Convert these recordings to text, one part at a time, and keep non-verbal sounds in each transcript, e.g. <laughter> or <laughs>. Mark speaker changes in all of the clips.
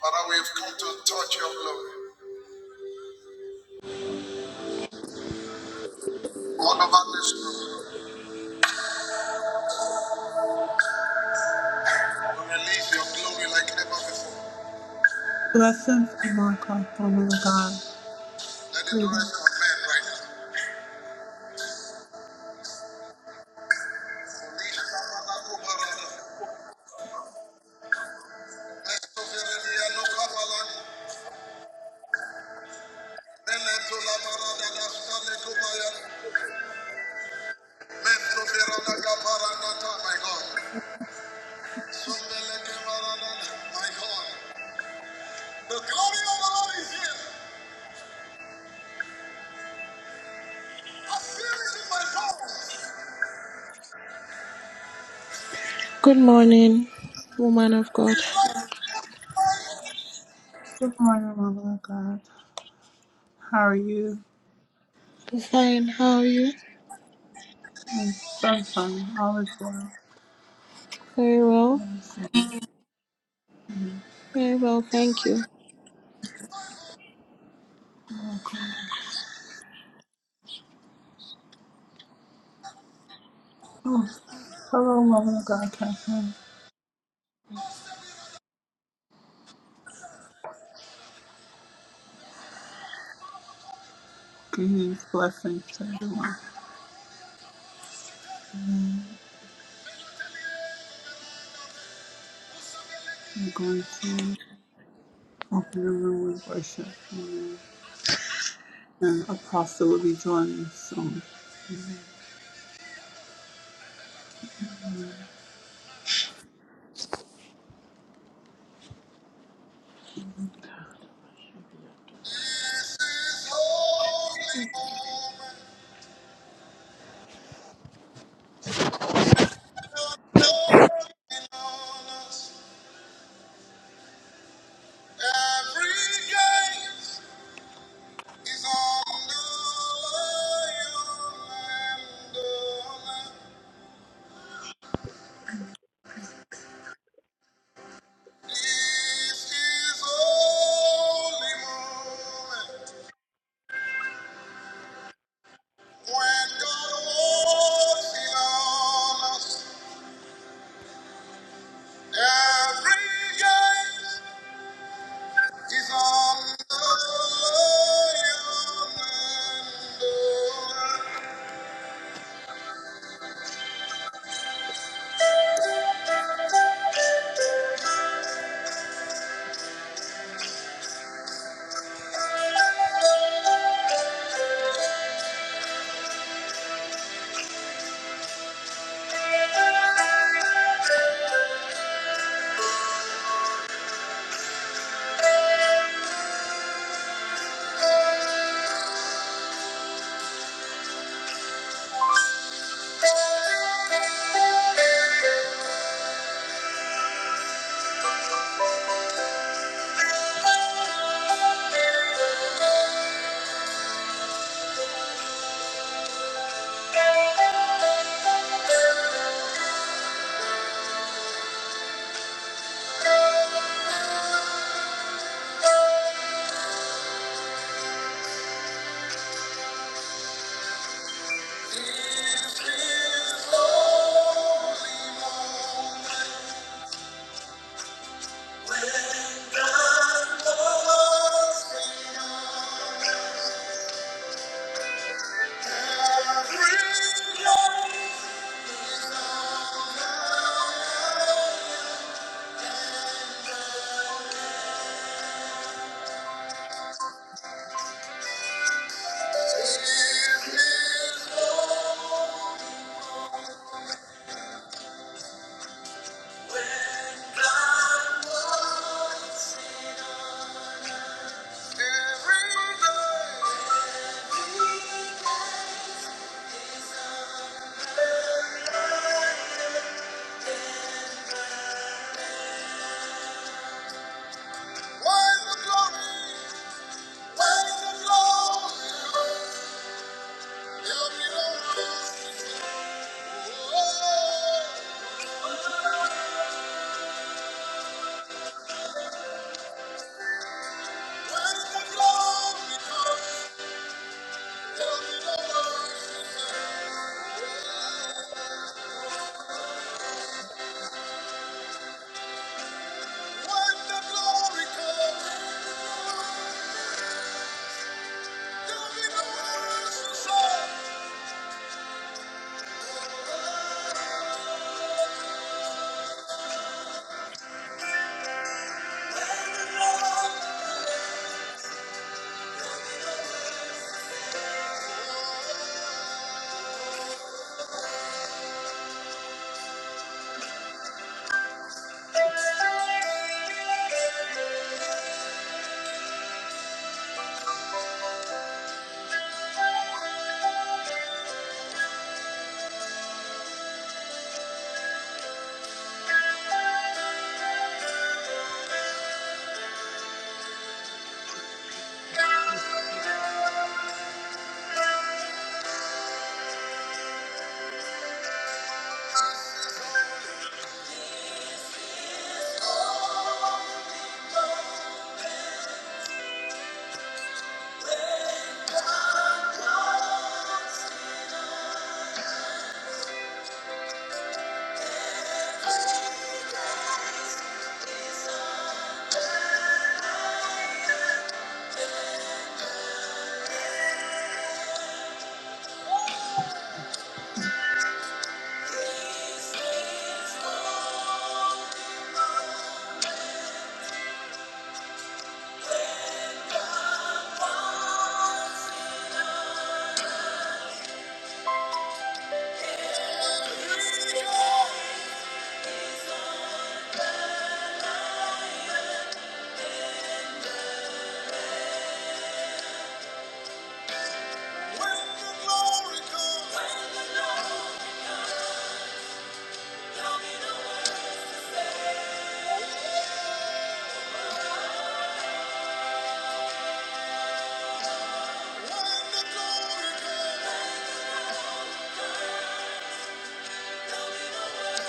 Speaker 1: Father, we have come to touch your glory. All over this room, we release your glory like never before. Blessings and my God, Father God. Let it rest on men right now. My God. my God. The glory of the Lord is here. I feel it in my bones.
Speaker 2: Good morning, woman of God.
Speaker 1: Good morning, Mama God. How are you?
Speaker 2: Fine, how are you?
Speaker 1: And sunshine, all is well.
Speaker 2: Very well.
Speaker 1: All is
Speaker 2: Very well, thank you.
Speaker 1: well. Okay. Oh, hello, woman of God, Catherine. Greetings, blessings to everyone. We're going to open the room with worship. Amen. And Apostle will be joining us soon. This is holy moment when God walks in on us. Every gate is on the lion and the Lamb. When the glory comes, there'll be no words to say. Let it all When the glory comes, when the glory comes,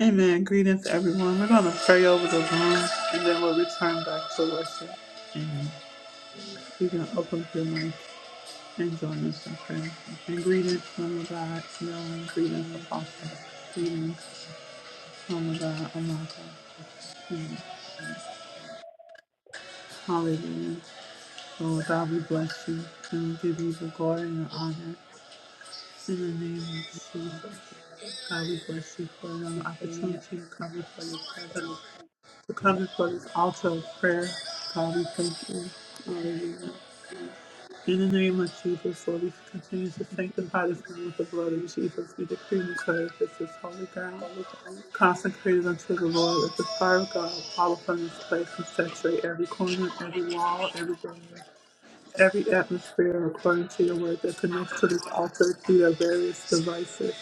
Speaker 1: Amen. Greetings, everyone. We're going to pray over the room and then we'll return back to worship. Amen. You can open your mic. and join us in prayer. And greetings, from the God, Smelling, greetings, Apostle, greetings, Mama God, Amaka. And hallelujah. Lord God, we bless you and we give you the glory and the honor in the name of Jesus. God, we bless you for another opportunity to come before your presence, to come before this altar of prayer. God, we thank you. Hallelujah. In the name of Jesus, Lord, we continue to sanctify this room with the blood of Jesus. We decree and declare that this is holy ground, consecrated unto the Lord, that the fire of God fall upon this place and saturate every corner, every wall, every door, every atmosphere, according to your word that connects to this altar through your various devices.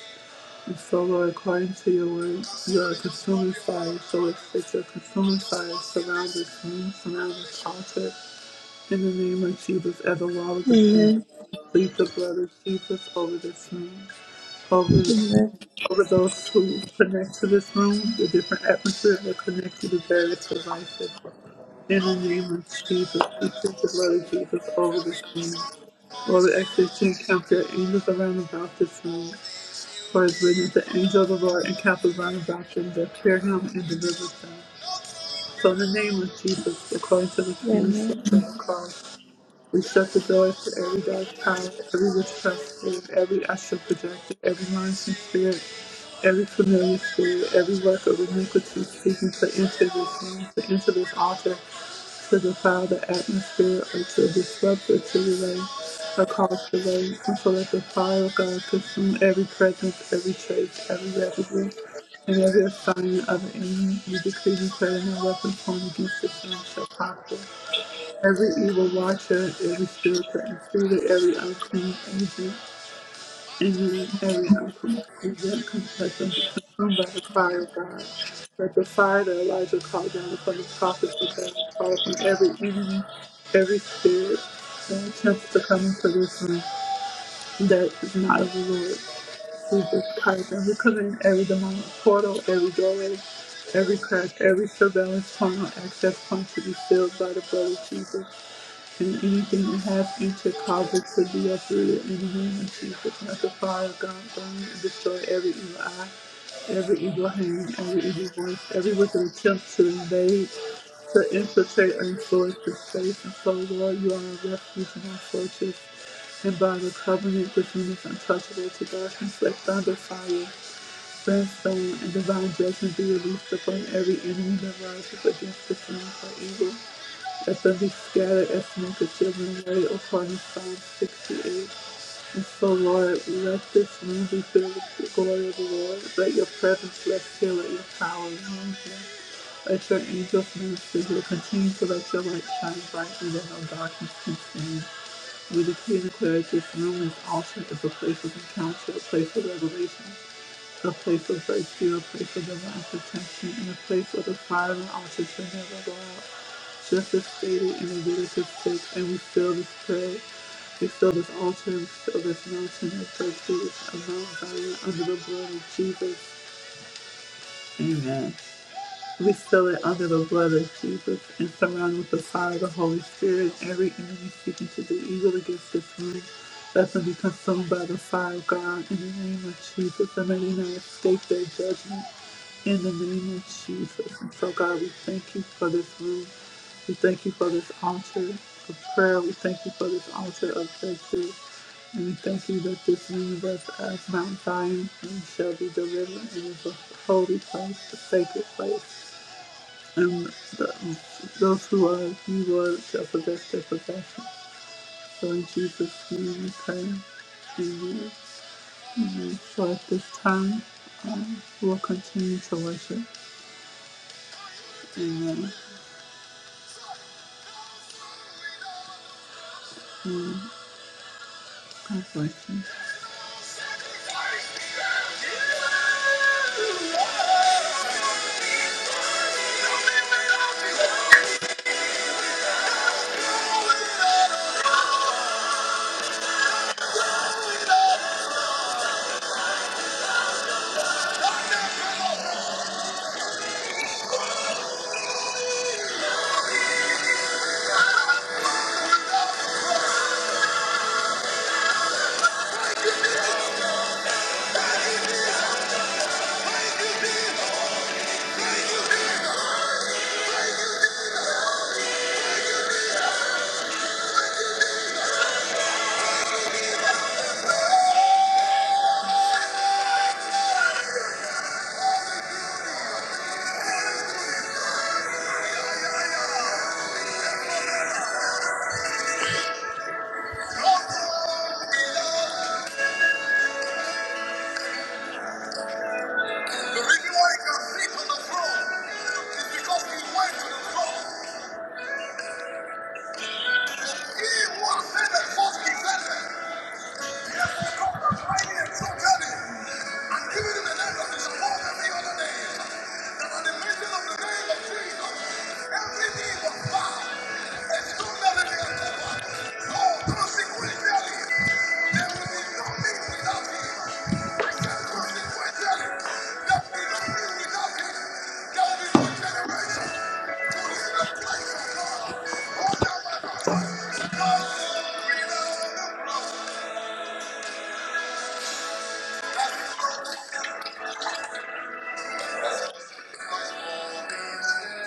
Speaker 1: And so, Lord, according to your word, you are a consuming fire, so it's that your consuming fire surrounds this room, surrounds this altar, in the name of Jesus, as a wall of defense,
Speaker 2: Amen.
Speaker 1: plead the blood of Jesus over this room, over
Speaker 2: Amen.
Speaker 1: over those who connect to this room, the different atmospheres that connect to the various devices. In the name of Jesus, we plead the blood of Jesus over this room. Lord, we actually to encounter angels around about this room. For it's written the angel of the Lord encampeth round about them that fear him and delivers them. So in the name of Jesus, according to the community
Speaker 2: Amen.
Speaker 1: of the cross, We shut the doors to every dark power, every witchcraft spirit, every astral projector, every monitoring spirit, every familiar spirit, every work of iniquity seeking to enter this room, to enter this altar, to defile the atmosphere or to disrupt or to delay or cause delay. And so let the fire of God consume every presence, every trace, every residue, and every assignment of the enemy. We decree and declare no weapon formed against this room shall prosper every evil watcher, every spiritual intruder, every unclean agent, and every unclean agent confession be consumed by the fire of God. Let the fire that Elijah called down upon the prophets of God fall from every enemy, every spirit that attempts to come into this room that is not of the Lord. We just Christ, and we come in every demonic portal, every doorway, every crack, every surveillance tunnel, access point to be filled by the blood of Jesus and anything that has future causes to be uprooted in the name of Jesus. Let the fire of God burn and destroy every evil eye, every evil hand, every evil voice, every wicked attempt to invade, to infiltrate or influence the space. And so, Lord, you are our refuge and our fortress. And by the covenant between us untouchable to darkness, let thunder, fire, brimstone, and divine judgment be released upon every enemy that rises against the throne for evil. As so he scattered ethnic children right upon his Psalm 68. And so, Lord, let this room be filled with the glory of the Lord. Let your presence rest here. Let your power reign here. Let your angels minister here. Continue to let your light shine brightly that no darkness can stand. We decree and declare that this room, this altar, is a place of encounter, a place of revelation, a place of virtue, a place of divine protection, and a place where the fire and altar to never go out. Just as stated in Leviticus 6, and we fill this prayer, we fill this altar, we fill this mountain of breakthroughs of Mount Zion under the blood of Jesus. Amen. We seal it under the blood of Jesus and surround with the fire of the Holy Spirit. Every enemy seeking to do evil against this room, let them be consumed by the fire of God in the name of Jesus, and may they not escape their judgment in the name of Jesus. And so, God, we thank you for this room. We thank you for this altar of prayer. We thank you for this altar of breakthrough. And we thank you that this universe as Mount Zion and shall be delivered and is a holy place, a sacred place and those who are evil and self-possessed their possession. So in Jesus' name we pray. Amen. Amen. So at this time, um, we'll continue to worship. Amen. Amen. God bless you. The reason why he can sit on the throne is because he went to the cross. He was made a false defender. Thank you.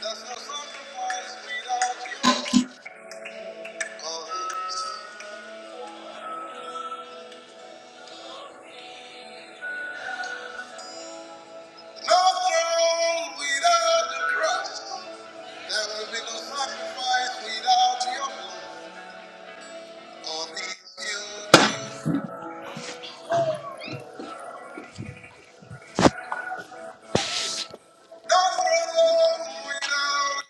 Speaker 1: There's no sacrifice without you. Oh, No throne without the cross. There will be no sacrifice without your blood on this building. No throne without.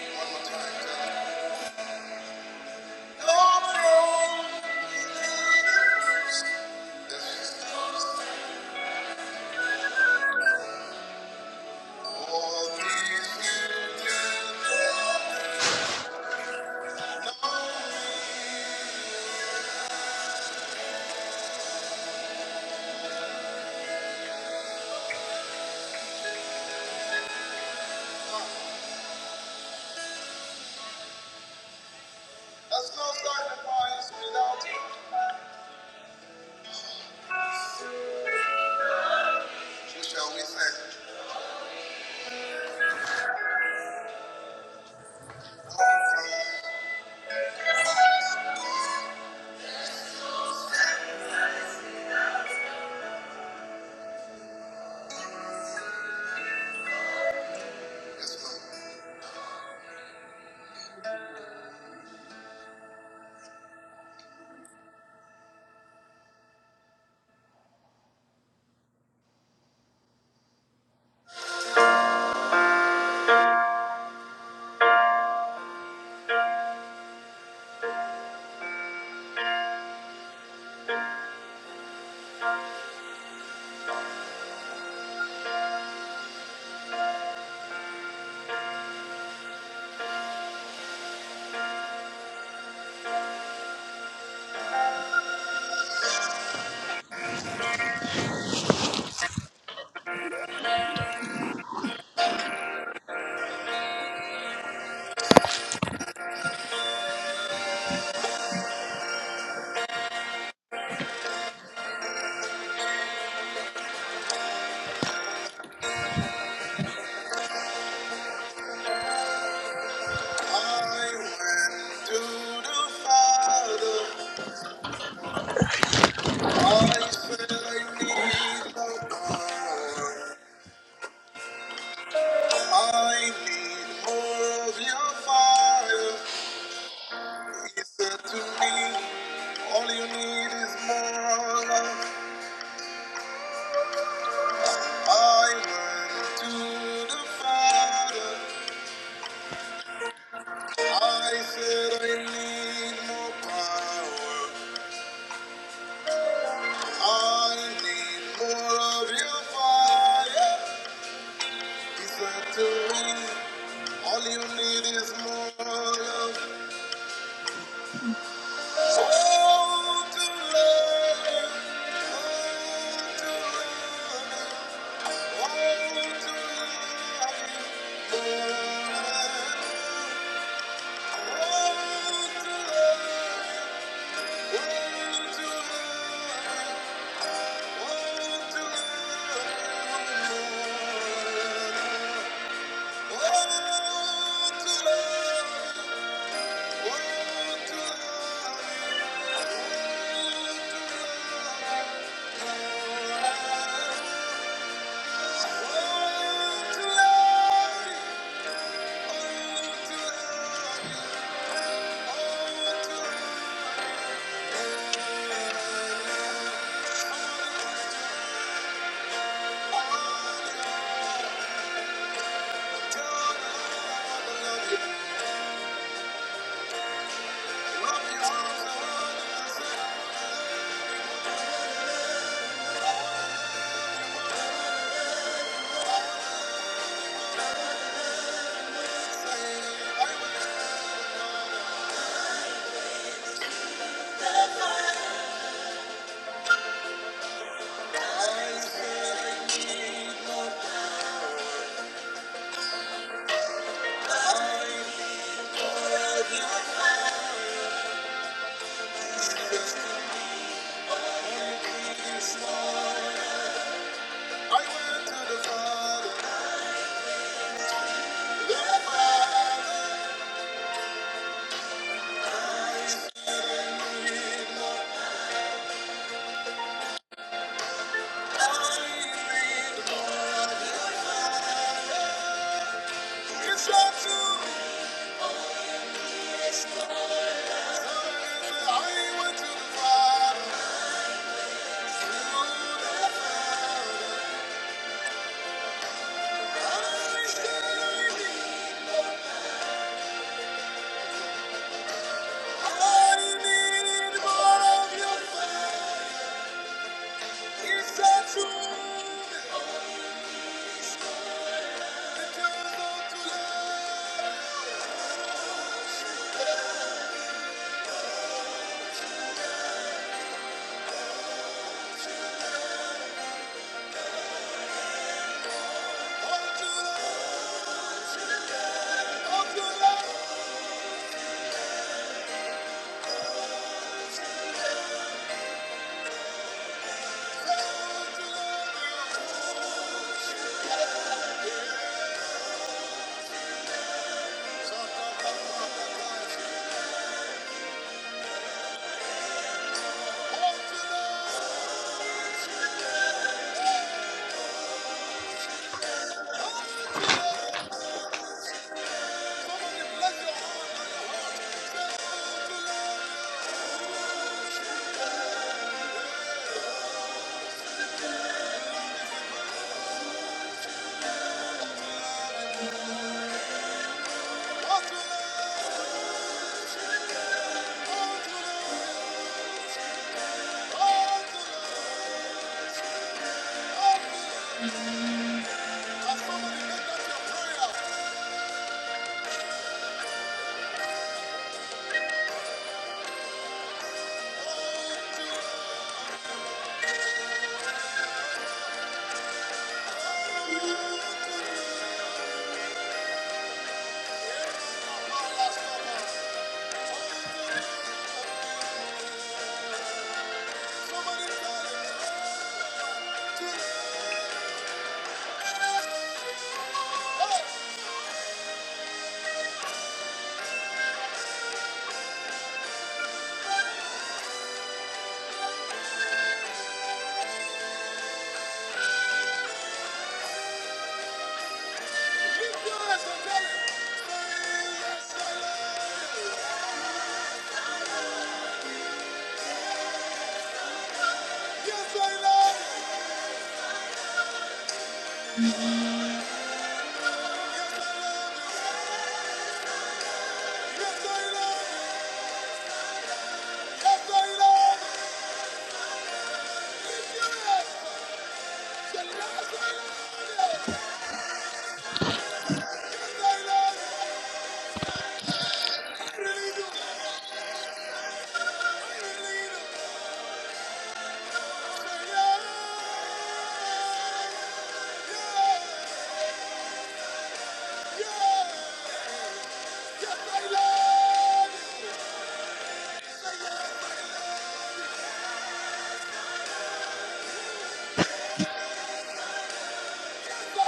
Speaker 1: One more time. No throne without the cross. There is no on this building. No, there's no sacrifice without you. So shall we say, yes, Lord. I went to the Father. I said I need more power. I need more of your fire. He said to me, all you need is more love. I went to the Father. I said I need more power. I need more of your fire. He's not too late. All you need is more love. Oh, to love. you? Oh, to love. you? Oh, to love. you? you? you? you? to to to love love love you. Thank you. All to love, All Thank you. Thank you. Yeah! Yeah! Yeah. Yes, I love you. Thank you.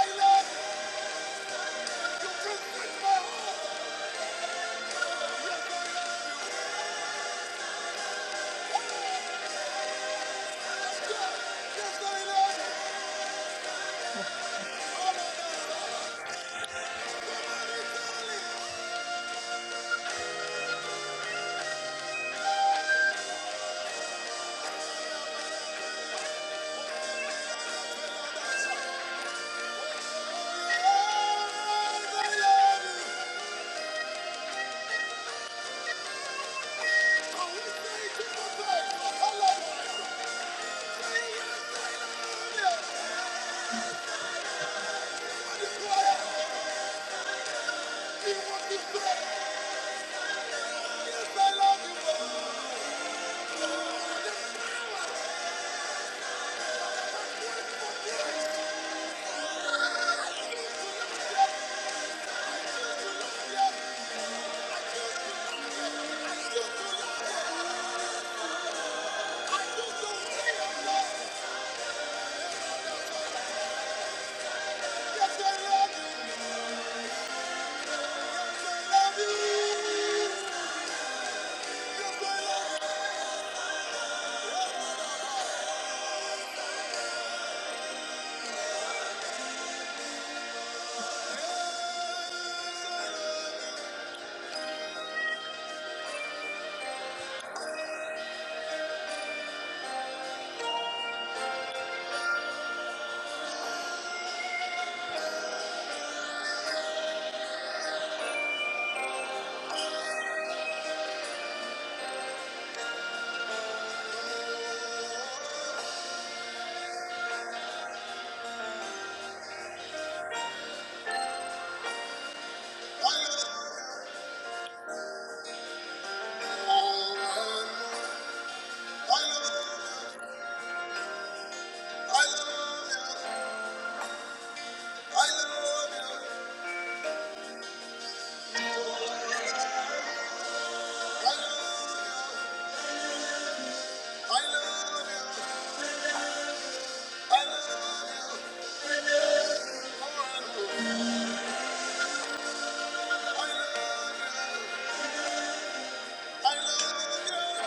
Speaker 1: I love you.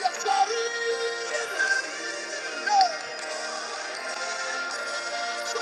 Speaker 1: Yes, I really do. Here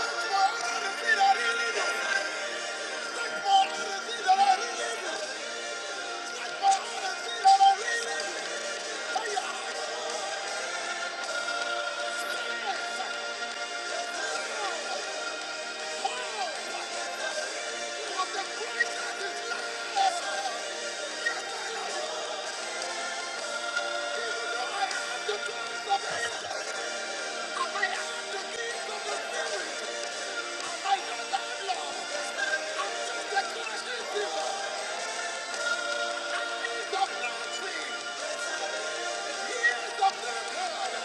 Speaker 1: is the blood.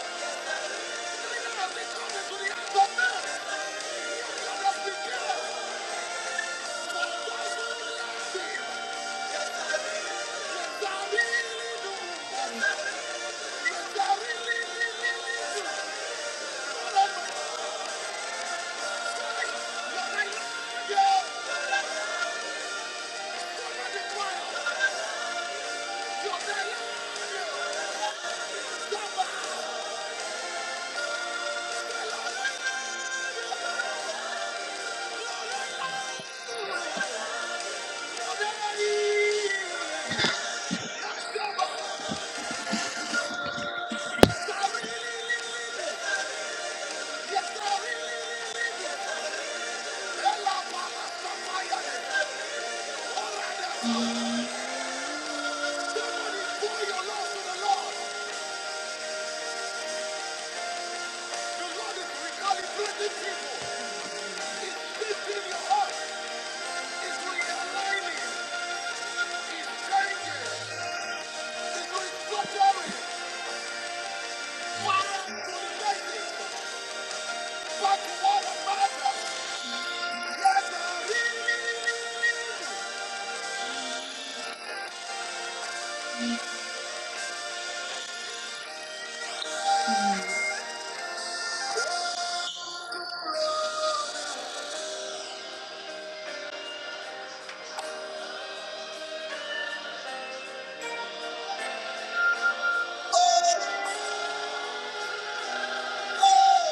Speaker 1: Yeah. Back to what matters. Yes, there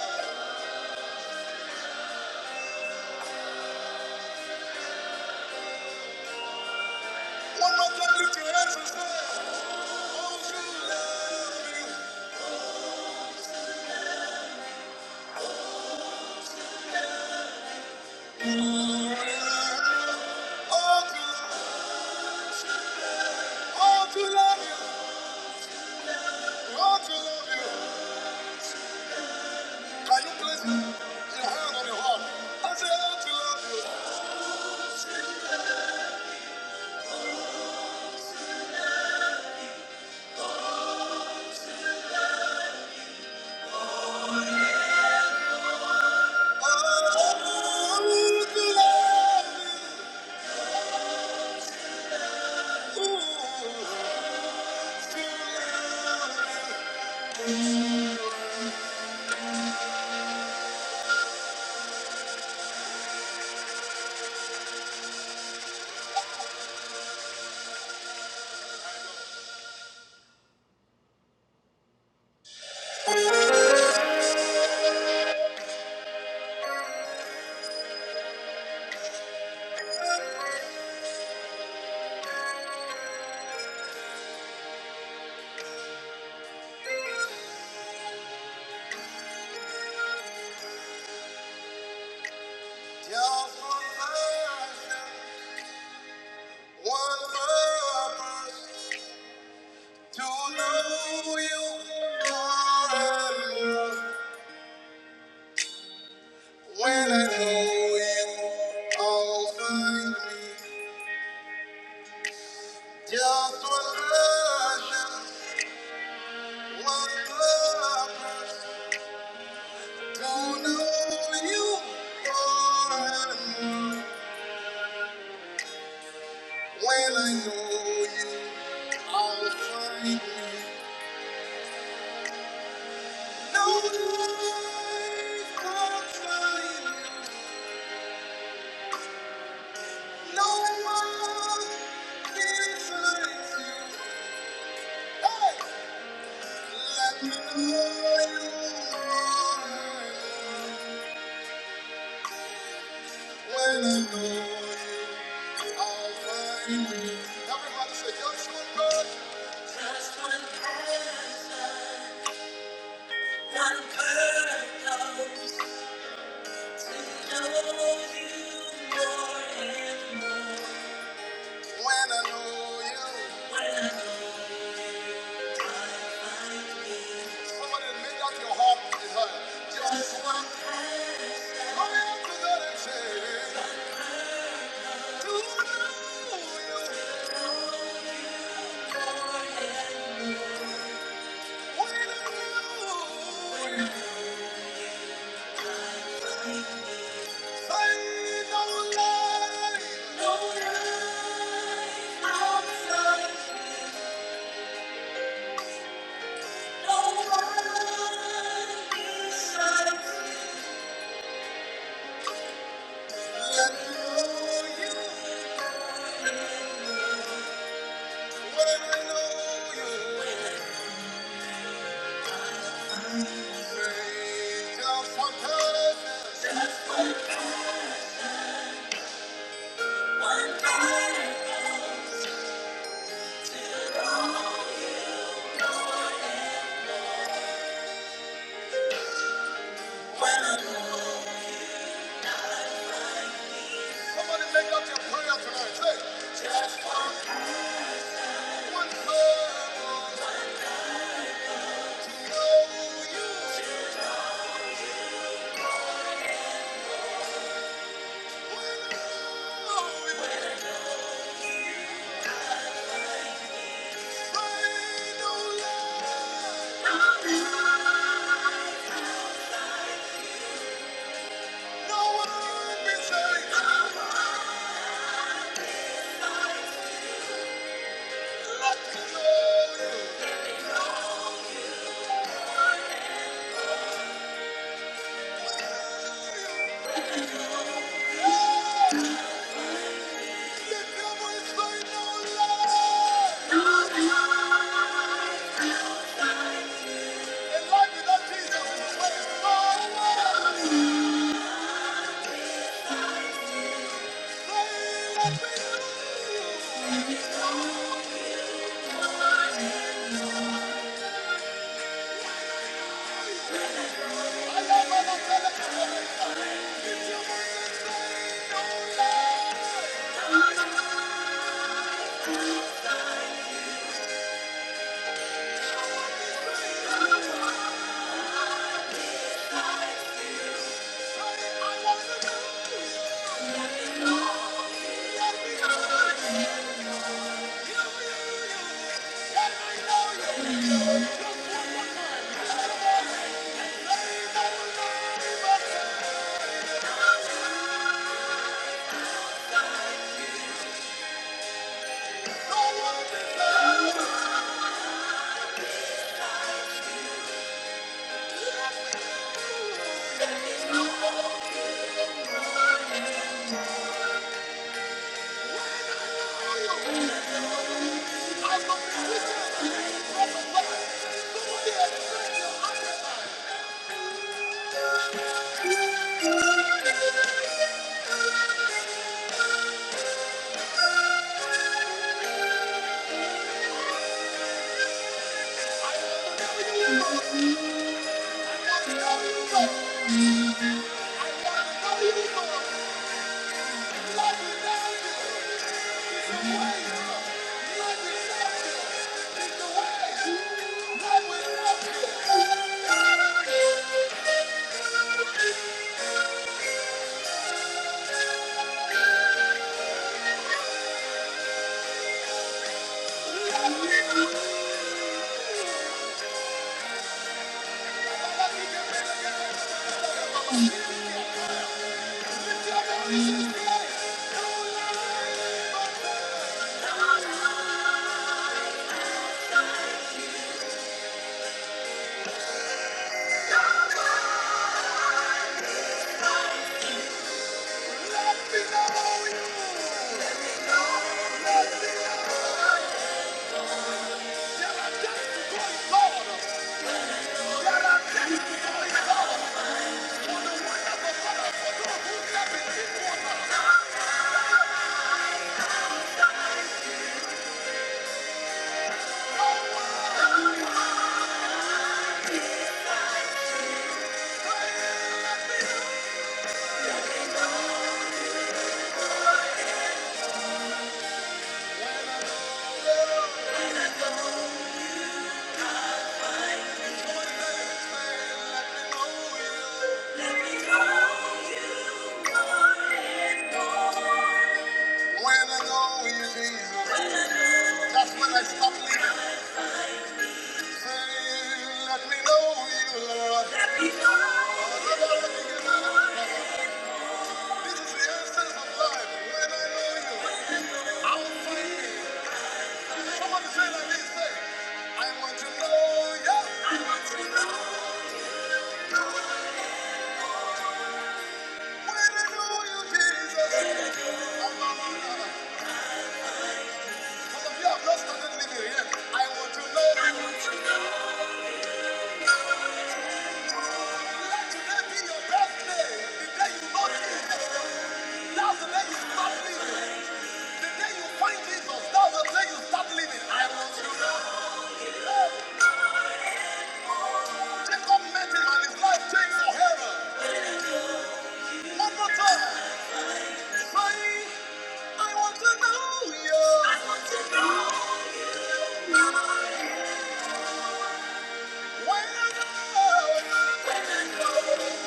Speaker 1: is. One more time, lift your hands and Oh, to love you. Oh, to oh, to love you. Oh, to love you. Can you place your hand on your heart? I say, Oh, to love you. Oh, to love you. Ooh, to love you. Just one last, one more To know you more and more. When I know you, I'll find me just one passion, one purpose. To know you more and more. When I know you, I'll find me. No life outside you. No one is like you. Hey! Like know you are. When I know you, I'll find you. Everybody say, just one person. Just one person. One purpose. To know you more and more. When I know you. when I know you. Somebody make that your heart in her. Just one person. Come here to that and say, To know you- what know you find no lie, no life outside, no one besides?" No one beside you. <laughs> Let me know you. Thank you. I want to know you more. love, you, love, you. Thank you. Somebody say like this, say, I want to know you. I want to know Jacob met him and his life changed forever. One more time. I want to know you. I want to know you. When I know, when I know.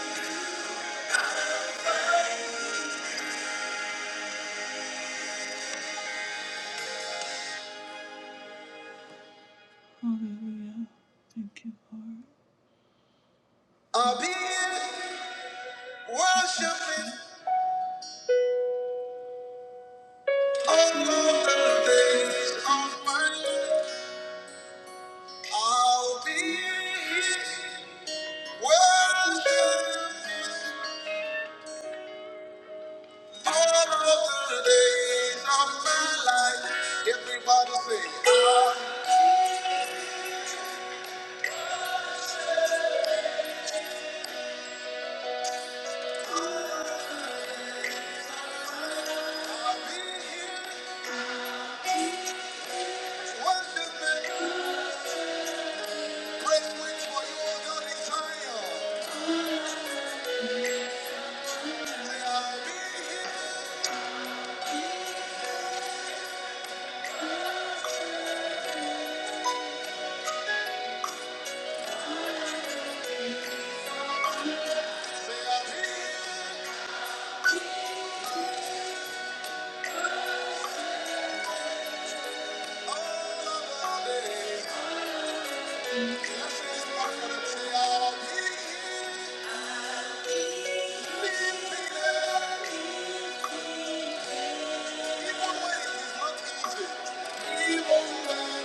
Speaker 1: Hallelujah. Thank you, Lord. I'll be worshiping all of the days of my life. I'll be worshiping all of the days of my life. Everybody say, Even when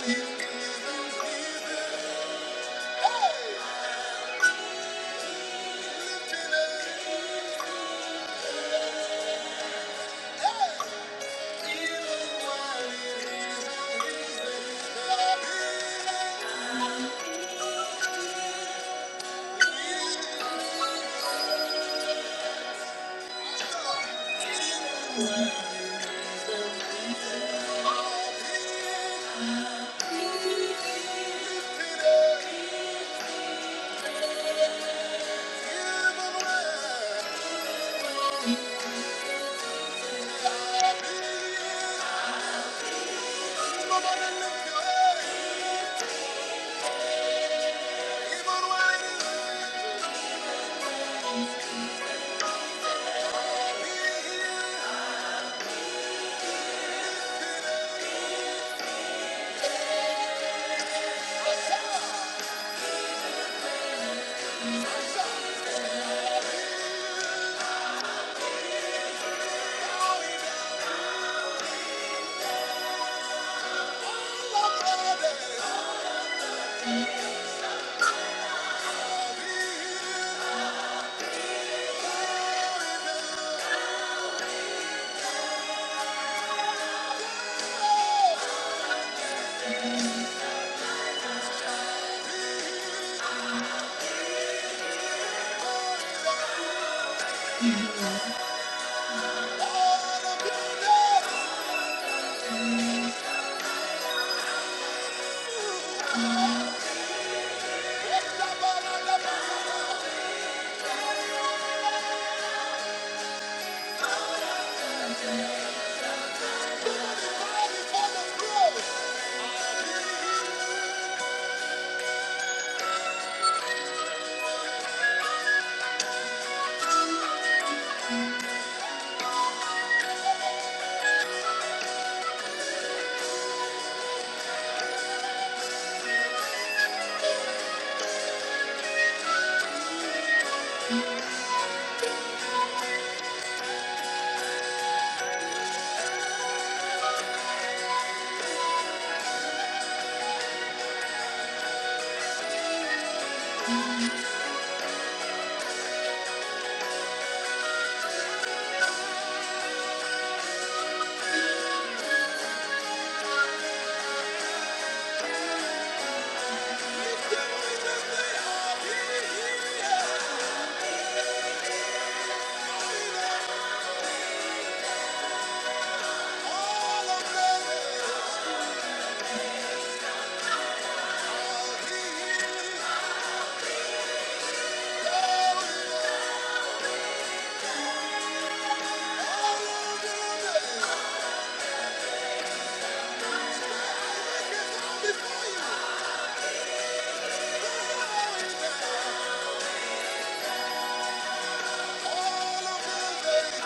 Speaker 1: it Hey! Before you, all of you,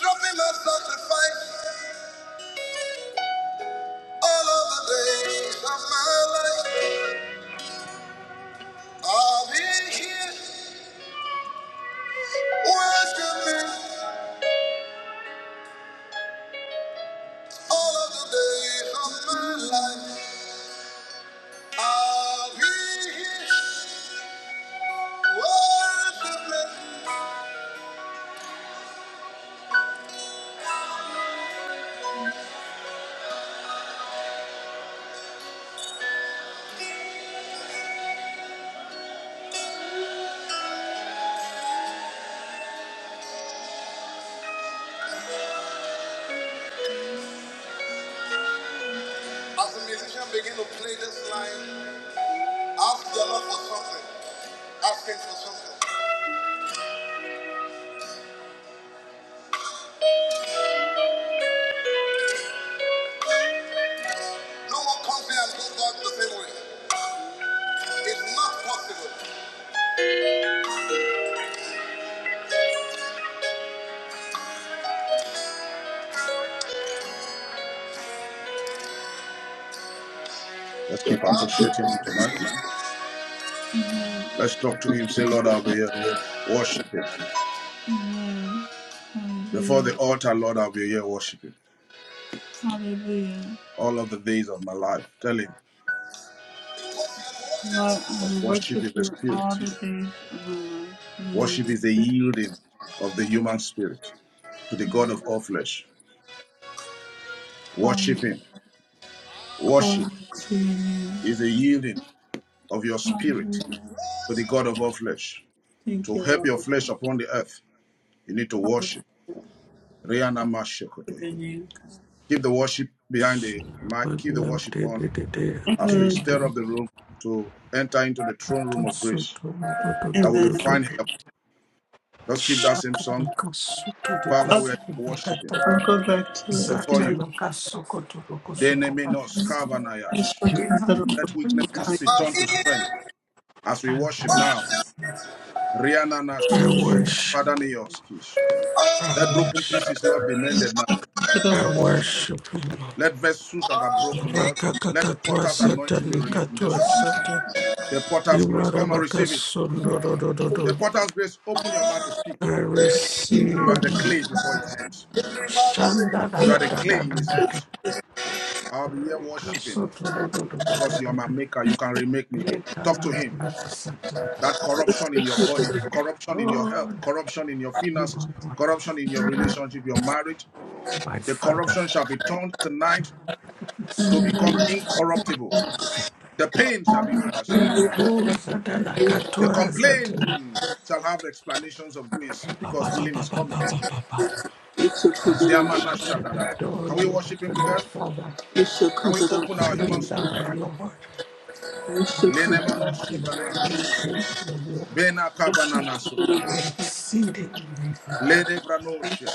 Speaker 1: Dropping my sacrifice all of the days of my life. I'll be here worshiping all of the days of my life. I'll be here worshiping. As the musician begin to play this line. Ask the Lord for something. Ask Him for something. No one comes here and does God the same way. It's not possible.
Speaker 3: Let's keep appreciating him tonight. Let's talk to him. Say, Lord, I'll be here worshiping.
Speaker 1: Amen.
Speaker 3: Before the altar, Lord, I'll be here worshiping
Speaker 1: Hallelujah.
Speaker 3: all of the days of my life. Tell him,
Speaker 1: Hallelujah. Lord, I
Speaker 3: because
Speaker 1: will
Speaker 3: worship
Speaker 1: worship
Speaker 3: is the
Speaker 1: you all
Speaker 3: spirit.
Speaker 1: the days of my life. In the name
Speaker 3: Worship is the
Speaker 1: of
Speaker 3: yielding of the human spirit to the God of all flesh. Worship
Speaker 1: Jesus.
Speaker 3: him.
Speaker 1: Hallelujah.
Speaker 3: Worship
Speaker 1: Glory to your
Speaker 3: is
Speaker 1: name.
Speaker 3: the yielding of your spirit
Speaker 1: Hallelujah.
Speaker 3: to the God of all flesh.
Speaker 1: Thank
Speaker 3: To
Speaker 1: you,
Speaker 3: help
Speaker 1: Lord.
Speaker 3: your flesh upon the earth, you need to worship.
Speaker 1: Hallelujah
Speaker 3: Rihanna
Speaker 1: to
Speaker 3: Mashekotoya.
Speaker 1: your name.
Speaker 3: Keep the worship behind the
Speaker 4: I
Speaker 3: mic.
Speaker 4: worship,
Speaker 3: Keep the worship on as we
Speaker 1: Amen.
Speaker 3: stir up the room to enter into the throne room of grace, that we
Speaker 1: Amen.
Speaker 3: may find help. Let's keep that same song. Father, we are
Speaker 1: Okay,
Speaker 3: worshiping
Speaker 1: I'll go back to it.
Speaker 3: before
Speaker 1: Amen.
Speaker 3: you. Deneminos
Speaker 1: I
Speaker 3: kavanayash.
Speaker 1: shall come back to it.
Speaker 3: Let weaknesses be turned to strength
Speaker 1: Time.
Speaker 3: as we worship now. Riana
Speaker 1: Hallelujah.
Speaker 3: nasoshia. Father neoskish.
Speaker 4: I
Speaker 3: Let broken
Speaker 4: worship,
Speaker 3: pieces, Lord, be mended now.
Speaker 4: I
Speaker 1: Hallelujah.
Speaker 4: worship you, Lord.
Speaker 3: Let vessels that are broken, Lord, let the
Speaker 4: Rakakakatwa
Speaker 3: potter's anointing be released in this
Speaker 4: satanikatwa
Speaker 3: room.
Speaker 4: sata.
Speaker 3: The potter's grace, come and receive it. The
Speaker 4: Imarabakasundorodododo.
Speaker 3: potter's grace, open your mouth to
Speaker 4: I
Speaker 3: speak. You
Speaker 4: receive.
Speaker 3: are the clay before his hands.
Speaker 4: Shanda da
Speaker 3: You are
Speaker 4: da
Speaker 3: the
Speaker 4: da
Speaker 3: clay
Speaker 4: da
Speaker 3: in
Speaker 4: da
Speaker 3: his
Speaker 4: da da.
Speaker 3: hands. I'll be here worshiping
Speaker 4: Kasoto do do do do
Speaker 3: because
Speaker 4: do
Speaker 3: you are
Speaker 4: do
Speaker 3: my
Speaker 4: do.
Speaker 3: maker. You can remake me. Talk to him.
Speaker 4: Lekalamba satana.
Speaker 3: That corruption in your body,
Speaker 4: Shanda.
Speaker 3: corruption in your health,
Speaker 4: Lord,
Speaker 3: corruption in your
Speaker 4: you are
Speaker 3: finances,
Speaker 4: wonderful,
Speaker 3: corruption in your relationship, your marriage,
Speaker 4: my
Speaker 3: the
Speaker 4: Father.
Speaker 3: corruption shall be turned tonight to
Speaker 4: Sundas.
Speaker 3: become incorruptible. The pain shall be over, shall be gone.
Speaker 4: Ilako zatala
Speaker 3: The
Speaker 4: katoa zatala.
Speaker 3: complaint shall have explanations of grace
Speaker 4: Ba
Speaker 3: because
Speaker 4: ba ba
Speaker 3: healing
Speaker 4: ba
Speaker 3: is
Speaker 4: ba
Speaker 3: coming.
Speaker 4: ba ba ba ba. I
Speaker 3: Is there man not
Speaker 4: worship
Speaker 3: shut
Speaker 4: and
Speaker 3: that hour?
Speaker 4: adore
Speaker 3: Can we
Speaker 4: you,
Speaker 3: worship him
Speaker 4: Heavenly
Speaker 3: together?
Speaker 4: Father,
Speaker 3: Can we open our
Speaker 4: my
Speaker 3: human spirit?
Speaker 4: beloved Lord, my
Speaker 3: Lenemano
Speaker 4: everything, my
Speaker 3: shibranas.
Speaker 4: great reward,
Speaker 3: Bena kabanana sota.
Speaker 4: my exceeding reward.
Speaker 3: Lede branosia.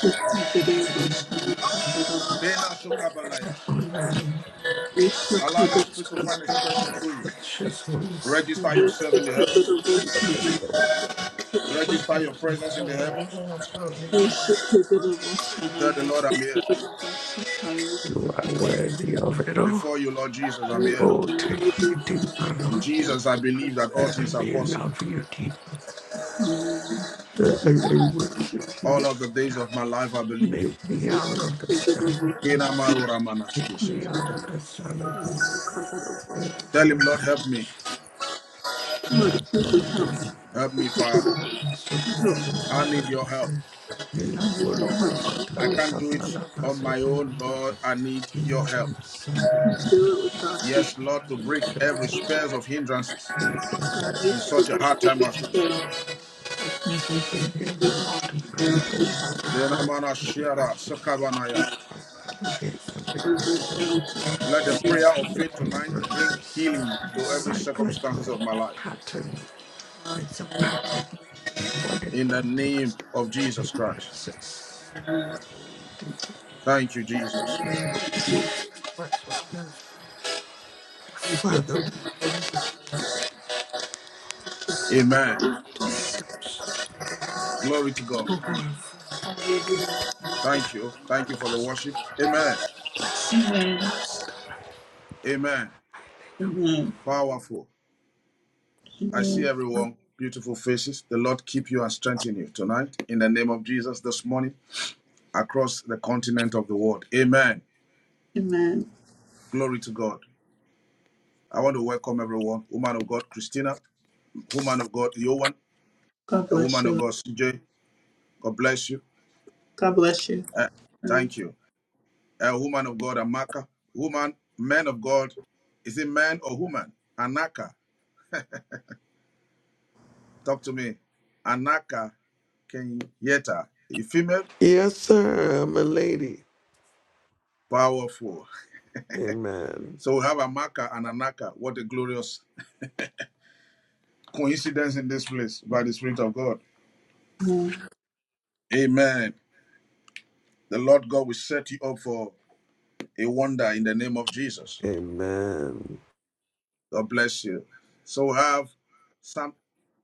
Speaker 3: Bena
Speaker 4: I
Speaker 3: shokabanayash.
Speaker 4: honor you,
Speaker 3: Allow the spirit
Speaker 4: Prince,
Speaker 3: to find expression through you.
Speaker 4: precious Holy Spirit,
Speaker 3: Register yourself in the heavens.
Speaker 4: my
Speaker 3: Register your
Speaker 4: Heavenly
Speaker 3: presence in the
Speaker 4: Father, I
Speaker 3: heavens.
Speaker 4: adore you.
Speaker 1: Thank
Speaker 3: Tell the Lord, I'm here.
Speaker 4: You are worthy of it all.
Speaker 3: Before you, Lord Jesus, I'm here.
Speaker 4: Oh, take me deeper,
Speaker 3: And
Speaker 4: Lord,
Speaker 3: Jesus, I believe that all
Speaker 4: that I
Speaker 3: things are
Speaker 4: may
Speaker 3: possible.
Speaker 4: love you deeper, that I may worship you.
Speaker 3: All of the days of my life, I believe.
Speaker 4: Make me out of the sun of
Speaker 3: Kena
Speaker 4: grief.
Speaker 3: maro ramanas
Speaker 4: Take me out of the sun of grief.
Speaker 1: you.
Speaker 4: Oh,
Speaker 3: Tell
Speaker 4: that I
Speaker 3: him, Lord, help
Speaker 4: may
Speaker 3: me.
Speaker 4: worship and
Speaker 1: Lord, please
Speaker 4: adore
Speaker 1: just help
Speaker 4: you.
Speaker 1: me.
Speaker 3: Help me,
Speaker 4: Ela
Speaker 3: Father. I need your help.
Speaker 1: I just can't help
Speaker 4: Colomba
Speaker 1: me.
Speaker 3: I
Speaker 4: Satale
Speaker 3: can't do it
Speaker 4: Capala
Speaker 3: on
Speaker 4: Paso
Speaker 3: my
Speaker 4: to the
Speaker 3: own, Lord.
Speaker 4: Buddha.
Speaker 3: I need
Speaker 4: You
Speaker 3: your help.
Speaker 4: know, the sun,
Speaker 1: do it without you.
Speaker 3: Yes, Lord, to
Speaker 4: I Need
Speaker 3: break
Speaker 4: your
Speaker 3: every
Speaker 1: Just do it
Speaker 4: help,
Speaker 3: spears of hindrances
Speaker 4: need your
Speaker 1: God,
Speaker 4: help.
Speaker 1: we
Speaker 3: in
Speaker 1: should be
Speaker 3: such a hard
Speaker 1: blessed with
Speaker 3: time as
Speaker 4: I
Speaker 1: this
Speaker 4: need
Speaker 3: this.
Speaker 1: day.
Speaker 4: Every hindrance to my community deep down
Speaker 3: Denamana Shiara
Speaker 4: I
Speaker 3: Sakabanaya.
Speaker 4: I come against every obstacle.
Speaker 3: Let the prayer of
Speaker 4: Satanic
Speaker 3: faith tonight bring
Speaker 4: hindrances,
Speaker 3: healing to every
Speaker 4: cyclical
Speaker 3: circumstances of my life.
Speaker 4: pattern. It's a pattern. Demonic
Speaker 3: In the name
Speaker 4: patterns,
Speaker 3: of Jesus Christ.
Speaker 4: hindrances. to my
Speaker 3: Thank you, Jesus.
Speaker 4: Jesus Christ, what love, Father, in this
Speaker 3: Amen.
Speaker 4: deception,
Speaker 3: Glory to God.
Speaker 4: who have taken time
Speaker 3: Thank you. Thank you for the
Speaker 4: as to
Speaker 3: worship. Amen.
Speaker 4: blessing to
Speaker 1: Amen.
Speaker 4: us.
Speaker 3: Amen. Powerful. I see
Speaker 1: Amen.
Speaker 3: everyone. Beautiful faces. The Lord keep you and strengthen you tonight. In the name of Jesus this morning across the continent of the world. Amen.
Speaker 1: Amen.
Speaker 3: Glory to God. I want to welcome everyone. Woman of God, Christina. Woman of God, Yohan.
Speaker 1: God
Speaker 3: A
Speaker 1: bless
Speaker 3: woman of
Speaker 1: you.
Speaker 3: God, CJ. God bless you.
Speaker 1: God bless you.
Speaker 3: Uh,
Speaker 1: Amen.
Speaker 3: thank you. A woman of God, Amaka. Woman, man of God. Is it man or woman? Anaka. Talk to me. Anaka Kenyeta. A female,
Speaker 4: Yes, sir, I'm a lady.
Speaker 3: powerful.
Speaker 4: Amen.
Speaker 3: So we have Amaka and Anaka. What a glorious coincidence in this place by the Spirit of God. Amen. The Lord God will set you up for a wonder in the name of Jesus.
Speaker 4: Amen.
Speaker 3: God bless you. So we have some.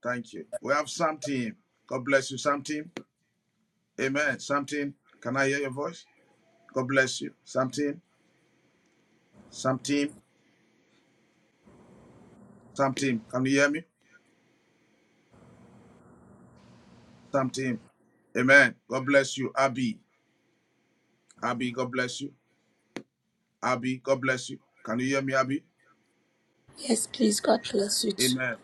Speaker 3: Thank you. We have some team. God bless you, some team. Amen. Some team. Can I hear your voice? God bless you. Some team. Some team. Some team. Can you hear me? Some team. Amen. God bless you, Abby. Abby, God bless you. Abby, God bless you. Can you hear me, Abby?
Speaker 5: Yes, please. God bless you too.
Speaker 3: Amen.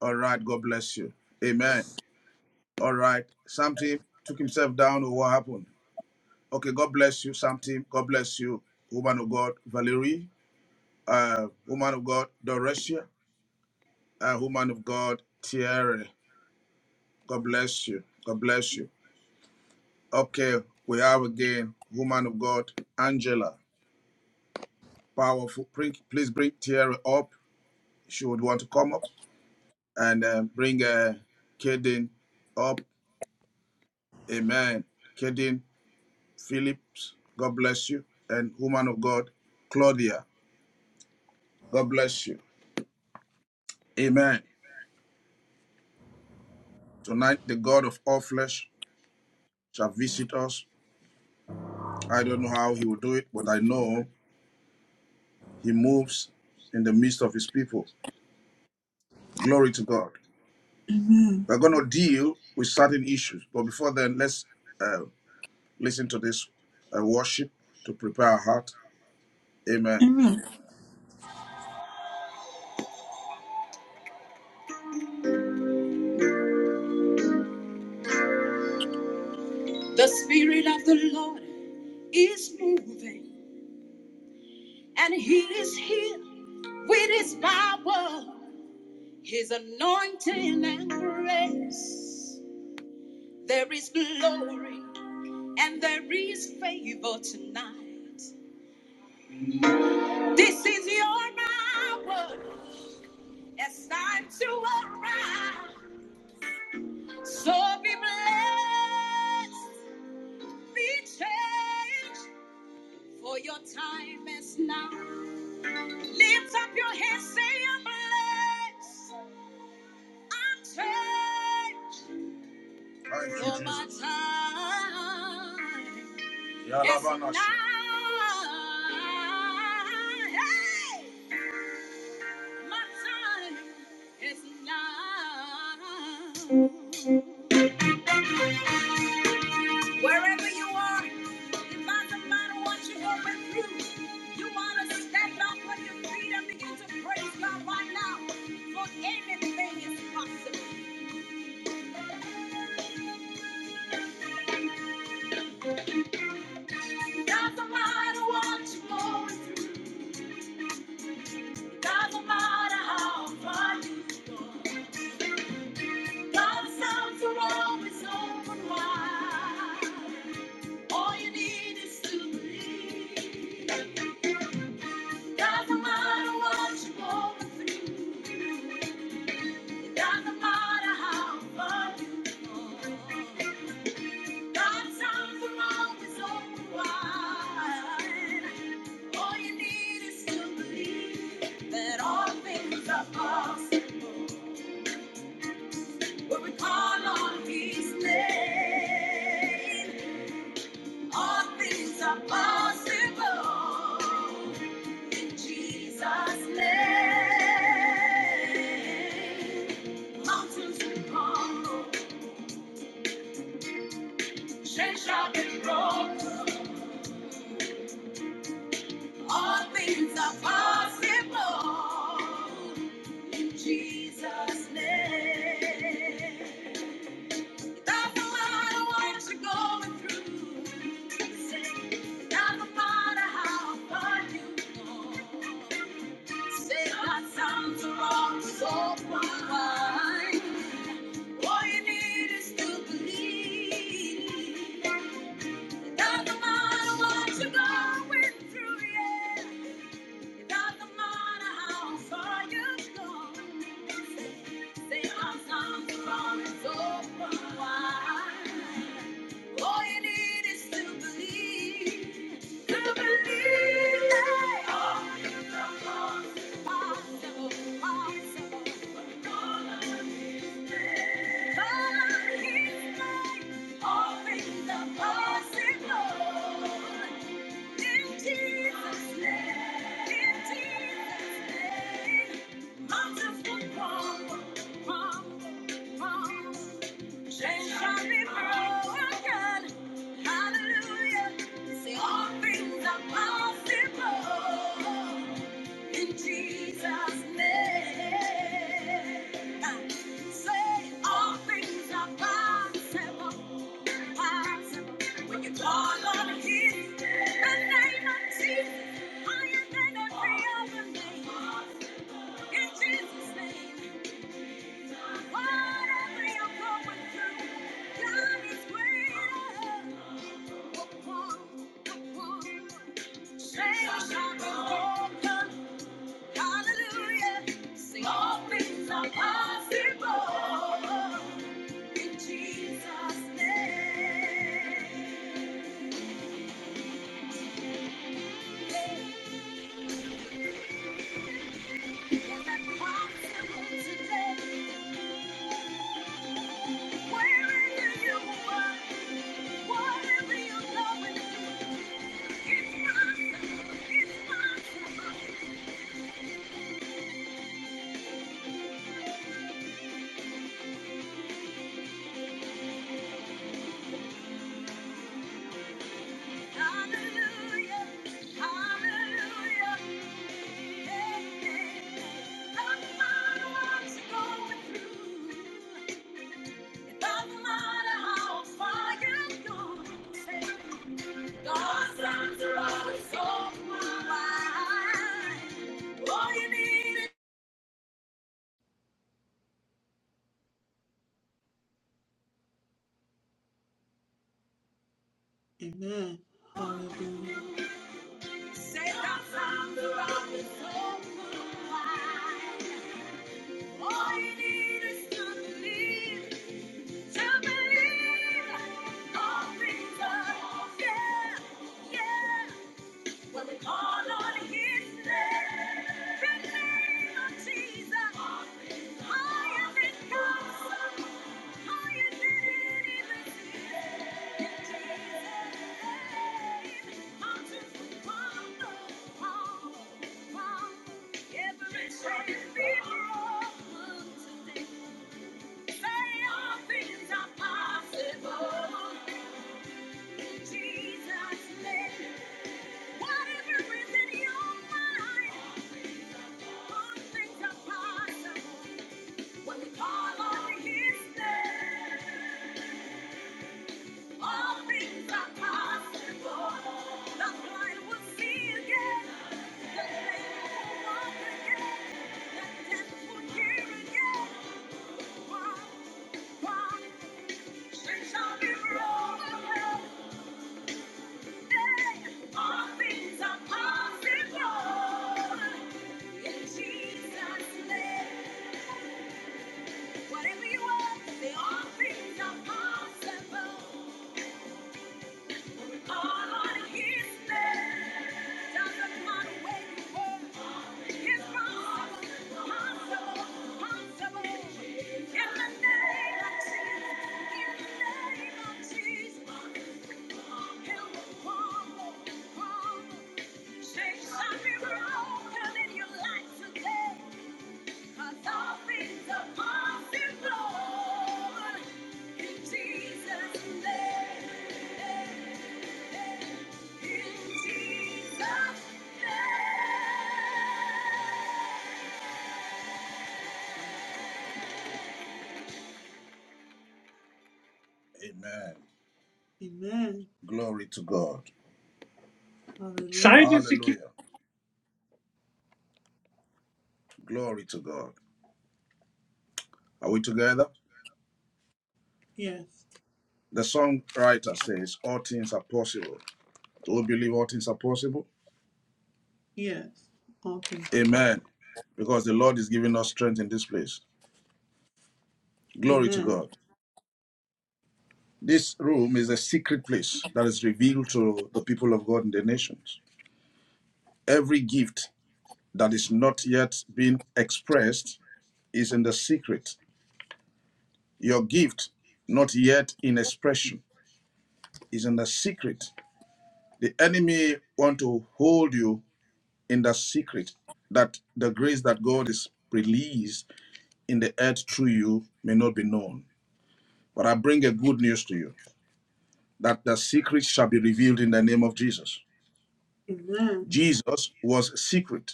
Speaker 3: All right. God bless you. Amen. All right. Some team took himself down or what happened? Okay. God bless you, some team. God bless you, woman of God, Valerie. uh, woman of God, Doresia, uh, woman of God, Thierry. God bless you. God bless you. Okay, we have again, woman of God, Angela. Powerful. Pre- Please bring Thierry up. She would want to come up and uh, bring uh, Kaden up. Amen. Kaden Phillips, God bless you. And woman of God, Claudia, God bless you. Amen. Tonight, the God of all flesh shall visit us. I don't know how he will do it, but I know He moves in the midst of his people. Glory to God. We're going to deal with certain issues, but before then, let's uh, listen to this uh, worship to prepare our heart. Amen.
Speaker 1: Amen.
Speaker 3: The Spirit of the Lord is moving, and He is here with His power, His anointing and grace. There is glory and there is favor tonight. This is your hour. It's time to arise. So be blessed, be changed, for your time is now. Lift up your hands, say I'm blessed, I'm changed. Thank you, for my Jesus. time Yalabana is she. now. Rabanashe. Hey, my time is now. Wherever you are, it doesn't matter what you're going through. You want to stand up on your feet and begin to praise God right now. For anything is possible. It Doesn't matter what you're going through. It Doesn't matter how far you've gone. God's arms are always open wide. All you need is to believe. It Doesn't matter what you're going through. It Doesn't matter how far you've gone. God's time for all is wide. All you need is to believe that all things are possible. When we call on His name, all things are possible. In Jesus' name, mountains will crumble, chains shall be broken. All things are possible. in Jesus' name. Doesn't matter what you're going through. Say, doesn't matter how far you go. Say that sounds wrong, so fine. All you need is to believe. It Doesn't matter what you're going through, yeah. It doesn't matter how far you go. Say our songs are always open wide. All you need is to believe, to believe that all you know is possible, possible. But all of His grace, all things are possible. Change shall be broken. Hallelujah. Say all things are possible in Jesus' name. Say all things are possible. When you call on His name, the name of Jesus, higher than every other name. In Jesus' name, whatever you're going through, God is greater. Chains are broken. Hallelujah. Sing all things are possible in Jesus' name. God's arms are always so wide. All you need
Speaker 1: Amen.
Speaker 3: Say
Speaker 1: Hallelujah.
Speaker 3: that sound around the soul wide. All you need is to believe, to believe. All things are, yeah, yeah. When we call on his name, the name of Jesus, higher than gods, higher than anything. In Jesus' name, mountains will crumble, crumble, crumble. Every chain be broken today. Say all things are possible in Jesus' name. Whatever is in your mind. All things are possible in Jesus' name. Whatever you want, they all things are possible. All on His name. Doesn't matter where you were. It's possible, possible, possible. In the name of Jesus, in the name of Jesus, He'll perform, perform. Chains shall be broken in your life today. Amen.
Speaker 1: Amen.
Speaker 3: Glory to God.
Speaker 1: Hallelujah.
Speaker 3: Hallelujah. Glory to God. Are we together?
Speaker 1: Yes.
Speaker 3: The songwriter says, All things are possible. Do we believe all things are possible?
Speaker 1: Yes. All things are possible.
Speaker 3: Amen. Because the Lord is giving us strength in this place. Glory to
Speaker 1: Amen.
Speaker 3: God. This room is a secret place that is revealed to the people of God in the nations. Every gift that is not yet being expressed is in the secret. Your gift, not yet in expression, is in the secret. The enemy want to hold you in the secret that the grace that God is released in the earth through you may not be known. But I bring a good news to you that the secret shall be revealed in the name of Jesus.
Speaker 1: Amen.
Speaker 3: Jesus was secret.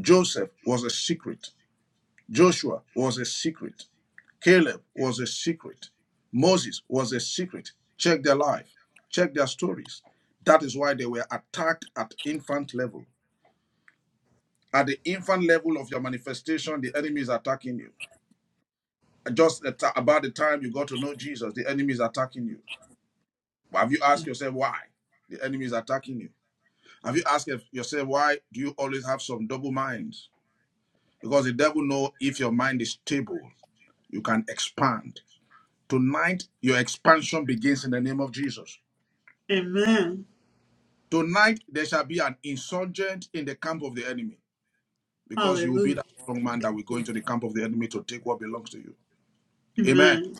Speaker 3: Joseph was a secret. Joshua was a secret. Caleb was a secret. Moses was a secret. Check their life, check their stories. That is why they were attacked at infant level. At the infant level of your manifestation, the enemy is attacking you. Just at- about the time you got to know Jesus, the enemy is attacking you. Have you asked yourself why? The enemy is attacking you. Have you asked yourself why do you always have some double minds? Because the devil know if your mind is stable. You can expand. Tonight, your expansion begins in the name of Jesus.
Speaker 1: Amen.
Speaker 3: Tonight, there shall be an insurgent in the camp of the enemy because you will be
Speaker 1: Hallelujah.
Speaker 3: that strong man that will go into the camp of the enemy to take what belongs to you. Amen.
Speaker 1: Amen.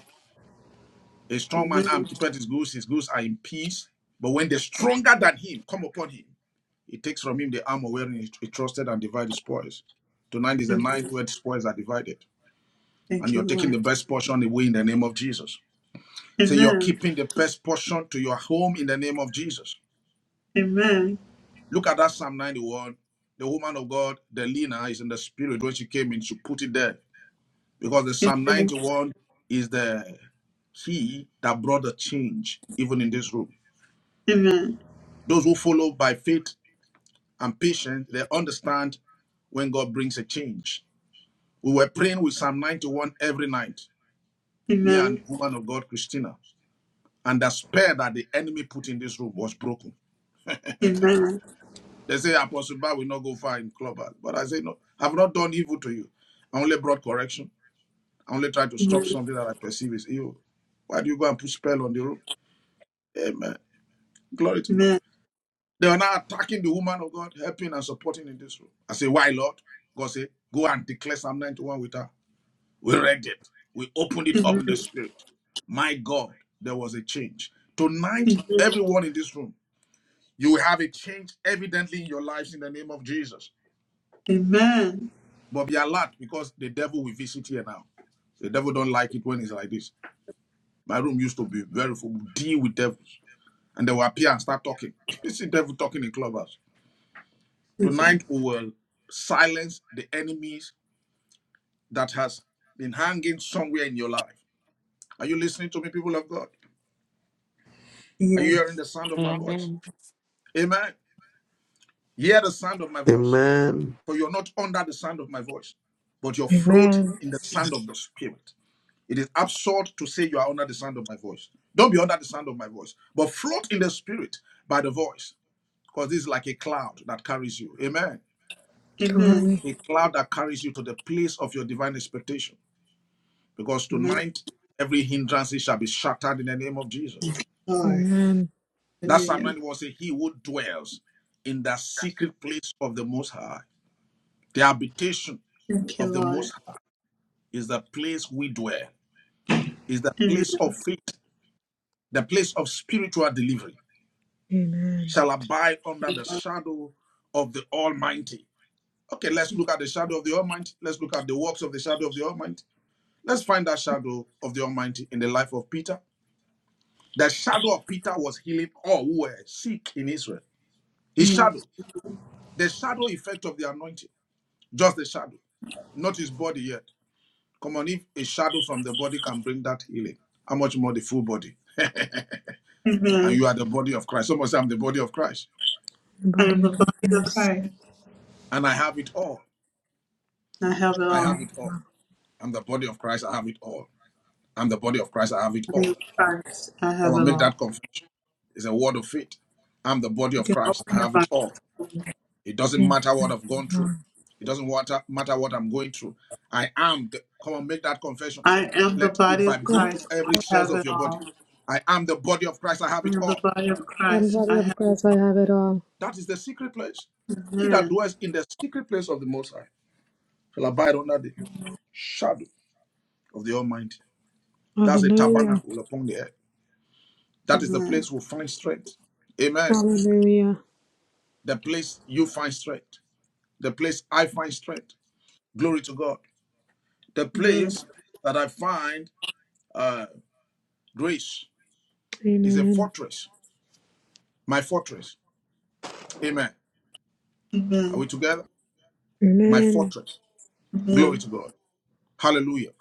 Speaker 3: A strong man arm
Speaker 1: Amen.
Speaker 3: keepeth his goods, his goods are in peace. But when the stronger than him come upon him, he takes from him the armor wherein he trusted and divides his spoils. Tonight is the night
Speaker 1: Amen.
Speaker 3: where the spoils are divided, and
Speaker 1: Thank you,
Speaker 3: you're taking
Speaker 1: Lord.
Speaker 3: the best portion away in the name of Jesus. Say so you're
Speaker 1: Amen.
Speaker 3: keeping the best portion to your home in the name of Jesus.
Speaker 1: Amen.
Speaker 3: Look at that Psalm 91. The woman of God, the leaner, is in the spirit when she came in. She put it there because the Psalm
Speaker 1: Amen.
Speaker 3: 91 is the key that brought the change even in this room.
Speaker 1: Amen.
Speaker 3: Those who follow by faith and patience, they understand when God brings a change. We were praying with Psalm 91 every night, me and
Speaker 1: Amen.
Speaker 3: woman of God, Christina. And the spell that the enemy put in this room was broken.
Speaker 1: Amen.
Speaker 3: They say, Apostle Bar will not go far in club. But I say, no, I've not done evil to you. I only brought correction. I only try to stop
Speaker 1: Amen.
Speaker 3: something that I perceive is evil. Why do you go and put spell on the room? Amen. Glory to God.
Speaker 1: Amen.
Speaker 3: They are now attacking the woman of God, helping and supporting in this room. I say, why, Lord? God say, go and declare Psalm 91 with her. We read it. We opened it up in the
Speaker 1: Amen.
Speaker 3: spirit. My God, there was a change. Tonight,
Speaker 1: Amen.
Speaker 3: everyone in this room, you will have a change evidently in your lives in the name of Jesus.
Speaker 1: Amen.
Speaker 3: But be alert because the devil will visit here now. The devil don't like it when it's like this. My room used to be very full, deal with devils. and they will appear and start talking. <laughs> It's the devil talking in clubhouse.
Speaker 1: Jesus.
Speaker 3: Tonight we will silence the enemies that has been hanging somewhere in your life. Are you listening to me, people of God? Are you hearing
Speaker 1: Yes.
Speaker 3: the sound of my voice?
Speaker 6: Amen.
Speaker 3: Amen. Hear the sound of my voice,
Speaker 4: Amen.
Speaker 3: for you're not under the sound of my voice, but you're
Speaker 7: Amen.
Speaker 3: floating in the sound of the Spirit. It is absurd to say you are under the sound of my voice. Don't be under the sound of my voice, but float in the Spirit by the voice, because this is like a cloud that carries you. Amen.
Speaker 1: Amen.
Speaker 7: Glory.
Speaker 3: a cloud that carries you to the place of your divine expectation. Because
Speaker 1: Amen.
Speaker 3: tonight, every hindrance shall be shattered in the name of Jesus.
Speaker 1: Lord.
Speaker 7: Amen.
Speaker 3: That Psalm
Speaker 1: Hallelujah.
Speaker 3: 91 says, He who dwells in the secret place of the Most High, the habitation
Speaker 1: Thank you,
Speaker 3: of the
Speaker 1: Lord.
Speaker 3: Most High, is the place we dwell, is the
Speaker 1: Amen.
Speaker 3: place of faith, the place of spiritual delivery,
Speaker 7: Amen.
Speaker 3: shall abide under the shadow of the Almighty. Okay, let's look at the shadow of the Almighty. Let's look at the works of the shadow of the Almighty. Let's find that shadow of the Almighty in the life of Peter. The shadow of Peter was healing all who were sick in Israel. His shadow,
Speaker 1: Yes.
Speaker 3: the shadow effect of the anointing, just the shadow, not his body yet. Come on, if a shadow from the body can bring that healing, how much more the full body? <laughs> and you
Speaker 1: Amen.
Speaker 3: are the body of Christ. Someone say, I'm the body of Christ.
Speaker 7: The
Speaker 1: I am
Speaker 7: body
Speaker 1: the
Speaker 7: of
Speaker 1: body of
Speaker 7: Christ.
Speaker 1: Christ.
Speaker 3: And I have it all.
Speaker 1: I have it
Speaker 3: I have
Speaker 1: all.
Speaker 3: it all. I'm the body of Christ. I have it all. I'm the body of Christ. I have it
Speaker 1: I am
Speaker 3: all.
Speaker 1: Christ. I
Speaker 3: Come
Speaker 1: have
Speaker 3: on,
Speaker 1: it
Speaker 3: make
Speaker 1: all.
Speaker 3: that confession. It's a word of faith. I'm the body
Speaker 1: You
Speaker 3: of
Speaker 1: can
Speaker 3: Christ. I
Speaker 1: open your
Speaker 3: have it
Speaker 1: mouth.
Speaker 3: all. It doesn't
Speaker 7: Yes,
Speaker 3: matter what
Speaker 7: thank
Speaker 3: I've
Speaker 7: you,
Speaker 3: gone through.
Speaker 7: Lord.
Speaker 3: It doesn't water- matter what I'm going through. I am. The, come on, make that confession.
Speaker 1: I am the
Speaker 3: Let it
Speaker 1: body of
Speaker 3: vibrate to
Speaker 7: The
Speaker 1: Christ. I
Speaker 3: every cells
Speaker 1: have
Speaker 3: of
Speaker 1: it
Speaker 3: your body.
Speaker 1: all.
Speaker 3: I am the body of Christ. I have
Speaker 1: I
Speaker 3: it
Speaker 1: am the
Speaker 3: all.
Speaker 1: body of Christ.
Speaker 7: body
Speaker 1: I have
Speaker 7: of Christ, I have it all.
Speaker 3: That is the secret place. He that
Speaker 1: Amen.
Speaker 3: dwells in the secret place of the Most High shall abide under the shadow of the Almighty. That's a
Speaker 7: Hallelujah.
Speaker 3: tabernacle upon the earth. That is the
Speaker 1: Amen.
Speaker 3: place we find strength. Amen.
Speaker 7: Hallelujah.
Speaker 3: The place you find strength. The place I find strength. Glory to God. The
Speaker 1: Amen.
Speaker 3: place that I find. uh, Grace is a
Speaker 7: Amen.
Speaker 3: fortress, my fortress. Amen. Are we
Speaker 1: Amen.
Speaker 3: together? My
Speaker 7: Amen.
Speaker 3: fortress.
Speaker 1: Amen.
Speaker 3: Glory to God. Hallelujah.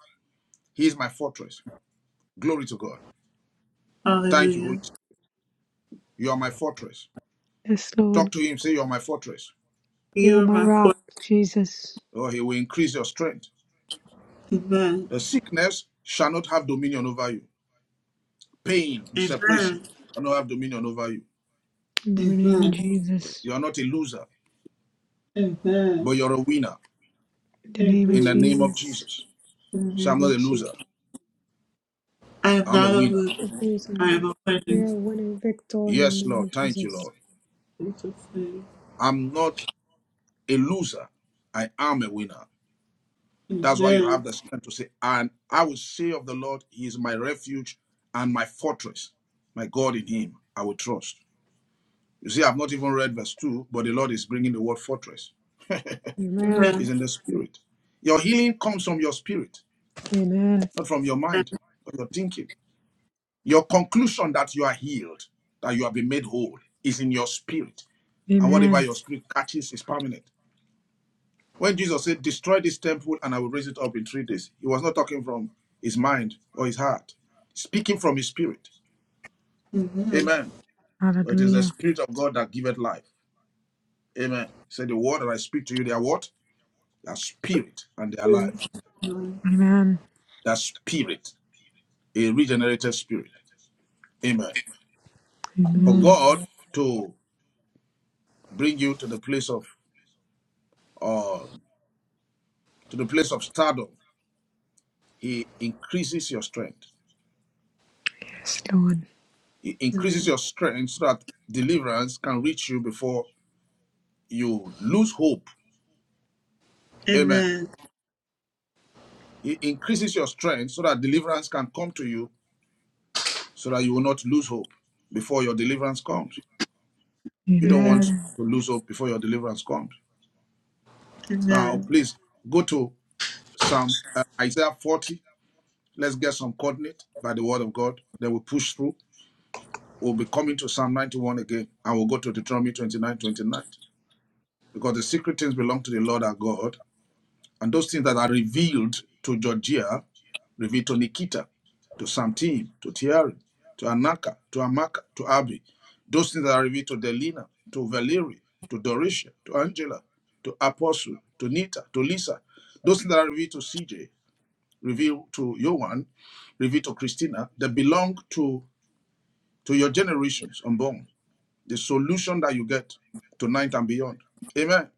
Speaker 3: He is my fortress. Glory to God. Thank you, Holy
Speaker 1: Hallelujah.
Speaker 3: Spirit. You are my fortress.
Speaker 7: Yes,
Speaker 3: Talk
Speaker 7: Lord.
Speaker 3: to him, say, You are my fortress.
Speaker 7: You are
Speaker 1: You are
Speaker 7: my
Speaker 1: my
Speaker 7: rock,
Speaker 1: portion.
Speaker 7: Jesus.
Speaker 3: Oh, he will increase your strength.
Speaker 1: Amen.
Speaker 3: The sickness shall not have dominion over you. Pain, separation
Speaker 1: Amen.
Speaker 3: shall not have dominion over you.
Speaker 7: In the name of
Speaker 1: Amen.
Speaker 7: Jesus.
Speaker 3: You are not a loser,
Speaker 1: Amen.
Speaker 3: but you're a winner
Speaker 7: In the name
Speaker 3: in
Speaker 7: of
Speaker 3: the
Speaker 1: Amen.
Speaker 3: name of
Speaker 7: Jesus.
Speaker 3: Jesus.
Speaker 1: In the
Speaker 3: So I'm
Speaker 1: name
Speaker 3: not a
Speaker 1: of
Speaker 3: loser.
Speaker 1: Jesus. I am
Speaker 3: I'm a
Speaker 1: not a
Speaker 3: winner.
Speaker 7: The
Speaker 1: loser.
Speaker 7: things
Speaker 1: I
Speaker 7: are-
Speaker 1: am a winner.
Speaker 7: We
Speaker 1: In
Speaker 7: are winning victor in the
Speaker 3: Yes,
Speaker 7: name
Speaker 3: Lord.
Speaker 7: of
Speaker 3: Thank you,
Speaker 7: Jesus.
Speaker 3: Lord.
Speaker 1: Jesus' name.
Speaker 3: I'm not a loser. I am a winner. That's why you
Speaker 1: Amen.
Speaker 3: have the strength to say, and I will say of the Lord, He is my refuge and my fortress. My God in Him, I will trust. You see, I've not even read verse 2, but the Lord is bringing the word fortress.
Speaker 7: Amen.
Speaker 1: Amen.
Speaker 3: Is in the spirit. Your healing comes from your spirit,
Speaker 7: Amen.
Speaker 3: not from your mind or your thinking. Your conclusion that you are healed, that you have been made whole, is in your spirit. And whatever
Speaker 7: Amen.
Speaker 3: your spirit catches is permanent. When Jesus said, Destroy this temple and I will raise it up in three days, he was not talking from his mind or his heart, speaking from his spirit.
Speaker 1: Amen.
Speaker 3: Amen. For it is the
Speaker 7: Hallelujah.
Speaker 3: spirit of God that giveth life. Amen. He said, The word that I speak to you, they are what? They are spirit and they are life.
Speaker 1: Praise God.
Speaker 7: Amen.
Speaker 3: That spirit, a regenerated spirit. Amen. For
Speaker 1: Amen.
Speaker 7: Amen.
Speaker 3: God to bring you to the place of uh, to the place of stardom, He increases your strength.
Speaker 7: Yes, Lord.
Speaker 3: He increases
Speaker 1: Amen.
Speaker 3: your strength so that deliverance can reach you before you lose hope. Amen.
Speaker 1: Amen.
Speaker 3: It increases your strength so that deliverance can come to you so that you will not lose hope before your deliverance comes. You don't want
Speaker 1: Amen.
Speaker 7: Amen.
Speaker 3: to lose hope before your deliverance comes. Now,
Speaker 1: Amen.
Speaker 3: please go to Psalm uh, Isaiah 40. Let's get some coordinate by the word of God. Then we push through. We'll be coming to Psalm 91 again and we'll go to Deuteronomy 29:29. Because the secret things belong to the Lord our God And those things that are revealed to Georgia, revealed to Nikita, to Samtin, to Thierry, to Anaka, to Amaka, to Abby, those things that are revealed to Delina, to Valerie, to Dorisha, to Angela, to Apostle, to Nita, to Lisa, those things that are revealed to CJ, revealed to Yohan, revealed to Christina, that belong to, to your generations unborn. The solution that you get tonight and beyond. Amen.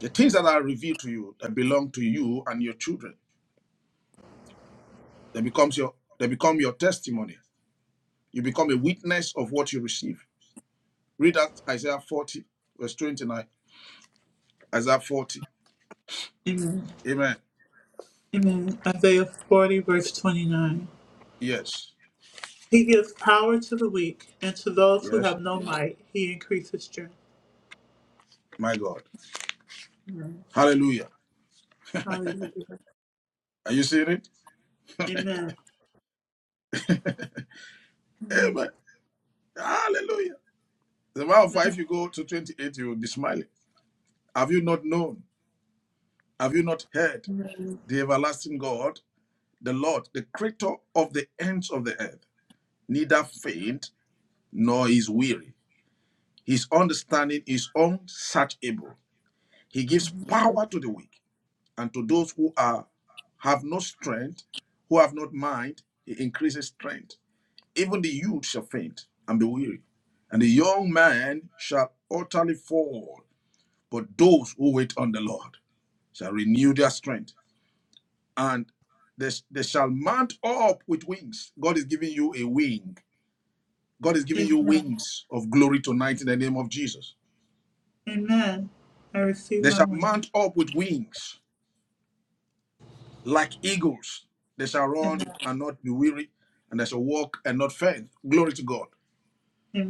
Speaker 3: The things that are revealed to you that belong to you and your children. They becomes your they become your testimony. You become a witness of what you receive. Read that Isaiah 40, verse 29. Isaiah 40.
Speaker 1: Amen.
Speaker 3: Amen.
Speaker 1: Amen. Isaiah 40, verse 29.
Speaker 3: Yes.
Speaker 1: He gives power to the weak, and to those who
Speaker 3: Yes.
Speaker 1: have no might, he increases strength.
Speaker 3: My God.
Speaker 1: Amen.
Speaker 3: Hallelujah.
Speaker 1: Hallelujah.
Speaker 3: Are you seeing it?
Speaker 1: Amen. Amen.
Speaker 3: Amen. Hallelujah. The amount of five if you go to 28, you will be smiling. Have you not known? Have you not heard
Speaker 1: Amen.
Speaker 3: the everlasting God, the Lord, the creator of the ends of the earth? Neither faint nor is weary. His understanding is unsearchable. He gives power to the weak, and to those who are have no strength, who have not mind, he increases strength. Even the youth shall faint and be weary, and the young man shall utterly fall. But those who wait on the Lord shall renew their strength, and they, they shall mount up with wings. God is giving you a wing. God is giving you
Speaker 1: Amen.
Speaker 3: wings of glory tonight in the name of Jesus.
Speaker 1: Amen. I receive
Speaker 3: They
Speaker 1: my
Speaker 3: shall
Speaker 1: wings.
Speaker 3: mount up with wings Like eagles, they shall run
Speaker 1: Amen.
Speaker 3: and not be weary, and they shall walk and not faint. Glory to God.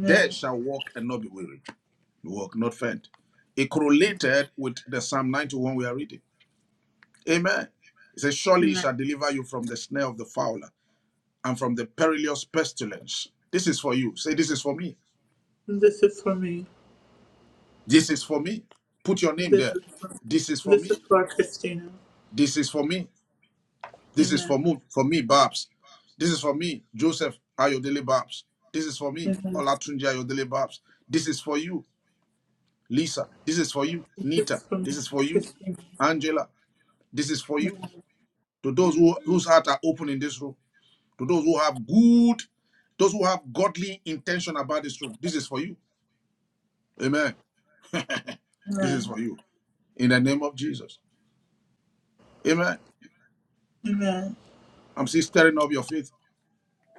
Speaker 3: They shall walk and not be weary, walk not faint. It correlated with the Psalm 91 we are reading. Amen. It says, Surely he
Speaker 1: Amen.
Speaker 3: shall deliver you from the snare of the fowler and from the perilous pestilence. This is for you. Say, This is for me.
Speaker 1: This is for me.
Speaker 3: This is for me. Put your name
Speaker 1: This
Speaker 3: there.
Speaker 1: is for me.
Speaker 3: This is for
Speaker 1: This is
Speaker 3: me.
Speaker 1: for Christina.
Speaker 3: This is for me. This is
Speaker 1: Amen.
Speaker 3: for me, for me, Babs. This is for me, Joseph Ayodele Babs. This is for me,
Speaker 1: Amen.
Speaker 3: Olatunji Ayodele Babs. This is for you, Lisa. This is for you,
Speaker 1: This
Speaker 3: Nita.
Speaker 1: is for
Speaker 3: This
Speaker 1: me,
Speaker 3: is for you,
Speaker 1: Christina.
Speaker 3: Angela. This is for you. To those who, whose hearts are open in this room, to those who have good, those who have godly intention about this room, this is for you. Amen. This is
Speaker 1: Amen.
Speaker 3: for you. In the name of Jesus. Amen.
Speaker 1: Amen.
Speaker 3: I'm still stirring up your faith.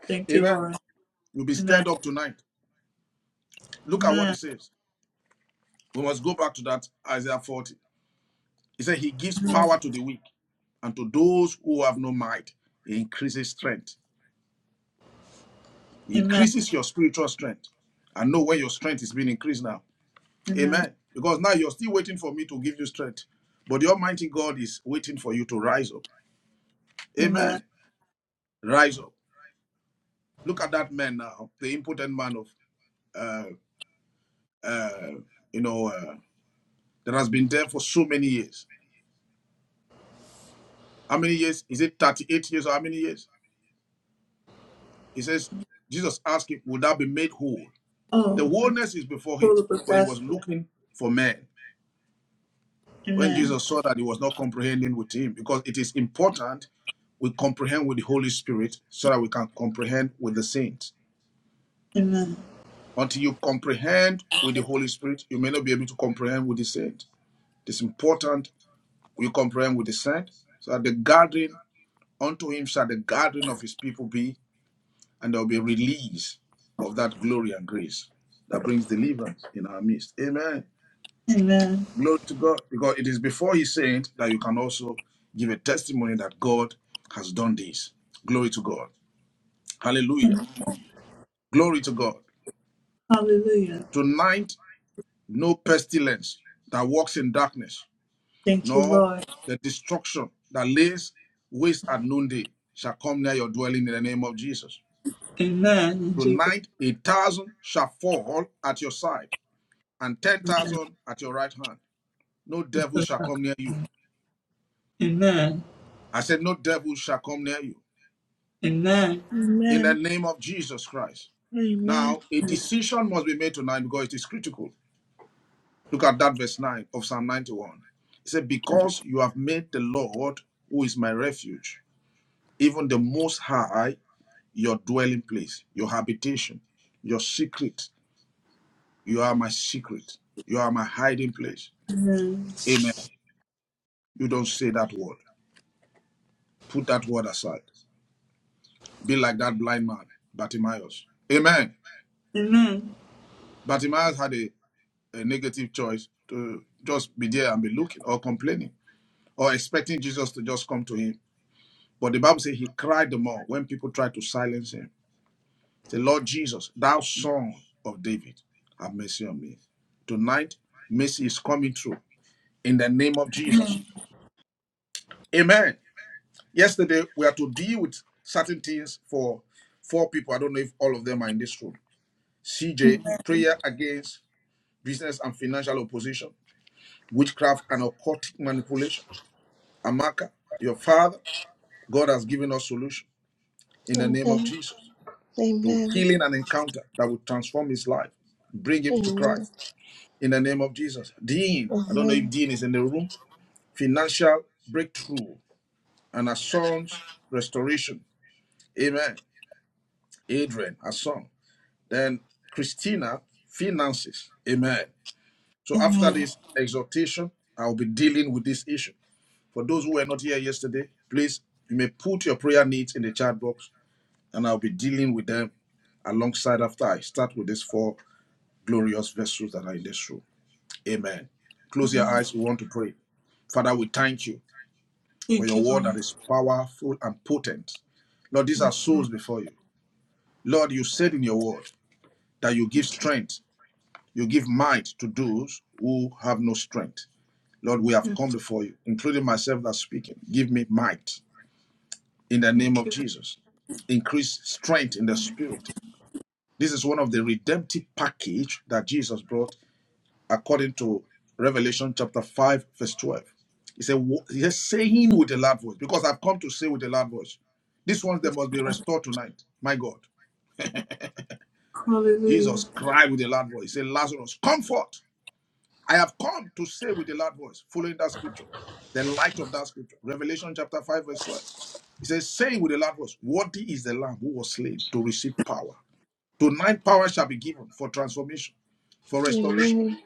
Speaker 1: Thank you,
Speaker 3: Amen.
Speaker 1: Lord.
Speaker 3: You'll be
Speaker 1: Amen.
Speaker 3: stirred up tonight. Look at what it
Speaker 1: Amen.
Speaker 3: says. We must go back to that Isaiah 40. He said, He gives
Speaker 1: Amen.
Speaker 3: power to the weak, and to those who have no might, He increases strength. He
Speaker 1: Amen.
Speaker 3: increases your spiritual strength. And know where your strength is being increased now.
Speaker 1: Amen.
Speaker 3: Amen. Because now you're still waiting for me to give you strength. But the Almighty God is waiting for you to rise up.
Speaker 1: Amen.
Speaker 3: Amen. Rise up. Look at that man now, the impotent man of, uh, uh, you know, uh, that has been there for so many years. How many years? Is it 38 years or how many years? He says, Jesus asked him, Would I be made whole? The
Speaker 1: Oh, I'm
Speaker 3: wholeness is before him,
Speaker 1: full of a
Speaker 3: but he
Speaker 1: fast.
Speaker 3: was looking for men. When
Speaker 1: Amen.
Speaker 3: Jesus saw that, he was not comprehending with him because it is important we comprehend with the Holy Spirit so that we can comprehend with the saints.
Speaker 1: Amen.
Speaker 3: Until you comprehend with the Holy Spirit, you may not be able to comprehend with the saint. It's important we comprehend with the saint so that the gathering unto him shall the gathering of his people be and there will be a release of that glory and grace that brings deliverance in our midst. Amen.
Speaker 1: Amen.
Speaker 3: Glory to God, because it is before His saints that you can also give a testimony that God has done this. Glory to God. Hallelujah. Glory to God.
Speaker 1: Hallelujah.
Speaker 3: Tonight, no pestilence that walks in darkness,
Speaker 1: Thank you,
Speaker 3: nor
Speaker 1: Lord.
Speaker 3: the destruction that lays waste at noonday shall come near your dwelling in the name of Jesus.
Speaker 1: Amen. In Jesus'
Speaker 3: Tonight, a thousand shall fall at your side and 10,000 at your right hand. No devil
Speaker 1: Amen.
Speaker 3: shall come near you.
Speaker 1: Amen.
Speaker 3: I said, No devil shall come near you.
Speaker 1: Amen.
Speaker 3: In the
Speaker 2: Amen.
Speaker 3: name of Jesus Christ.
Speaker 2: Amen.
Speaker 3: Now, a decision must be made tonight because it is critical. Look at that verse 9 of Psalm 91. It said, Because you have made the Lord, who is my refuge, even the Most High, your dwelling place, your habitation, your secret. You are my secret. You are my hiding place. Amen. You don't say that word. Put that word aside. Be like that blind man, Bartimaeus. Amen.
Speaker 1: Amen.
Speaker 3: Bartimaeus had a, a negative choice to just be there and be looking or complaining or expecting Jesus to just come to him. But the Bible says he cried the more when people tried to silence him. Say, Lord Jesus, thou son of David, have mercy on me. Tonight, mercy is coming through in the name of Jesus. Amen. Yesterday, we had to deal with certain things for four people. I don't know if all of them are in this room. CJ, prayer against business and financial opposition, witchcraft and occultic manipulation. Amaka, your father, God has given us solution in the name of
Speaker 2: Amen.
Speaker 3: Jesus to
Speaker 2: Amen.
Speaker 3: healing and encounter that will transform his life, bring him to
Speaker 2: Amen.
Speaker 3: Christ in the name of Jesus. Dean, I don't know if
Speaker 2: Amen.
Speaker 3: Dean is in the room, financial breakthrough and her son's restoration. Amen. Adrian, her son. Then Christina, finances. Amen. So after
Speaker 1: Amen.
Speaker 3: this exhortation, I'll be dealing with this issue. For those who were not here yesterday, please, you may put your prayer needs in the chat box and I'll be dealing with them alongside after I start with these four glorious vessels that are in this room. Amen. Close your eyes. We want to pray. Father, we thank you for
Speaker 1: Thank you,
Speaker 3: your word
Speaker 1: Lord.
Speaker 3: that is powerful and potent. Lord, these are
Speaker 1: Yes, Lord.
Speaker 3: souls before you. Lord, you said in your word that you give
Speaker 1: Thank you.
Speaker 3: strength, you give might to those who have no strength. Lord, we have
Speaker 1: Yes,
Speaker 3: come before you, including myself that's speaking. Give me might. in the name
Speaker 1: thank
Speaker 3: of
Speaker 1: you. Lord.
Speaker 3: Jesus. Increase strength in the spirit. This is one of the redemptive package that Jesus brought according to Revelation chapter 5, verse 12. He said, he said, saying with a loud voice, because I've come to say with a loud voice, these ones they must be restored tonight. My God.
Speaker 1: Hallelujah.
Speaker 3: Jesus cried with a loud voice. He said, Lazarus, comfort. I have come to say with a loud voice, following that scripture, the light of that scripture, Revelation chapter 5, verse 12. It says, saying with a loud voice, Worthy is the Lamb who was slain to receive power. Tonight, power shall be given for transformation, for restoration.
Speaker 2: Amen.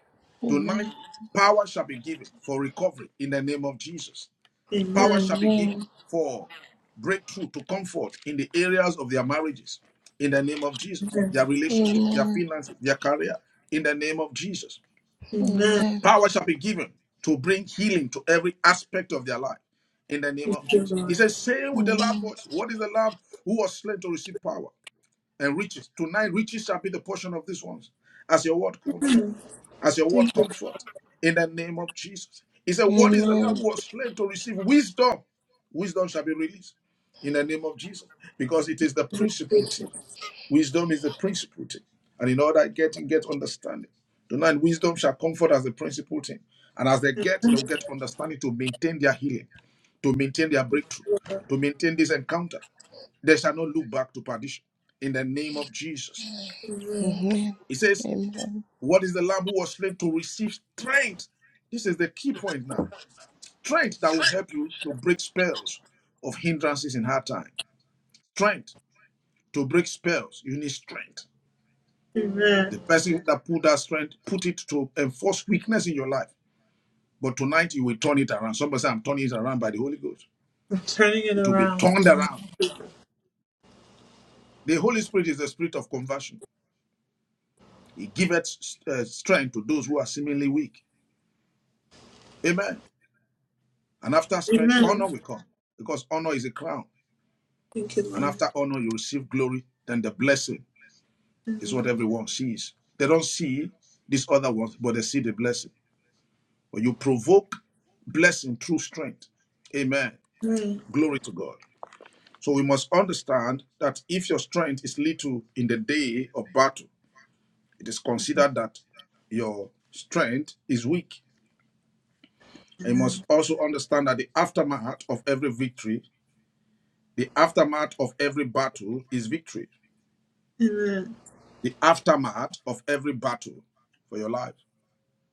Speaker 3: Tonight,
Speaker 2: Amen.
Speaker 3: power shall be given for recovery in the name of Jesus. Power
Speaker 1: Amen.
Speaker 2: Amen.
Speaker 3: shall
Speaker 2: Amen.
Speaker 3: be
Speaker 2: Amen.
Speaker 3: given for breakthrough to comfort in the areas of their marriages in the name of Jesus, their
Speaker 1: Amen.
Speaker 2: Amen.
Speaker 3: relationship, their finances, their career in the name of Jesus.
Speaker 1: Amen.
Speaker 3: Power shall be given to bring healing to every aspect of their life in the name
Speaker 1: Thank
Speaker 3: of
Speaker 1: you,
Speaker 3: Jesus. He
Speaker 1: Lord.
Speaker 3: says, saying with a loud voice, What is the Lamb who was slain to receive power? and riches. Tonight, riches shall be the portion of these ones, as your word comes true, as your word
Speaker 1: Thank you.
Speaker 3: comes forth, in the name of Jesus. He said, What is the
Speaker 2: Amen.
Speaker 3: Lamb who was slain to receive wisdom? Wisdom shall be released in the name of Jesus, because it is the principal
Speaker 1: Thank
Speaker 3: thing. Wisdom is the principal thing. And in order getting, get understanding. Tonight, wisdom shall comfort as the principal thing. And as they get, they will get understanding to maintain their healing, to maintain their breakthrough, to maintain this encounter, they shall not look back to perdition. In the name of Jesus.
Speaker 1: Amen.
Speaker 2: Amen.
Speaker 3: He says,
Speaker 2: Amen.
Speaker 3: What is the lamb who was slain to receive strength? This is the key point now. Strength that will help you to break spells of hindrances in hard time. Strength to break spells. You need strength.
Speaker 1: Amen.
Speaker 3: The person that put that strength, put it to enforce weakness in your life. But tonight you will turn it around. Somebody say, I'm turning it around by the Holy Ghost.
Speaker 1: I'm turning it
Speaker 3: It will be
Speaker 1: around.
Speaker 3: turned around. The Holy Spirit is the spirit of conversion. He giveth uh, strength to those who are seemingly weak. Amen. And after strength, honor
Speaker 1: Amen.
Speaker 3: will come because honor is a crown.
Speaker 1: Thank you,
Speaker 3: And
Speaker 1: Lord.
Speaker 3: after honor, you receive glory. Then the blessing is what
Speaker 1: Amen.
Speaker 3: everyone sees. They don't see these other ones, but they see the blessing. But you provoke blessing through strength. Amen.
Speaker 1: Amen.
Speaker 3: Glory to God. So we must understand that if your strength is little in the day of battle, it is considered that your strength is weak. And you must also understand that the aftermath of every victory, the aftermath of every battle is victory. the aftermath of every battle for your life.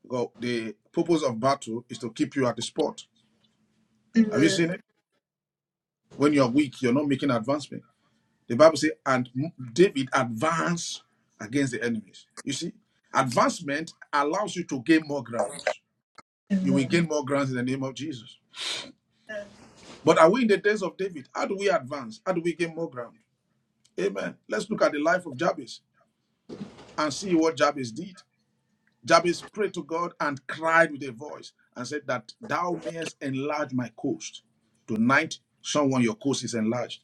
Speaker 3: Because the purpose of battle is to keep you at the spot. Have you seen
Speaker 1: Amen.
Speaker 3: it? When you're weak, you're not making advancement. The Bible says, and David advanced against the enemies. You see, advancement allows you to gain more grounds. You will gain
Speaker 1: Amen.
Speaker 3: more grounds in the name of Jesus. But are we in the days of David? How do we advance? How do we gain more ground? Amen. Let's look at the life of Jabez and see what Jabez did. Jabez prayed to God and cried with a voice and said that thou mayest enlarge my coast. Tonight, someone, your coast is enlarged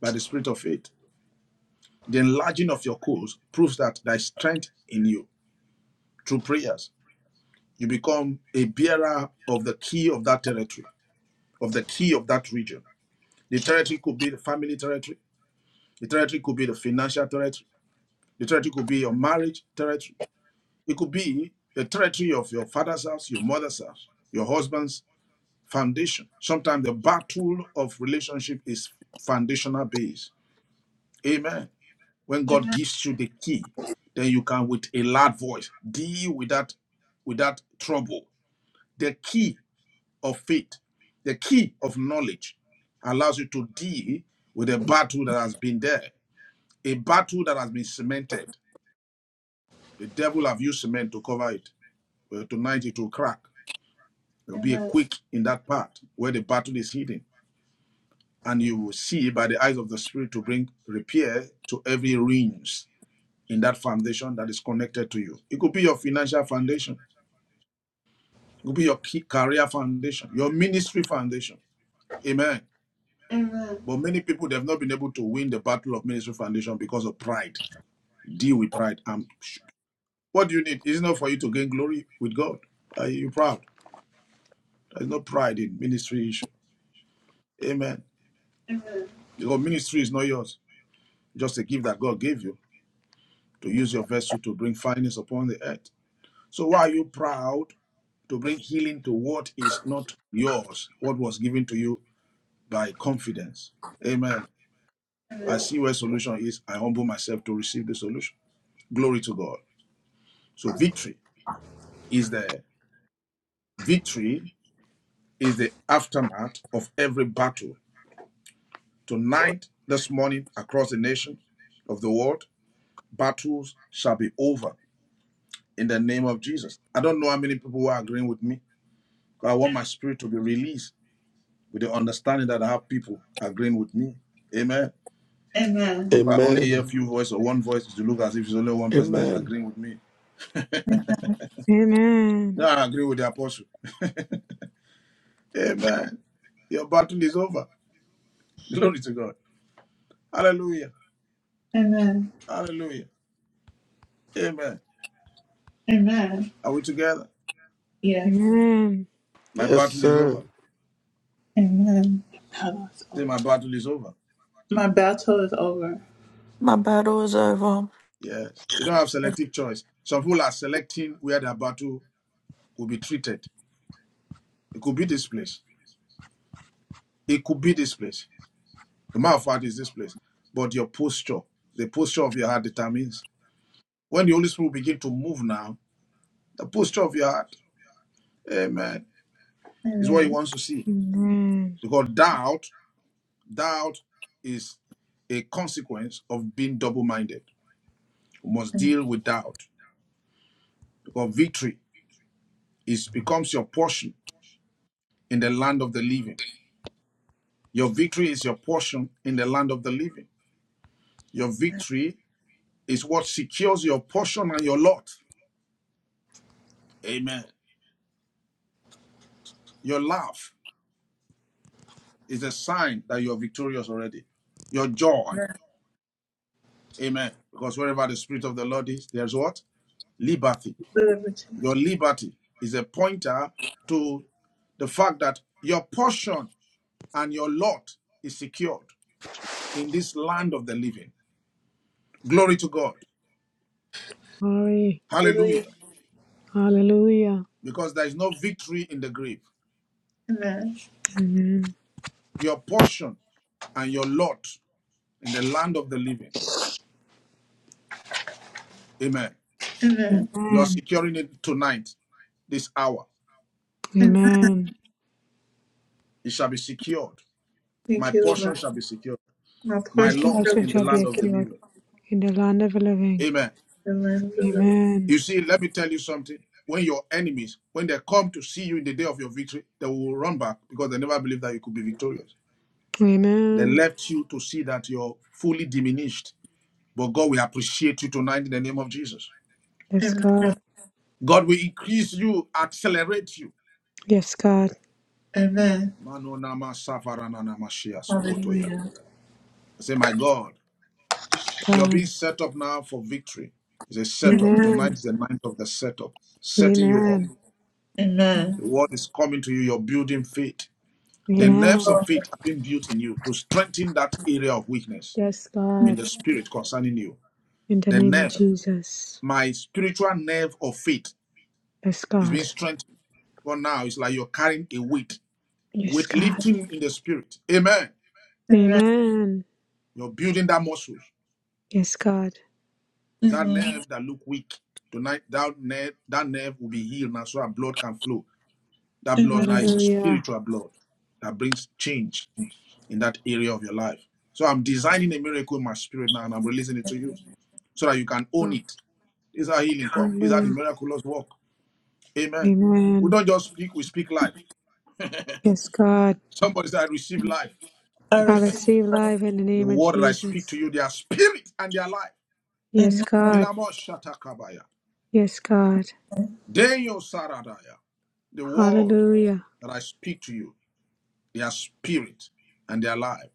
Speaker 3: by the spirit of faith. The enlarging of your coast proves that there is strength in you through prayers. You become a bearer of the key of that territory, of the key of that region. The territory could be the family territory. The territory could be the financial territory. The territory could be your marriage territory. It could be the territory of your father's house, your mother's house, your husband's Foundation. Sometimes the battle of relationship is foundational based. Amen. When God gives you the key, then you can with a loud voice deal with that with that trouble. The key of faith, the key of knowledge allows you to deal with a battle that has been there, a battle that has been cemented. The devil have used cement to cover it. Well, tonight it will crack. There will
Speaker 1: Amen.
Speaker 3: be a
Speaker 1: Amen.
Speaker 3: quick in that part where the battle is hidden. and you will see by the eyes of the Spirit to bring repair to every ruins in that foundation that is connected to you. It could be your financial foundation, it could be your career foundation, your ministry foundation. Amen.
Speaker 1: Amen.
Speaker 3: But many people they have not been able to win the battle of ministry foundation because of pride. Deal with pride. And what do you need? It's not for you to gain glory with God. Are you proud? There's no pride in ministry issue. Amen.
Speaker 1: Amen.
Speaker 3: Because ministry is not yours. Just a gift that God gave you to use your vessel to bring finance upon the earth. So why are you proud to bring healing to what is not yours, what was given to you by confidence? Amen. I see where solution is. I humble myself to receive the solution. Glory to God. So victory is the victory is the aftermath of every battle. Tonight, this morning, across the nations of the world, battles shall be over in the name of Jesus. I don't know how many people who are agreeing with me, I want my spirit to be released with the understanding that I have people agreeing with me. Amen. If I only hear a
Speaker 4: Amen.
Speaker 3: few voices or one voice, to look as if it's only one person that is
Speaker 4: Amen.
Speaker 3: agreeing with me.
Speaker 7: Amen.
Speaker 3: Now I agree with the apostle. Amen. Your battle is over. <laughs> Glory to God. Hallelujah.
Speaker 1: Amen. Amen.
Speaker 3: Hallelujah. Amen.
Speaker 1: Amen.
Speaker 3: Are we together?
Speaker 1: Yes.
Speaker 7: Amen.
Speaker 3: My
Speaker 4: Yes,
Speaker 3: battle is
Speaker 4: sir.
Speaker 3: over.
Speaker 1: Amen. Battle's
Speaker 3: Say,
Speaker 1: over.
Speaker 3: my battle is over.
Speaker 1: My battle is over.
Speaker 8: My battle is over.
Speaker 3: Yes. You don't have selective choice. Some people are selecting where their battle will be treated. It could be this place. It could be this place. The mouth heart is this place, but your posture, the posture of your heart determines. When the Holy Spirit begin to move now, the posture of your heart, amen, is what he wants to see.
Speaker 7: Amen.
Speaker 3: Because doubt, doubt is a consequence of being double-minded. You must deal with doubt. Because victory is becomes your portion in the land of the living. Your victory is your portion in the land of the living. Your victory is what secures your portion and your lot. Amen. Your love. Is a sign that you're victorious already. Your joy. Amen. Because wherever the Spirit of the Lord is, there's what? Liberty.
Speaker 1: Liberty.
Speaker 3: Your liberty is a pointer to the fact that your portion and your lot is secured in this land of the living. Glory to God.
Speaker 7: Glory.
Speaker 1: Hallelujah.
Speaker 3: Hallelujah.
Speaker 7: Hallelujah.
Speaker 3: Because there is no victory in the grave.
Speaker 1: Amen.
Speaker 7: Amen.
Speaker 3: Your portion and your lot in the land of the living. Amen.
Speaker 1: Amen.
Speaker 3: You are
Speaker 7: Amen.
Speaker 3: securing it tonight, this hour.
Speaker 1: Amen.
Speaker 7: Amen.
Speaker 3: It shall be secured My
Speaker 1: Thank you,
Speaker 3: portion
Speaker 1: Lord.
Speaker 3: shall be secure.
Speaker 1: My
Speaker 3: My
Speaker 7: My
Speaker 1: portion
Speaker 3: lot
Speaker 1: shall
Speaker 7: portion
Speaker 1: be
Speaker 3: in the
Speaker 7: shall
Speaker 3: land
Speaker 7: be
Speaker 3: of the
Speaker 7: cured
Speaker 3: living.
Speaker 7: in the land of the living.
Speaker 3: Amen.
Speaker 1: the land of the living.
Speaker 7: Amen.
Speaker 3: You see, let me tell you something. When your enemies, when they come to see you in the day of your victory, they will run back because they never believed that you could be victorious. They
Speaker 7: Amen.
Speaker 3: left you to see that you're fully diminished. But God will appreciate you tonight in the name of Jesus.
Speaker 7: Yes,
Speaker 1: Amen.
Speaker 7: God.
Speaker 3: God will increase you, accelerate you.
Speaker 7: Yes, God.
Speaker 1: Amen. Hallelujah.
Speaker 3: I say, my God, you're being
Speaker 7: God.
Speaker 3: set up now for victory. It's a setup. Tonight is
Speaker 7: Amen.
Speaker 3: the ninth of the setup, setting you up.
Speaker 7: Amen.
Speaker 1: Amen.
Speaker 3: The word is coming to you. You're building faith. The
Speaker 1: Thank you,
Speaker 3: nerves
Speaker 7: Amen.
Speaker 3: of
Speaker 1: Lord.
Speaker 3: faith have been built in you to strengthen that area of weakness
Speaker 7: Yes,
Speaker 3: in
Speaker 7: God.
Speaker 3: the spirit concerning you.
Speaker 7: In the
Speaker 3: The
Speaker 7: name of
Speaker 3: nerve,
Speaker 7: Jesus.
Speaker 3: my spiritual nerve of faith,
Speaker 7: Yes,
Speaker 3: is being
Speaker 7: God.
Speaker 3: strengthened. For now, it's like you're carrying a weight,
Speaker 7: Yes,
Speaker 3: weight
Speaker 7: God.
Speaker 3: lifting in the spirit. Amen.
Speaker 1: Amen.
Speaker 7: Amen.
Speaker 3: You're building that muscle,
Speaker 7: Yes, God.
Speaker 3: that
Speaker 1: Amen.
Speaker 3: nerve that look weak. Tonight, that nerve, that nerve will be healed now, so that blood can flow. That blood now
Speaker 1: Amen.
Speaker 3: is a
Speaker 7: Hallelujah.
Speaker 3: spiritual blood that brings change in that area of your life. So I'm designing a miracle in my spirit now and I'm releasing it to you so that you can own it. This is how healing comes. This is how the
Speaker 7: Hallelujah.
Speaker 3: miraculous work. Amen. We
Speaker 7: Amen.
Speaker 3: don't just speak, we speak life.
Speaker 7: Yes, God.
Speaker 3: Somebody said, I receive life.
Speaker 1: I
Speaker 7: I
Speaker 1: receive. it.
Speaker 7: receive life in the
Speaker 3: The
Speaker 7: name of
Speaker 3: word that I speak
Speaker 7: Jesus.
Speaker 3: to you, they are spirit and they are life.
Speaker 7: Yes,
Speaker 1: Amen.
Speaker 7: God.
Speaker 3: Ilamo shatakabaya.
Speaker 7: Yes, God.
Speaker 3: The word
Speaker 7: Hallelujah.
Speaker 3: that I speak to you, they are spirit and they are life.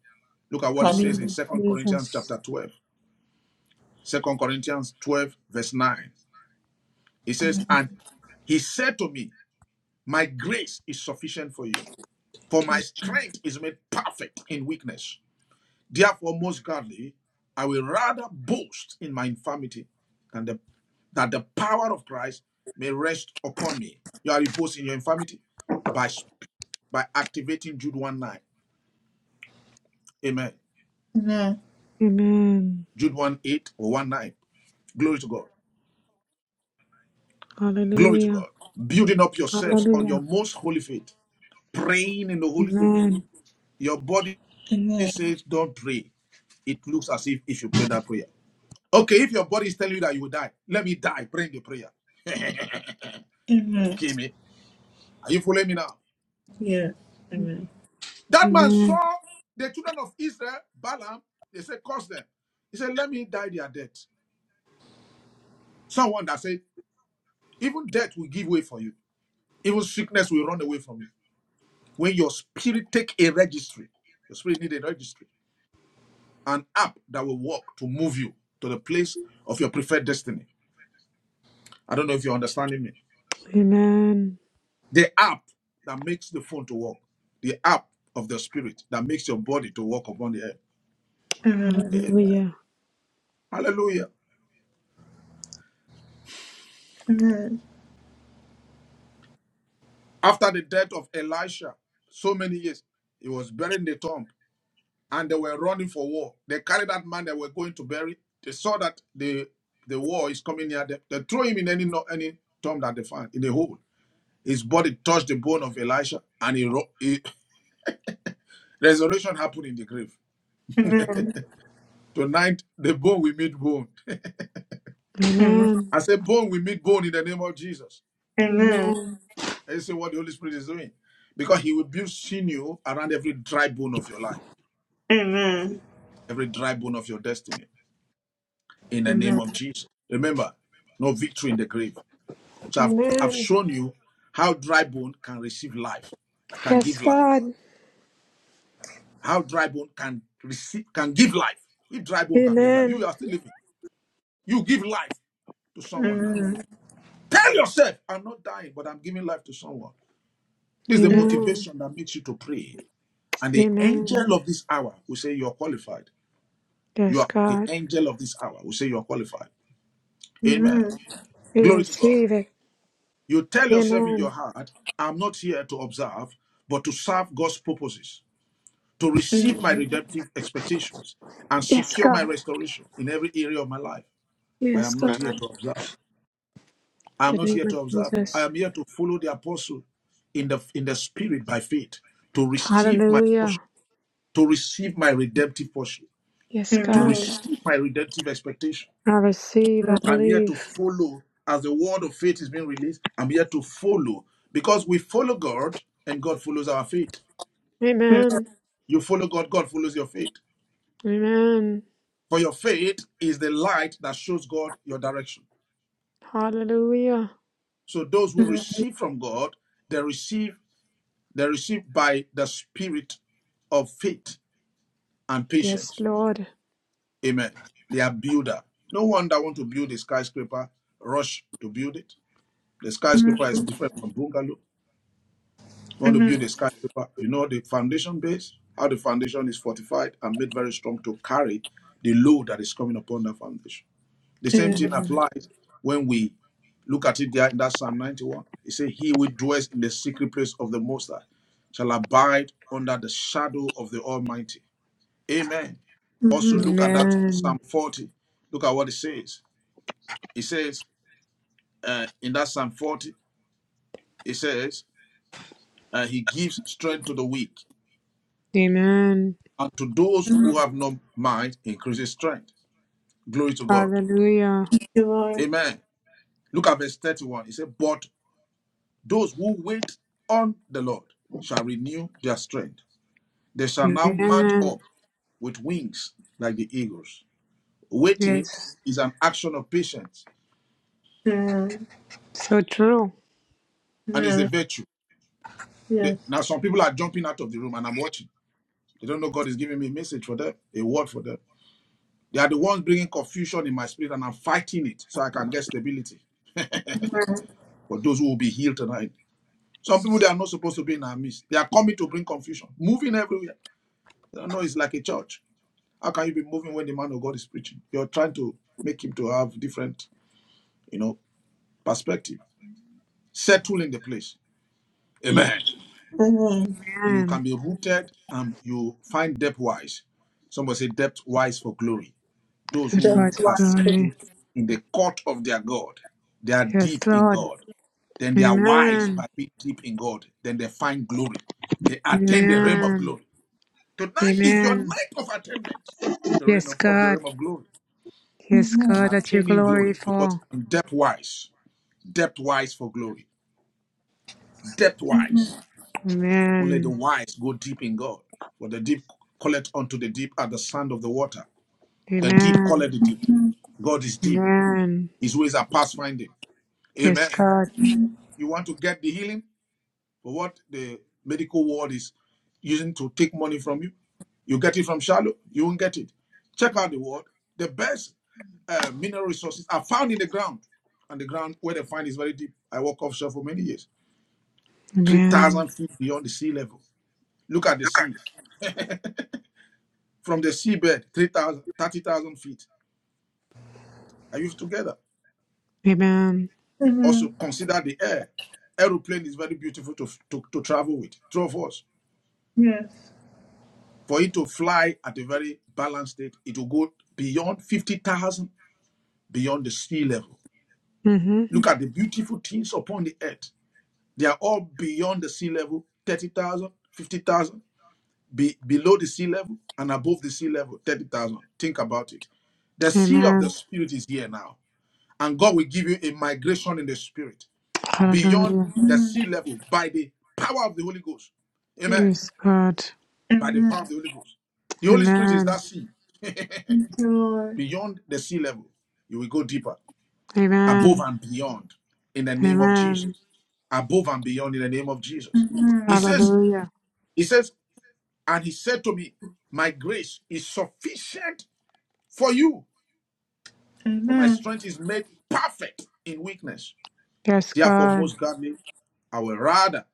Speaker 3: Look at what it
Speaker 7: In the
Speaker 3: says
Speaker 1: Hallelujah.
Speaker 3: in
Speaker 7: name of
Speaker 3: Second Corinthians
Speaker 7: Jesus.
Speaker 3: chapter 12. Second Corinthians 12, verse 9. It says, And he said to me, My grace is sufficient for you, for
Speaker 1: Thank
Speaker 3: my
Speaker 1: you.
Speaker 3: strength is made perfect in weakness. Therefore, most gladly, I will rather boast in my infirmity than the, that the power of Christ may rest upon me. You are boasting in your infirmity by, by activating Jude 1 9. Amen.
Speaker 1: Amen.
Speaker 7: Amen.
Speaker 3: Jude 1 8 or 1 9. Glory to God. Glory to
Speaker 7: Hallelujah.
Speaker 3: God. Building up yourselves on
Speaker 7: Hallelujah.
Speaker 3: your most holy faith, praying in the Holy Ghost.
Speaker 7: Amen.
Speaker 3: Your body
Speaker 1: Amen.
Speaker 3: says, Don't pray. It looks as if if you pray that prayer. Okay, if your body is telling you that you will die, let me die. Bring the prayer.
Speaker 1: Amen.
Speaker 3: Okay, me. Are you following me now?
Speaker 1: Yes. Amen.
Speaker 3: That man
Speaker 7: Amen.
Speaker 3: saw the children of Israel, Balaam, they said, curse them. He said, let me die their death. Someone that said, even death will give way for you. Even sickness will run away from you. When your spirit take a registry, your spirit need a registry, an app that will work to move you to the place of your preferred destiny. I don't know if you're understanding me.
Speaker 7: Amen.
Speaker 3: The app that makes the phone to work, the app of the spirit that makes your body to walk upon the earth.
Speaker 1: Amen.
Speaker 3: Amen.
Speaker 7: Hallelujah.
Speaker 3: Hallelujah.
Speaker 1: Amen.
Speaker 3: After the death of Elisha, so many years, he was buried in the tomb and they were running for war. They carried that man they were going to bury. They saw that the the war is coming near them. They threw him in any no- any tomb that they found, in a hole. His body touched the bone of Elisha and he, ro- he resurrection happened in the grave.
Speaker 1: Amen.
Speaker 3: Tonight, the bone will meet bone.
Speaker 1: Amen.
Speaker 7: Amen.
Speaker 3: I say bone will meet bone in the name of Jesus.
Speaker 1: Amen.
Speaker 7: Amen.
Speaker 3: And you see what the Holy Spirit is doing. Because he will build sinew around every dry bone of your life,
Speaker 1: Amen.
Speaker 3: every dry bone of your destiny. In the name
Speaker 1: Amen.
Speaker 3: of Jesus. Remember, no victory in the grave. So I've, I've
Speaker 7: Amen.
Speaker 3: shown you how dry bone can receive life, can
Speaker 7: Yes,
Speaker 3: give life.
Speaker 7: God.
Speaker 3: How dry bone can receive can give life. If dry bone can give life,
Speaker 7: Amen.
Speaker 3: you are still living. You give life to someone now.
Speaker 1: Yes.
Speaker 3: Tell yourself, I'm not dying, but I'm giving life to someone. This is the
Speaker 1: Amen.
Speaker 7: Amen.
Speaker 3: motivation that makes you to pray. And the
Speaker 7: Amen.
Speaker 3: angel of this hour will say, You're qualified. You
Speaker 7: Yes,
Speaker 3: are the
Speaker 7: God.
Speaker 3: angel of this hour. We say you are qualified. Amen.
Speaker 7: We
Speaker 3: Glory to God.
Speaker 7: receive it.
Speaker 3: You tell yourself in your
Speaker 7: Amen.
Speaker 3: heart, I'm not here to observe, but to serve God's purposes, to receive my redemptive expectations, and
Speaker 7: Yes,
Speaker 3: secure
Speaker 7: God.
Speaker 3: my restoration in every area of my life. I
Speaker 7: Yes,
Speaker 3: am not
Speaker 7: God.
Speaker 3: here
Speaker 7: In
Speaker 3: to observe. I am
Speaker 7: the
Speaker 3: not
Speaker 7: name
Speaker 3: here
Speaker 7: of
Speaker 3: to observe. I
Speaker 7: Jesus.
Speaker 3: am here to follow the apostle in the in the spirit by faith, to receive my portion,
Speaker 7: Hallelujah.
Speaker 3: to receive my redemptive portion,
Speaker 7: Yes,
Speaker 3: to
Speaker 7: God.
Speaker 3: receive my redemptive expectation
Speaker 7: I receive, I
Speaker 3: I'm here to
Speaker 7: believe.
Speaker 3: follow as the word of faith is being released. I'm here to follow because we follow God and God follows our faith.
Speaker 7: Amen.
Speaker 3: You follow God, God follows your faith.
Speaker 7: Amen.
Speaker 3: For your faith is the light that shows God your direction.
Speaker 7: Hallelujah.
Speaker 3: So those who receive from God, they receive they receive by the spirit of faith and
Speaker 7: Yes,
Speaker 3: patience.
Speaker 7: Lord.
Speaker 3: Amen. They are builder. No one that want to build a skyscraper rush to build it. The skyscraper is different from bungalow. you want to build a skyscraper, you know the foundation base, how the foundation is fortified and made very strong to carry the load that is coming upon that foundation. The same thing
Speaker 7: Amen.
Speaker 3: applies when we look at it there in that Psalm 91. It says, He will dwell in the secret place of the Most High shall abide under the shadow of the Almighty. Amen. Also, look at that Psalm
Speaker 7: Amen.
Speaker 3: 40. Look at what it says. It says uh, in that Psalm 40, it says, uh, He gives strength to the weak
Speaker 7: Amen.
Speaker 3: And to those who have no mind, increases strength. Glory to God.
Speaker 7: Hallelujah.
Speaker 3: Amen. Look at verse 31. He said, But those who wait on the Lord shall renew their strength. They shall now mount
Speaker 7: Amen.
Speaker 3: up with wings like the eagles. Waiting
Speaker 7: Yes.
Speaker 3: is an action of patience
Speaker 7: So true.
Speaker 3: and is a virtue. They- now, some people are jumping out of the room and I'm watching. They don't know God is giving me a message for them, a word for them. They are the ones bringing confusion in my spirit and I'm fighting it so I can get stability. For those who will be healed tonight Some people they are not supposed to be in our midst. They are coming to bring confusion, moving everywhere. I know, it's like a church. How can you be moving when the man of God is preaching? You're trying to make him to have different, you know, perspective.
Speaker 9: Amen.
Speaker 3: Settle in the place. Amen. Then you can
Speaker 7: Amen.
Speaker 3: be rooted and you find depth wise. Somebody say depth wise for glory. Those
Speaker 7: That
Speaker 1: That's
Speaker 3: who
Speaker 7: was
Speaker 3: are
Speaker 1: why.
Speaker 7: glory.
Speaker 3: settled in the court of their God, they are
Speaker 7: Yes,
Speaker 3: deep in
Speaker 7: Lord.
Speaker 3: God then they are wise
Speaker 7: Amen.
Speaker 3: by being deep in God. Then they find glory. They attain the realm of
Speaker 7: Amen.
Speaker 3: glory. Tonight is your
Speaker 7: Amen.
Speaker 3: night of attainment, the reign
Speaker 7: Yes,
Speaker 3: of, of the
Speaker 7: God.
Speaker 3: realm of glory.
Speaker 7: Yes,
Speaker 3: I'm
Speaker 7: God, that you
Speaker 3: attaining
Speaker 7: glory
Speaker 3: glory because
Speaker 7: for.
Speaker 3: I'm depth wise, depth wise for glory, depth wise. Only the
Speaker 7: Amen.
Speaker 3: wise go deep in God. For the deep calleth unto the deep at the sound of the water. The deep calleth
Speaker 7: Amen.
Speaker 3: the deep. God is deep.
Speaker 7: Amen.
Speaker 3: His ways are past finding.
Speaker 7: Yes,
Speaker 3: Amen.
Speaker 7: God.
Speaker 3: You want to get the healing? for what the medical world is using to take money from you. You get it from shallow, you won't get it. Check out the world. The best uh, mineral resources are found in the ground, and the ground where they find is very deep. I work offshore for many years,
Speaker 7: Amen.
Speaker 3: 3,000 feet beyond the sea level. Look at the sea. From the seabed, 3,000, 30,000 feet. Are you together?
Speaker 7: Amen.
Speaker 1: Amen.
Speaker 3: Also,
Speaker 1: Amen.
Speaker 3: consider the air. Aeroplane is very beautiful to, to, to travel with. True of us. For it to fly at a very balanced state, it will go beyond 50,000, beyond the sea level.
Speaker 7: Mm-hmm.
Speaker 3: Look at the beautiful things upon the earth. They are all beyond the sea level, 30,000, 50,000, be, below the sea level, and above the sea level, 30,000. Think about it. The sea of the
Speaker 7: Amen.
Speaker 3: spirit is here now, and God will give you a migration in the spirit beyond
Speaker 7: Hallelujah.
Speaker 3: the sea level by the power of the Holy Ghost. Amen.
Speaker 7: Yes, God.
Speaker 1: Yes. Amen.
Speaker 3: By the power of the
Speaker 1: Amen.
Speaker 3: Holy Ghost. The Holy Spirit is
Speaker 7: Amen.
Speaker 3: that sea.
Speaker 1: Thank you, Lord.
Speaker 3: beyond the sea level. You will go deeper, above
Speaker 7: Amen.
Speaker 3: and beyond in the name of Jesus.
Speaker 7: Amen.
Speaker 3: Above and beyond in the name of Jesus. He
Speaker 1: Amen.
Speaker 3: says,
Speaker 7: Hallelujah.
Speaker 3: He says, and he said to me, My grace is sufficient for you, for my
Speaker 1: Amen.
Speaker 3: strength is made perfect in weakness.
Speaker 7: Yes,
Speaker 3: Therefore,
Speaker 7: God.
Speaker 3: most gladly, I will rather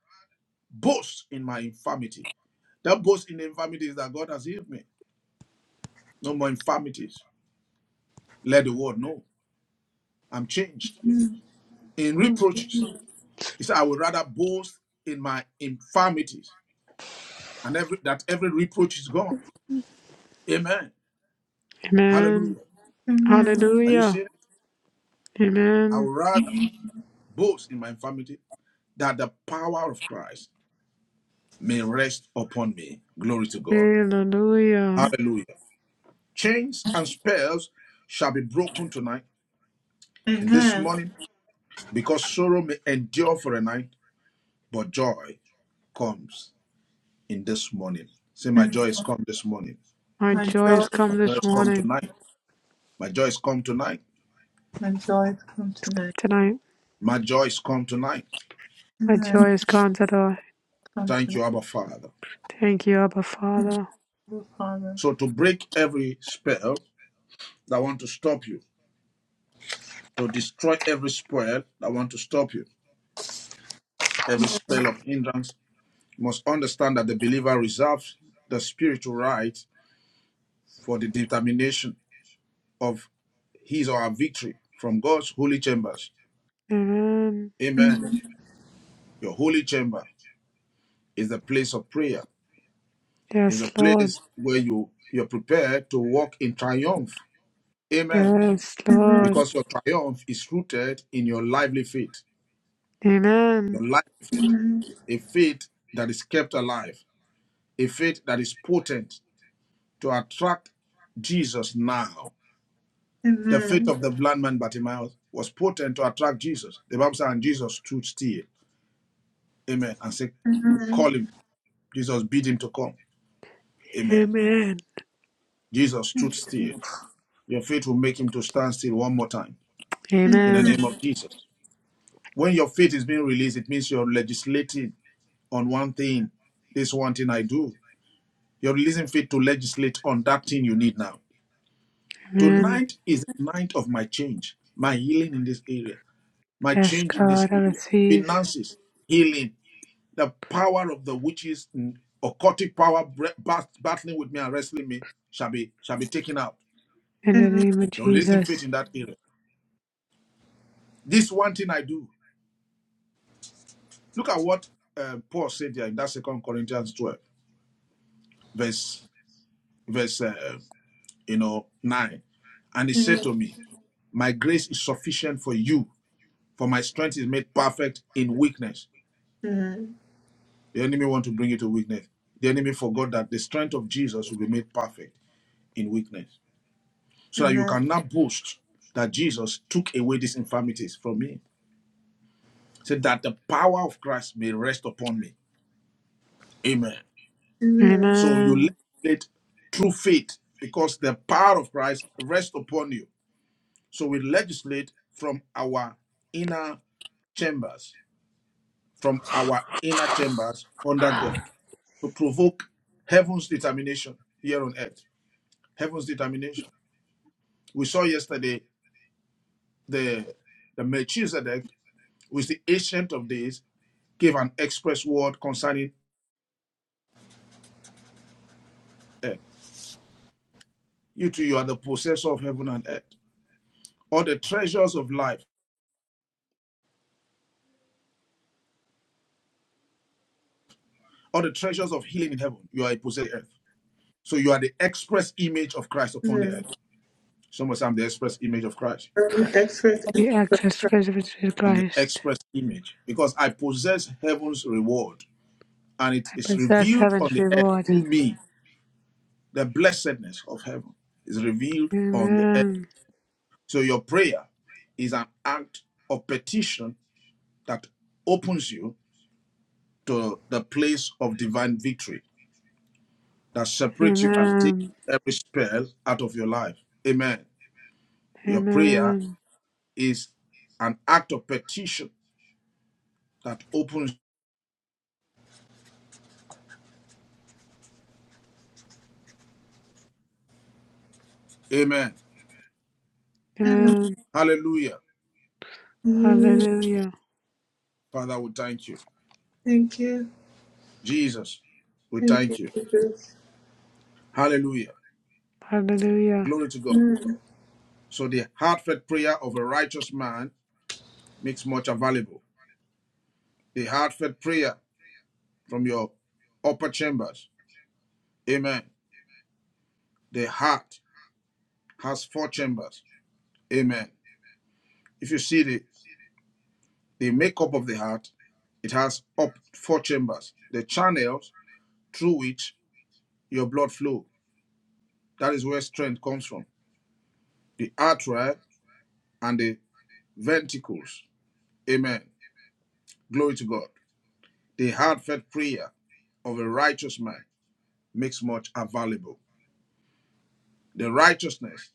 Speaker 3: boast in my infirmity. That boast in the infirmity is that God has healed me. No more infirmities. Let the world know I'm changed. In reproaches.
Speaker 1: Hallelujah.
Speaker 3: He said, I would rather boast in my infirmities and every that every reproach is gone. Amen.
Speaker 7: Amen.
Speaker 3: Hallelujah.
Speaker 1: Amen.
Speaker 3: Are you
Speaker 7: Hallelujah.
Speaker 3: seeing it? I would
Speaker 7: Amen.
Speaker 3: rather boast in my infirmity that the power of Christ may rest upon me. Glory to God.
Speaker 7: Hallelujah.
Speaker 3: Hallelujah. Chains and spells shall be broken tonight and this
Speaker 1: Amen.
Speaker 3: morning because sorrow may endure for a night, but joy comes in this morning. Say, My joy
Speaker 1: Amen.
Speaker 3: is come this morning.
Speaker 7: My
Speaker 1: My
Speaker 7: joy
Speaker 1: joy,
Speaker 7: has
Speaker 3: My
Speaker 7: come
Speaker 3: joy
Speaker 7: this
Speaker 3: is come
Speaker 7: morning.
Speaker 3: tonight. My joy is come tonight.
Speaker 1: my joy has come
Speaker 7: It's come
Speaker 1: tonight.
Speaker 7: tonight.
Speaker 3: My joys come tonight.
Speaker 7: My joy
Speaker 1: Amen.
Speaker 7: has gone to the
Speaker 1: Come
Speaker 3: Thank
Speaker 1: tonight,
Speaker 3: you, Abba Father.
Speaker 7: Thank you, Abba Father.
Speaker 1: oh Father.
Speaker 3: So to break every spell that want to stop you, to destroy every spell that want to stop you, every spell of hindrance, you must understand that the believer reserves the spiritual right for the determination of his or her victory from God's holy chambers.
Speaker 7: Amen.
Speaker 3: Amen.
Speaker 1: Amen.
Speaker 3: Your holy chamber is the place of prayer, is the
Speaker 7: Yes, Lord.
Speaker 3: place where you you're prepared to walk in triumph. Amen.
Speaker 7: Yes,
Speaker 1: Amen.
Speaker 7: Lord.
Speaker 3: because your triumph is rooted in your lively faith,
Speaker 7: Amen.
Speaker 3: your lively faith, a faith that is kept alive, a faith that is potent to attract Jesus now. The faith
Speaker 1: Amen.
Speaker 3: of the blind man Bartimaeus was potent to attract Jesus. The Bible says, and Jesus stood still, amen, and said,
Speaker 1: Amen.
Speaker 3: call him. Jesus bid him to come. Amen.
Speaker 7: Amen.
Speaker 3: Jesus stood still. Your faith will make him to stand still one more time
Speaker 1: Amen.
Speaker 3: in the name
Speaker 7: Amen.
Speaker 3: of Jesus. When your faith is being released, it means you're legislating. on one thing, this one thing I do. You're releasing faith to legislate on that thing you need now.
Speaker 7: Amen.
Speaker 3: Tonight is the night of my change, my healing in this area, my
Speaker 7: Yes,
Speaker 3: change in this
Speaker 7: God, I
Speaker 3: area,
Speaker 7: receive
Speaker 3: finances, healing, the power of the witches, mm, occultic power bre- bat- battling with me and wrestling me shall be shall be taken out.
Speaker 7: in the
Speaker 1: Mhm,
Speaker 7: name of
Speaker 3: You're releasing faith
Speaker 7: Jesus.
Speaker 3: in that area. This one thing I do. Look at what uh, Paul said there in that Second Corinthians 12, verse verse. uh, you know, 9. And he said
Speaker 1: mhm,
Speaker 3: to me, My grace is sufficient for you, for my strength is made perfect in weakness.
Speaker 1: mhm,
Speaker 3: The enemy want to bring you to weakness. The enemy forgot that the strength of Jesus will be made perfect in weakness. So that you
Speaker 1: mhm,
Speaker 3: can now boast that Jesus took away these infirmities from me. So that the power of Christ may rest upon me. Amen.
Speaker 1: mhm,
Speaker 3: So you
Speaker 7: Amen.
Speaker 3: legislate through faith because the power of Christ rests upon you. So we legislate from our inner chambers, from our inner chambers under God, to provoke heaven's determination here on earth. Heaven's determination. We saw yesterday the the Melchizedek, who is the ancient of days, gave an express word concerning earth. You too, you are the possessor of heaven and earth. All the treasures of life, all the treasures of healing in heaven, you are a possessor of earth. So you are the express image of Christ upon the earth.
Speaker 1: mhm.
Speaker 3: Some say I'm the express image of Christ.
Speaker 1: Burn expectation.
Speaker 7: The access presence of
Speaker 3: I'm the
Speaker 7: Christ.
Speaker 3: express image because I possess heaven's reward and it
Speaker 7: I
Speaker 3: is
Speaker 7: possess
Speaker 3: revealed on
Speaker 7: heaven's
Speaker 3: the earth
Speaker 7: reward.
Speaker 3: through me. The blessedness of heaven is revealed on the earth.
Speaker 7: Amen.
Speaker 3: So your prayer is an act of petition that opens you to the place of divine victory that separates you and takes
Speaker 7: Amen.
Speaker 3: every spell out of your life. Amen. Your prayer
Speaker 7: Amen.
Speaker 3: is an act of petition that opens. Amen.
Speaker 1: Mhm,
Speaker 7: Amen.
Speaker 3: Hallelujah.
Speaker 1: mhm.
Speaker 7: Hallelujah.
Speaker 3: Father, we thank you.
Speaker 1: Thank you.
Speaker 3: Jesus, we
Speaker 1: Thank you,
Speaker 3: thank you.
Speaker 1: Jesus.
Speaker 3: Hallelujah.
Speaker 7: Hallelujah.
Speaker 3: Glory to God.
Speaker 1: Mhm.
Speaker 3: So the heartfelt prayer of a righteous man makes much available. The heartfelt prayer from your upper chambers. Amen. The heart has four chambers. Amen. If you see the, the makeup of the heart, it has up four chambers. The channels through which your blood flow. That is where strength comes from. The artery and the ventricles. Amen. Glory to God. The heartfelt prayer of a righteous man makes much available. The righteousness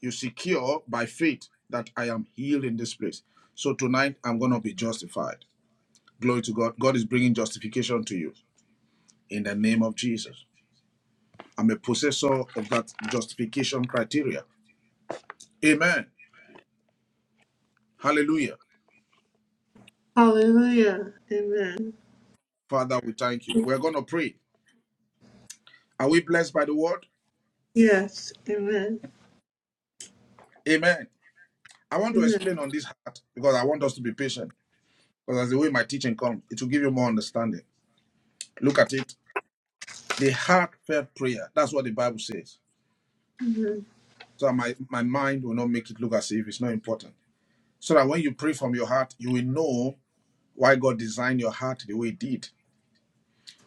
Speaker 3: you secure by faith that I am healed in this place. So tonight I'm going to be justified. Glory to God. God is bringing justification to you in the name of Jesus. I'm a possessor of that justification criteria. Amen. Hallelujah.
Speaker 1: Hallelujah. Amen.
Speaker 3: Father, we thank you. We're going to pray. Are we blessed by the word?
Speaker 1: Yes. Amen.
Speaker 3: Amen. I want to explain
Speaker 1: Amen.
Speaker 3: on this heart because I want us to be patient. Because as the way my teaching comes, it will give you more understanding. Look at it. The heartfelt prayer. That's what the Bible says.
Speaker 1: Amen.
Speaker 3: So my, my mind will not make it look as if it's not important. So that when you pray from your heart, you will know why God designed your heart the way it did.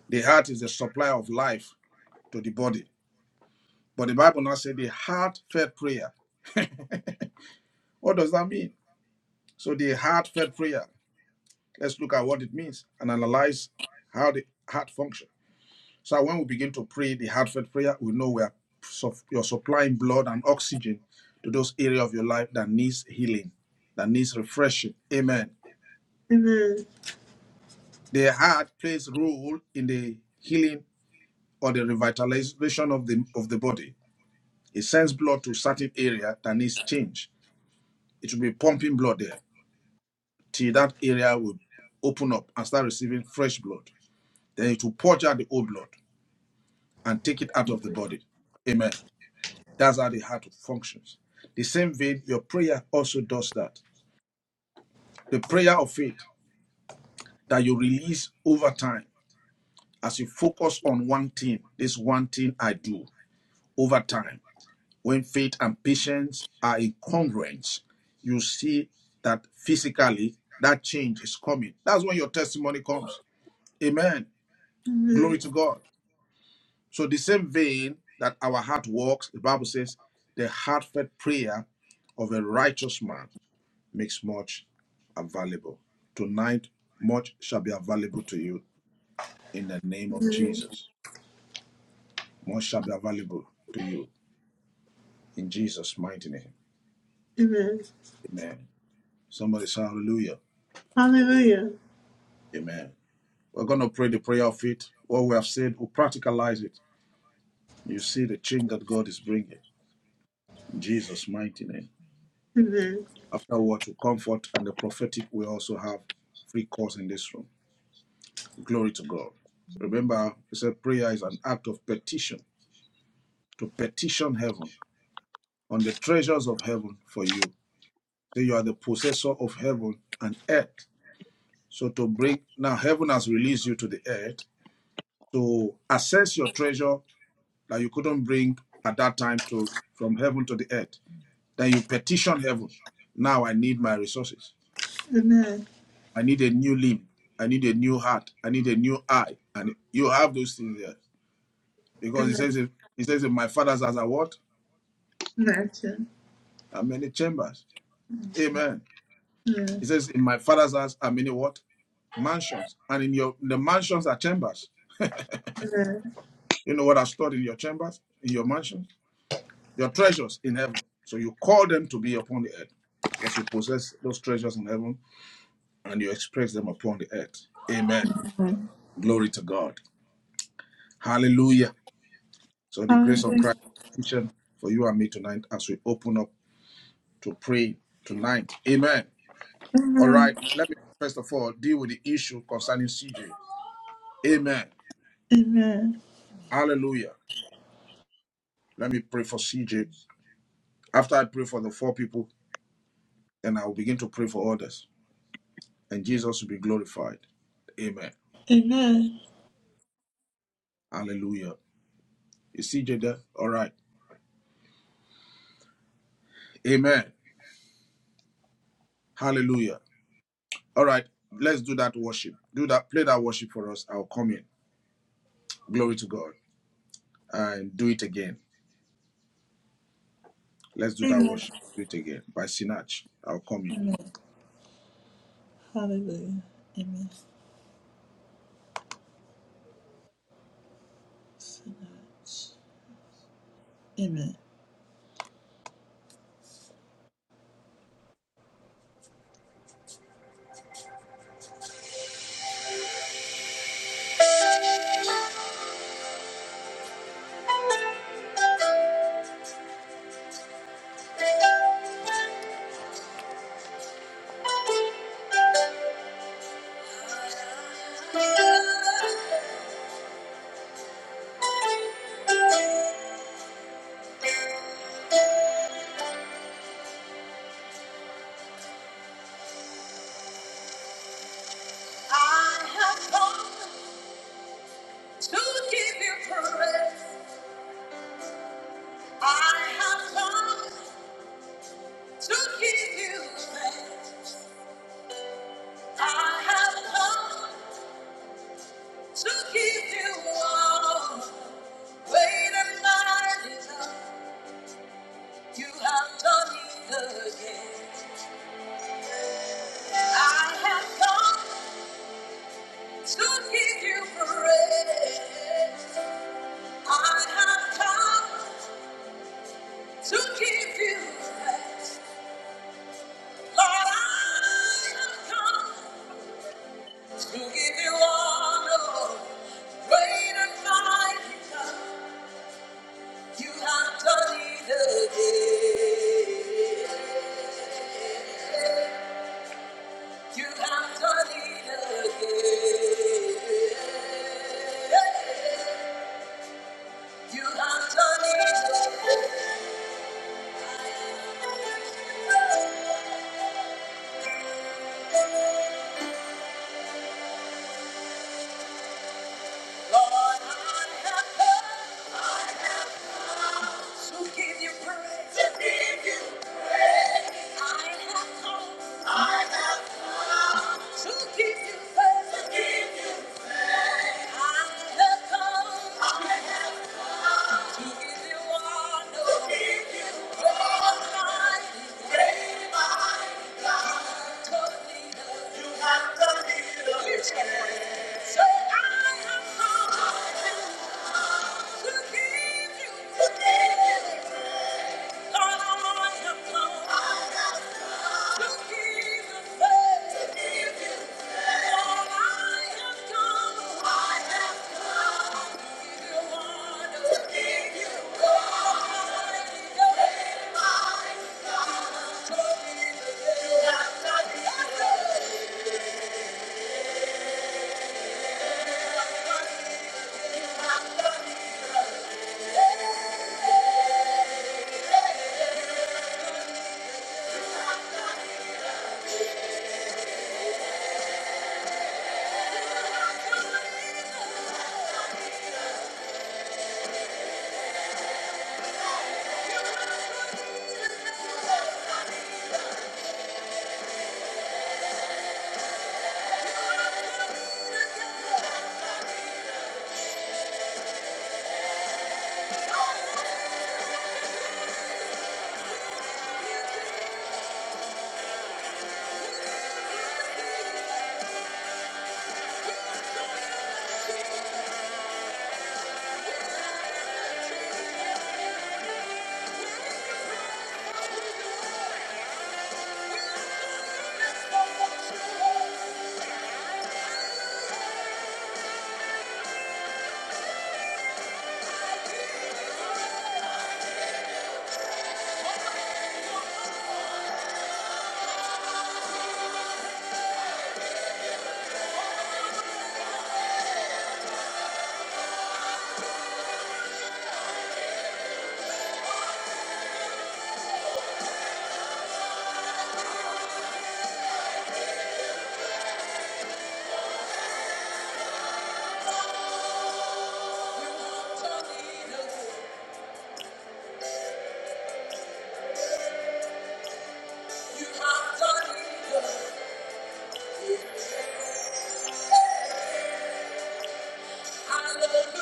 Speaker 3: The heart is the supply of life to the body. But the Bible now says the heartfelt prayer. <laughs> what does that mean? So the heartfelt prayer. Let's look at what it means and analyze how the heart functions. So when we begin to pray the heartfelt prayer, we know we are you're supplying blood and oxygen to those areas of your life that needs healing, that needs refreshing. Amen.
Speaker 1: Amen.
Speaker 3: The heart plays a role in the healing or the revitalization of the of the body. It sends blood to certain area that needs change. It will be pumping blood there till that area will open up and start receiving fresh blood. Then it will purge out the old blood and take it out of the body. Amen. That's how the heart functions. The same vein, your prayer also does that. The prayer of faith that you release over time as you focus on one thing, this one thing I do over time. When faith and patience are in congruence, you see that physically that change is coming. That's when your testimony comes. Amen. Glory
Speaker 1: Amen.
Speaker 3: to God. So, the same vein that our heart works, the Bible says, the heartfelt prayer of a righteous man makes much available. Tonight, much shall be available to you in the name of
Speaker 1: Amen.
Speaker 3: Jesus. Much shall be available to you in Jesus' mighty name.
Speaker 1: Amen.
Speaker 3: Amen. Somebody say hallelujah.
Speaker 1: Hallelujah.
Speaker 3: Amen. We're going to pray the prayer of it. What we have said, we'll practicalize it. You see the change that God is bringing in Jesus' mighty name.
Speaker 1: Amen.
Speaker 3: Afterwards, we'll comfort and the prophetic we also have free course in this room. Glory to God. Remember, he said prayer is an act of petition to petition heaven on the treasures of heaven for you. Say you are the possessor of heaven and earth. So to bring now heaven has released you to the earth to access your treasure that you couldn't bring at that time to from heaven to the earth. Then you petition heaven. Now I need my resources.
Speaker 1: Amen.
Speaker 3: I need a new limb. I need a new heart. I need a new eye. And you have those things there. Because he
Speaker 1: Amen.
Speaker 3: says he says in my father's house are what?
Speaker 1: Imagine.
Speaker 3: Are many chambers.
Speaker 1: Amen.
Speaker 3: Amen. He says in my father's house are many what? mansions, and in your in the mansions are chambers.
Speaker 1: Amen.
Speaker 3: You know what are stored in your chambers, in your mansions, your treasures in heaven. So you call them to be upon the earth, because you possess those treasures in heaven and you express them upon the earth. Amen.
Speaker 1: Amen.
Speaker 3: Glory to God. Hallelujah. So the grace of
Speaker 1: Hallelujah.
Speaker 3: Christ is for you and me tonight as we open up to pray tonight. Amen. All right.
Speaker 1: Amen.
Speaker 3: Let me first of all deal with the issue concerning CJ. Amen.
Speaker 1: Amen.
Speaker 3: Hallelujah. Let me pray for CJ After I pray for the four people, then I will begin to pray for others, and Jesus will be glorified. Amen.
Speaker 1: Amen.
Speaker 3: Hallelujah. You see, Jada? All right. Amen. Hallelujah. All right. Let's do that worship. Do that. Play that worship for us. I'll come in. Glory to God. And do it again. Let's do that
Speaker 1: Amen.
Speaker 3: worship. Do it again by Sinach. I'll come in.
Speaker 1: Amen. Hallelujah. Amen. Amen. I have come to give. I have come to give you. thanks. I have come to give you all. Great and mighty love you have done it again. I have come to give you praise. I have come to give you thanks. Lord, I have come to give you honor, Lord. Great and mighty God, you have done it again. You have done it again. You have done it again. Lord, I have come. I have. To give you praise. To give you praise. I have come. I have come. To give you praise. To give you praise. I have come. I have come. To give you honor. To give you Almighty God. Great mighty God. You have done it all. You have done it all. You can Say, I have come. I have come. To give you praise. To give you Thank you.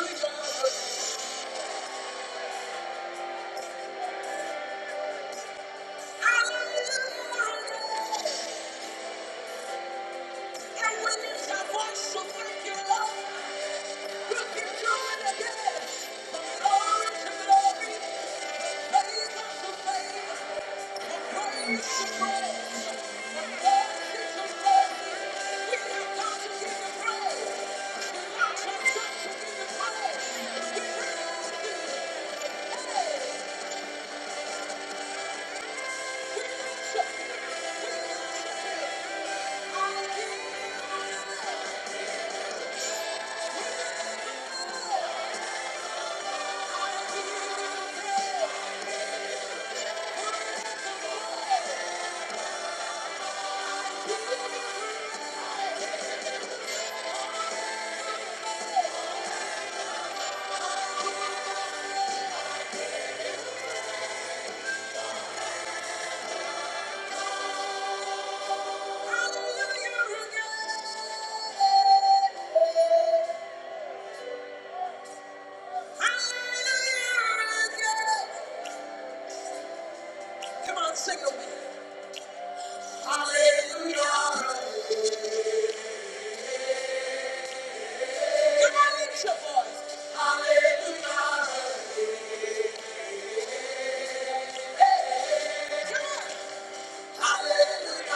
Speaker 1: Hallelujah. Thank you. Come on, sing with me. Hallelujah. Come on, lift your voice. Hallelujah. Come on. Hallelujah.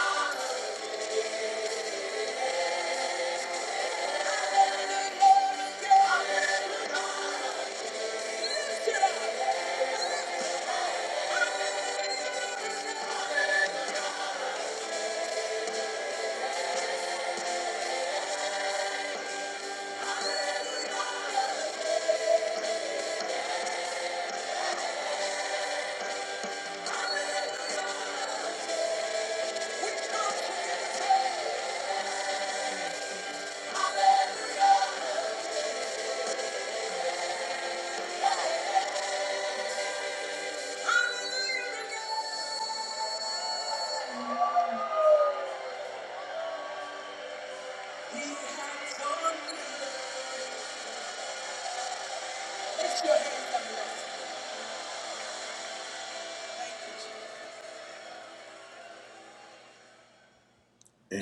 Speaker 1: Amen.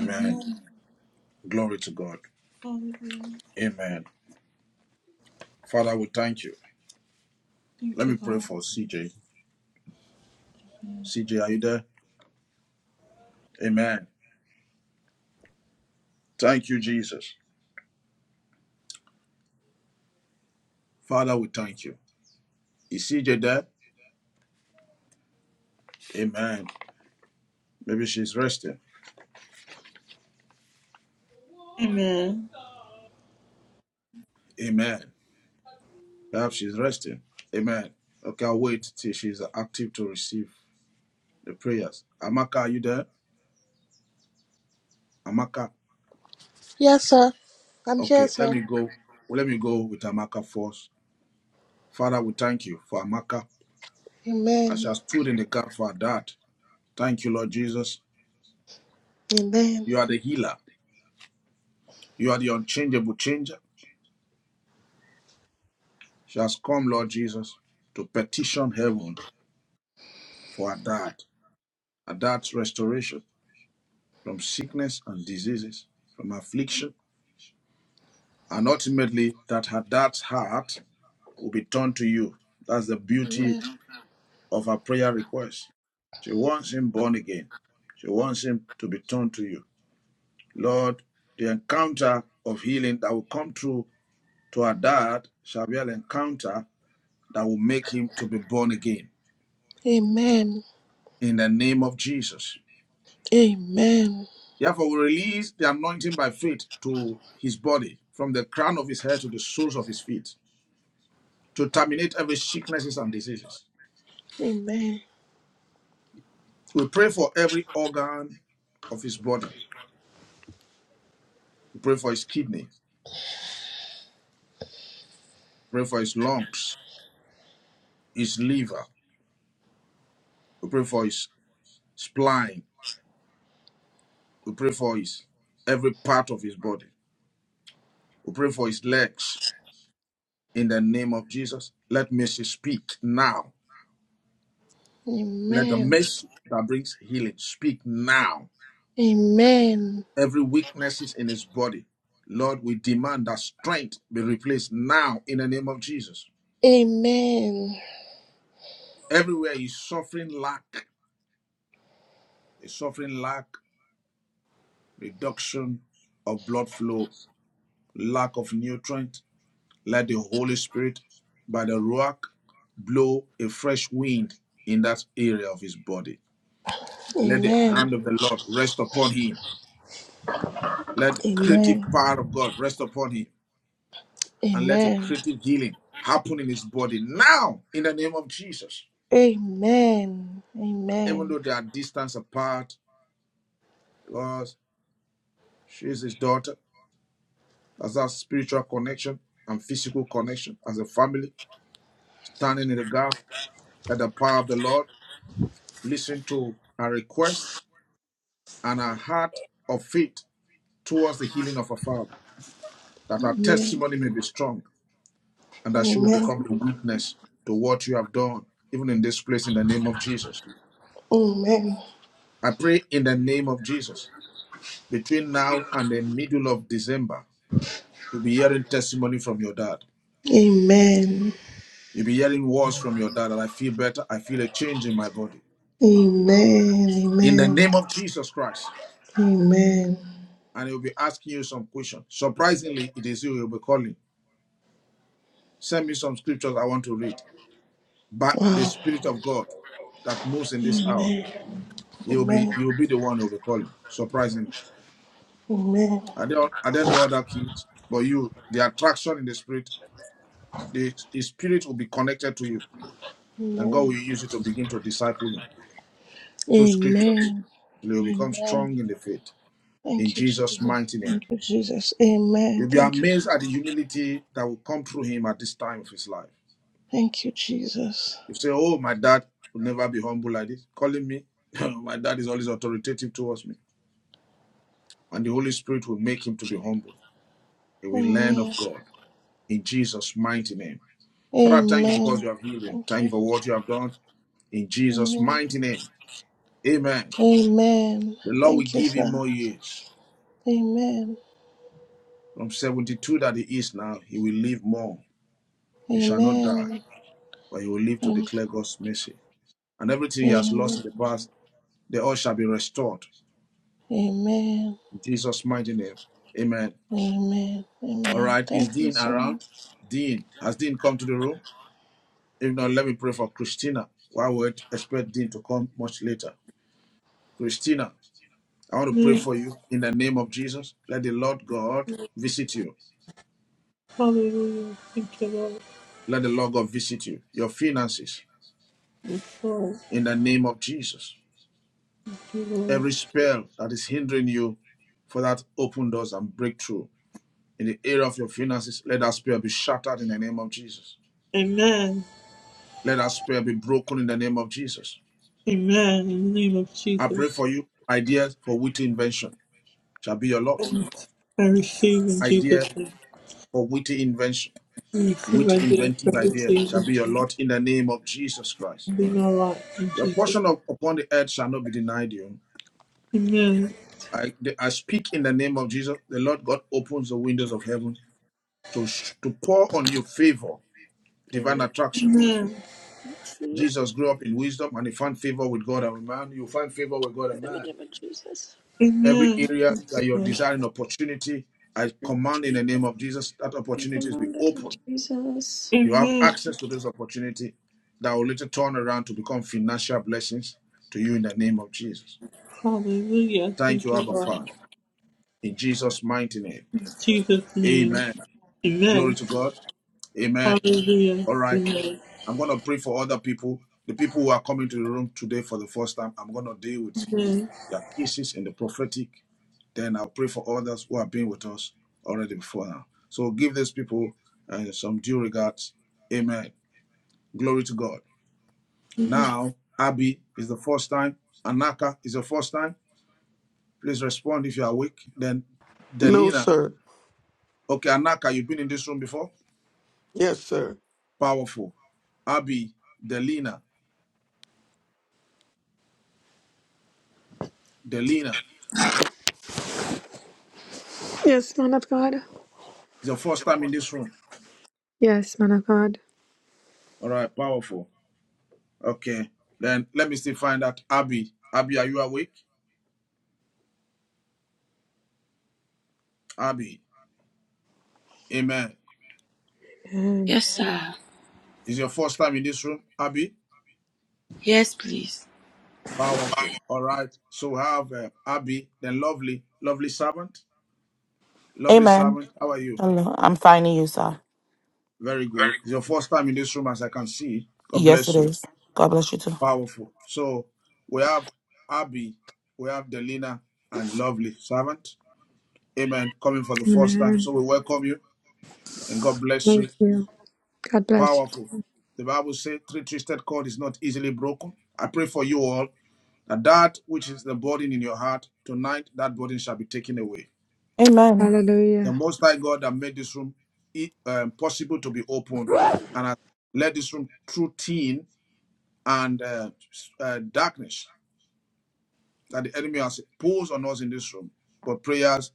Speaker 3: Amen. Glory to God.
Speaker 1: Hallelujah.
Speaker 3: Amen. Father, we thank you.
Speaker 1: Thank
Speaker 3: Let
Speaker 1: you,
Speaker 3: me pray
Speaker 1: Lord.
Speaker 3: for CJ. CJ, are you there? Amen. Thank you, Jesus. Father, we thank you. You see your dad? Amen. Maybe she's resting.
Speaker 1: Amen.
Speaker 3: Amen. Perhaps she's resting. Amen. Okay, I'll wait till she's active to receive the prayers. Amaka, are you there? Amaka.
Speaker 2: Yes, sir. I'm here,
Speaker 3: Okay, let
Speaker 2: sir.
Speaker 3: me go. Well, Let me go with Amaka first. Father, we thank you for Amaka. As she
Speaker 2: Amen.
Speaker 3: has stood in the gap for her dad. Thank you, Lord Jesus.
Speaker 2: Amen.
Speaker 3: You are the healer. You are the unchangeable changer. She has come, Lord Jesus, to petition heaven for her dad, her dad's restoration. from sickness and diseases, from affliction. And ultimately, that her dad's heart will be turned to you. That's the beauty
Speaker 2: Amen.
Speaker 3: of her prayer request. She wants him born again. She wants him to be turned to you. Lord, the encounter of healing that will come through to her dad shall be an encounter that will make him to be born again.
Speaker 2: Amen.
Speaker 3: In the name of Jesus.
Speaker 2: Amen.
Speaker 3: Therefore, we release the anointing by faith to his body, from the crown of his head to the soles of his feet. to terminate every sicknesses and diseases.
Speaker 2: Amen.
Speaker 3: We pray for every organ of his body. We pray for his kidney. We pray for his lungs, his liver. We pray for his spine. We pray for his every part of his body. We pray for his legs. In the name of Jesus, let mercy speak now. Let the
Speaker 2: Amen.
Speaker 3: mercy that brings healing speak now.
Speaker 2: Amen.
Speaker 3: Every weaknesses in his body, Lord, we demand that strength be replaced now in the name of Jesus.
Speaker 2: Amen.
Speaker 3: Everywhere is suffering lack, is suffering lack, reduction of blood flow, lack of nutrient. Let the Holy Spirit, by the Ruach, blow a fresh wind in that area of his body. Let the
Speaker 2: Amen.
Speaker 3: hand of the Lord rest upon him. Let the
Speaker 2: Amen.
Speaker 3: creative
Speaker 2: Amen.
Speaker 3: power of God rest upon him. And let a
Speaker 2: Amen.
Speaker 3: creative healing happen in his body now in the name of Jesus.
Speaker 2: Amen.
Speaker 3: Even though
Speaker 2: Amen.
Speaker 3: they are distance apart, because she's his daughter, That's that spiritual connection and physical connection as a family, standing in the gap at the power of the Lord, listen to a request and a heart of faith towards the healing of our Father, that our
Speaker 2: Amen.
Speaker 3: testimony may be strong and that she will
Speaker 2: Amen.
Speaker 3: become a witness to what you have done, even in this place, in the name of Jesus. I pray in the name of Jesus, between now and the middle of December, you'll be hearing testimony from your dad.
Speaker 2: Amen.
Speaker 3: You'll be hearing words from your dad that I feel better, I feel a change in my body.
Speaker 2: Amen.
Speaker 3: in the
Speaker 2: Amen.
Speaker 3: name of Jesus Christ.
Speaker 2: Amen.
Speaker 3: And he'll be asking you some questions. Surprisingly, it is you he'll be calling. Send me some scriptures I want to read. But the
Speaker 2: Wow.
Speaker 3: Spirit of God that moves in this hour,
Speaker 2: Amen.
Speaker 3: he'll be
Speaker 2: Amen.
Speaker 3: you'll be the one who'll be calling. Surprisingly.
Speaker 2: Amen.
Speaker 3: I don't I don't know other keys, but you the attraction in the spirit, the his spirit will be connected to you. And God will
Speaker 2: Amen.
Speaker 3: use it to begin to disciple him through scriptures.
Speaker 2: Amen.
Speaker 3: He'll become
Speaker 2: Amen.
Speaker 3: strong in the faith. In
Speaker 2: Thank you,
Speaker 3: Jesus'
Speaker 2: Jesus.
Speaker 3: mighty name.
Speaker 2: Thank you, Jesus. Amen.
Speaker 3: You'll be
Speaker 2: Thank you,
Speaker 3: amazed at the
Speaker 2: Jesus.
Speaker 3: humility that will come through him at this time of his life.
Speaker 2: Thank you, Jesus.
Speaker 3: You say, Oh, my dad will never be humble like this, calling me. <laughs> my dad is always authoritative towards me. And the Holy Spirit will make him to be humble. He will learn
Speaker 2: Amen.
Speaker 3: of God in Jesus' mighty name. Father, I thank you because
Speaker 2: Amen.
Speaker 3: you have healed him.
Speaker 2: Thank
Speaker 3: Thank you
Speaker 2: you.
Speaker 3: for what you have done in Jesus'
Speaker 2: Amen.
Speaker 3: mighty name. Amen.
Speaker 2: Amen.
Speaker 3: The Lord will
Speaker 2: Thank you,
Speaker 3: give him
Speaker 2: sir.
Speaker 3: more years.
Speaker 2: Amen.
Speaker 3: From 72 that he is now, he will live more. He shall not die,
Speaker 2: Amen.
Speaker 3: but he will live to
Speaker 2: Am-
Speaker 3: declare God's mercy. And everything he has lost in
Speaker 2: Amen.
Speaker 3: the past, They all shall be restored.
Speaker 2: Amen.
Speaker 3: In Jesus' mighty name. Amen.
Speaker 2: Amen.
Speaker 3: All
Speaker 2: Amen.
Speaker 3: right. Is
Speaker 2: Thank you
Speaker 3: Dean
Speaker 2: so much.
Speaker 3: around? Dean. Has Dean come to the room? If not, let me pray for Christina. Why would expect Dean to come much later? Christina, I want to pray
Speaker 1: Amen.
Speaker 3: for you in the name of Jesus. Let the Lord God visit you.
Speaker 1: Hallelujah. Thank you, Lord.
Speaker 3: Let the Lord God visit you, your finances,
Speaker 1: Yes, Lord.
Speaker 3: in the name of Jesus.
Speaker 1: Thank you, Lord.
Speaker 3: Every spell that is hindering you for that open doors and breakthrough in the area of your finances, let that spell be shattered in the name of Jesus.
Speaker 1: Amen.
Speaker 3: Let that spirit be broken in the name of Jesus.
Speaker 1: Amen. In the name of
Speaker 3: I pray
Speaker 1: Jesus.
Speaker 3: for you. Ideas for witty invention shall be your
Speaker 1: I
Speaker 3: lot.
Speaker 1: receive in
Speaker 3: Idea
Speaker 1: Jesus' name.
Speaker 3: for witty invention,
Speaker 1: I receive
Speaker 3: witty
Speaker 1: ideas for
Speaker 3: inventive
Speaker 1: this
Speaker 3: idea shall
Speaker 1: season,
Speaker 3: be your
Speaker 1: Jesus.
Speaker 3: lot in the name of Jesus Christ.
Speaker 1: Be my life in
Speaker 3: Your
Speaker 1: Jesus.
Speaker 3: portion of upon the earth shall not be denied you.
Speaker 1: Amen.
Speaker 3: I, the- I speak in the name of Jesus. The Lord God opens the windows of heaven to, sh- to pour on you favor, divine
Speaker 7: Amen.
Speaker 3: attraction.
Speaker 1: Amen.
Speaker 7: I Receive
Speaker 3: Jesus grew up in wisdom and he found favor with God and man. You find favor with God
Speaker 7: in
Speaker 3: and
Speaker 7: the
Speaker 3: man.
Speaker 7: name of Jesus.
Speaker 3: Every
Speaker 1: Amen.
Speaker 3: area
Speaker 1: Thank you,
Speaker 3: that you're
Speaker 1: Lord.
Speaker 3: desiring opportunity, I command in
Speaker 7: Jesus,
Speaker 3: the name of Jesus that
Speaker 7: I
Speaker 3: opportunities be
Speaker 7: command it in
Speaker 3: open.
Speaker 7: Jesus.
Speaker 3: You have
Speaker 1: Amen.
Speaker 3: access to this opportunity that will later turn around to become financial blessings to you in the name of Jesus.
Speaker 1: Hallelujah.
Speaker 3: Thank
Speaker 1: Thank
Speaker 3: you,
Speaker 1: you,
Speaker 3: Abba
Speaker 1: Lord.
Speaker 3: Father. In Jesus' mighty name.
Speaker 1: In Jesus' name.
Speaker 3: Amen. Glory
Speaker 1: Amen.
Speaker 3: to God. Amen.
Speaker 1: Hallelujah.
Speaker 3: All right.
Speaker 1: Amen.
Speaker 3: I'm going to pray for other people. The people who are coming to the room today for the first time, I'm going to deal with
Speaker 1: Amen.
Speaker 3: their cases in the prophetic. Then I'll pray for others who have been with us already before now. So give these people uh, some due regards. Amen. Glory to God. Now, Abby is the first time. Anaka is the first time. Please respond if you are awake. Then
Speaker 4: No,
Speaker 3: Delina.
Speaker 4: sir.
Speaker 3: Okay, Anaka, you've been in this room before?
Speaker 4: Yes, sir.
Speaker 3: Powerful. Abby, Delina, Delina.
Speaker 7: Yes, man of God.
Speaker 3: It's your first time in this room.
Speaker 7: Yes, man of God.
Speaker 3: All right, powerful. Okay. Then let me still find out. Abby. Abby, are you awake? Abby. Amen.
Speaker 7: Amen.
Speaker 5: Yes, sir.
Speaker 3: It's your first time in this room, Abby.
Speaker 5: Yes, please.
Speaker 3: Powerful. All right. So we have uh, Abby, the lovely, lovely servant. Lovely
Speaker 10: Amen.
Speaker 3: servant. How are you?
Speaker 10: Hello. I'm finding you, sir.
Speaker 3: Very good. It's your first time in this room, as I can see. God
Speaker 10: Yes, it
Speaker 3: bless you.
Speaker 10: is. God bless you too.
Speaker 3: Powerful. So we have Abby, we have Delina, and lovely servant. Amen. Coming for the first time. So
Speaker 7: Amen.
Speaker 3: we welcome you and God bless you.
Speaker 7: Thank you. God bless you.
Speaker 3: Powerful. The Bible says, three twisted cord is not easily broken. I pray for you all that that which is the burden in your heart, tonight that burden shall be taken away.
Speaker 10: Amen.
Speaker 3: The
Speaker 7: Hallelujah.
Speaker 3: Most High God that made this room e- um, possible to be open and has led this room through teen and uh, s- uh, darkness that the enemy has posed on us in this room. But prayers,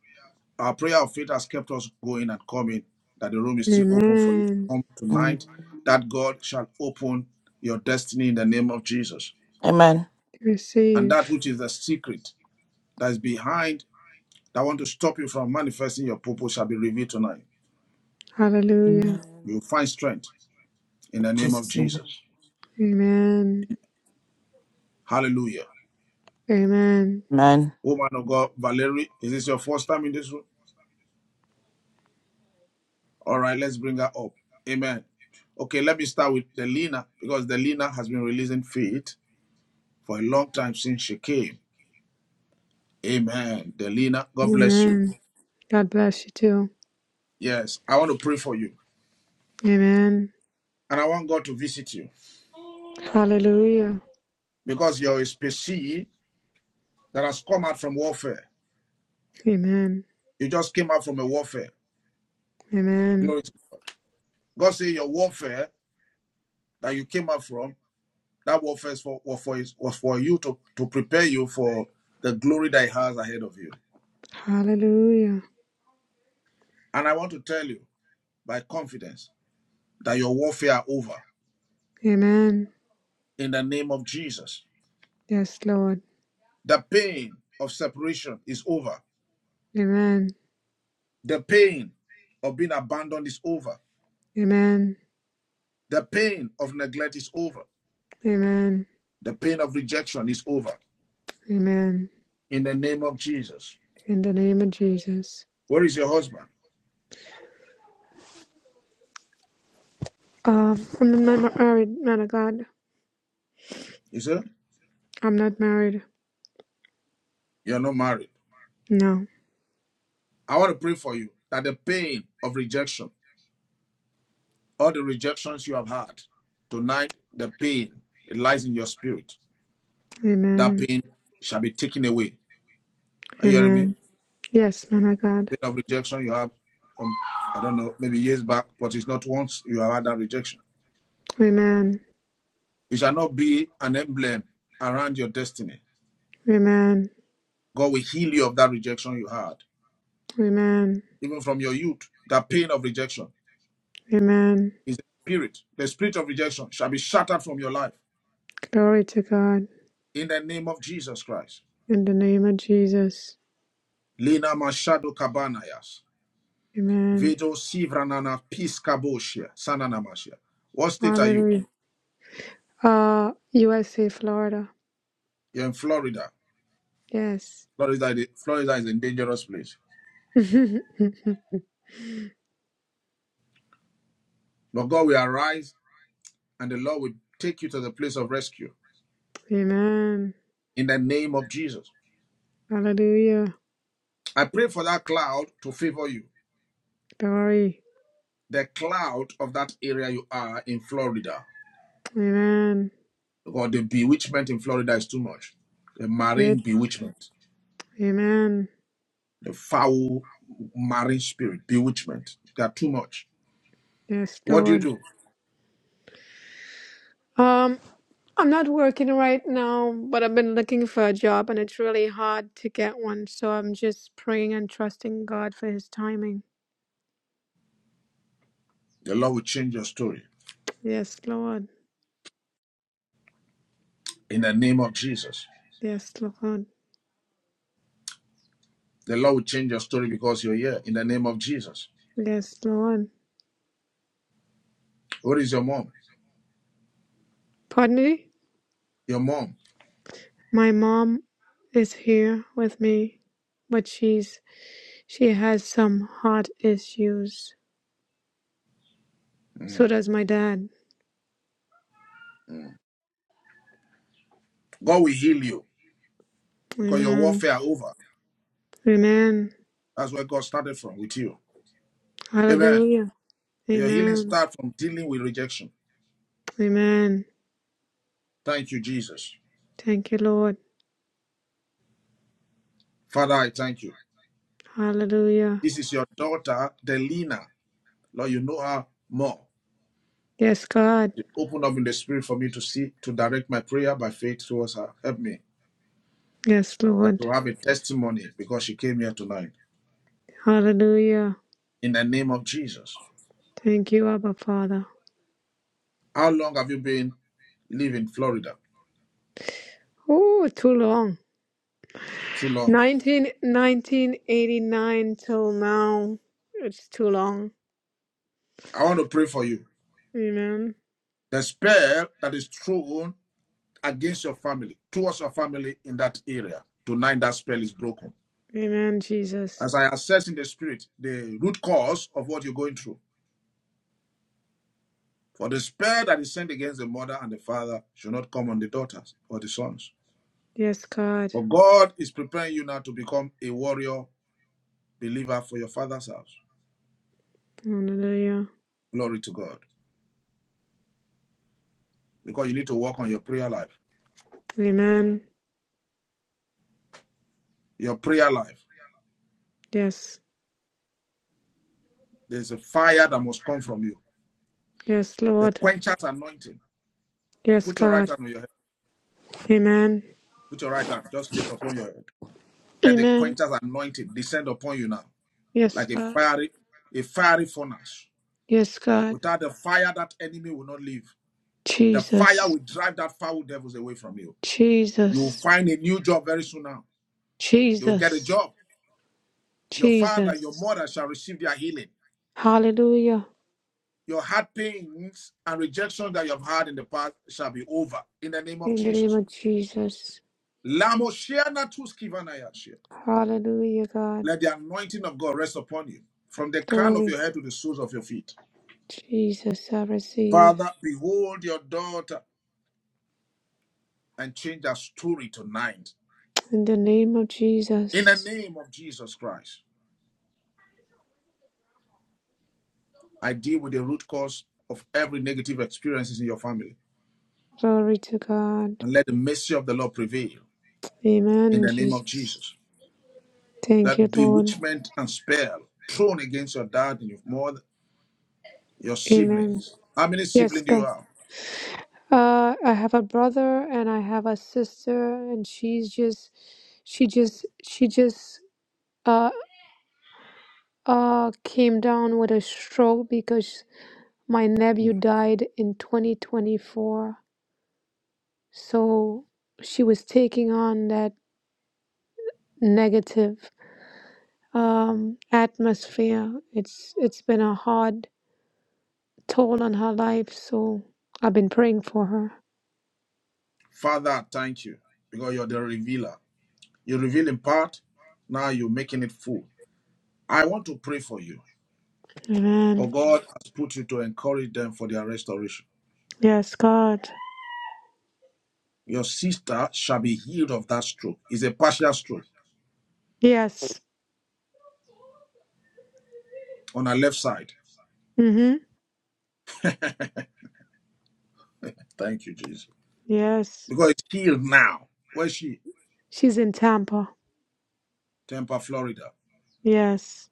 Speaker 3: our prayer of faith has kept us going and coming, that the room is still open for you to
Speaker 7: Amen.
Speaker 3: come
Speaker 10: Mm.
Speaker 3: tonight, that God shall open your destiny in the name of Jesus.
Speaker 10: Amen.
Speaker 3: And
Speaker 7: Receive.
Speaker 3: that which is the secret that is behind that want to stop you from manifesting your purpose shall be revealed tonight.
Speaker 7: Hallelujah.
Speaker 3: You will
Speaker 10: Amen.
Speaker 3: find strength in
Speaker 10: In
Speaker 3: the name of
Speaker 10: Jesus' name.
Speaker 3: Jesus.
Speaker 7: Amen.
Speaker 3: Hallelujah.
Speaker 7: Amen.
Speaker 10: Amen.
Speaker 3: Woman of God, Valerie, is this your first time in this room? All right, let's bring her up. Amen. Okay, let me start with Delina because Delina has been releasing feet for a long time since she came. Amen. Delina, God bless you.
Speaker 7: Amen. God bless you too.
Speaker 3: Yes, I want to pray for you
Speaker 7: Amen.
Speaker 3: and I want God to visit you
Speaker 7: Hallelujah.
Speaker 3: because you're a species that has come out from warfare.
Speaker 7: Amen.
Speaker 3: You just came out from a warfare.
Speaker 7: Amen.
Speaker 3: Glory. God say your warfare that you came up from, that warfare is for, was for, was for you to, to prepare you for the glory that he has ahead of you.
Speaker 7: Hallelujah.
Speaker 3: And I want to tell you by confidence that your warfare are over
Speaker 7: Amen.
Speaker 3: in the name of Jesus.
Speaker 7: Yes, Lord.
Speaker 3: The pain of separation is over.
Speaker 7: Amen.
Speaker 3: The pain of being abandoned is over.
Speaker 7: Amen.
Speaker 3: The pain of neglect is over.
Speaker 7: Amen.
Speaker 3: The pain of rejection is over
Speaker 7: Amen.
Speaker 3: in the name of Jesus.
Speaker 7: In the name of Jesus.
Speaker 3: Where is your husband?
Speaker 7: Um, I'm not married, man of God.
Speaker 3: Is it?
Speaker 7: I'm not married.
Speaker 3: You're not married.
Speaker 7: No.
Speaker 3: I want to pray for you that the pain of rejection all the rejections you have had tonight, the pain, it lies in your spirit. That
Speaker 7: Amen.
Speaker 3: pain shall be taken away. Are you hearing me?
Speaker 7: Amen. Yes, man of God.
Speaker 3: Pain of rejection you have, um, I don't know, maybe years back, but it's not once you have had that rejection.
Speaker 7: Amen.
Speaker 3: It shall not be an emblem around your destiny.
Speaker 7: Amen.
Speaker 3: God will heal you of that rejection you had,
Speaker 7: Amen.
Speaker 3: even from your youth. That pain of rejection
Speaker 7: Amen.
Speaker 3: is the spirit. The spirit of rejection shall be shattered from your life
Speaker 7: Glory to God.
Speaker 3: in the name of Jesus Christ.
Speaker 7: In the name of Jesus.
Speaker 3: Lina Mashado Kabanayas.
Speaker 7: Amen.
Speaker 3: Vedo Sivranana Piscabotia, Sananamasia. What state are you?
Speaker 7: Hallelujah. Uh, USA, Florida.
Speaker 3: You're in Florida.
Speaker 7: Yes.
Speaker 3: Florida, Florida is a dangerous place.
Speaker 7: <laughs>
Speaker 3: But God will arise and the Lord will take you to the place of rescue
Speaker 7: Amen.
Speaker 3: in the name of Jesus.
Speaker 7: Hallelujah.
Speaker 3: I pray for that cloud to favor you.
Speaker 7: Glory.
Speaker 3: The cloud of that area you are in Florida.
Speaker 7: Amen.
Speaker 3: Because the bewitchment in Florida is too much. The marine
Speaker 7: It.
Speaker 3: bewitchment,
Speaker 7: Amen.
Speaker 3: the foul marine spirit, bewitchment. They are too much.
Speaker 7: Yes,
Speaker 3: What do you
Speaker 7: Lord.
Speaker 3: do?
Speaker 7: Um. I'm not working right now, but I've been looking for a job and it's really hard to get one. So I'm just praying and trusting God for his timing.
Speaker 3: The Lord will change your story
Speaker 7: Yes, Lord.
Speaker 3: in the name of Jesus.
Speaker 7: Yes, Lord.
Speaker 3: The Lord will change your story because you're here in the name of Jesus.
Speaker 7: Yes, Lord.
Speaker 3: What is your mom?
Speaker 7: Pardon me?
Speaker 3: Your mom.
Speaker 7: My mom is here with me, but she's she has some heart issues. So
Speaker 3: Mm,
Speaker 7: does my dad.
Speaker 3: mm. God will heal you because your
Speaker 7: Amen.
Speaker 3: warfare are over.
Speaker 7: Amen.
Speaker 3: That's where God started from with you. Amen.
Speaker 7: Hallelujah.
Speaker 3: Your healing
Speaker 7: Amen.
Speaker 3: starts from dealing with rejection.
Speaker 7: Amen.
Speaker 3: Thank you, Jesus.
Speaker 7: Thank you, Lord.
Speaker 3: Father, I thank you.
Speaker 7: Hallelujah.
Speaker 3: This is your daughter, Delina. Lord, you know her more.
Speaker 7: Yes, God.
Speaker 3: You open up in the spirit for me to see, to direct my prayer by faith towards her. Help me.
Speaker 7: Yes,
Speaker 3: And
Speaker 7: Lord.
Speaker 3: to have a testimony because she came here tonight.
Speaker 7: Hallelujah.
Speaker 3: In the name of Jesus.
Speaker 7: Thank you, Abba Father.
Speaker 3: How long have you been living in Florida?
Speaker 7: Oh, too long.
Speaker 3: Too long.
Speaker 7: 19, 1989 till now. It's too long.
Speaker 3: I want to pray for you.
Speaker 7: Amen.
Speaker 3: The spell that is thrown against your family, towards your family in that area, tonight that spell is broken.
Speaker 7: Amen, Jesus.
Speaker 3: As I assess in the spirit the root cause of what you're going through. For the spell that is sent against the mother and the father should not come on the daughters or the sons.
Speaker 7: Yes, God.
Speaker 3: For God is preparing you now to become a warrior believer for your father's house.
Speaker 7: Hallelujah.
Speaker 3: Glory to God. Because you need to work on your prayer life.
Speaker 7: Amen.
Speaker 3: Your prayer life
Speaker 7: Yes.
Speaker 3: There's a fire that must come from you.
Speaker 7: Yes,
Speaker 3: The
Speaker 7: Lord.
Speaker 3: quencher's anointing.
Speaker 7: Yes,
Speaker 3: Put your right
Speaker 7: God.
Speaker 3: hand on your head.
Speaker 7: Amen.
Speaker 3: Put your right hand. Just lay it upon your head. Let the
Speaker 7: Amen.
Speaker 3: quencher's anointing descend upon you now,
Speaker 7: Yes,
Speaker 3: like a
Speaker 7: God.
Speaker 3: fiery, a fiery furnace.
Speaker 7: Yes, God.
Speaker 3: Without the fire, that enemy will not leave. The fire
Speaker 7: Jesus.
Speaker 3: will drive that foul devils away from you. You will
Speaker 7: Jesus.
Speaker 3: find a new job very soon now. You will get a
Speaker 7: Jesus.
Speaker 3: job. Your father, your
Speaker 7: Jesus.
Speaker 3: mother shall receive their healing.
Speaker 7: Hallelujah.
Speaker 3: Your heart pains and rejection that you have had in the past shall be over in the name of
Speaker 7: In the name
Speaker 3: Jesus.
Speaker 7: of Jesus.
Speaker 3: Lamoshiana tuskivanayashia.
Speaker 7: Hallelujah, God.
Speaker 3: Let the anointing of God rest upon you from the crown of your
Speaker 7: Glory.
Speaker 3: head to the soles of your feet.
Speaker 7: Jesus, I receive.
Speaker 3: Father, behold your daughter and change her story tonight.
Speaker 7: In the name of
Speaker 3: In the
Speaker 7: Jesus.
Speaker 3: name of Jesus Christ, I deal with the root cause of every negative experiences in your family.
Speaker 7: Glory to God.
Speaker 3: And let the mercy of the Lord prevail in
Speaker 7: Amen,
Speaker 3: the name of
Speaker 7: Jesus.
Speaker 3: Jesus.
Speaker 7: Thank you,
Speaker 3: That
Speaker 7: Lord.
Speaker 3: bewitchment and spell thrown against your dad and your mother, your
Speaker 7: Amen.
Speaker 3: siblings. How many
Speaker 7: Yes,
Speaker 3: siblings do you
Speaker 7: God.
Speaker 3: have?
Speaker 7: Uh, I have a brother and I have a sister, and she's just, she just, she just, uh, uh, came down with a stroke because my nephew
Speaker 3: Mm.
Speaker 7: died in 2024. So she was taking on that negative um, atmosphere. It's it's been a hard toll on her life. So I've been praying for her.
Speaker 3: Father, thank you because you're the revealer. You reveal in part, now you're making it full. I want to pray for you. For
Speaker 7: Amen.
Speaker 3: God has put you to encourage them for their restoration.
Speaker 7: Yes, God.
Speaker 3: Your sister shall be healed of that stroke. It's a partial stroke
Speaker 7: Yes.
Speaker 3: on her left side.
Speaker 7: Mhm.
Speaker 3: Thank you, Jesus.
Speaker 7: Yes.
Speaker 3: Because it's healed now. Where's she?
Speaker 7: She's in Tampa.
Speaker 3: Tampa, Florida.
Speaker 7: Yes.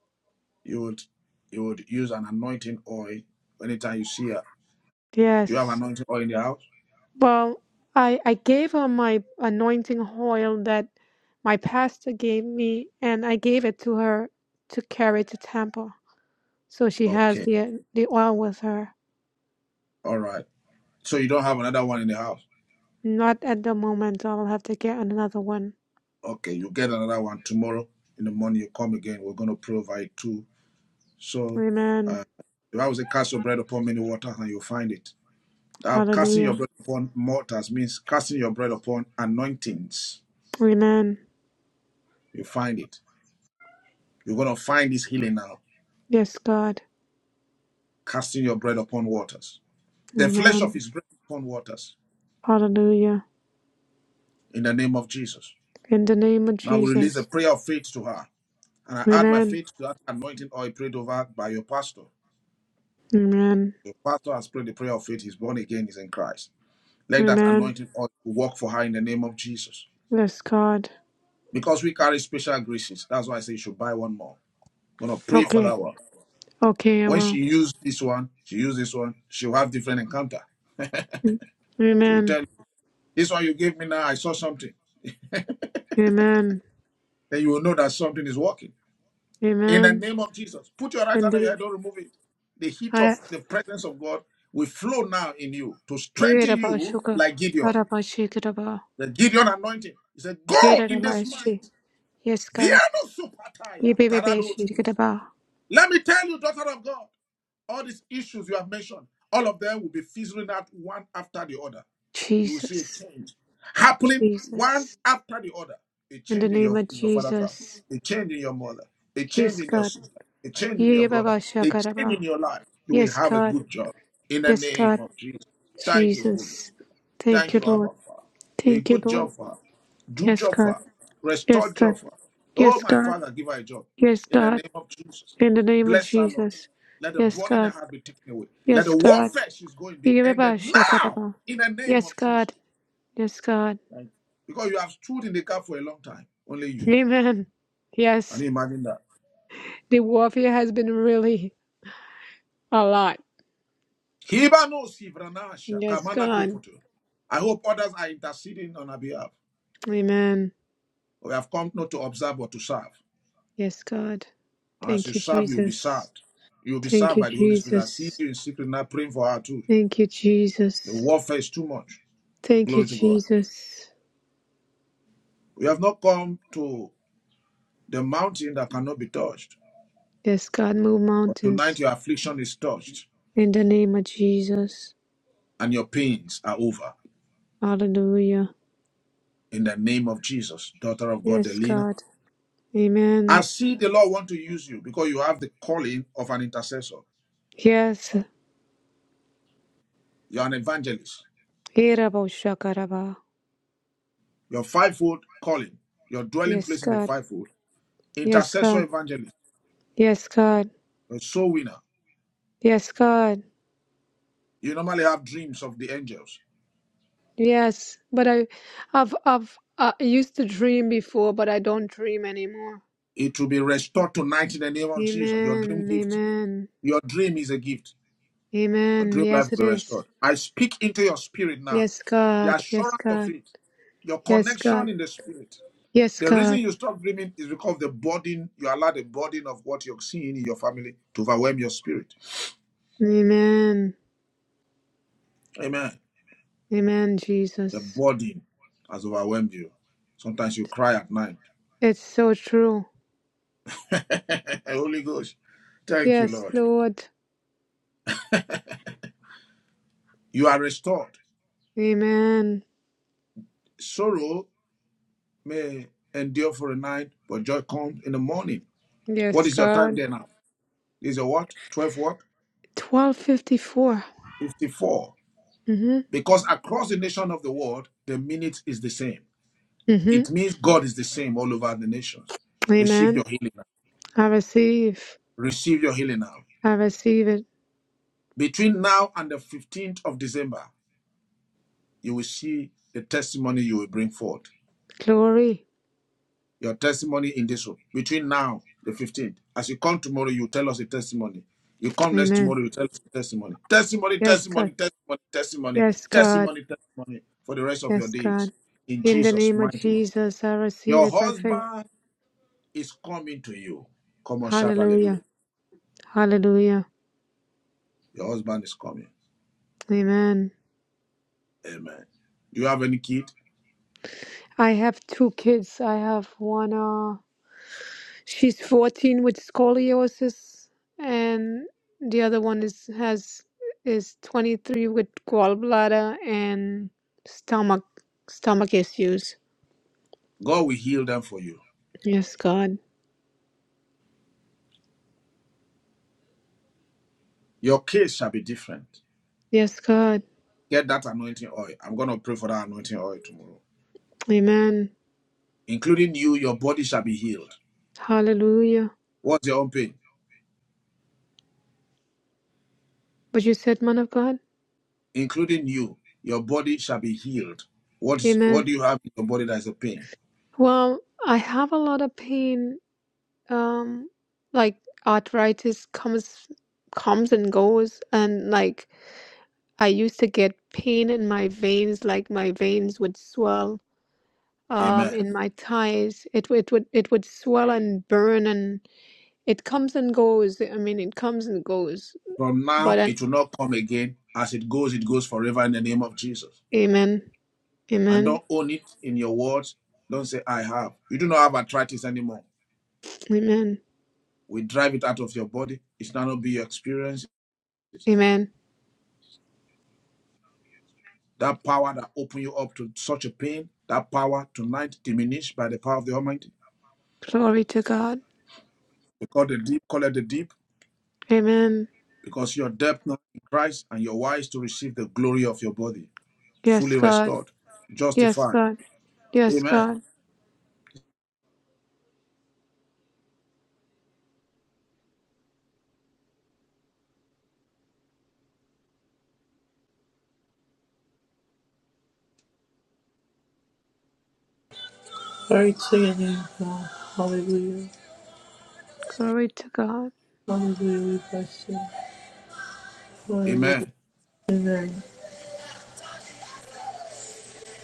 Speaker 3: You would you would use an anointing oil anytime you see her. Do you have
Speaker 7: Yes.
Speaker 3: anointing oil in the house?
Speaker 7: Well, I I gave her my anointing oil that my pastor gave me, and I gave it to her to carry to Tampa So she has
Speaker 3: Okay.
Speaker 7: the uh, the oil with her.
Speaker 3: All right. So you don't have another one in the house.
Speaker 7: Not at the moment. I will have to get another one.
Speaker 3: Okay, you get another one tomorrow in the morning. You come again. We're gonna provide two So
Speaker 7: Amen.
Speaker 3: uh, the Bible says, cast your bread upon many waters and you'll find it. Uh, casting your
Speaker 7: Hallelujah.
Speaker 3: bread upon mortars means casting your bread upon anointings.
Speaker 7: Amen.
Speaker 3: You find it. You're going to find this healing now.
Speaker 7: Yes, God.
Speaker 3: Casting your bread upon waters. The flesh of
Speaker 7: Amen.
Speaker 3: his bread upon waters
Speaker 7: Hallelujah.
Speaker 3: in the name of Jesus.
Speaker 7: In the name of
Speaker 3: Now we release the
Speaker 7: Jesus.
Speaker 3: prayer of faith to her. And I add my
Speaker 7: Amen.
Speaker 3: faith to that anointing oil prayed over by your pastor.
Speaker 7: Amen.
Speaker 3: Your pastor has prayed the prayer of faith. He's born again. He's in Christ. Let that
Speaker 7: Amen.
Speaker 3: anointing oil work for her in the name of Jesus.
Speaker 7: Yes, God.
Speaker 3: because we carry special graces. That's why I say you should buy one more. gonna pray for
Speaker 7: Okay.
Speaker 3: that one.
Speaker 7: Okay, I
Speaker 3: When she
Speaker 7: will.
Speaker 3: used this one, she used this one, she'll have different encounter. She will
Speaker 7: Amen.
Speaker 3: tell you, this one you gave me now, I saw something.
Speaker 7: Amen.
Speaker 3: Then you will know that something is working. In the
Speaker 7: Amen.
Speaker 3: name of Jesus, put your right
Speaker 7: And
Speaker 3: hand on your
Speaker 7: the-
Speaker 3: head, don't remove it. The heat of
Speaker 7: I
Speaker 3: the presence of God will flow now in you to
Speaker 7: hear
Speaker 3: strengthen
Speaker 7: about
Speaker 3: you
Speaker 7: sugar.
Speaker 3: like Gideon.
Speaker 7: What about sugar? About
Speaker 3: The Gideon anointing. He said,
Speaker 7: care
Speaker 3: Go in this
Speaker 7: about
Speaker 3: might.
Speaker 7: she? Yes, God.
Speaker 3: Viano supataya.
Speaker 7: yippee bee bee shoo dee ka
Speaker 3: Taradoskis.
Speaker 7: da
Speaker 3: Let me tell you, daughter of God. All these issues you have mentioned, all of them will be fizzling out one after the other. You will see a
Speaker 7: Jesus,
Speaker 3: change happening one
Speaker 7: Jesus,
Speaker 3: after the other. A
Speaker 7: in the
Speaker 3: change in
Speaker 7: name
Speaker 3: your,
Speaker 7: of
Speaker 3: in your father's house,
Speaker 7: Jesus,
Speaker 3: a change in your mother, a
Speaker 7: yes,
Speaker 3: change in your
Speaker 7: God.
Speaker 3: sister, a change in your
Speaker 7: yippee bee
Speaker 3: brother,
Speaker 7: bee
Speaker 3: a change
Speaker 7: shoo
Speaker 3: in your life. You will
Speaker 7: Yes,
Speaker 3: have a
Speaker 7: God,
Speaker 3: good job in the
Speaker 7: yes,
Speaker 3: name
Speaker 7: God,
Speaker 3: of Jesus. Thank you, Holy
Speaker 7: Jesus.
Speaker 3: Spirit.
Speaker 7: Thank
Speaker 3: Thank
Speaker 7: you,
Speaker 3: you, Abba
Speaker 7: Lord.
Speaker 3: Father. A
Speaker 7: Thank you,
Speaker 3: good
Speaker 7: Lord.
Speaker 3: job for her. Do
Speaker 7: Yes,
Speaker 3: job for
Speaker 7: God,
Speaker 3: her. Restore
Speaker 7: yes, God,
Speaker 3: job for her. Oh,
Speaker 7: yes,
Speaker 3: my
Speaker 7: God,
Speaker 3: Father, give her a job.
Speaker 7: yes,
Speaker 3: In the
Speaker 7: God,
Speaker 3: name of Jesus.
Speaker 7: in the name of
Speaker 3: Bless her, Lord.
Speaker 7: Jesus.
Speaker 3: Let the
Speaker 7: Yes,
Speaker 3: burden that
Speaker 7: God,
Speaker 3: heart be taken away. Let
Speaker 7: yes,
Speaker 3: the
Speaker 7: God.
Speaker 3: warfare she's going be
Speaker 7: yippee bee
Speaker 3: ended
Speaker 7: bee
Speaker 3: now
Speaker 7: shoo
Speaker 3: in the name
Speaker 7: Yes,
Speaker 3: of Jesus.
Speaker 7: God, yes, God.
Speaker 3: Thank Because you have stood in the gap for a long time. Only you.
Speaker 7: Amen.
Speaker 3: Can
Speaker 7: Yes,
Speaker 3: you imagine that?
Speaker 7: the warfare has been really a lot. Yes, God.
Speaker 3: I hope others are interceding on our behalf.
Speaker 7: Amen.
Speaker 3: We have come not to observe but to serve.
Speaker 7: Yes, God.
Speaker 3: And as you
Speaker 7: Thank you,
Speaker 3: serve, you will be
Speaker 7: Jesus.
Speaker 3: served. You will be
Speaker 7: Thank
Speaker 3: served
Speaker 7: you,
Speaker 3: by the Holy Spirit. I see
Speaker 7: Jesus.
Speaker 3: you in secret now praying for her too.
Speaker 7: Thank you,
Speaker 3: The
Speaker 7: Jesus.
Speaker 3: warfare is too much.
Speaker 7: Thank you,
Speaker 3: Glory to God.
Speaker 7: Jesus.
Speaker 3: We have not come to the mountain that cannot be touched.
Speaker 7: Yes, God, move
Speaker 3: But
Speaker 7: mountains
Speaker 3: tonight your affliction is touched
Speaker 7: in the name of Jesus.
Speaker 3: and your pains are over.
Speaker 7: Hallelujah.
Speaker 3: In the name of Jesus, daughter of God,
Speaker 7: Yes,
Speaker 3: Delina.
Speaker 7: God.
Speaker 3: I
Speaker 7: Amen.
Speaker 3: see the Lord want to use you because you have the calling of an intercessor.
Speaker 7: Yes.
Speaker 3: You're an evangelist.
Speaker 7: Hirabo shakaraba.
Speaker 3: Your fivefold calling, your dwelling
Speaker 7: Yes,
Speaker 3: place in the
Speaker 7: God.
Speaker 3: fivefold,
Speaker 7: Yes,
Speaker 3: intercessor
Speaker 7: God.
Speaker 3: evangelist,
Speaker 7: Yes, God.
Speaker 3: a soul winner.
Speaker 7: Yes, God.
Speaker 3: You normally have dreams of the angels.
Speaker 7: Yes. But I, I've, I've, I used to dream before, but I don't dream anymore.
Speaker 3: It will be restored tonight in the name of Jesus. Your dream
Speaker 7: Amen.
Speaker 3: gift,
Speaker 7: Amen.
Speaker 3: your dream is a gift. Your
Speaker 7: Amen.
Speaker 3: dream life
Speaker 7: Yes, it
Speaker 3: will be
Speaker 7: is.
Speaker 3: restored. I speak into your spirit now.
Speaker 7: Yes,
Speaker 3: The
Speaker 7: God. Yes,
Speaker 3: assurance of
Speaker 7: God.
Speaker 3: it, your
Speaker 7: Yes, God.
Speaker 3: connection in the spirit.
Speaker 7: Yes,
Speaker 3: The reason
Speaker 7: God.
Speaker 3: you stop dreaming is because the burden, you allow the burden of what you're seeing in your family to overwhelm your spirit.
Speaker 7: Amen.
Speaker 3: Amen.
Speaker 7: Amen,
Speaker 3: The
Speaker 7: Jesus.
Speaker 3: burden has overwhelmed you. Sometimes you cry at night.
Speaker 7: It's so true.
Speaker 3: <laughs> Holy Ghost. Thank you,
Speaker 7: Yes,
Speaker 3: Lord.
Speaker 7: Lord.
Speaker 3: You are restored.
Speaker 7: Amen.
Speaker 3: Sorrow may endure for a night, but joy comes in the morning. What
Speaker 7: Yes,
Speaker 3: is your time
Speaker 7: God.
Speaker 3: there now? Is your what? 12 what?
Speaker 7: 1254.
Speaker 3: 54.
Speaker 7: Mm-hmm.
Speaker 3: Because across the nation of the world, the minute is the same.
Speaker 7: Mm-hmm.
Speaker 3: It means God is the same all over the nations. Receive your
Speaker 7: Amen.
Speaker 3: healing now.
Speaker 7: I receive.
Speaker 3: Receive your healing now.
Speaker 7: I receive it.
Speaker 3: Between now and the 15th of December, you will see the testimony you will bring forth.
Speaker 7: Glory.
Speaker 3: Your testimony in this room. Between now, the 15th. As you come tomorrow, you tell us a testimony. You come next
Speaker 7: Amen.
Speaker 3: tomorrow, you tell us a testimony. Testimony,
Speaker 7: Yes, God.
Speaker 3: testimony, testimony, testimony,
Speaker 7: Yes, God.
Speaker 3: testimony, testimony for the rest of your
Speaker 7: Yes,
Speaker 3: days.
Speaker 7: God.
Speaker 3: In
Speaker 7: In the
Speaker 3: Jesus'
Speaker 7: name of
Speaker 3: mighty name.
Speaker 7: Jesus, I receive
Speaker 3: Your
Speaker 7: it by faith.
Speaker 3: husband is coming to you. Come on, shout hallelujah.
Speaker 7: Hallelujah. Hallelujah.
Speaker 3: Your husband is coming.
Speaker 7: Amen.
Speaker 3: Amen. Do you have any kid?
Speaker 7: I have two kids. I have one, uh, she's 14 with scoliosis, and the other one is has is 23 with gallbladder and stomach stomach issues.
Speaker 3: God will heal them for you.
Speaker 7: Yes, God.
Speaker 3: Your case shall be different.
Speaker 7: Yes, God.
Speaker 3: Get that anointing oil. I'm going to pray for that anointing oil tomorrow.
Speaker 7: Amen.
Speaker 3: Including you, your body shall be healed.
Speaker 7: Hallelujah.
Speaker 3: What's your own pain?
Speaker 7: But you said, man of God?
Speaker 3: Including you, your body shall be healed. What, is, what
Speaker 7: Amen.
Speaker 3: do you have in your body that is a pain?
Speaker 7: Well, I have a lot of pain um like arthritis comes comes and goes and like I used to get pain in my veins like my veins would swell um
Speaker 3: Amen.
Speaker 7: in my thighs it would it would it would swell and burn and it comes and goes I mean it comes and goes
Speaker 3: From
Speaker 7: but
Speaker 3: now,
Speaker 7: an
Speaker 3: it will not come again. As it goes, it goes forever in the name of Jesus.
Speaker 7: amen
Speaker 3: and
Speaker 7: amen
Speaker 3: don't own it in your words. Don't say, I have. You do not have arthritis anymore.
Speaker 7: amen
Speaker 3: We drive it out of your body. It's not going to be your experience.
Speaker 7: amen
Speaker 3: That power that opened you up to such a pain, that power tonight diminished by the power of the Almighty.
Speaker 7: glory to God
Speaker 3: We call the deep, call it the deep,
Speaker 7: amen
Speaker 3: because your depth now in Christ and your wise to receive the glory of your body,
Speaker 7: yes
Speaker 3: fully
Speaker 7: God
Speaker 3: restored,
Speaker 7: yes
Speaker 3: justified.
Speaker 7: God yes
Speaker 3: Amen.
Speaker 7: God
Speaker 1: Glory to your name, God. Hallelujah.
Speaker 7: glory to God
Speaker 1: Hallelujah. We bless you. Hallelujah.
Speaker 3: Amen.
Speaker 1: Amen.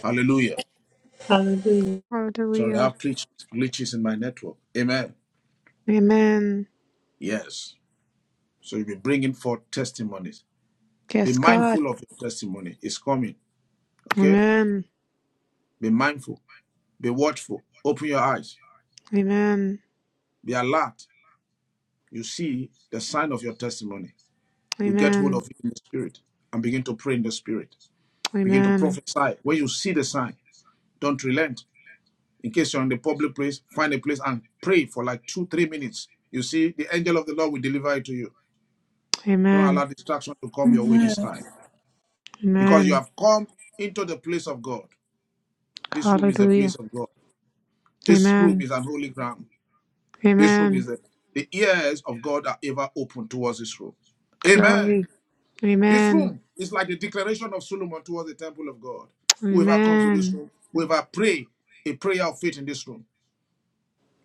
Speaker 3: Hallelujah.
Speaker 1: Hallelujah.
Speaker 3: Sorry, I
Speaker 7: hallelujah
Speaker 3: have glitches, glitches in my network. Amen.
Speaker 7: amen
Speaker 3: Yes. So you'll be bringing forth testimonies Be
Speaker 7: Yes, God.
Speaker 3: mindful of your testimony. It's coming. Okay?
Speaker 7: Amen.
Speaker 3: Be mindful. Be watchful. Open your eyes.
Speaker 7: Amen.
Speaker 3: Be alert. You see the sign of your testimony. You get hold
Speaker 7: Amen.
Speaker 3: of it in the spirit and begin to pray in the spirit. Begin to
Speaker 7: Amen.
Speaker 3: prophesy. When you see the sign, don't relent. In case you're in the public place, find a place and pray for like two, three minutes. You see, the angel of the Lord will deliver it to you. Don't allow
Speaker 7: Amen.
Speaker 3: distraction to come your way this time because you
Speaker 7: Amen.
Speaker 3: have come into the place of God. This room is a place
Speaker 7: Hallelujah.
Speaker 3: of God. This room
Speaker 7: Amen.
Speaker 3: is an holy ground. This room is
Speaker 7: Amen.
Speaker 3: the, the ears of God are ever open towards this room. Amen.
Speaker 7: Glory.
Speaker 3: This
Speaker 7: Amen.
Speaker 3: room is like the declaration of Solomon towards the temple of God. Whoever comes to this
Speaker 7: Amen.
Speaker 3: room, whoever pray a prayer of faith in this room,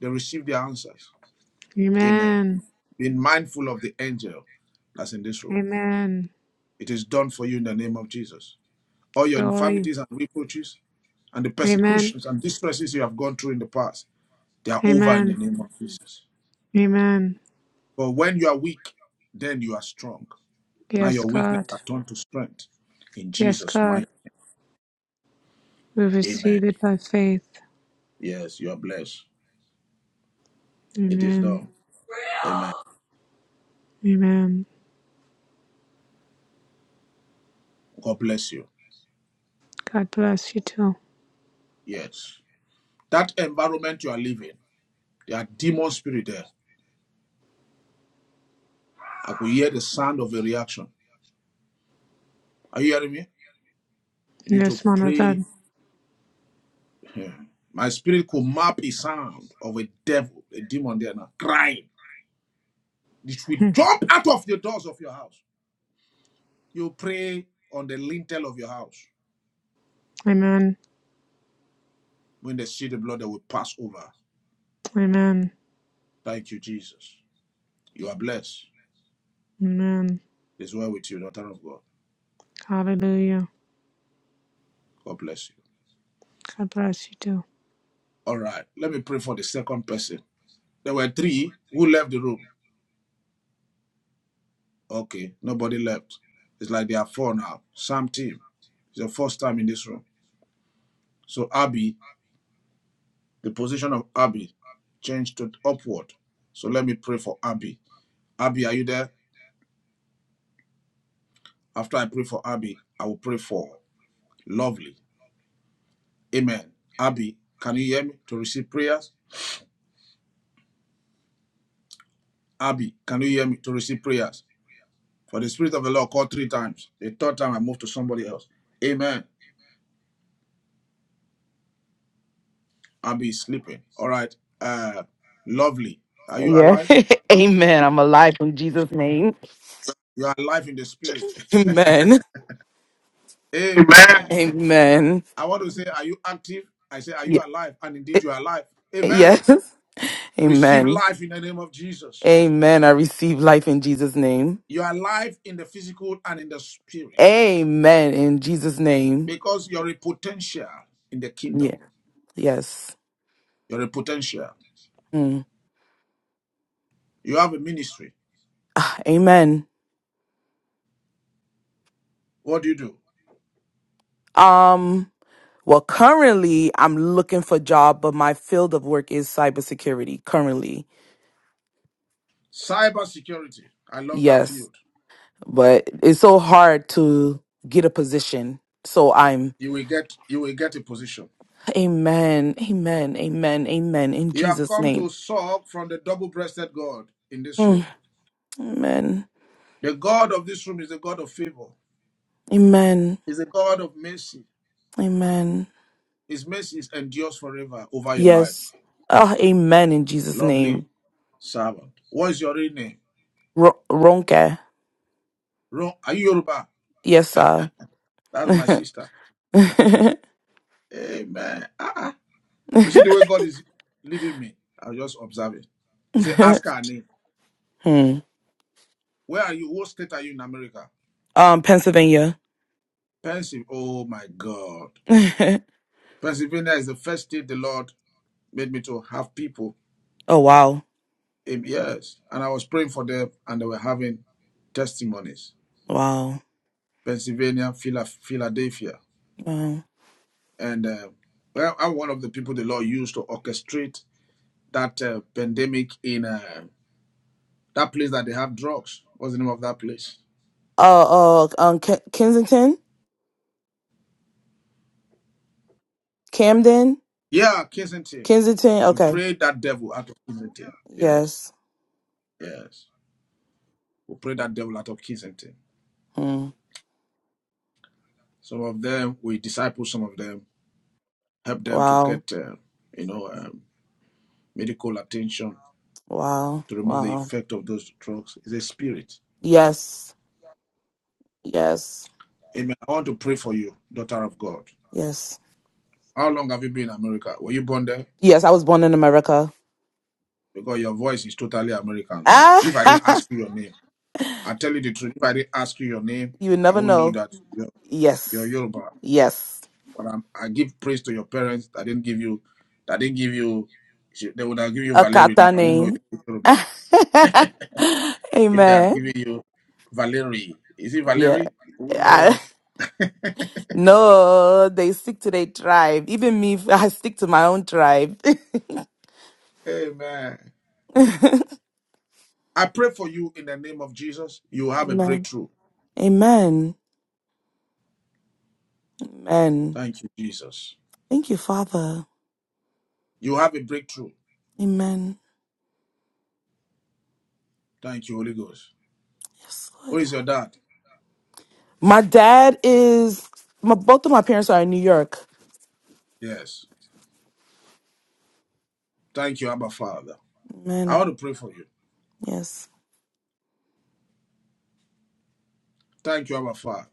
Speaker 3: they receive their answers. Amen.
Speaker 7: Amen.
Speaker 3: Being mindful of the angel that's in this room.
Speaker 7: Amen.
Speaker 3: It is done for you in the name of Jesus. All your
Speaker 7: Glory.
Speaker 3: infirmities and reproaches and the
Speaker 7: Amen.
Speaker 3: persecutions and distresses you have gone through in the past, they are over in the
Speaker 7: Amen.
Speaker 3: name of Jesus.
Speaker 7: Amen.
Speaker 3: For when you are weak, then you are strong. Now
Speaker 7: Yes,
Speaker 3: your weakness
Speaker 7: God.
Speaker 3: are turned to strength. In
Speaker 7: Yes,
Speaker 3: Jesus'
Speaker 7: God.
Speaker 3: mighty
Speaker 7: We
Speaker 3: name. Amen.
Speaker 7: receive it by faith.
Speaker 3: Yes, you are blessed. It is
Speaker 7: Amen.
Speaker 3: done. Amen.
Speaker 7: Amen.
Speaker 3: God bless you.
Speaker 7: God bless you too.
Speaker 3: Yes. That environment you are living, there are demon spirit there. I could hear the sound of a reaction. Are you hearing me? You need to
Speaker 7: Yes, Mother
Speaker 3: pray.
Speaker 7: God.
Speaker 3: Hmm. My spirit could map a sound of a devil, a demon there now, crying. It will
Speaker 7: Hmm.
Speaker 3: jump out of the doors of your house. You pray on the lintel of your house.
Speaker 7: Amen.
Speaker 3: When they see the blood, they will pass over.
Speaker 7: Amen.
Speaker 3: Thank you, Jesus. You are blessed.
Speaker 7: Amen.
Speaker 3: It's well with you, daughter of God.
Speaker 7: Hallelujah.
Speaker 3: God bless you.
Speaker 7: God bless you too.
Speaker 3: All right. Let me pray for the second person. There were three who left the room. Okay. Nobody left. It's like they are four now. Sam team. It's the first time in this room. So Abby, the position of Abby changed to upward. So let me pray for Abby. Abby, are you there? After I pray for Abby, I will pray for lovely. Amen. Abby, can you hear me to receive prayers? Abby, can you hear me to receive prayers? For the Spirit of the Lord called three times. The third time I moved to somebody else. Amen. I'll be sleeping. All right. Uh, lovely. Are you
Speaker 10: Yeah.
Speaker 3: alive?
Speaker 10: <laughs> Amen. I'm alive in Jesus' name.
Speaker 3: You are alive in the Spirit.
Speaker 10: Amen.
Speaker 3: <laughs> Amen.
Speaker 10: Amen.
Speaker 3: I want to say, are you active? I say, are you
Speaker 10: Ye-
Speaker 3: alive? And indeed, you are alive. Amen.
Speaker 10: Yes. <laughs>
Speaker 3: Receive
Speaker 10: Amen.
Speaker 3: life in the name of Jesus.
Speaker 10: Amen. I receive life in Jesus' name.
Speaker 3: You are alive in the physical and in the spirit
Speaker 10: Amen. In Jesus' name.
Speaker 3: because you're a potential in the kingdom.
Speaker 10: Yeah. Yes.
Speaker 3: You're a potential.
Speaker 10: Mm.
Speaker 3: You have a ministry.
Speaker 10: Ah, Amen.
Speaker 3: What do you do?
Speaker 10: Um. Well, currently I'm looking for a job, but my field of work is cybersecurity currently.
Speaker 3: Cyber security. I love that
Speaker 10: Yes,
Speaker 3: field.
Speaker 10: but it's so hard to get a position. So I'm
Speaker 3: You will get you will get a position.
Speaker 10: amen, amen, amen, amen in
Speaker 3: You have
Speaker 10: Jesus
Speaker 3: come
Speaker 10: name.
Speaker 3: to suck from the double-breasted God in this room.
Speaker 10: Mm, amen.
Speaker 3: The God of this room is the God of favor.
Speaker 10: Amen.
Speaker 3: Is the God of mercy.
Speaker 10: Amen.
Speaker 3: His mercy is endures forever over your life.
Speaker 10: Yes. Oh, amen in Jesus
Speaker 3: Lovely
Speaker 10: name.
Speaker 3: servant. What is your real name?
Speaker 10: Ro- Ronke.
Speaker 3: Ro- Are you Yoruba?
Speaker 10: Yes, sir.
Speaker 3: That's my
Speaker 10: <laughs>
Speaker 3: sister. Amen. Ah, ah. you see the way God is leading me. I'm just observing. He said, ask her her name.
Speaker 10: hmm.
Speaker 3: Where are you? What state are you in America?
Speaker 10: Um, Pennsylvania.
Speaker 3: Pennsylvania. Oh my God.
Speaker 10: <laughs> oh
Speaker 3: Pennsylvania is the first state the Lord made me to have people.
Speaker 10: wow.
Speaker 3: Um, yes, and I was praying for them, and they were having testimonies.
Speaker 10: Wow.
Speaker 3: Pennsylvania, Phila- Philadelphia,
Speaker 10: Wow.
Speaker 3: and uh, well, I'm one of the people the Lord used to orchestrate that uh, pandemic in uh, that place that they have drugs. What's the name of that place?
Speaker 10: Oh, oh, um, Ke- Kensington, Camden,
Speaker 3: Yeah, Kensington.
Speaker 10: Kensington.
Speaker 3: We
Speaker 10: Okay.
Speaker 3: prayed that devil out of Kensington. Yes,
Speaker 10: Yes.
Speaker 3: yes. We prayed that devil out of Kensington.
Speaker 10: Hmm.
Speaker 3: Some of them we disciple, some of them help them to
Speaker 10: Wow.
Speaker 3: get, uh, you know, um, medical attention
Speaker 10: Wow.
Speaker 3: to remove the
Speaker 10: Wow.
Speaker 3: effect of those drugs is a spirit.
Speaker 10: Yes. Yes.
Speaker 3: Amen. I want to pray for you, daughter of God.
Speaker 10: Yes.
Speaker 3: How long have you been in America? Were you born there?
Speaker 10: Yes. I was born in America.
Speaker 3: Because your voice is totally American now.
Speaker 10: Ah,
Speaker 3: If I didn't
Speaker 10: <laughs>
Speaker 3: ask you your name, I tell you the truth. If I didn't ask you your name,
Speaker 10: you would
Speaker 3: I
Speaker 10: never
Speaker 3: won't know
Speaker 10: know.
Speaker 3: that you're, you're
Speaker 10: Yes.
Speaker 3: Yoruba.
Speaker 10: Yes.
Speaker 3: But I'm, I give praise to your parents that didn't give you, that didn't give you, they would have given you
Speaker 10: A
Speaker 3: Valerie now.
Speaker 10: kata
Speaker 3: I won't know
Speaker 10: name.
Speaker 3: you're
Speaker 10: <laughs>
Speaker 3: Yoruba. If they had
Speaker 10: Amen.
Speaker 3: given you Valerie, is it
Speaker 10: Yeah.
Speaker 3: Valerie? We won't
Speaker 10: I,
Speaker 3: know.
Speaker 10: no, they stick to their tribe. Even me, I stick to my own tribe.
Speaker 3: Amen.
Speaker 10: <laughs> Amen.
Speaker 3: I pray for you in the name of Jesus. You have a breakthrough.
Speaker 10: Amen. Amen.
Speaker 3: Thank you, Jesus.
Speaker 10: Thank you, Father.
Speaker 3: You have a breakthrough.
Speaker 10: Amen.
Speaker 3: Thank you, Holy Ghost.
Speaker 10: Yes,
Speaker 3: Who
Speaker 10: Lord.
Speaker 3: is your dad?
Speaker 10: My dad is my both of my parents are in New York.
Speaker 3: Yes. Thank you, Abba Father. I
Speaker 10: Amen.
Speaker 3: want to pray for you.
Speaker 10: Yes.
Speaker 3: Thank you, Abba Father.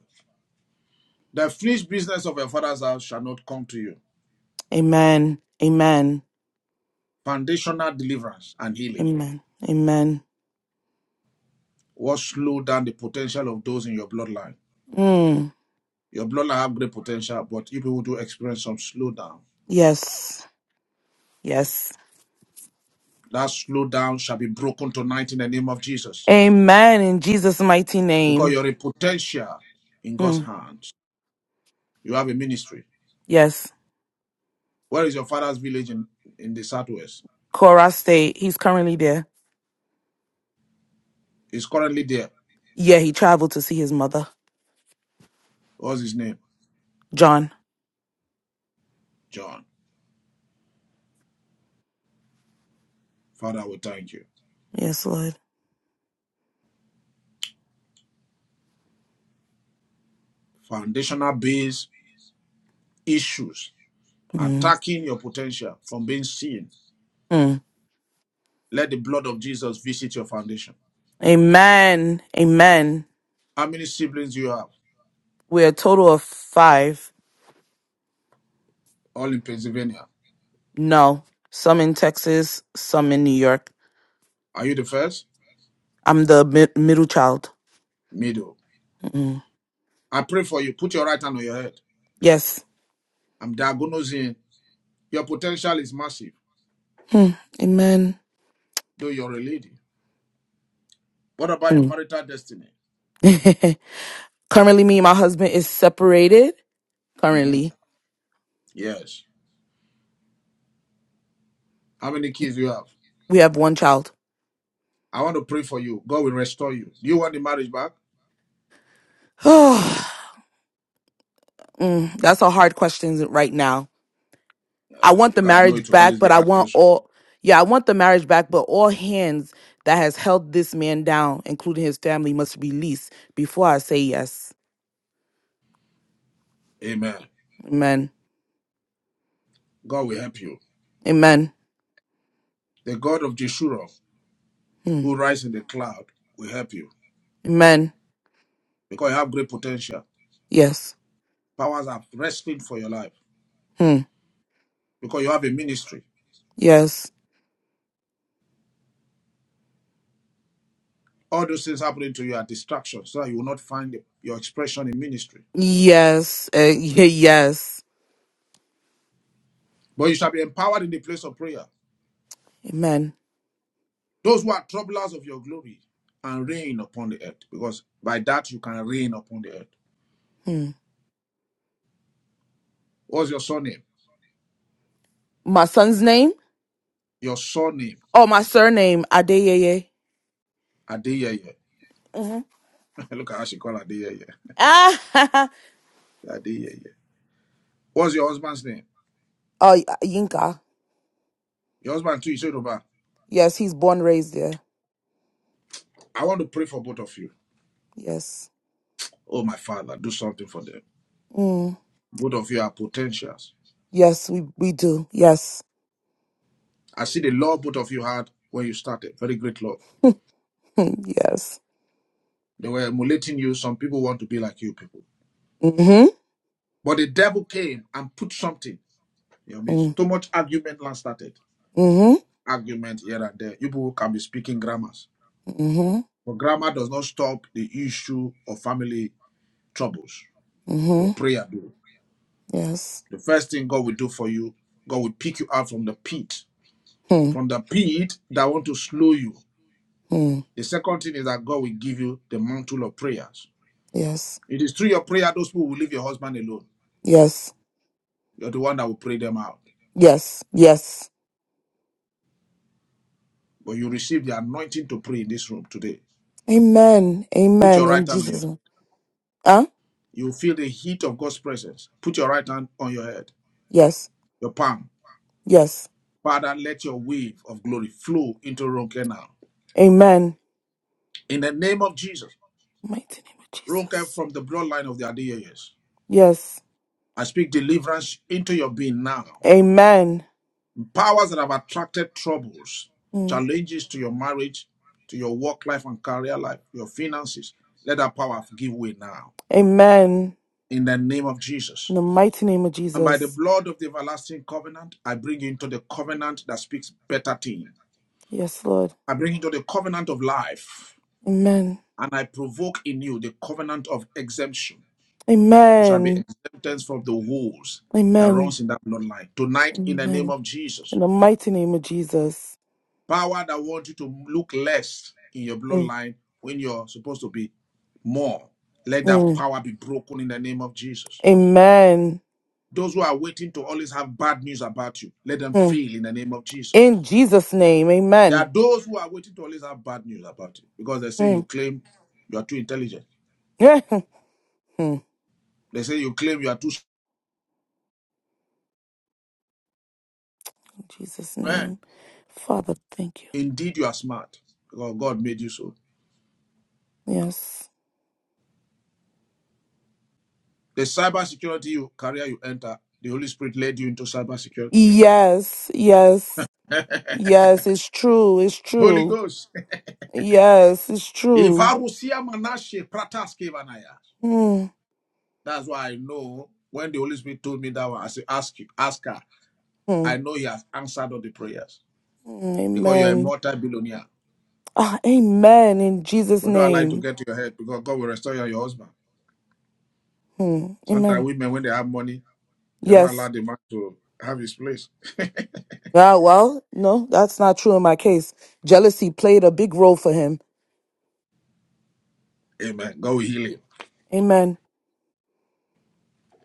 Speaker 3: The finished business of your father's house shall not come to you.
Speaker 10: Amen. Amen.
Speaker 3: Foundational deliverance and healing.
Speaker 10: Amen. Amen.
Speaker 3: What slow down the potential of those in your bloodline?
Speaker 10: Mm.
Speaker 3: Your bloodline have great potential, but you people do experience some slowdown.
Speaker 10: Yes. Yes.
Speaker 3: That slowdown shall be broken tonight in the name of Jesus.
Speaker 10: Amen. In Jesus' mighty
Speaker 3: Because
Speaker 10: name.
Speaker 3: you're a potential in God's
Speaker 10: Hmm.
Speaker 3: hand. You have a ministry.
Speaker 10: Yes.
Speaker 3: Where is your father's village in, in the southwest?
Speaker 10: Cora State. He's currently there.
Speaker 3: He's currently there.
Speaker 10: Yeah, he traveled to see his mother,
Speaker 3: What's his name?
Speaker 10: John.
Speaker 3: John. Father, we thank you.
Speaker 10: Yes, Lord.
Speaker 3: Foundational base issues
Speaker 10: Mm.
Speaker 3: attacking your potential from being seen.
Speaker 10: Mm.
Speaker 3: Let the blood of Jesus visit your foundation.
Speaker 10: Amen. Amen.
Speaker 3: How many siblings do you have?
Speaker 10: We're a total of five.
Speaker 3: All in Pennsylvania.
Speaker 10: No, some in Texas, some in New York.
Speaker 3: Are you the first?
Speaker 10: I'm the mi- middle child.
Speaker 3: Middle.
Speaker 10: Mm.
Speaker 3: I pray for you. Put your right hand on your head.
Speaker 10: Yes.
Speaker 3: I'm diagnosing. Your potential is massive,
Speaker 10: Hmm. Amen.
Speaker 3: though you're a lady. What about your
Speaker 10: Hmm.
Speaker 3: marital destiny?
Speaker 10: <laughs> currently, me and my husband is separated.
Speaker 3: Mhm.
Speaker 10: Currently,
Speaker 3: Yes. How many kids do you have?
Speaker 10: we have one child.
Speaker 3: I want to pray for you. God will restore you. Do you want the marriage back?
Speaker 10: <sighs> Mm, That's a hard question right now.
Speaker 3: Uh,
Speaker 10: I want the
Speaker 3: because I know
Speaker 10: marriage
Speaker 3: it will
Speaker 10: back,
Speaker 3: always
Speaker 10: but
Speaker 3: be a
Speaker 10: I
Speaker 3: hard
Speaker 10: want
Speaker 3: question.
Speaker 10: all. Yeah, I want the marriage back, but all hands that has held this man down, including his family, must release before I say yes.
Speaker 3: Amen.
Speaker 10: Amen.
Speaker 3: God will help you.
Speaker 10: Amen.
Speaker 3: The God of Jeshurun,
Speaker 10: Hmm.
Speaker 3: who rises in the cloud, will help you
Speaker 10: Amen.
Speaker 3: because you have great potential.
Speaker 10: Yes.
Speaker 3: Powers are wrestling for your life
Speaker 10: Hmm.
Speaker 3: because you have a ministry.
Speaker 10: Yes.
Speaker 3: All those things happening to you are distractions, so that you will not find your expression in ministry.
Speaker 10: Yes. Uh, y- yes.
Speaker 3: But you shall be empowered in the place of prayer.
Speaker 10: Amen.
Speaker 3: Those who are troublers of your glory and reign upon the earth, because by that you can reign upon the earth.
Speaker 10: Hmm.
Speaker 3: What's your surname?
Speaker 10: My son's name?
Speaker 3: Your surname
Speaker 10: Oh, my surname, Adeyeye.
Speaker 3: Adeyeye.
Speaker 10: Mm-hmm.
Speaker 3: <laughs> Look at how she called Adeyeye.
Speaker 10: Ah,
Speaker 3: Adeyeye. What's your husband's name?
Speaker 10: <laughs> uh, Yinka.
Speaker 3: Your husband too is Yoruba.
Speaker 10: Yes, he's born raised there.
Speaker 3: I want to pray for both of you.
Speaker 10: Yes.
Speaker 3: Oh, my father, do something for them.
Speaker 10: Mm.
Speaker 3: Both of you are potentials.
Speaker 10: Yes, we, we do. Yes. <laughs>
Speaker 3: I see the love both of you had when you started. Very great love.
Speaker 10: Hmm. yes.
Speaker 3: They were emulating you. Some people want to be like you people.
Speaker 10: Mm-hmm.
Speaker 3: But the devil came and put something in your
Speaker 10: Mm.
Speaker 3: midst. Too much argument last started.
Speaker 10: Mm-hmm.
Speaker 3: Argument here and there. You people can be speaking grammars.
Speaker 10: Mm-hmm.
Speaker 3: But grammar does not stop the issue of family troubles.
Speaker 10: Mm-hmm.
Speaker 3: But prayer do.
Speaker 10: Yes.
Speaker 3: The first thing God will do for you, God will pick you out from the pit,
Speaker 10: Hmm.
Speaker 3: from the pit that want to slow you.
Speaker 10: Hmm.
Speaker 3: The second thing is that God will give you the mantle of prayers.
Speaker 10: Yes.
Speaker 3: It is through your prayer those people will leave your husband alone.
Speaker 10: Yes.
Speaker 3: You're the one that will pray them out.
Speaker 10: Yes. Yes.
Speaker 3: But you receive the anointing to pray in this room today.
Speaker 10: Amen.
Speaker 3: Put
Speaker 10: Amen.
Speaker 3: your right
Speaker 10: In
Speaker 3: hand on your
Speaker 10: Jesus'
Speaker 3: head.
Speaker 10: name. Huh?
Speaker 3: You feel the heat of God's presence. Put your right hand on your head,
Speaker 10: Yes.
Speaker 3: your palm.
Speaker 10: Yes.
Speaker 3: Father, let your wave of glory flow into Ronke now.
Speaker 10: Amen.
Speaker 3: In the name of Jesus,
Speaker 10: Mighty name of
Speaker 3: Ronke
Speaker 10: Jesus.
Speaker 3: from the bloodline of the Adiyayas.
Speaker 10: Yes.
Speaker 3: I speak deliverance into your being now.
Speaker 10: Amen.
Speaker 3: Powers that have attracted troubles,
Speaker 10: Mm.
Speaker 3: challenges to your marriage, to your work life and career life, your finances, let that power give way now.
Speaker 10: Amen.
Speaker 3: In the name of Jesus.
Speaker 10: In the mighty name of
Speaker 3: And by the
Speaker 10: Jesus.
Speaker 3: blood of the everlasting covenant, I bring you into the covenant that speaks better things.
Speaker 10: Yes, Lord.
Speaker 3: I bring you into the covenant of life,
Speaker 10: Amen.
Speaker 3: and I provoke in you the covenant of exemption. You shall be
Speaker 10: Amen.
Speaker 3: exempted from the woes that
Speaker 10: Amen.
Speaker 3: runs in that bloodline. Tonight, in the name
Speaker 10: Amen.
Speaker 3: of Jesus,
Speaker 10: In the mighty name of Jesus.
Speaker 3: Power that wants you to look less in your
Speaker 10: Mm.
Speaker 3: bloodline when you're supposed to be more. Let that
Speaker 10: Mm.
Speaker 3: power be broken in the name of Jesus.
Speaker 10: Amen.
Speaker 3: Those who are waiting to always have bad news about you, let them
Speaker 10: Mm.
Speaker 3: fail in the name of Jesus.
Speaker 10: In Jesus' name.
Speaker 3: There are
Speaker 10: Amen.
Speaker 3: those who are waiting to always have bad news about you because they say you
Speaker 10: Mm. <laughs>
Speaker 3: claim you are too intelligent.
Speaker 10: Yeah. Mm. In
Speaker 3: They say you claim you are too
Speaker 10: Jesus'
Speaker 3: smart.
Speaker 10: name. Father, thank you.
Speaker 3: Indeed, you are smart because God made you so.
Speaker 10: Yes.
Speaker 3: The cybersecurity you, career you enter, the Holy Spirit led you into cybersecurity.
Speaker 10: Yes. Yes. Yes, it's true. It's
Speaker 3: Holy
Speaker 10: true.
Speaker 3: Ghost.
Speaker 10: Yes, it's true.
Speaker 3: Ivarusia manashe prataske vanaya.
Speaker 10: Hmm,
Speaker 3: That's why I know when the Holy Spirit told me that one, I said, ask you, ask her.
Speaker 10: hmm, hmm,
Speaker 3: I know you have answered all the prayers because you're a
Speaker 10: Amen.
Speaker 3: multi-billionaire.
Speaker 10: Ah, amen. In Jesus'
Speaker 3: But don't allow it to
Speaker 10: name.
Speaker 3: get to your head because God will restore you and your husband.
Speaker 10: Hmm,
Speaker 3: Sometimes
Speaker 10: Amen.
Speaker 3: women, when they have money, they don't allow
Speaker 10: Yes.
Speaker 3: the man to have his place. <laughs>
Speaker 10: Ah, well, no, that's not true in my case. Jealousy played a big role for him.
Speaker 3: Amen. God will heal him.
Speaker 10: Amen.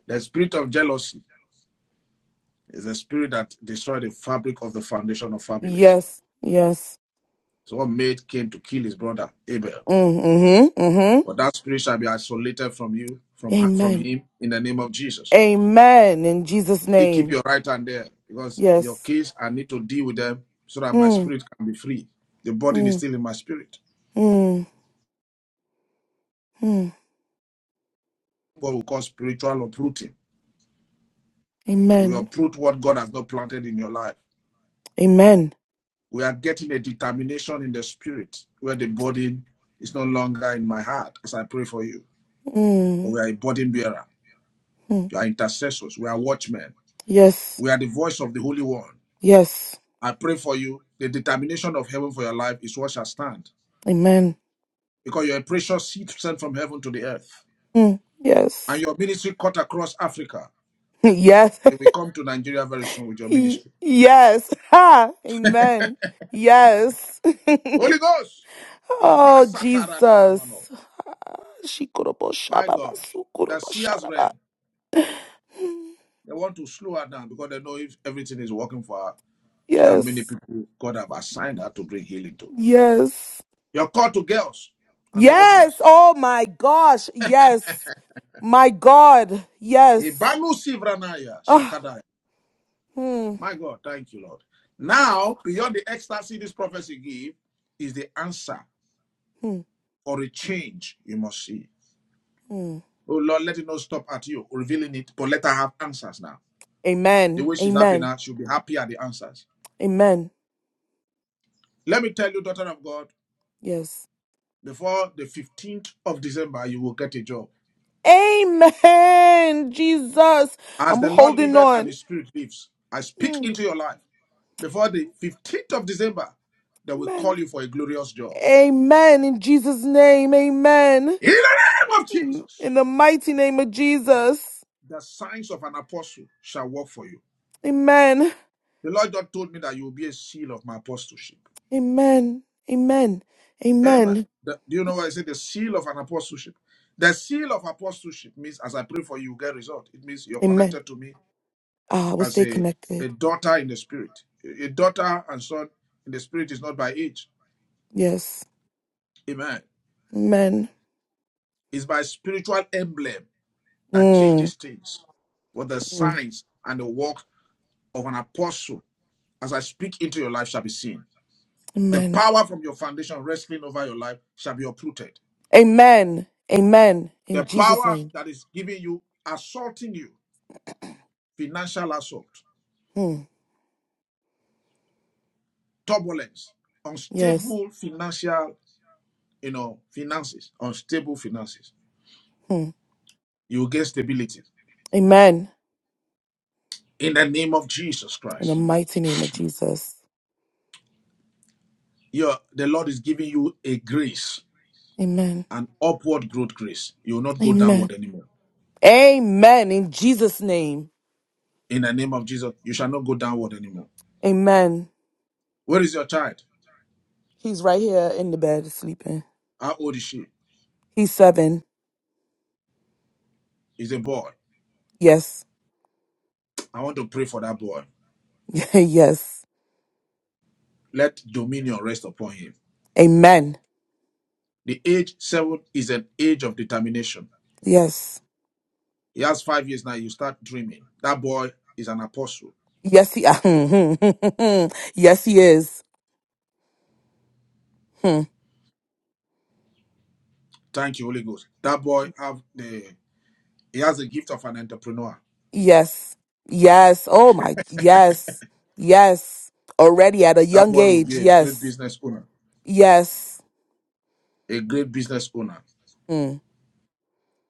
Speaker 3: The spirit of jealousy is a spirit that destroyed the fabric of the foundation of families.
Speaker 10: Yes. Yes.
Speaker 3: So what mate came to kill his brother Abel.
Speaker 10: Mm-hmm. Mm-hmm.
Speaker 3: But that spirit shall be isolated from you, from her- from
Speaker 10: Amen.
Speaker 3: him, in the name of Jesus.
Speaker 10: Amen. In Jesus'
Speaker 3: Still keep
Speaker 10: name.
Speaker 3: your right hand there because your
Speaker 10: Yes.
Speaker 3: kids, I need to deal with them so that my
Speaker 10: Mm,
Speaker 3: spirit can be free. The burden is
Speaker 10: mm,
Speaker 3: still in my spirit.
Speaker 10: mm, mm.
Speaker 3: What we call spiritual uprooting. We
Speaker 10: Amen.
Speaker 3: uproot what God has not planted in your life.
Speaker 10: Amen.
Speaker 3: We are getting a determination in the spirit where the burden is no longer in my heart as I pray for you. But
Speaker 10: Mm.
Speaker 3: we are a burden bearer. You are intercessors. We are watchmen.
Speaker 10: Yes.
Speaker 3: We are the voice of the Holy One.
Speaker 10: Yes.
Speaker 3: I pray for you. The determination of heaven for your life is what shall stand.
Speaker 10: Amen.
Speaker 3: Because you're a precious seed sent from heaven to the earth.
Speaker 10: Mm.
Speaker 3: And
Speaker 10: Yes. <laughs>
Speaker 3: your ministry cut across Africa.
Speaker 10: Yes.
Speaker 3: You will come to Nigeria very soon with your
Speaker 10: <laughs>
Speaker 3: ministry.
Speaker 10: yes. Ha. Amen. Yes.
Speaker 3: Holy Ghost!
Speaker 10: <laughs> oh,
Speaker 3: Ibasatarananamano.
Speaker 10: Jesus.
Speaker 3: My God. The seers
Speaker 10: Shikurubo-shababa-sukurubo-sharaba.
Speaker 3: reign. They want to slow her down because they know if everything is working for her, she have many
Speaker 10: Yes.
Speaker 3: people God have assigned her to bring healing to.
Speaker 10: Yes.
Speaker 3: You're called to girls and to
Speaker 10: Yes.
Speaker 3: orphans.
Speaker 10: Oh, my gosh. Yes. My God. Yes.
Speaker 3: Ibalu Sivranaya
Speaker 10: Ah.
Speaker 3: Shakadaya.
Speaker 10: hmm.
Speaker 3: My God, thank you, Lord.
Speaker 10: Thank you.
Speaker 3: Now, beyond the ecstasy this prophecy gives, is the answer
Speaker 10: Hmm.
Speaker 3: or a change you must see.
Speaker 10: Hmm.
Speaker 3: Oh Lord, let it not stop at you revealing it, but let her have answers now. The
Speaker 10: Amen.
Speaker 3: way she's happy
Speaker 10: Amen.
Speaker 3: now, she'll be happy at the answers.
Speaker 10: Amen.
Speaker 3: Let me tell you, daughter of God,
Speaker 10: Yes.
Speaker 3: before the 15th of December, you will get a job.
Speaker 10: Amen. Jesus.
Speaker 3: As
Speaker 10: I'm
Speaker 3: the Lord
Speaker 10: holding
Speaker 3: liveth and
Speaker 10: on.
Speaker 3: his spirit lives, I speak
Speaker 10: Mm,
Speaker 3: into your life. Before the 15th of December, they will
Speaker 10: Amen.
Speaker 3: call you for a glorious job.
Speaker 10: Amen. In Jesus' name. Amen.
Speaker 3: In the name of
Speaker 10: Mm,
Speaker 3: Jesus.
Speaker 10: In the mighty name of Jesus.
Speaker 3: The signs of an apostle shall work for you.
Speaker 10: Amen.
Speaker 3: The Lord God told me that you will be a seal of my apostleship.
Speaker 10: Amen. Amen.
Speaker 3: Amen.
Speaker 10: Amen.
Speaker 3: The- do you know why I say the seal of an apostleship? The seal of apostleship means as I pray for you, you get result. It means you're
Speaker 10: Amen.
Speaker 3: connected to me
Speaker 10: Ah, we'll
Speaker 3: as
Speaker 10: stay
Speaker 3: a,
Speaker 10: connected.
Speaker 3: a daughter in the spirit. A daughter and son in the spirit is not by age.
Speaker 10: Yes.
Speaker 3: Amen.
Speaker 10: Amen.
Speaker 3: It's by spiritual emblem that
Speaker 10: Mm.
Speaker 3: changes things. But the
Speaker 10: Mm.
Speaker 3: signs and the work of an apostle as I speak into your life shall be seen. The
Speaker 10: Amen.
Speaker 3: power from your foundation wrestling over your life shall be uprooted.
Speaker 10: Amen. Amen. In
Speaker 3: The
Speaker 10: Jesus'
Speaker 3: power
Speaker 10: name.
Speaker 3: that is giving you, assaulting you, financial assault,
Speaker 10: Mm.
Speaker 3: turbulence,
Speaker 10: Yes.
Speaker 3: unstable financial, you know, finances, unstable finances.
Speaker 10: Mm.
Speaker 3: You will get stability
Speaker 10: Amen.
Speaker 3: in the name of Jesus
Speaker 10: In the
Speaker 3: Christ.
Speaker 10: mighty name of Jesus.
Speaker 3: Your the Lord is giving you a grace,
Speaker 10: Amen.
Speaker 3: an upward growth grace. You will not go
Speaker 10: Amen.
Speaker 3: downward anymore.
Speaker 10: Amen. In Jesus' name.
Speaker 3: In the name of Jesus, you shall not go downward anymore.
Speaker 10: Amen.
Speaker 3: Where is your child?
Speaker 10: He's right here in the bed sleeping.
Speaker 3: How old is she?
Speaker 10: He's seven.
Speaker 3: Is a boy.
Speaker 10: Yes.
Speaker 3: I want to pray for that boy.
Speaker 10: <laughs> yes.
Speaker 3: let dominion rest upon him.
Speaker 10: Amen.
Speaker 3: The age seven is an age of determination.
Speaker 10: Yes.
Speaker 3: He has five years now. You start dreaming. That boy is an apostle.
Speaker 10: Yes, he <laughs> Yes, he is. Hmm.
Speaker 3: Thank you, Holy Ghost. That boy have the he has the gift of an entrepreneur.
Speaker 10: Yes. Yes. Oh my yes. Yes. Already at a
Speaker 3: That
Speaker 10: young
Speaker 3: boy will
Speaker 10: age.
Speaker 3: be a great
Speaker 10: Yes.
Speaker 3: business owner.
Speaker 10: Yes.
Speaker 3: A great business owner.
Speaker 10: Hmm.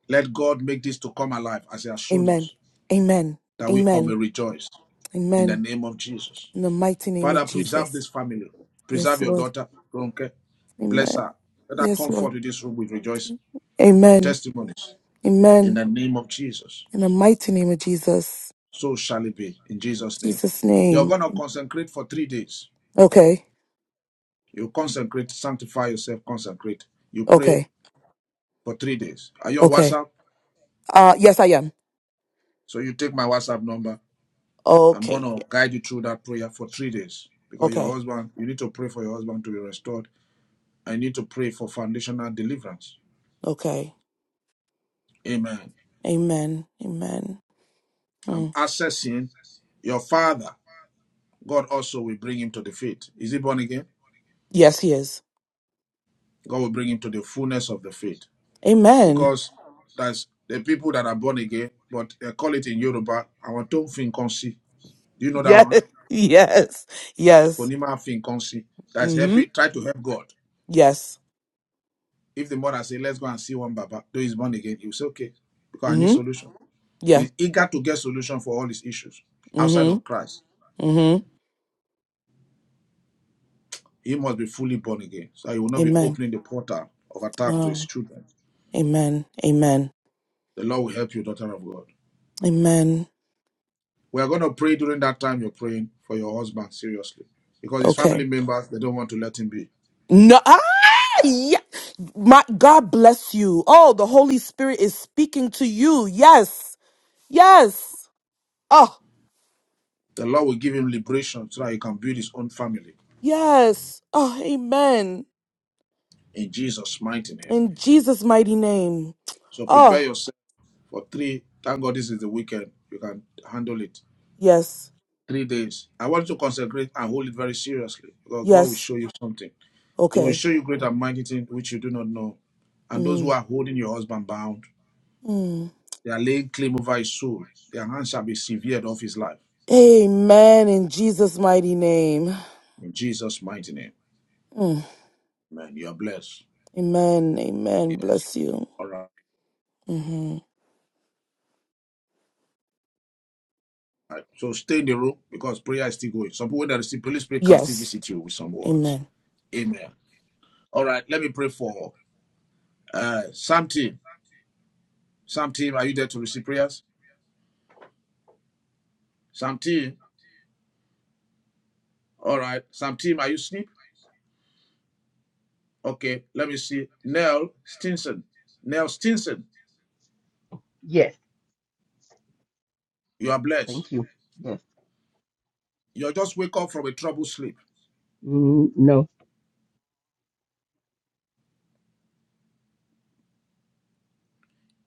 Speaker 3: Let God make this to come alive as He has shown
Speaker 10: Amen.
Speaker 3: us
Speaker 10: Amen.
Speaker 3: that we all may
Speaker 10: Amen.
Speaker 3: rejoice in the
Speaker 10: Amen.
Speaker 3: name of Jesus.
Speaker 10: In the mighty name of
Speaker 3: Father, preserve
Speaker 10: Jesus.
Speaker 3: this family.
Speaker 10: Yes,
Speaker 3: Preserve your
Speaker 10: Lord.
Speaker 3: daughter, Ronke. Bless
Speaker 10: Amen.
Speaker 3: her. Let her
Speaker 10: Yes,
Speaker 3: come
Speaker 10: Lord.
Speaker 3: forth to this room with rejoicing, with
Speaker 10: Amen.
Speaker 3: testimonies. in
Speaker 10: Amen.
Speaker 3: the name of Jesus.
Speaker 10: In the mighty name of Jesus.
Speaker 3: So shall it be in Jesus' name.
Speaker 10: Jesus'
Speaker 3: You're going
Speaker 10: name.
Speaker 3: to consecrate for three days.
Speaker 10: Okay.
Speaker 3: You consecrate, sanctify yourself, consecrate. You pray
Speaker 10: Okay.
Speaker 3: for three days. Are you on
Speaker 10: Okay.
Speaker 3: WhatsApp?
Speaker 10: Uh yes I am.
Speaker 3: So you take my WhatsApp number. I'm going
Speaker 10: Okay.
Speaker 3: to guide you through that prayer for three days because your
Speaker 10: Okay.
Speaker 3: husband, you need to pray for your husband to be restored. I need to pray for foundational deliverance.
Speaker 10: Okay.
Speaker 3: Amen.
Speaker 10: Amen. Amen. Hmm.
Speaker 3: I'm assessing your father. God also will bring him to the faith. Is he born again?
Speaker 10: Yes, he is.
Speaker 3: God will bring him to the fullness of the faith.
Speaker 10: Amen.
Speaker 3: because that's the people that are born again, but they call it in Yoruba, our Tom Finkonsi. Do you know that
Speaker 10: Yes.
Speaker 3: one?
Speaker 10: <laughs> Yes. Yes.
Speaker 3: Konima Finkonsi. That's
Speaker 10: Mm-hmm.
Speaker 3: happy. try to help God.
Speaker 10: Yes.
Speaker 3: If the mother say, let's go and see one Baba, though he's born again, he'll say, okay, because I need
Speaker 10: Mm-hmm.
Speaker 3: solution.
Speaker 10: Yeah.
Speaker 3: He's eager to get solution for all his issues outside
Speaker 10: Mm-hmm.
Speaker 3: of Christ.
Speaker 10: Mm-hmm.
Speaker 3: He must be fully born again, so he will not be
Speaker 10: Amen.
Speaker 3: opening the portal of attack to his
Speaker 10: Oh.
Speaker 3: children.
Speaker 10: Amen. Amen.
Speaker 3: The Lord will help you, daughter of God.
Speaker 10: Amen.
Speaker 3: We are going to pray during that time you're praying for your husband, seriously, because his
Speaker 10: Okay.
Speaker 3: family members, they don't want to let him be.
Speaker 10: No <laughs> Yeah. My God bless you. Oh, the Holy Spirit is speaking to you. Yes. Yes. Oh,
Speaker 3: The Lord will give him liberation so that he can build his own family
Speaker 10: yes. Oh, amen.
Speaker 3: in Jesus' mighty name.
Speaker 10: In Jesus' mighty name.
Speaker 3: So prepare
Speaker 10: Oh,
Speaker 3: yourself for three. Thank God this is the weekend. You can handle it.
Speaker 10: yes.
Speaker 3: Three days. I want you to consecrate and hold it very seriously because God will
Speaker 10: Yes.
Speaker 3: show you something. He will
Speaker 10: Okay.
Speaker 3: show you great and mighty things which you do not know. And those who
Speaker 10: Mm.
Speaker 3: are holding your husband bound,
Speaker 10: Mm.
Speaker 3: they are laying claim over his soul. Their hands shall be severed off his life.
Speaker 10: Amen. In Jesus' mighty name.
Speaker 3: In Jesus' mighty name.
Speaker 10: Mm.
Speaker 3: Amen. You are blessed.
Speaker 10: Amen. Amen.
Speaker 3: Yes.
Speaker 10: Bless you.
Speaker 3: All right.
Speaker 10: hmm
Speaker 3: Right. So stay in the room because prayer is still going. Some people that receive Holy Spirit can still
Speaker 10: Yes.
Speaker 3: visit you with some words.
Speaker 10: Amen.
Speaker 3: Amen. All right, let me pray for uh Sam team. Sam team, are you there to receive prayers? Sam team. All right. Sam team, are you asleep? Okay, let me see. Nell Stinson. Nell Stinson,
Speaker 11: Yes.
Speaker 3: you are blessed.
Speaker 11: Thank you. Yes.
Speaker 3: You just wake up from a troubled sleep.
Speaker 11: Mm, no.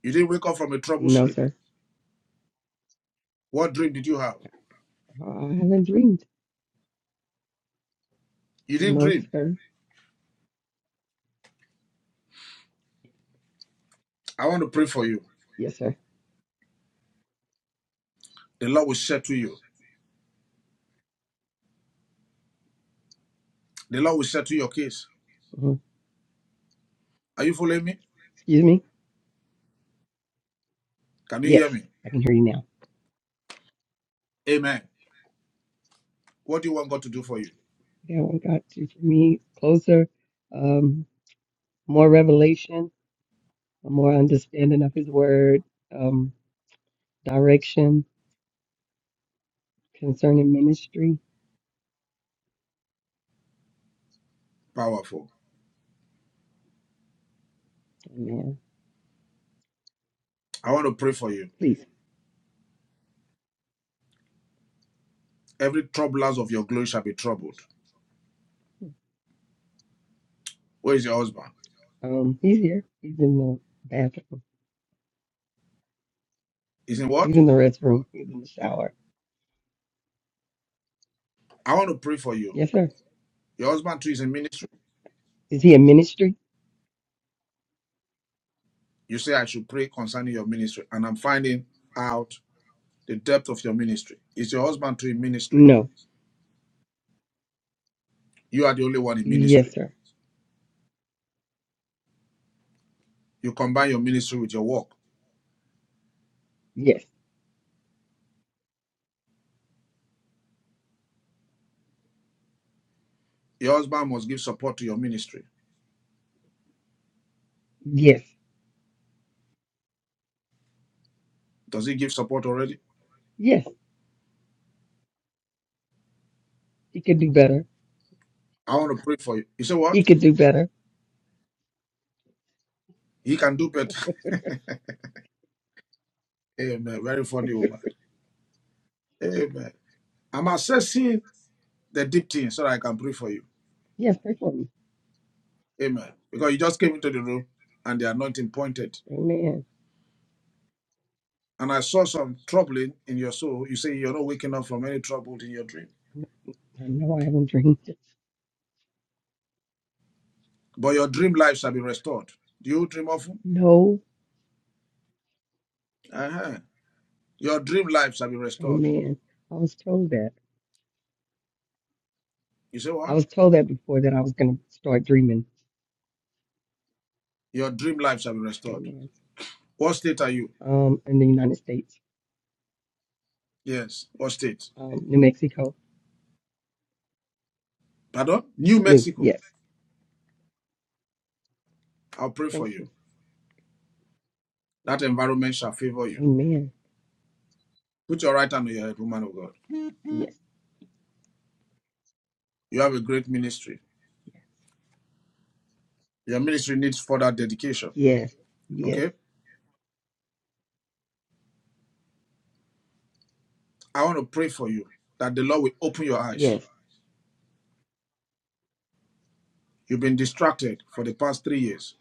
Speaker 3: You didn't wake up from a troubled
Speaker 11: No,
Speaker 3: sleep.
Speaker 11: sir.
Speaker 3: What dream did you have?
Speaker 11: I haven't dreamed.
Speaker 3: You didn't
Speaker 11: No,
Speaker 3: dream.
Speaker 11: sir.
Speaker 3: I want to pray for you.
Speaker 11: Yes, sir.
Speaker 3: The Lord will settle you. The Lord will settle your case.
Speaker 11: Uh-huh.
Speaker 3: Are you following me?
Speaker 11: Excuse me.
Speaker 3: Can you hear
Speaker 11: Yes.
Speaker 3: me?
Speaker 11: I can hear you now.
Speaker 3: Amen. What do you want God to do for you?
Speaker 11: Yeah, what God to for me closer, um, more revelation, a more understanding of His Word, um, direction concerning ministry.
Speaker 3: Powerful.
Speaker 11: Amen.
Speaker 3: I want to pray for you.
Speaker 11: Please.
Speaker 3: Every troublers of your glory shall be troubled. Where is your husband?
Speaker 11: Um, he's here. He's in the bathroom.
Speaker 3: Is in
Speaker 11: He's
Speaker 3: what?
Speaker 11: in the restroom. He's in the shower.
Speaker 3: I want to pray for you.
Speaker 11: Yes, sir.
Speaker 3: Your husband too is in ministry.
Speaker 11: Is he in ministry?
Speaker 3: You say I should pray concerning your ministry, and I'm finding out the depth of your ministry. Is your husband too in ministry?
Speaker 11: No.
Speaker 3: You are the only one in ministry.
Speaker 11: Yes, sir.
Speaker 3: You combine your ministry with your work.
Speaker 11: Yes.
Speaker 3: Your husband must give support to your ministry.
Speaker 11: Yes.
Speaker 3: Does he give support already?
Speaker 11: Yes. He could do better.
Speaker 3: I want to pray for you. You say
Speaker 11: He
Speaker 3: what?
Speaker 11: could do better.
Speaker 3: He can do better. <laughs> Amen. Very funny woman. Amen. I'm assessing the deep things so that I can pray for you.
Speaker 11: Yes, pray for me.
Speaker 3: Amen. Because you just came into the room and the anointing pointed.
Speaker 11: Amen.
Speaker 3: And I saw some troubling in your soul. You say you're not waking up from any trouble in your dream.
Speaker 11: I know I haven't dreamed this.
Speaker 3: But your dream life shall be restored. Do you dream often?
Speaker 11: No.
Speaker 3: Uh-huh. Your dream life shall be restored.
Speaker 11: Amen. I was told that.
Speaker 3: You say
Speaker 11: I
Speaker 3: what?
Speaker 11: was told that before that I was going to start dreaming.
Speaker 3: Your dream life shall be restored.
Speaker 11: Amen.
Speaker 3: What state are you?
Speaker 11: Um, in the United States,
Speaker 3: Yes. What state?
Speaker 11: um, New Mexico.
Speaker 3: Pardon? New
Speaker 11: New.
Speaker 3: Mexico.
Speaker 11: Yes.
Speaker 3: I'll pray for
Speaker 11: Thank
Speaker 3: you.
Speaker 11: you.
Speaker 3: That environment shall favor you.
Speaker 11: Amen.
Speaker 3: Put your right hand on your head, woman of God.
Speaker 11: Yes.
Speaker 3: You have a great ministry.
Speaker 11: Yes.
Speaker 3: Your ministry needs further dedication.
Speaker 11: Yes. Yes.
Speaker 3: Okay? I want to pray for you that the Lord will open your eyes.
Speaker 11: Yes.
Speaker 3: You've been distracted for the past three years.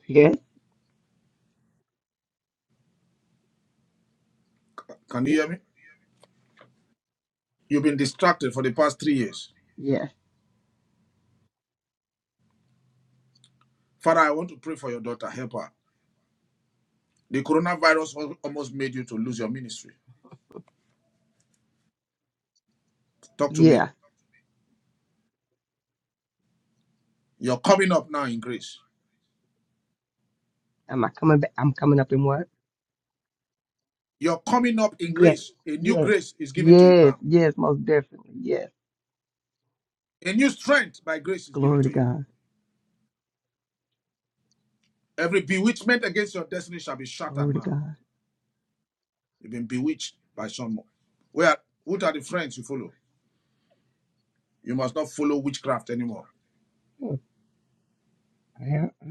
Speaker 3: Can you
Speaker 11: Yes.
Speaker 3: hear me? You've been distracted for the past three years.
Speaker 11: Yes.
Speaker 3: Father, I want to pray for your daughter. Help her. The coronavirus almost made you to lose your ministry. Talk to me.
Speaker 11: Yeah.
Speaker 3: You're coming up now in grace.
Speaker 11: Am I coming back? I'm coming up in what?
Speaker 3: You're coming up in
Speaker 11: Yes.
Speaker 3: grace. A new
Speaker 11: Yes.
Speaker 3: grace is given to you
Speaker 11: Yes.
Speaker 3: now.
Speaker 11: Yes. Most definitely. Yes.
Speaker 3: A new strength by grace is given
Speaker 11: Glory to
Speaker 3: to you.
Speaker 11: God.
Speaker 3: Every bewitchment against your destiny shall be shattered
Speaker 11: Glory to
Speaker 3: now.
Speaker 11: God.
Speaker 3: You've been bewitched by someone. Where what are the friends you follow? You must not follow witchcraft anymore.
Speaker 11: Hmm, I, have, I,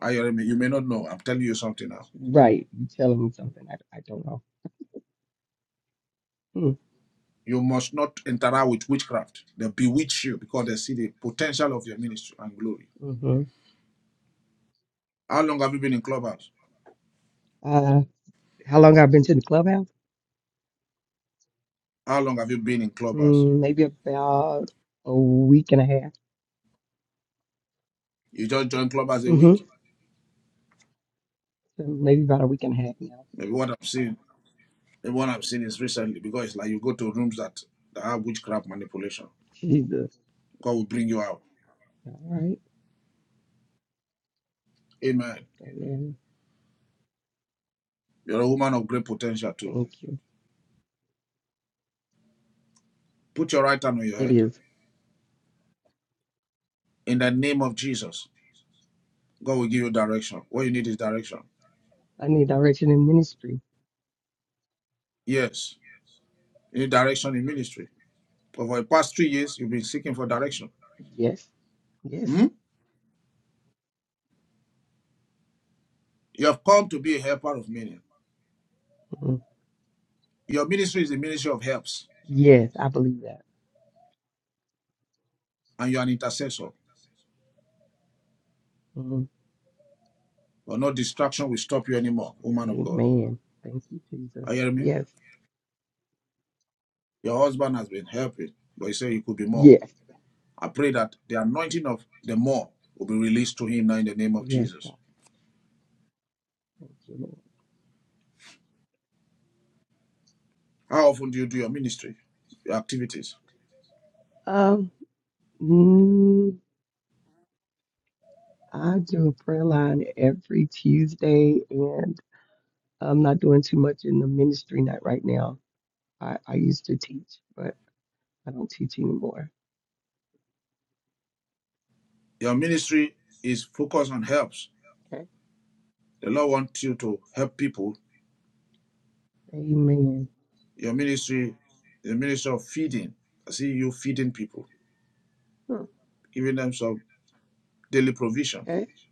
Speaker 3: I you may not know. I'm telling you something now.
Speaker 11: right. You telling me something. I, I don't know. Hmm,
Speaker 3: You must not interact with witchcraft. They bewitch you because they see the potential of your ministry and glory.
Speaker 11: hmm
Speaker 3: How long have you been in clubhouse?
Speaker 11: Uh, how long I've been to the clubhouse?
Speaker 3: How long have you been in clubhouse?
Speaker 11: Mm, maybe about a week and a half.
Speaker 3: You just joined clubhouse a week?
Speaker 11: hmm So maybe about a week and a half now.
Speaker 3: Maybe what I'm seeing, maybe what I'm seeing is recently because it's like you go to rooms that, that have witchcraft manipulation.
Speaker 11: Jesus.
Speaker 3: God will bring you out.
Speaker 11: All right.
Speaker 3: Amen.
Speaker 11: Amen.
Speaker 3: You're a woman of great potential too.
Speaker 11: Thank you.
Speaker 3: Put your right hand on your head.
Speaker 11: It is.
Speaker 3: in the name of Jesus. God will give you direction. What you need is direction.
Speaker 11: I need direction in ministry.
Speaker 3: Yes, you need direction in
Speaker 11: Yes.
Speaker 3: ministry. Over the past three years, you've been seeking for direction.
Speaker 11: Yes. Yes.
Speaker 3: Hmm? You have come to be a helper of many.
Speaker 11: Mhm.
Speaker 3: Your ministry is the ministry of helps,
Speaker 11: Yes. I believe that.
Speaker 3: and you're an intercessor.
Speaker 11: Mhm.
Speaker 3: But no distraction will stop you anymore, woman of God.
Speaker 11: Amen. Thank you,
Speaker 3: Are
Speaker 11: Jesus.
Speaker 3: you hearing me?
Speaker 11: Yes.
Speaker 3: Your husband has been helping, but he said he could be more.
Speaker 11: Yes.
Speaker 3: I pray that the anointing of the more will be released to him now in the name of
Speaker 11: Yes.
Speaker 3: Jesus.
Speaker 11: Thank you, Lord.
Speaker 3: How often do you do your ministry, your activities?
Speaker 11: Um, mm, I do a prayer line every Tuesday, and I'm not doing too much in the ministry, not right now. I, I used to teach, but I don't teach anymore.
Speaker 3: Your ministry is focused on helps.
Speaker 11: Okay.
Speaker 3: The Lord wants you to help people.
Speaker 11: Amen.
Speaker 3: Your ministry, the ministry of feeding. I see you feeding people,
Speaker 11: Hmm,
Speaker 3: giving them some daily provisions.
Speaker 11: Okay. Is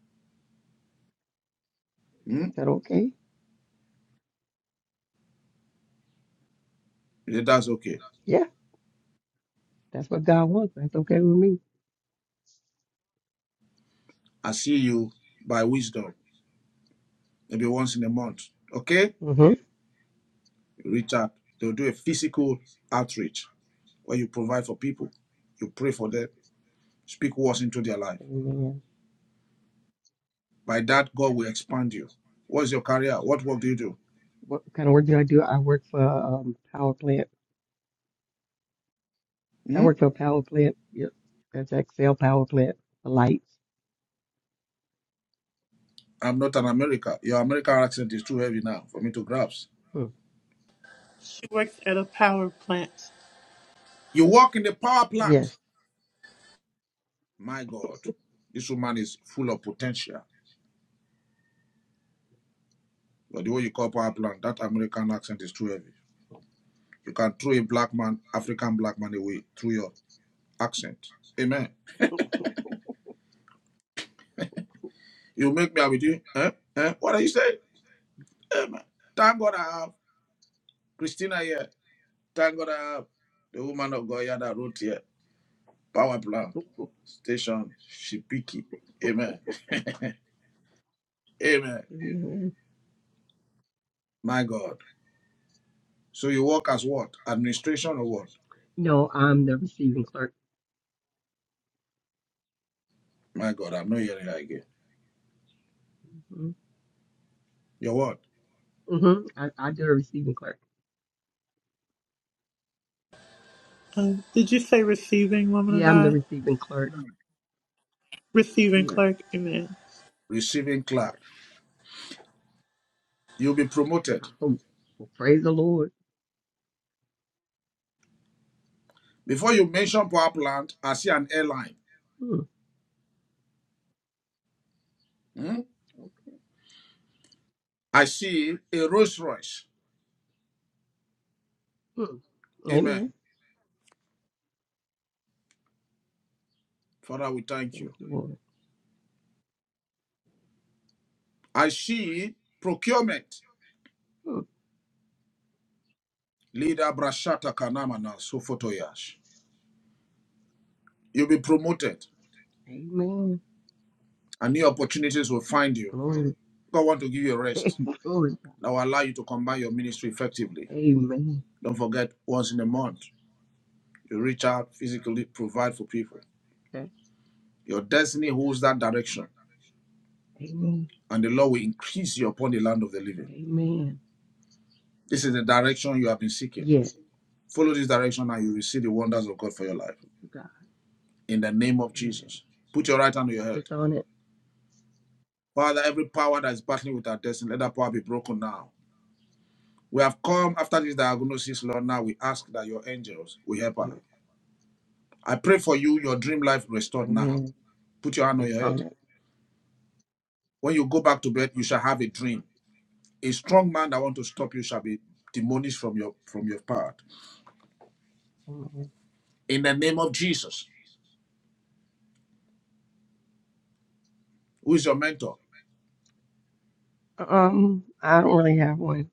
Speaker 3: Hmm?
Speaker 11: that okay?
Speaker 3: Yeah, That's okay.
Speaker 11: Yeah, that's what God wants. That's okay with me.
Speaker 3: I see you by wisdom, maybe once in a month. Okay?
Speaker 11: Mm-hmm.
Speaker 3: You Reach out. They'll do a physical outreach where you provide for people. You pray for them. Speak words into their life.
Speaker 11: Amen.
Speaker 3: By that, God will expand you. What's your career? What work do you do?
Speaker 11: What kind of work do I do? I work for um power plant. I
Speaker 3: Hmm?
Speaker 11: work for a power plant. Yep. That's Excel power plant. The lights.
Speaker 3: I'm not an American. Your American accent is too heavy now for me to grasp.
Speaker 11: Hmm.
Speaker 1: She works at a power plant.
Speaker 3: You work in the power plant.
Speaker 11: Yes.
Speaker 3: My God, this woman is full of potential. But the way you call power plant, that American accent is too heavy. You can throw a black man, African black man away through your accent. Amen. You make me up with you. Eh? Eh? What are you saying? Amen. Thank God I have Christina here. Thank God I have the woman of God here that wrote here. Power plant station, Shipiki. Amen. <laughs> Amen. My God. So you work as what? Administration or what?
Speaker 11: No, I'm the receiving clerk.
Speaker 3: My God, I'm not hearing that again.
Speaker 11: hmm
Speaker 3: Your what?
Speaker 11: hmm I, I do a receiving clerk.
Speaker 1: Um, did you say receiving, woman of
Speaker 11: Yeah, I'm the
Speaker 1: God?
Speaker 11: receiving clerk.
Speaker 1: Receiving
Speaker 11: Yes,
Speaker 1: clerk. Amen.
Speaker 3: Receiving
Speaker 11: yes.
Speaker 3: clap. You'll be
Speaker 11: I
Speaker 3: promoted.
Speaker 11: hope. Well, praise the Lord.
Speaker 3: Before you mention power plant, I see an airline.
Speaker 11: Hmm.
Speaker 3: Hmm?
Speaker 11: Okay.
Speaker 3: I see a Rolls Royce.
Speaker 11: Hmm.
Speaker 3: Amen.
Speaker 11: Amen.
Speaker 3: Father, we thank
Speaker 11: Thank
Speaker 3: you.
Speaker 11: you, Lord.
Speaker 3: I see procurement.
Speaker 11: Hmm.
Speaker 3: Leader Brashata Kanamana Sofotoyash. You'll be promoted
Speaker 11: Amen.
Speaker 3: and new opportunities will find you.
Speaker 11: Glory.
Speaker 3: God want to give you a
Speaker 11: <laughs>
Speaker 3: rest
Speaker 11: Glory.
Speaker 3: that will allow you to combine your ministry effectively.
Speaker 11: Amen.
Speaker 3: Don't forget once in a month. You reach out physically, provide for people.
Speaker 11: Okay.
Speaker 3: Your destiny holds that direction,
Speaker 11: Amen.
Speaker 3: and the Lord will increase you upon the land of the living.
Speaker 11: Amen.
Speaker 3: This is the direction you have been seeking.
Speaker 11: Yes. To
Speaker 3: Follow this direction, and you will see the wonders of God for your life.
Speaker 11: God.
Speaker 3: In the name of
Speaker 11: Amen.
Speaker 3: Jesus, put your right hand on your head.
Speaker 11: It's on it.
Speaker 3: Father, every power that is battling with our destiny, let that power be broken now. We have come after this diagnosis, Lord. Now we ask that your angels will help us.
Speaker 11: Yes.
Speaker 3: I pray for you, your dream life restored now.
Speaker 11: Amen.
Speaker 3: Put your hand on
Speaker 11: It's
Speaker 3: your head.
Speaker 11: on it.
Speaker 3: When you go back to bed, you shall have a dream A strong man that want to stop you shall be demolished from your from your path.
Speaker 11: Amen.
Speaker 3: In the name of Jesus. Who is your mentor?
Speaker 11: Um, I don't really have one.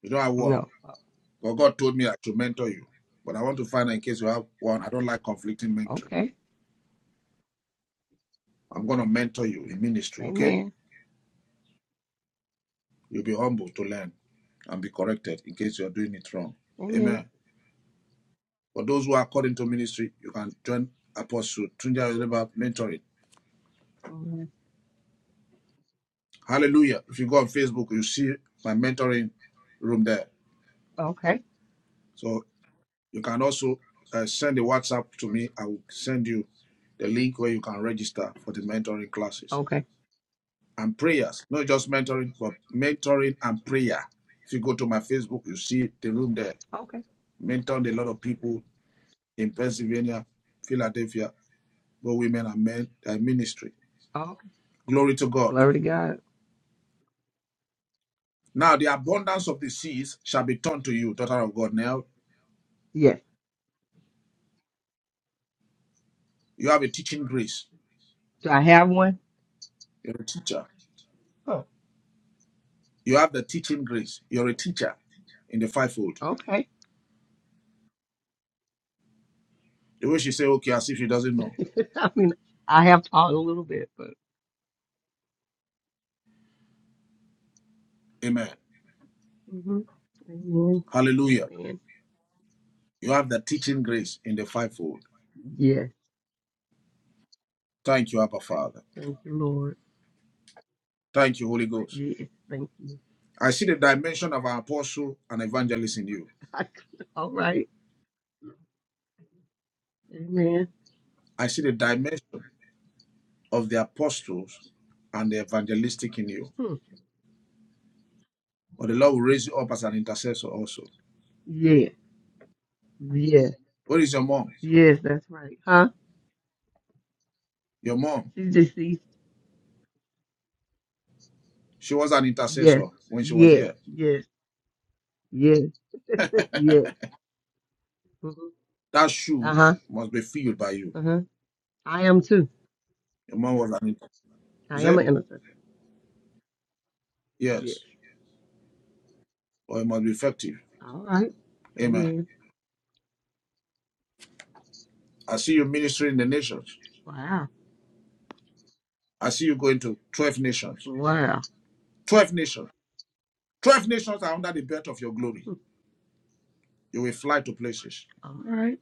Speaker 3: You don't have one.
Speaker 11: No. Uh,
Speaker 3: But God told me I should mentor you. But I want to find out in case you have one. I don't like conflicting mentoring.
Speaker 11: Okay.
Speaker 3: I'm gonna mentor you in ministry, okay?
Speaker 11: Amen.
Speaker 3: You'll be humble to learn and be corrected in case you're doing it wrong.
Speaker 11: Amen.
Speaker 3: Amen. For those who are called into ministry, you can join Apostle Tunja Oliver mentoring.
Speaker 11: Mhm.
Speaker 3: Hallelujah. If you go on Facebook, you see my mentoring room there.
Speaker 11: Okay.
Speaker 3: So. You can also uh, send a WhatsApp to me. I will send you the link where you can register for the mentoring classes
Speaker 11: Okay.
Speaker 3: and prayers. Not just mentoring, but mentoring and prayer. If you go to my Facebook, you see the room there.
Speaker 11: Okay.
Speaker 3: Mentored a lot of people in Pennsylvania, Philadelphia, both women and men, their ministry.
Speaker 11: Okay.
Speaker 3: Glory to God.
Speaker 11: Glory to God.
Speaker 3: Now, the abundance of the seas shall be turned to you, daughter of God. Now,
Speaker 11: Yes.
Speaker 3: you have a teaching grace.
Speaker 11: Do I have one?
Speaker 3: You're a teacher.
Speaker 11: Huh.
Speaker 3: You have the teaching grace. You're a teacher in the fivefold.
Speaker 11: Okay.
Speaker 3: The way she say okay as if she doesn't know.
Speaker 11: <laughs> I mean, I have taught a little bit, but.
Speaker 3: Amen.
Speaker 11: hmm Amen.
Speaker 3: Hallelujah.
Speaker 11: Amen.
Speaker 3: You have the teaching grace in the fivefold.
Speaker 11: Yes.
Speaker 3: Thank you, Abba Father.
Speaker 11: Thank you, Lord.
Speaker 3: Thank you, Holy Ghost.
Speaker 11: Yes. Thank you.
Speaker 3: I see the dimension of our apostle and evangelist in you.
Speaker 11: <laughs> All right. Amen.
Speaker 3: I see the dimension of the apostles and the evangelistic in you.
Speaker 11: Hmm.
Speaker 3: But the Lord will raise you up as an intercessor also.
Speaker 11: Yes. Yes.
Speaker 3: What is your mom?
Speaker 11: Yes. That's right. Huh?
Speaker 3: Your mom,
Speaker 11: She's deceased.
Speaker 3: she was an intercessor
Speaker 11: Yes.
Speaker 3: when she was
Speaker 11: Yes.
Speaker 3: here.
Speaker 11: Yes. Yes. <laughs> Yes. hmm
Speaker 3: That
Speaker 11: Uh
Speaker 3: shoe
Speaker 11: huh.
Speaker 3: must be filled by you.
Speaker 11: Uh huh. I am too.
Speaker 3: Your mom was an intercessor. You
Speaker 11: I am
Speaker 3: say?
Speaker 11: an intercessor. Yeah.
Speaker 3: Yes. Or it must be effective.
Speaker 11: All right.
Speaker 3: Amen.
Speaker 11: Amen.
Speaker 3: I see you ministering in the nations.
Speaker 11: Wow.
Speaker 3: I see you going to 12 nations.
Speaker 11: Wow.
Speaker 3: 12 nations. 12 nations are under the belt of your glory. You will fly to places.
Speaker 11: All right.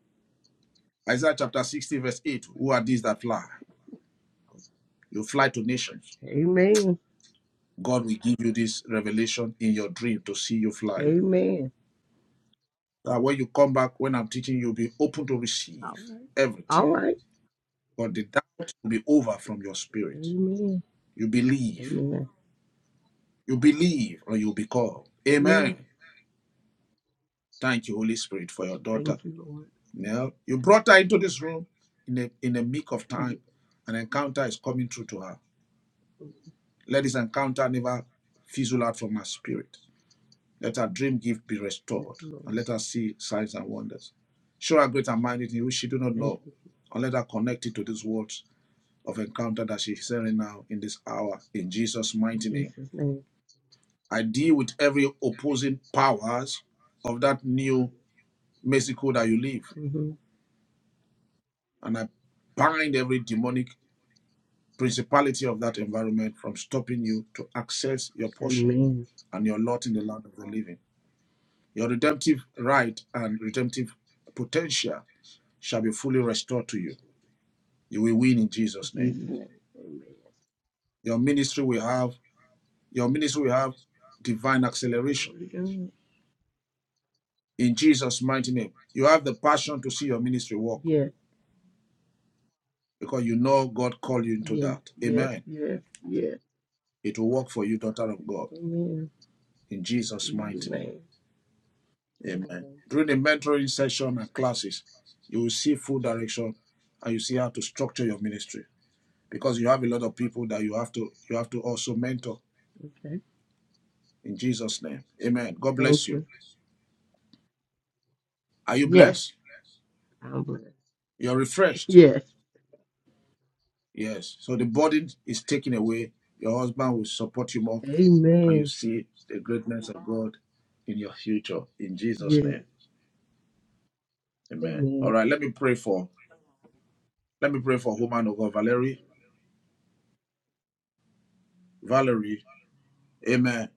Speaker 3: Isaiah chapter 60, verse 8. Who are these that fly? You fly to nations.
Speaker 11: Amen.
Speaker 3: God will give you this revelation in your dream to see you fly.
Speaker 11: Amen.
Speaker 3: That when you come back, when I'm teaching, you'll be open to
Speaker 11: All
Speaker 3: receive
Speaker 11: right. All
Speaker 3: everything.
Speaker 11: right.
Speaker 3: But the doubt will be over from your spirit.
Speaker 11: Amen.
Speaker 3: You believe.
Speaker 11: Amen.
Speaker 3: You believe or you'll be called. Amen.
Speaker 11: Amen.
Speaker 3: Thank you, Holy Spirit, for your daughter.
Speaker 11: Thank you, Lord.
Speaker 3: No, you brought her into this room in a in a meek of
Speaker 11: Thank
Speaker 3: time. An encounter is coming through to her. Let this encounter never fizzle out from her spirit. Let her dream gift be restored,
Speaker 11: you,
Speaker 3: and
Speaker 11: Lord.
Speaker 3: let her see signs and wonders. Show her greater mindedness which she do not
Speaker 11: Thank
Speaker 3: know,
Speaker 11: you.
Speaker 3: and let her connect it to these words of encounter that she's hearing now in this hour. In Jesus'
Speaker 11: In
Speaker 3: mighty name,
Speaker 11: Jesus' name.
Speaker 3: I deal with every opposing powers of that new Mexico that you live,
Speaker 11: hmm
Speaker 3: and I bind every demonic principality of that environment from stopping you to access your portion
Speaker 11: Amen.
Speaker 3: and your lot in the land of the living. Your redemptive right and redemptive potential shall be fully restored to you. You will win in
Speaker 11: In
Speaker 3: Jesus' name.
Speaker 11: Jesus' name. Amen.
Speaker 3: Your ministry will have your ministry will have divine acceleration
Speaker 11: Glory to God.
Speaker 3: in Jesus' mighty name. You have the passion to see your ministry work
Speaker 11: Yes.
Speaker 3: because you know God called you into
Speaker 11: Yes.
Speaker 3: that.
Speaker 11: Yes.
Speaker 3: Amen.
Speaker 11: Yes. Yes.
Speaker 3: It will work for you, daughter of God,
Speaker 11: Amen.
Speaker 3: in Jesus'
Speaker 11: In Jesus'
Speaker 3: mighty name.
Speaker 11: name.
Speaker 3: Amen.
Speaker 11: Amen.
Speaker 3: Through the mentoring session and classes, you will see full direction and you see how to structure your ministry because you have a lot of people that you have to you have to also mentor
Speaker 11: Okay.
Speaker 3: in Jesus name. Amen. God bless
Speaker 11: Thank
Speaker 3: you.
Speaker 11: you.
Speaker 3: Are you
Speaker 11: Yes.
Speaker 3: blessed?
Speaker 11: I'm blessed.
Speaker 3: You're refreshed.
Speaker 11: Yes.
Speaker 3: Yes. So the burden is taken away. Your husband will support you more and
Speaker 11: Amen.
Speaker 3: you see the greatness of God in your future in Jesus
Speaker 11: Yes.
Speaker 3: name. Amen.
Speaker 11: Amen.
Speaker 3: All right, let me pray for let me pray for woman of God Valerie. Valerie. Amen.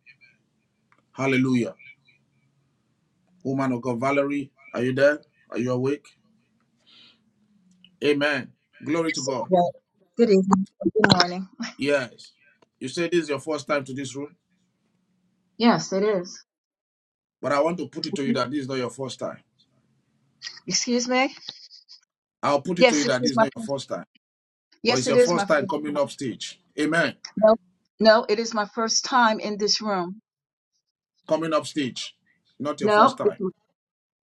Speaker 3: Hallelujah. Woman of God, Valerie, are you there? Are you awake? Amen. Glory to
Speaker 12: Yes, I'm
Speaker 3: God.
Speaker 12: Good evening. Good morning.
Speaker 3: Yes. You say this is your first time to this room,
Speaker 12: Yes, it is.
Speaker 3: but I want to put it to you that this is not your first time.
Speaker 12: Excuse me?
Speaker 3: I'll put it to you
Speaker 12: Yes, it
Speaker 3: that this
Speaker 12: is
Speaker 3: is
Speaker 12: my
Speaker 3: not your
Speaker 12: first.
Speaker 3: first time, but
Speaker 12: Yes,
Speaker 3: it's
Speaker 12: it
Speaker 3: your
Speaker 12: is my
Speaker 3: first time
Speaker 12: first.
Speaker 3: coming up stage. Amen.
Speaker 12: No, no, it is my first time in this room.
Speaker 3: Coming up stage, not your first
Speaker 12: No, it's
Speaker 3: time.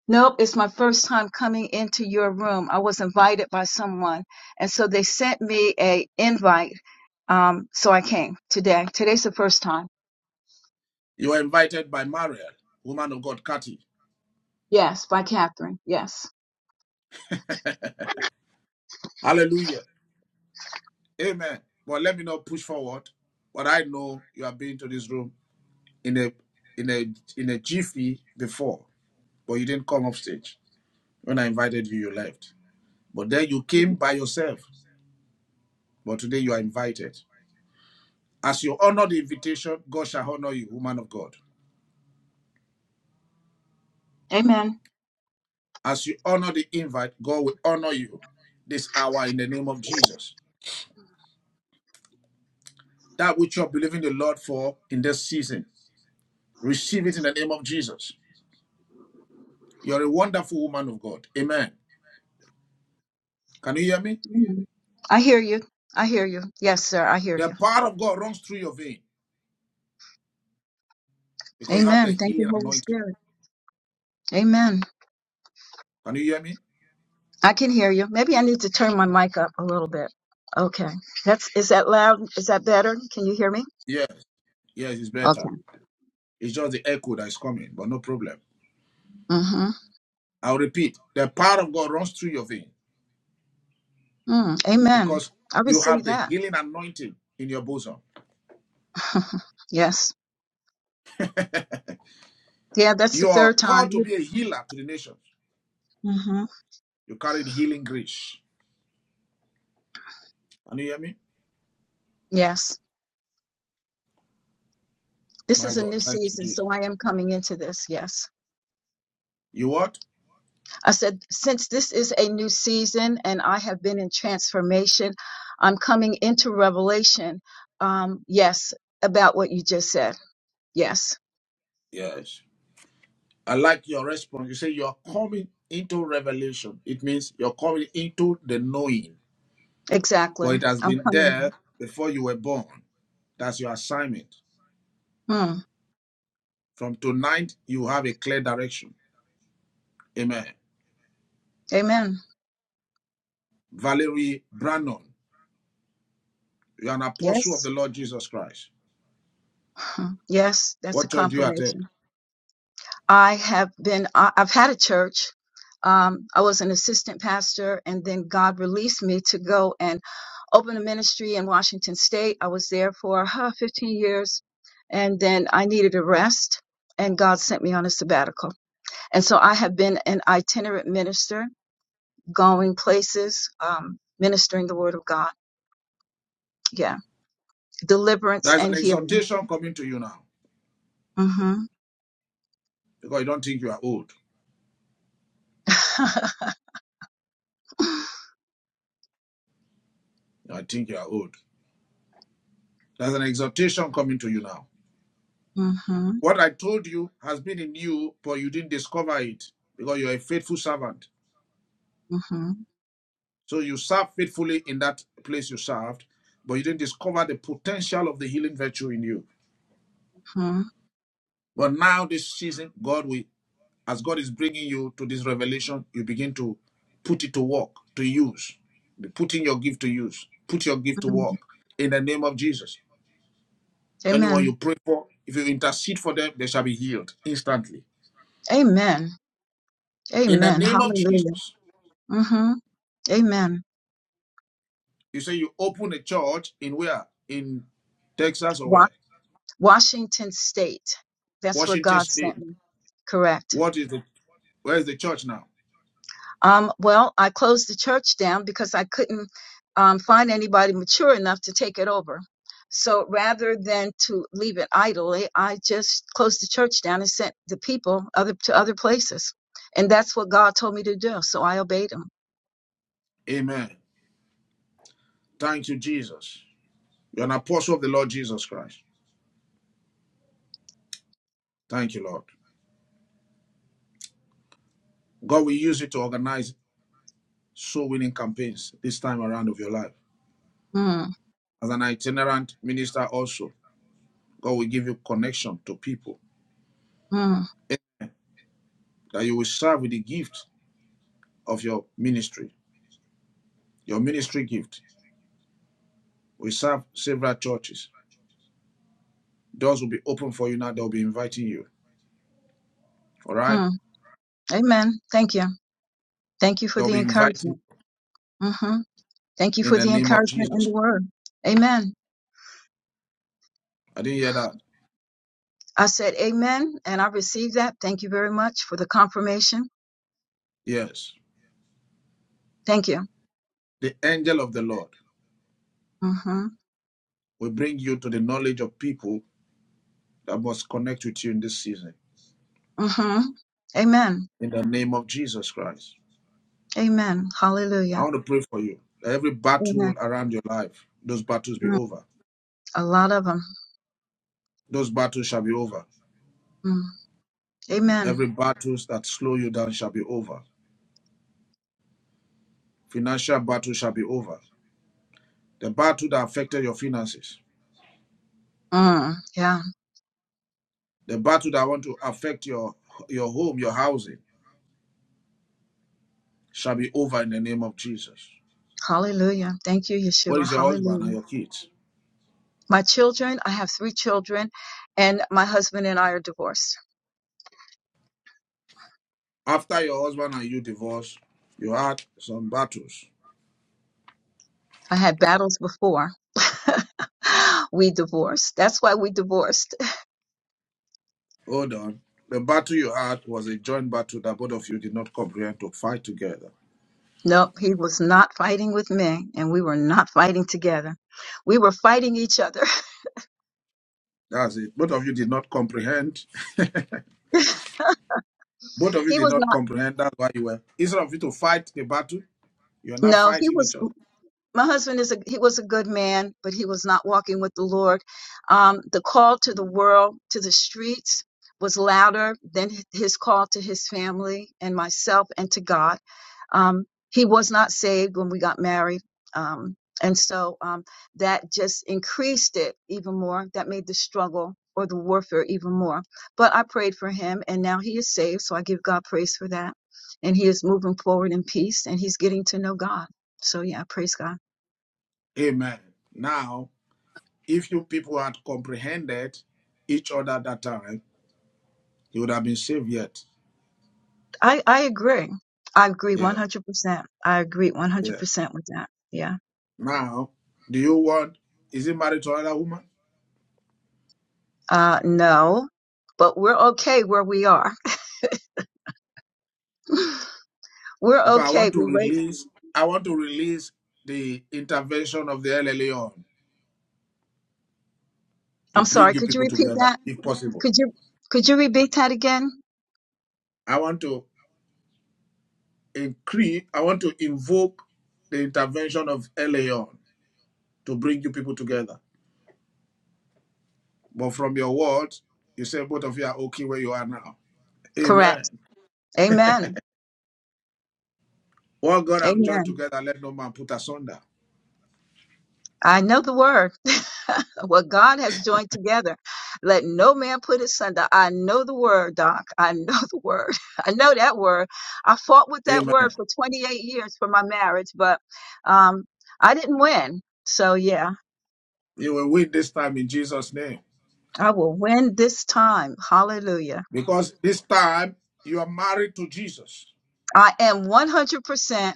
Speaker 12: no, it's my first time coming into your room. I was invited by someone, and so they sent me a invite. Um, so I came today. Today's the first time.
Speaker 3: You are invited by Mariel, woman of God, Kathy.
Speaker 12: Yes, by Catherine. Yes.
Speaker 3: Hallelujah. Amen. But let me not push forward. But I know you have been to this room in a in a in a jiffy before, but you didn't come up stage. When I invited you, you left. But then you came by yourself. But today you are invited. As you honor the invitation, God shall honor you, woman of God.
Speaker 12: Amen.
Speaker 3: As you honor the invite, God will honor you this hour in the name of Jesus. That which you're believing the Lord for in this season, receive it in the name of Jesus. You're a wonderful woman of God. Amen. Can you hear me?
Speaker 12: Amen. I hear you. I hear you. Yes, sir. I hear
Speaker 3: The
Speaker 12: you.
Speaker 3: power of God runs through your vein because you have the
Speaker 12: Amen. Thank you,
Speaker 3: healing
Speaker 12: Holy
Speaker 3: anointing.
Speaker 12: Spirit. Amen.
Speaker 3: Can you hear me?
Speaker 12: I can hear you. Maybe I need to turn my mic up a little bit. Okay. That's is that loud? Is that better? Can you hear me?
Speaker 3: Yes, yes, it's better.
Speaker 12: Okay.
Speaker 3: It's just the echo that is coming, but no problem.
Speaker 12: Mhm.
Speaker 3: I'll repeat the power of God runs through your vein
Speaker 12: Mm. Amen.
Speaker 3: because
Speaker 12: I
Speaker 3: you have
Speaker 12: receive
Speaker 3: the
Speaker 12: that.
Speaker 3: healing anointing in your bosom.
Speaker 12: <laughs> yes. Yeah, that's the
Speaker 3: You are
Speaker 12: third time.
Speaker 3: called to be a healer to the nations.
Speaker 12: Mhm.
Speaker 3: You carry the healing grace. Can you hear me?
Speaker 12: Yes. This
Speaker 3: My
Speaker 12: is a new
Speaker 3: God, thank you,
Speaker 12: season,
Speaker 3: Jesus.
Speaker 12: so I am coming into this. Yes.
Speaker 3: You what?
Speaker 12: I said since this is a new season and I have been in transformation, I'm coming into revelation. Um yes, about what you just said. Yes.
Speaker 3: Yes. I like your response. You say you're coming into revelation. It means you're coming into the knowing,
Speaker 12: Exactly.
Speaker 3: but it has
Speaker 12: I'm
Speaker 3: been there before you were born. That's your assignment.
Speaker 12: coming.
Speaker 3: From tonight, you have a clear direction. Amen.
Speaker 12: Amen.
Speaker 3: Valerie Brannon. You're an apostle of
Speaker 12: Yes.
Speaker 3: the Lord Jesus Christ.
Speaker 12: <laughs> Yes, that's a
Speaker 3: What church do you attend?
Speaker 12: confirmation. I have been, I- I've had a church. Um, I was an assistant pastor, and then God released me to go and open a ministry in Washington State. I was there for huh, 15 years, and then I needed a rest, and God sent me on a sabbatical. And so I have been an itinerant minister, going places, um, ministering the Word of God. Yeah, deliverance
Speaker 3: There's an
Speaker 12: and healing.
Speaker 3: exhortation coming to you now
Speaker 12: hmm
Speaker 3: because you don't think you are old.
Speaker 12: <laughs>
Speaker 3: I think you are old. There's an exhortation coming to you now.
Speaker 12: Mm-hmm.
Speaker 3: What I told you has been in you, but you didn't discover it because you're a faithful servant.
Speaker 12: Mm-hmm.
Speaker 3: So you served faithfully in that place you served, but you didn't discover the potential of the healing virtue in you.
Speaker 12: hmm
Speaker 3: But now, this season, God will As God is bringing you to this revelation, you begin to put it to work, to use, Be putting your gift to use, put your gift to work in the name of Jesus. Anyone
Speaker 12: Amen.
Speaker 3: you pray for, if you intercede for them, they shall be healed instantly.
Speaker 12: Amen.
Speaker 3: In the
Speaker 12: Amen.
Speaker 3: name of
Speaker 12: Hallelujah.
Speaker 3: Jesus,
Speaker 12: hmm Amen.
Speaker 3: you say you open a church in where? In Texas or
Speaker 12: Wa-
Speaker 3: where?
Speaker 12: Washington State. That's where
Speaker 3: Washington
Speaker 12: God sent
Speaker 3: State.
Speaker 12: me. Correct.
Speaker 3: What is the where is the church now?
Speaker 12: Um, well, I closed the church down because I couldn't um, find anybody mature enough to take it over. So rather than to leave it idly, I just closed the church down and sent the people other to other places. And that's what God told me to do. So I obeyed him.
Speaker 3: Amen. Thank you, Jesus. You're an apostle of the Lord Jesus Christ. Thank you, Lord. God will use it to organize soul winning campaigns this time around of your life.
Speaker 12: Mm,
Speaker 3: As an itinerant minister, also, God will give you connection to people
Speaker 12: mm,
Speaker 3: that you will serve with the gift of your ministry. Your ministry gift will serve several churches. Doors will be open for you now. They'll be inviting you. All
Speaker 12: mm.
Speaker 3: right?
Speaker 12: Amen. Thank you. Thank you for
Speaker 3: They'll
Speaker 12: the
Speaker 3: be inviting
Speaker 12: encouragement. hmm Thank you
Speaker 3: you in
Speaker 12: for
Speaker 3: the
Speaker 12: the
Speaker 3: name of
Speaker 12: encouragement in
Speaker 3: Jesus.
Speaker 12: the word. Amen.
Speaker 3: I didn't hear that.
Speaker 12: I said amen and I received that. Thank you very much for the confirmation.
Speaker 3: Yes.
Speaker 12: Thank you.
Speaker 3: The angel of the Lord
Speaker 12: hmm
Speaker 3: will bring you to the knowledge of people that must connect with you in this season.
Speaker 12: hmm Amen.
Speaker 3: In the name of Jesus Christ.
Speaker 12: Amen.
Speaker 3: I
Speaker 12: Hallelujah.
Speaker 3: want to pray for you. That every
Speaker 12: Amen.
Speaker 3: battle around your life, those battles be
Speaker 12: Mm.
Speaker 3: over.
Speaker 12: A lot of them.
Speaker 3: Those battles shall be over.
Speaker 12: Mm. Amen.
Speaker 3: Every battles that slow you down shall be over. Financial battle shall be over. The battle that affected your finances,
Speaker 12: Mm. Yeah.
Speaker 3: the battle that want to affect your your home, your housing, shall be over in the name of Jesus.
Speaker 12: Hallelujah. Thank you,
Speaker 3: What
Speaker 12: Yeshua.
Speaker 3: is your husband and
Speaker 12: Hallelujah.
Speaker 3: your kids?
Speaker 12: My children, I have three children and my husband and I are divorced
Speaker 3: After your husband and you divorce, you had some battles.
Speaker 12: I had battles before. <laughs> we divorced. That's why we divorced. <laughs>
Speaker 3: Hold on. The battle you had was a joint battle that both of you did not comprehend to fight together.
Speaker 12: Nope, he was not fighting with me, and we were not fighting together. We were fighting each other. <laughs>
Speaker 3: That's it. Both of you did not comprehend. Both of you
Speaker 12: He
Speaker 3: did
Speaker 12: was
Speaker 3: not
Speaker 12: not.
Speaker 3: comprehend. That's why you were. Instead of you to fight the battle, you are now
Speaker 12: No, he
Speaker 3: fighting
Speaker 12: was.
Speaker 3: each other.
Speaker 12: my husband is a he was a good man, but he was not walking with the Lord. Um, the call to the world, to the streets, was louder than his call to his family and myself and to God. Um, he was not saved when we got married, um, and so um, that just increased it even more. That made the struggle or the warfare even more. But I prayed for him, and now he is saved. So I give God praise for that, and he is moving forward in peace, and he's getting to know God. So yeah, praise God.
Speaker 3: Amen. Now, if you people had comprehended each other at that time, you would have been saved yet.
Speaker 12: I, I agree. I agree
Speaker 3: Yeah,
Speaker 12: 100%. I agree
Speaker 3: yeah.
Speaker 12: 100% with that. Yeah.
Speaker 3: Now, do you want? Is he married to another woman?
Speaker 12: Uh, no, but we're okay where we are. <laughs> we're
Speaker 3: Because I
Speaker 12: okay.
Speaker 3: want
Speaker 12: We
Speaker 3: to
Speaker 12: wait.
Speaker 3: release. I want to release the intervention of the LLA on to
Speaker 12: I'm
Speaker 3: bring
Speaker 12: sorry.
Speaker 3: you
Speaker 12: Could you
Speaker 3: people
Speaker 12: repeat
Speaker 3: together,
Speaker 12: that?
Speaker 3: if possible.
Speaker 12: Could you, could you repeat that again?
Speaker 3: I want to in Cree, I want to invoke the intervention of Eleon to bring you people together. But from your words, you say both of you are okay where you are now. Amen.
Speaker 12: Correct. Amen.
Speaker 3: What God have joined
Speaker 12: Amen.
Speaker 3: together, let no man put asunder.
Speaker 12: I know the word. <laughs> what God has joined together, let no man put asunder. I know the word, Doc. I know <laughs> the word. I know that word. I fought with that
Speaker 3: Amen.
Speaker 12: word for 28 years for my marriage, but um, I didn't win. So, yeah,
Speaker 3: You will win this time in Jesus' name.
Speaker 12: I will win this time. Hallelujah.
Speaker 3: Because this time you are married to Jesus.
Speaker 12: I am 100%.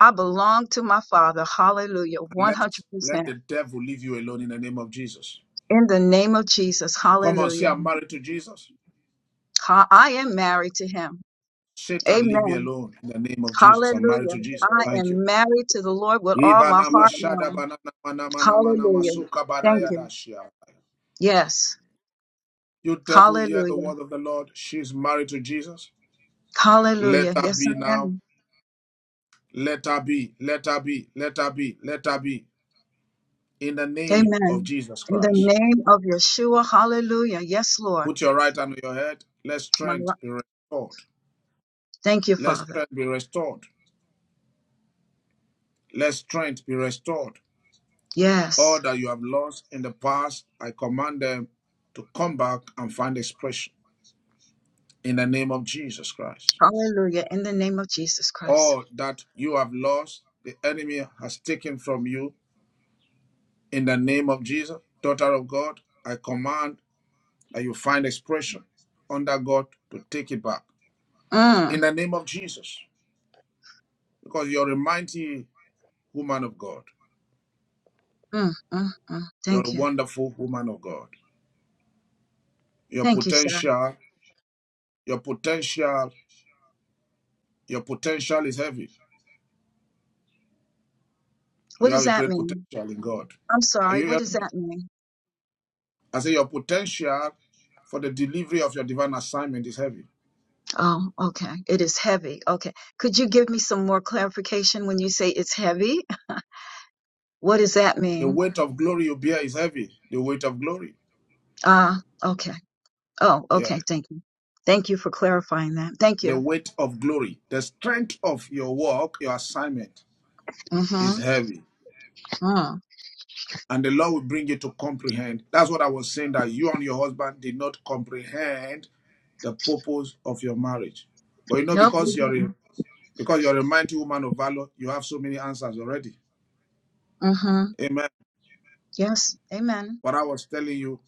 Speaker 12: I belong to my Father. Hallelujah.
Speaker 3: And let
Speaker 12: 100%.
Speaker 3: let the devil leave you alone in the name of Jesus.
Speaker 12: In the name of Jesus.
Speaker 3: Come on, say
Speaker 12: Hallelujah.
Speaker 3: I'm married to Jesus.
Speaker 12: Ha- I am married to Him.
Speaker 3: Satan, leave me
Speaker 12: Amen.
Speaker 3: alone in the name of Jesus. I'm married
Speaker 12: Hallelujah.
Speaker 3: to Jesus.
Speaker 12: I
Speaker 3: Thank you.
Speaker 12: am married to the Lord with all my
Speaker 3: Ivana
Speaker 12: heart
Speaker 3: mashada
Speaker 12: now.
Speaker 3: banana mana mana mana
Speaker 12: Hallelujah.
Speaker 3: masuka bana
Speaker 12: Thank you.
Speaker 3: yadashia.
Speaker 12: Yes.
Speaker 3: You devil, hear the
Speaker 12: Hallelujah.
Speaker 3: word of the Lord. She's married to Jesus. Let
Speaker 12: Hallelujah.
Speaker 3: her
Speaker 12: Yes,
Speaker 3: be
Speaker 12: I
Speaker 3: now.
Speaker 12: am.
Speaker 3: Let her be. Let her be. Let her be. Let her be. In the name of
Speaker 12: Amen.
Speaker 3: Jesus
Speaker 12: In the
Speaker 3: Christ.
Speaker 12: name of Yeshua. Hallelujah. Yes, Lord.
Speaker 3: Put your right hand on your head. Let
Speaker 12: My
Speaker 3: strength
Speaker 12: Ro-
Speaker 3: be restored.
Speaker 12: Thank you,
Speaker 3: Let
Speaker 12: Father.
Speaker 3: strength be restored. Let strength be restored.
Speaker 12: Yes.
Speaker 3: All that you have lost in the past, I command them to come back and find expression in the name of Jesus Christ.
Speaker 12: Hallelujah. In the name of Jesus Christ.
Speaker 3: all that you have lost, the enemy has taken from you. In the name of Jesus, daughter of God, I command that you find expression under God to take it back.
Speaker 12: Mm,
Speaker 3: In the name of Jesus, because you're a mighty woman of God.
Speaker 12: mm, mm, mm.
Speaker 3: You're a
Speaker 12: Thank you.
Speaker 3: wonderful woman of God. Your
Speaker 12: Thank you, sir.
Speaker 3: potential, your potential, your potential is heavy.
Speaker 12: What
Speaker 3: You have
Speaker 12: does
Speaker 3: a
Speaker 12: that
Speaker 3: great
Speaker 12: mean?
Speaker 3: potential in God.
Speaker 12: I'm
Speaker 3: Are
Speaker 12: sorry.
Speaker 3: you
Speaker 12: What
Speaker 3: hearing
Speaker 12: does
Speaker 3: me?
Speaker 12: that mean?
Speaker 3: I say your potential for the delivery of your divine assignment is heavy.
Speaker 12: Oh, okay. It is heavy. Okay. Could you give me some more clarification when you say it's heavy? <laughs> What does that
Speaker 3: The
Speaker 12: mean?
Speaker 3: weight of glory you bear is heavy. The weight of glory.
Speaker 12: Ah, okay. Oh,
Speaker 3: Yeah.
Speaker 12: okay. Thank you. Thank you for clarifying that. Thank
Speaker 3: The
Speaker 12: you.
Speaker 3: weight of glory. The strength of your work, your assignment is
Speaker 12: Mm-hmm.
Speaker 3: heavy.
Speaker 12: Mm.
Speaker 3: And the Lord will bring you to comprehend. That's what I was saying that you and your husband did not comprehend the purpose of your marriage. But you know,
Speaker 12: Nope, we
Speaker 3: because you're a,
Speaker 12: didn't.
Speaker 3: because you're a mighty woman of valor, you have so many answers already.
Speaker 12: Mm-hmm.
Speaker 3: Amen.
Speaker 12: Yes. Amen.
Speaker 3: But I was telling you,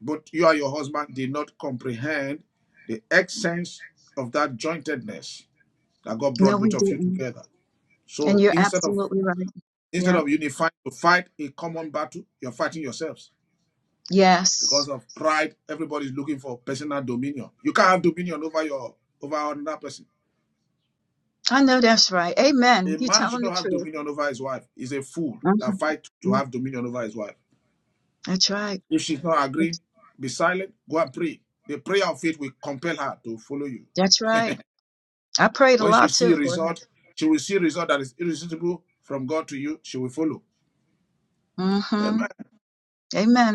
Speaker 3: but you and your husband did not comprehend the essence of that jointedness that God
Speaker 12: No,
Speaker 3: brought
Speaker 12: we
Speaker 3: both of you
Speaker 12: didn't.
Speaker 3: together.
Speaker 12: And
Speaker 3: So
Speaker 12: you're
Speaker 3: instead of
Speaker 12: absolutely right.
Speaker 3: instead
Speaker 12: Yeah.
Speaker 3: of unifying to fight a common battle, you're fighting yourselves because
Speaker 12: Yes.
Speaker 3: of pride. Everybody's looking for personal dominion. You can't have dominion over your over another person.
Speaker 12: I know that's right. Amen.
Speaker 3: A
Speaker 12: You're
Speaker 3: man
Speaker 12: telling
Speaker 3: should
Speaker 12: the
Speaker 3: not have
Speaker 12: truth.
Speaker 3: dominion over his wife. He's a fool that
Speaker 12: Mm-hmm.
Speaker 3: fight to
Speaker 12: Mm.
Speaker 3: have dominion over his wife.
Speaker 12: That's right.
Speaker 3: If she's not agreeing,
Speaker 12: That's,
Speaker 3: be silent. Go and pray. The prayer of faith will compel her to follow you.
Speaker 12: that's right. I prayed a
Speaker 3: When she
Speaker 12: lot
Speaker 3: see
Speaker 12: too
Speaker 3: a
Speaker 12: for him.
Speaker 3: result, she will see a result that is irresistible from God to you. She will follow.
Speaker 12: Mm-hmm.
Speaker 3: Amen.
Speaker 12: Amen.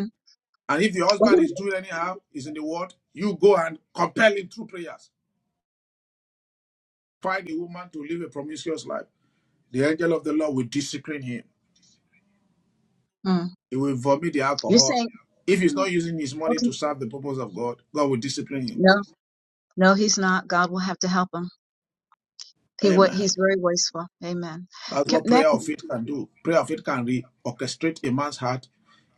Speaker 3: And if the
Speaker 12: Well,
Speaker 3: husband is
Speaker 12: he-
Speaker 3: doing anyhow, is in the world, you go and compel him through prayers. Find a woman to live a promiscuous life. The angel of the Lord will discipline him.
Speaker 12: mm,
Speaker 3: He will vomit the
Speaker 12: you're
Speaker 3: alcohol.
Speaker 12: saying
Speaker 3: If he's
Speaker 12: "Hmm,
Speaker 3: not using his money
Speaker 12: okay?
Speaker 3: to serve the purpose of God, God will discipline him.
Speaker 12: No, no, he's not. God will have to help him. He wa- he's
Speaker 3: Amen.
Speaker 12: very wasteful. Amen.
Speaker 3: That's
Speaker 12: Ca-
Speaker 3: what
Speaker 12: that-
Speaker 3: prayer of faith can do. Prayer of faith can reorchestrate a man's heart.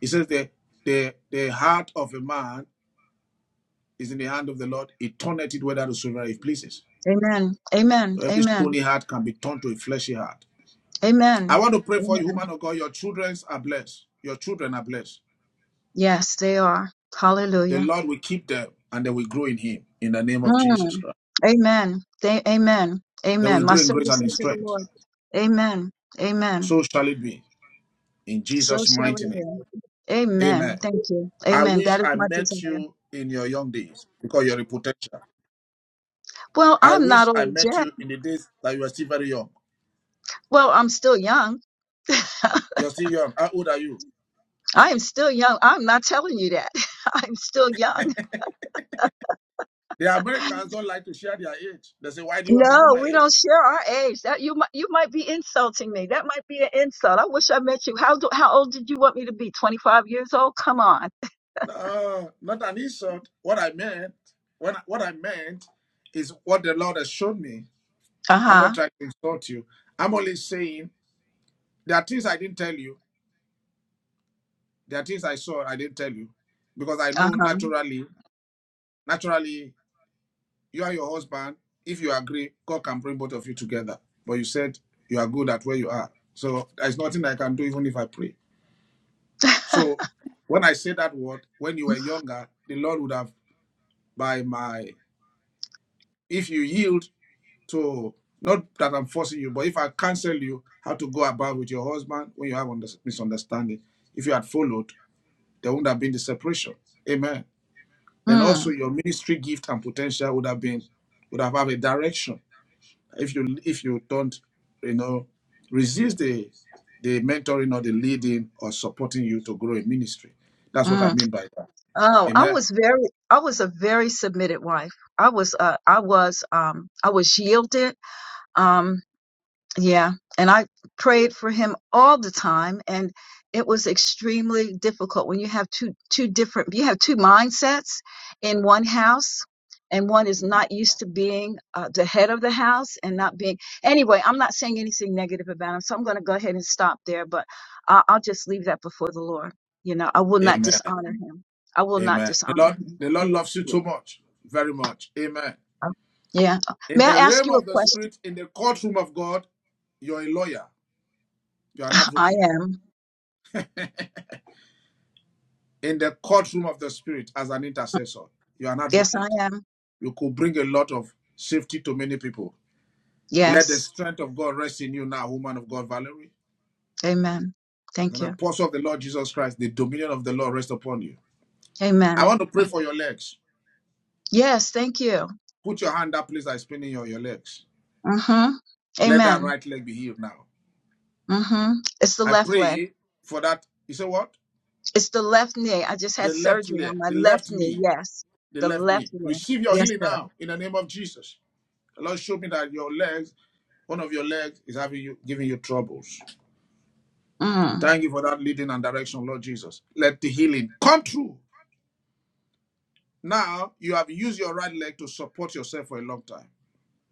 Speaker 3: He says the the the heart of a man is in the hand of the Lord. He turneth it whether to soever it pleases.
Speaker 12: Amen. Amen.
Speaker 3: So every stony
Speaker 12: Amen.
Speaker 3: heart can be turned to a fleshy heart. I
Speaker 12: Amen.
Speaker 3: want to pray for
Speaker 12: Amen.
Speaker 3: you, woman of God. Your children are blessed. Your children are blessed.
Speaker 12: Yes, they are.
Speaker 3: The
Speaker 12: Hallelujah.
Speaker 3: Lord will keep them and they will grow in Him in the name of
Speaker 12: Mm,
Speaker 3: Jesus Christ.
Speaker 12: amen. They, amen.
Speaker 3: They will
Speaker 12: Amen. My
Speaker 3: grow in grace
Speaker 12: service
Speaker 3: and in
Speaker 12: unto the
Speaker 3: strength.
Speaker 12: Lord. Amen. Amen.
Speaker 3: So shall it be in
Speaker 12: So
Speaker 3: Jesus'
Speaker 12: shall
Speaker 3: mighty
Speaker 12: it
Speaker 3: name.
Speaker 12: be. Amen.
Speaker 3: Amen.
Speaker 12: Thank you.
Speaker 3: I
Speaker 12: Amen.
Speaker 3: wish
Speaker 12: That is
Speaker 3: I
Speaker 12: my
Speaker 3: met
Speaker 12: desire.
Speaker 3: you in your young days because you're a potential.
Speaker 12: Well,
Speaker 3: I
Speaker 12: I'm not
Speaker 3: wish I
Speaker 12: old
Speaker 3: met
Speaker 12: yet.
Speaker 3: you in the days that you are still very young.
Speaker 12: Well, I'm still young.
Speaker 3: You're still young. How old are you?
Speaker 12: I am still young. I'm not telling you that. <laughs> I'm still young.
Speaker 3: The Americans don't like to share their age. They say, Why do you want to know
Speaker 12: No,
Speaker 3: my
Speaker 12: we
Speaker 3: age?
Speaker 12: don't share our age. That you might you might be insulting me. That might be an insult. I wish I met you. How do, how old did you want me to be? 25 years old? Come on.
Speaker 3: No, not an insult. What I meant, when what I meant is what the Lord has shown me. I'm
Speaker 12: Uh-huh.
Speaker 3: not trying to insult you. I'm only saying there are things I didn't tell you. There are things I saw I didn't tell you because I know naturally, naturally, you and your husband, if you agree, God can bring both of you together. But you said you are good at where you are, so there's nothing I can do even if I pray.
Speaker 12: Uh-huh.
Speaker 3: So when I say that word, when you were younger, the Lord would have by my if you yield So not that I'm forcing you, but if I counsel you how to go about with your husband when you have misunderstanding, if you had followed, there wouldn't have been the separation. Amen.
Speaker 12: <laughs>
Speaker 3: Then
Speaker 12: mm,
Speaker 3: also your ministry gift and potential would have been would have have a direction. If you if you don't, you know, resist the the mentoring or the leading or supporting you to grow in ministry. That's what I
Speaker 12: mm.
Speaker 3: mean by that.
Speaker 12: Oh, I
Speaker 3: Amen.
Speaker 12: was very I was a very submitted wife. I was uh I was um I was yielded. Um Yeah. And I prayed for him all the time and it was extremely difficult when you have two two different you have two mindsets in one house and one is not used to being uh, the head of the house and not being anyway i'm not saying anything negative about him so i'm going to go ahead and stop there but I, i'll just leave that before the lord you know i will not
Speaker 3: Amen.
Speaker 12: dishonor him i will not
Speaker 3: Amen. The
Speaker 12: dishonor
Speaker 3: Lord,
Speaker 12: him
Speaker 3: the
Speaker 12: I
Speaker 3: Lord
Speaker 12: will-
Speaker 3: loves you
Speaker 12: yeah
Speaker 3: too much, very much. Amen.
Speaker 12: uh, yeah.
Speaker 3: In
Speaker 12: may i
Speaker 3: the
Speaker 12: ask
Speaker 3: realm
Speaker 12: you a
Speaker 3: of the
Speaker 12: question
Speaker 3: spirit, in the courtroom of God, you're a lawyer, you're an
Speaker 12: <laughs> i
Speaker 3: advocate.
Speaker 12: am
Speaker 3: In the courtroom of the spirit, as an intercessor, you're an
Speaker 12: yes i
Speaker 3: advocate.
Speaker 12: am
Speaker 3: You could bring a lot of safety to many people. Let the
Speaker 12: yes
Speaker 3: strength of God rest in you now, woman of God, Valerie.
Speaker 12: Amen.
Speaker 3: As an
Speaker 12: Thank you.
Speaker 3: apostle of the Lord Jesus Christ, the dominion of the Lord rest upon you. I
Speaker 12: Amen.
Speaker 3: want to pray for your legs.
Speaker 12: Yes, thank you.
Speaker 3: Put your hand up, please, I spinning your, your legs.
Speaker 12: Mm-hmm.
Speaker 3: Let that
Speaker 12: Amen.
Speaker 3: right leg be healed now.
Speaker 12: Mm-hmm. It's the
Speaker 3: I
Speaker 12: left leg.
Speaker 3: pray for that. You say what?
Speaker 12: It's the left knee. I just had
Speaker 3: The left
Speaker 12: surgery
Speaker 3: leg,
Speaker 12: on my
Speaker 3: the
Speaker 12: left
Speaker 3: left
Speaker 12: knee.
Speaker 3: knee
Speaker 12: Yes.
Speaker 3: the
Speaker 12: The
Speaker 3: left
Speaker 12: left
Speaker 3: knee.
Speaker 12: knee.
Speaker 3: Receive your
Speaker 12: Yes,
Speaker 3: healing
Speaker 12: sir.
Speaker 3: now in the name of Jesus. The Lord showed me that your legs, one of your legs, is having you giving you troubles.
Speaker 12: Mm.
Speaker 3: Thank you for that leading and direction, Lord Jesus. Let the healing come true. Now you have used your right leg to support yourself for a long time.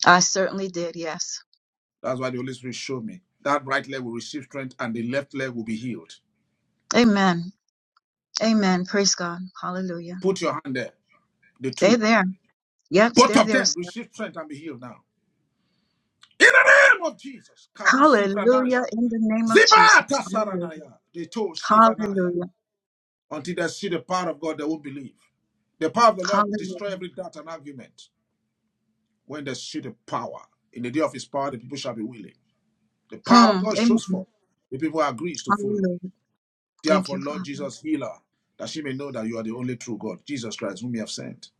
Speaker 12: I certainly did. Yes.
Speaker 3: That's why the Holy Spirit showed me. That right leg will receive strength and the left leg will be healed.
Speaker 12: Amen. Amen. Praise God. Hallelujah.
Speaker 3: Put your hand there. The
Speaker 12: They're
Speaker 3: two.
Speaker 12: there. Yep,
Speaker 3: Both
Speaker 12: they're
Speaker 3: of
Speaker 12: there,
Speaker 3: them
Speaker 12: sir.
Speaker 3: receive strength and be healed now. In the name of Jesus. Karusi Pranash.
Speaker 12: Hallelujah. In the name of Jesus.
Speaker 3: Zibata
Speaker 12: Hallelujah.
Speaker 3: Saranaya. The two Shivanaya.
Speaker 12: Hallelujah.
Speaker 3: until they see the power of God, they won't believe. The power of the Lord
Speaker 12: Hallelujah.
Speaker 3: destroy every doubt and argument. When they see the power, in the day of his power, the people shall be willing. The power
Speaker 12: Hmm.
Speaker 3: of God shows
Speaker 12: Amen.
Speaker 3: forth. The people agrees to follow.
Speaker 12: Hallelujah. Thank
Speaker 3: Therefore,
Speaker 12: you,
Speaker 3: Lord
Speaker 12: Father.
Speaker 3: Jesus, heal her, that she may know that you are the only true God, Jesus Christ, whom you have sent,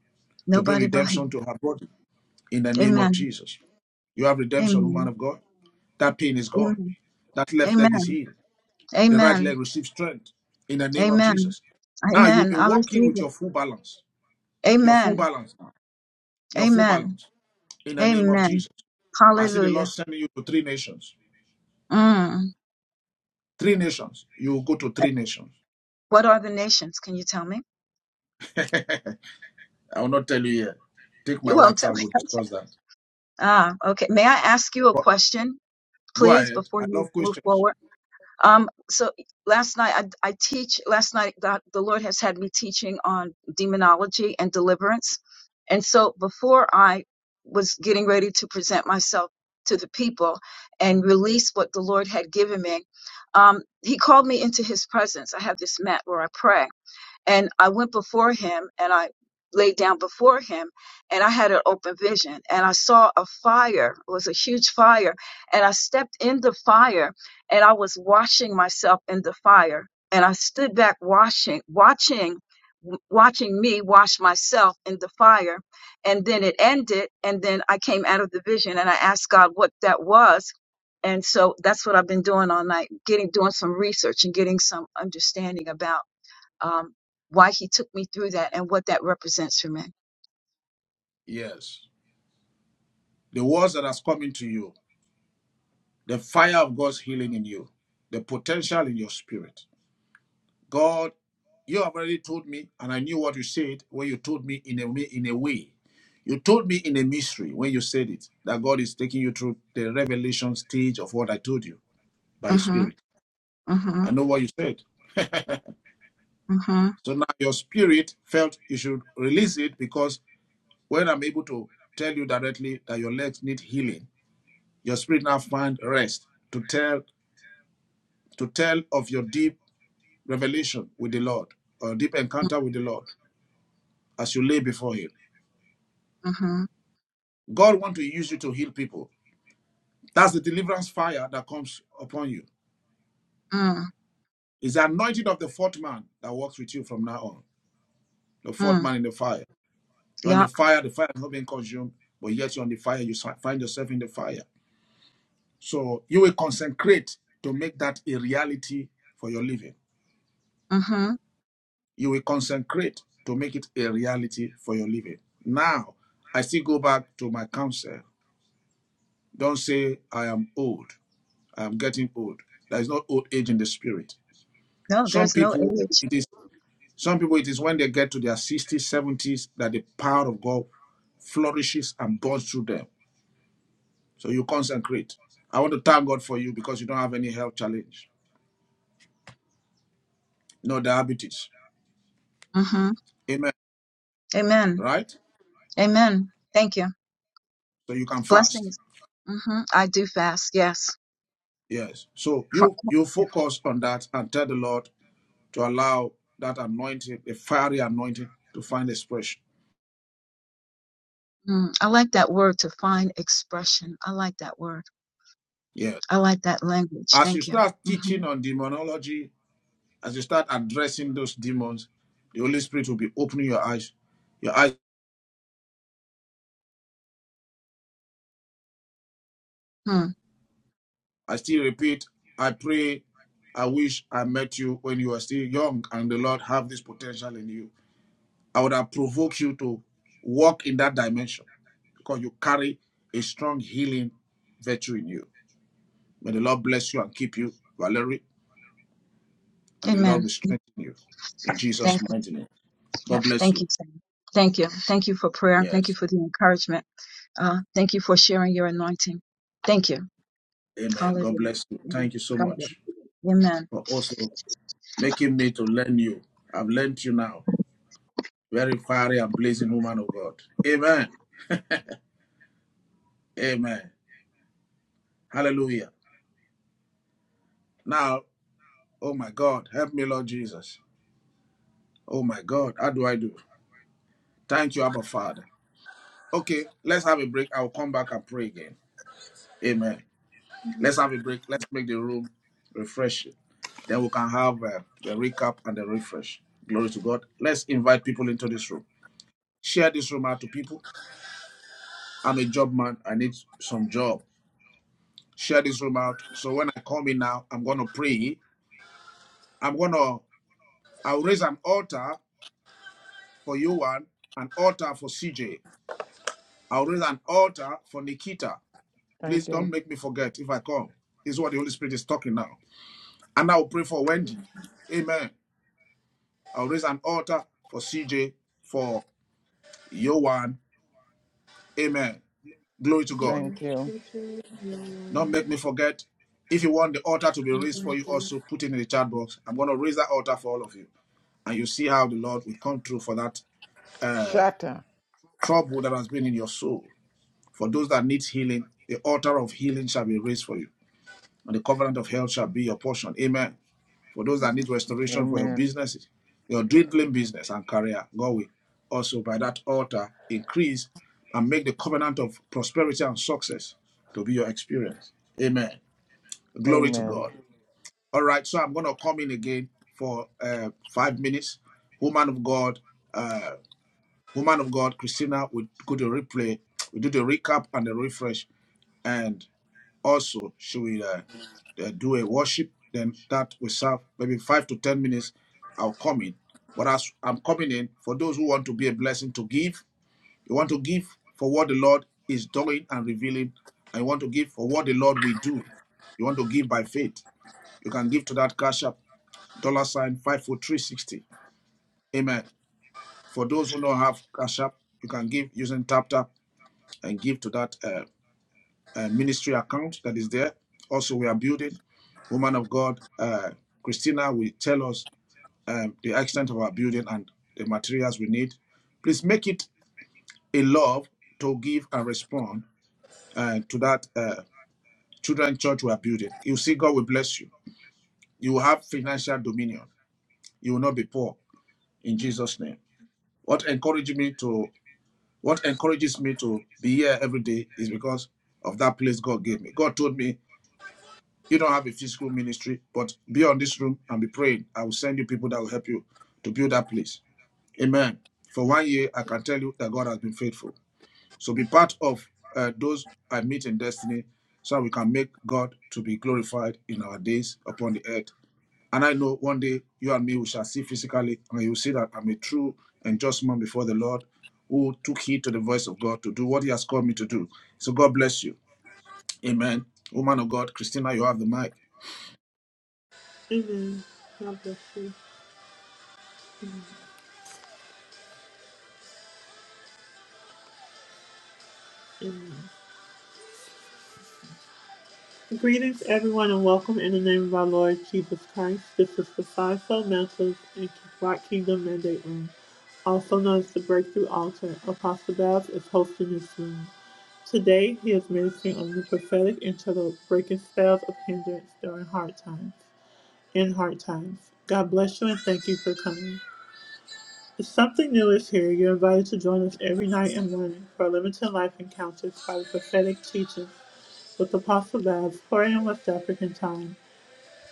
Speaker 3: to bring
Speaker 12: Nobody but
Speaker 3: redemption
Speaker 12: him.
Speaker 3: to her body. In the name of
Speaker 12: Amen.
Speaker 3: Jesus. You have redemption, woman
Speaker 12: Amen.
Speaker 3: of God. That pain is gone.
Speaker 12: Amen.
Speaker 3: That left leg is
Speaker 12: Amen.
Speaker 3: healed. The right
Speaker 12: Amen.
Speaker 3: leg receives strength. In the name of
Speaker 12: Amen.
Speaker 3: Jesus. Now you'll
Speaker 12: Amen.
Speaker 3: be
Speaker 12: I
Speaker 3: walking
Speaker 12: receive
Speaker 3: with
Speaker 12: it.
Speaker 3: your full balance Your full
Speaker 12: Amen.
Speaker 3: balance now. Your full
Speaker 12: Amen.
Speaker 3: balance. In the name of
Speaker 12: Amen.
Speaker 3: Jesus. I see the Lord
Speaker 12: Hallelujah.
Speaker 3: sending you to three nations.
Speaker 12: Mm.
Speaker 3: Three nations. You will go to three nations.
Speaker 12: What are the nations? Can you tell me?
Speaker 3: I will not tell you here. Take my
Speaker 12: You won't tell
Speaker 3: WhatsApp.
Speaker 12: me.
Speaker 3: We'll
Speaker 12: <laughs> Okay.
Speaker 3: discuss that.
Speaker 12: Ah, okay. May I ask you a
Speaker 3: But
Speaker 12: question,
Speaker 3: go
Speaker 12: please,
Speaker 3: ahead.
Speaker 12: before
Speaker 3: I
Speaker 12: you
Speaker 3: love
Speaker 12: move
Speaker 3: questions.
Speaker 12: forward? Um, so last night I, I teach. Last night the, the Lord has had me teaching on demonology and deliverance, and so before I was getting ready to present myself to the people and release what the Lord had given me, um, He called me into His presence. I have this mat where I pray, and I went before him and I laid down before him and I had an open vision and I saw a fire. It was a huge fire. And I stepped in the fire and I was washing myself in the fire. And I stood back washing, watching, watching me wash myself in the fire. And then it ended. And then I came out of the vision and I asked God what that was. And so that's what I've been doing all night, getting doing some research and getting some understanding about um, why he took me through that and what that represents for me.
Speaker 3: Yes. The words that has come into you. The fire of God's healing in you. The potential in your spirit. God, you have already told me, and I knew what you said when you told me in a in a way. You told me in a mystery when you said it that God is taking you through the revelation stage of what I told you by His
Speaker 12: Mm-hmm.
Speaker 3: Spirit.
Speaker 12: Mm-hmm.
Speaker 3: I know what you said.
Speaker 12: Mm-hmm.
Speaker 3: So now your spirit felt you should release it because when I'm able to tell you directly that your legs need healing, your spirit now find rest to tell to tell of your deep revelation with the Lord or deep encounter with the Lord as you lay before Him.
Speaker 12: Mm-hmm.
Speaker 3: God wants to use you to heal people. That's the deliverance fire that comes upon you.
Speaker 12: Mm-hmm.
Speaker 3: It's the anointing of the fourth man that works with you from now on. The fourth man in the fire. You're on the
Speaker 12: Yeah.
Speaker 3: fire, the fire has not been consumed, but yet you're on the fire, you si- find yourself in the fire. So you will consecrate to make that a reality for your living.
Speaker 12: Mm-hmm.
Speaker 3: You will consecrate to make it a reality for your living. Now, I still go back to my counsel. Don't say, I am old. I am getting old. There is no old age in the spirit.
Speaker 12: No,
Speaker 3: Some
Speaker 12: there's no
Speaker 3: people
Speaker 12: age.
Speaker 3: it is some people it is when they get to their 60s, 70s that the power of God flourishes and bursts through them. So you consecrate. I want to thank God for you because you don't have any health challenge, no diabetes.
Speaker 12: Mm-hmm.
Speaker 3: Amen.
Speaker 12: Amen.
Speaker 3: Right?
Speaker 12: Amen. Thank you.
Speaker 3: So you can fast.
Speaker 12: Blessings. Mm-hmm. I do fast. Yes.
Speaker 3: Yes. So
Speaker 12: <laughs> Fro-
Speaker 3: you you focus on that and tell the Lord to allow that anointing, a fiery anointing, to find expression.
Speaker 12: Mm, I like that word to find expression. I like that word.
Speaker 3: Yeah.
Speaker 12: I like that language.
Speaker 3: As you
Speaker 12: Thank you.
Speaker 3: start
Speaker 12: hmm
Speaker 3: teaching on demonology As you start addressing those demons, the Holy Spirit will be opening your eyes. Your eyes,
Speaker 12: Hmm.
Speaker 3: I still repeat, I pray, I wish I met you when you were still young and the Lord have this potential in you. I would have provoked you to walk in that dimension because you carry a strong healing virtue in you. May the Lord bless you and keep you, Valerie, and the Lord
Speaker 12: Amen.
Speaker 3: will strengthen you in Jesus'
Speaker 12: Thank you.
Speaker 3: mighty name.
Speaker 12: Yeah.
Speaker 3: God bless
Speaker 12: Thank
Speaker 3: you.
Speaker 12: you, Sam. Thank you. Thank you for prayer. Thank you
Speaker 3: Yes.
Speaker 12: for the encouragement. Uh, thank you for sharing your anointing. Thank you.
Speaker 3: Amen. God
Speaker 12: Hallelujah.
Speaker 3: bless you.
Speaker 12: Mhm.
Speaker 3: Thank you so
Speaker 12: God bless
Speaker 3: much
Speaker 12: you. Amen.
Speaker 3: for also making me to learn you. I've learned you now. Very fiery and blazing woman of God. Amen. Amen. Hallelujah. Now, oh my God, help me, Lord Jesus. Oh my God, how do I do? Thank you, Abba Father. Okay, let's have a break. I'll come back and pray again. Amen. Let's have a break. Let's make the room refreshing. Then we can have uh, the recap and the refresh. Glory to God. Let's invite people into this room. Share this room out to people. I'm a job man. I need some job. share this room out. So when I come in now, I'm gonna pray. I'm gonna I'll raise an altar for Yohan, an altar for CJ. I'll raise an altar for Nikita. Please
Speaker 13: Thank
Speaker 3: don't
Speaker 13: you.
Speaker 3: make me forget if I come. This Is what the Holy Spirit is talking now. And I'll pray for Wendy. Amen. I'll raise an altar for CJ, for Yohan. Amen. Glory to God.
Speaker 13: Thank you.
Speaker 3: Don't make me forget. If you want the altar to be raised for you, also put it in the chat box. I'm going to raise that altar for all of you. And you see how the Lord will come through for that uh,
Speaker 13: Shatter,
Speaker 3: trouble that has been in your soul. For those that need healing, the altar of healing shall be raised for you, and the covenant of health shall be your portion. Amen. For those that need restoration for your
Speaker 13: Amen.
Speaker 3: businesses, your dwindling business and career, God will also by that altar increase and make the covenant of prosperity and success to be your experience. Amen. Glory to
Speaker 13: Amen.
Speaker 3: God. All right, so I'm going to come in again for uh, five minutes. Woman of God, uh, Woman of God, Christina, will go to replay. We do the recap and the refresh, and also she will uh, uh, do a worship. Then that will serve maybe five to ten minutes. I'll come in. But as I'm coming in, for those who want to be a blessing to give, you want to give for what the Lord is doing and revealing, and you want to give for what the Lord will do. You want to give by faith. You can give to that cash app dollar sign five four three sixty. Amen. For those who don't have cash app, you can give using TapTap and give to that uh, uh, ministry account that is there. Also, we are building. Woman of God, uh, Christina will tell us um, the extent of our building and the materials we need. Please make it a love to give and respond uh, to that uh, children church we are building. You see, God will bless you. You will have financial dominion. You will not be poor in Jesus' name. What encourages me to what encourages me to be here every day is because of that place God gave me. God told me You don't have a physical ministry, but be on this room and be praying. I will send you people that will help you to build that place. Amen. For one year, I can tell you that God has been faithful. So be part of uh, those I meet in destiny so we can make God to be glorified in our days upon the earth. And I know one day you and me we shall see physically, and you will see that I'm a true and just man before the Lord who took heed to the voice of God to do what He has called me to do. So God bless you. Amen. Woman of God, Christina, you have the mic.
Speaker 1: Amen. God bless you. Greetings, everyone, and welcome in the name of our Lord Jesus Christ. This is the Five Soul Message and Black Kingdom Mandate Room, also known as the Breakthrough Altar. Apostle Babs is hosting this room. Today, he is ministering on the prophetic interlude, breaking spells of hindrance during hard times. In hard times, God bless you and thank you for coming. If something new is here, you're invited to join us every night and morning for limited life encounters by the prophetic teaching with the Apostle Babs, 4 a.m. West African time.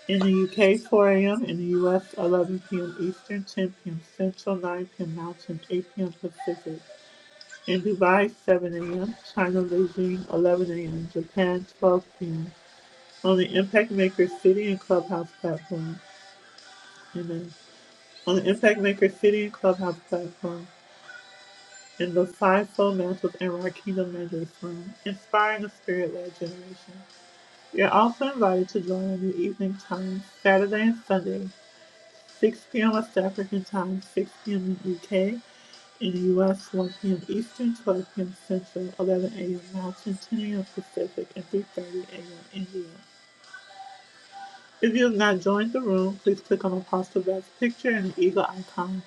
Speaker 1: In the UK, 4 a.m. In the US, 11 p.m. Eastern, 10 p.m. Central, 9 p.m. Mountain, 8 p.m. Pacific. In Dubai, 7 a.m. China, Beijing, 11 a.m. Japan, 12 p.m. On the Impact Maker City and Clubhouse platform. Amen. On the Impact Maker City and Clubhouse platform. In the Fivefold Mantles and Rakina Measures Room. Inspiring a Spirit-Led Generation. You're also invited to join in the evening time, Saturday and Sunday, 6 p.m. West African time, 6 p.m. in UK, in the US, 1 p.m. Eastern, 12 p.m. Central, 11 a.m. Mountain, 10 a.m. Pacific, and 3.30 a.m. India. If you have not joined the room, please click on Apostle Babs' picture and the eagle icon.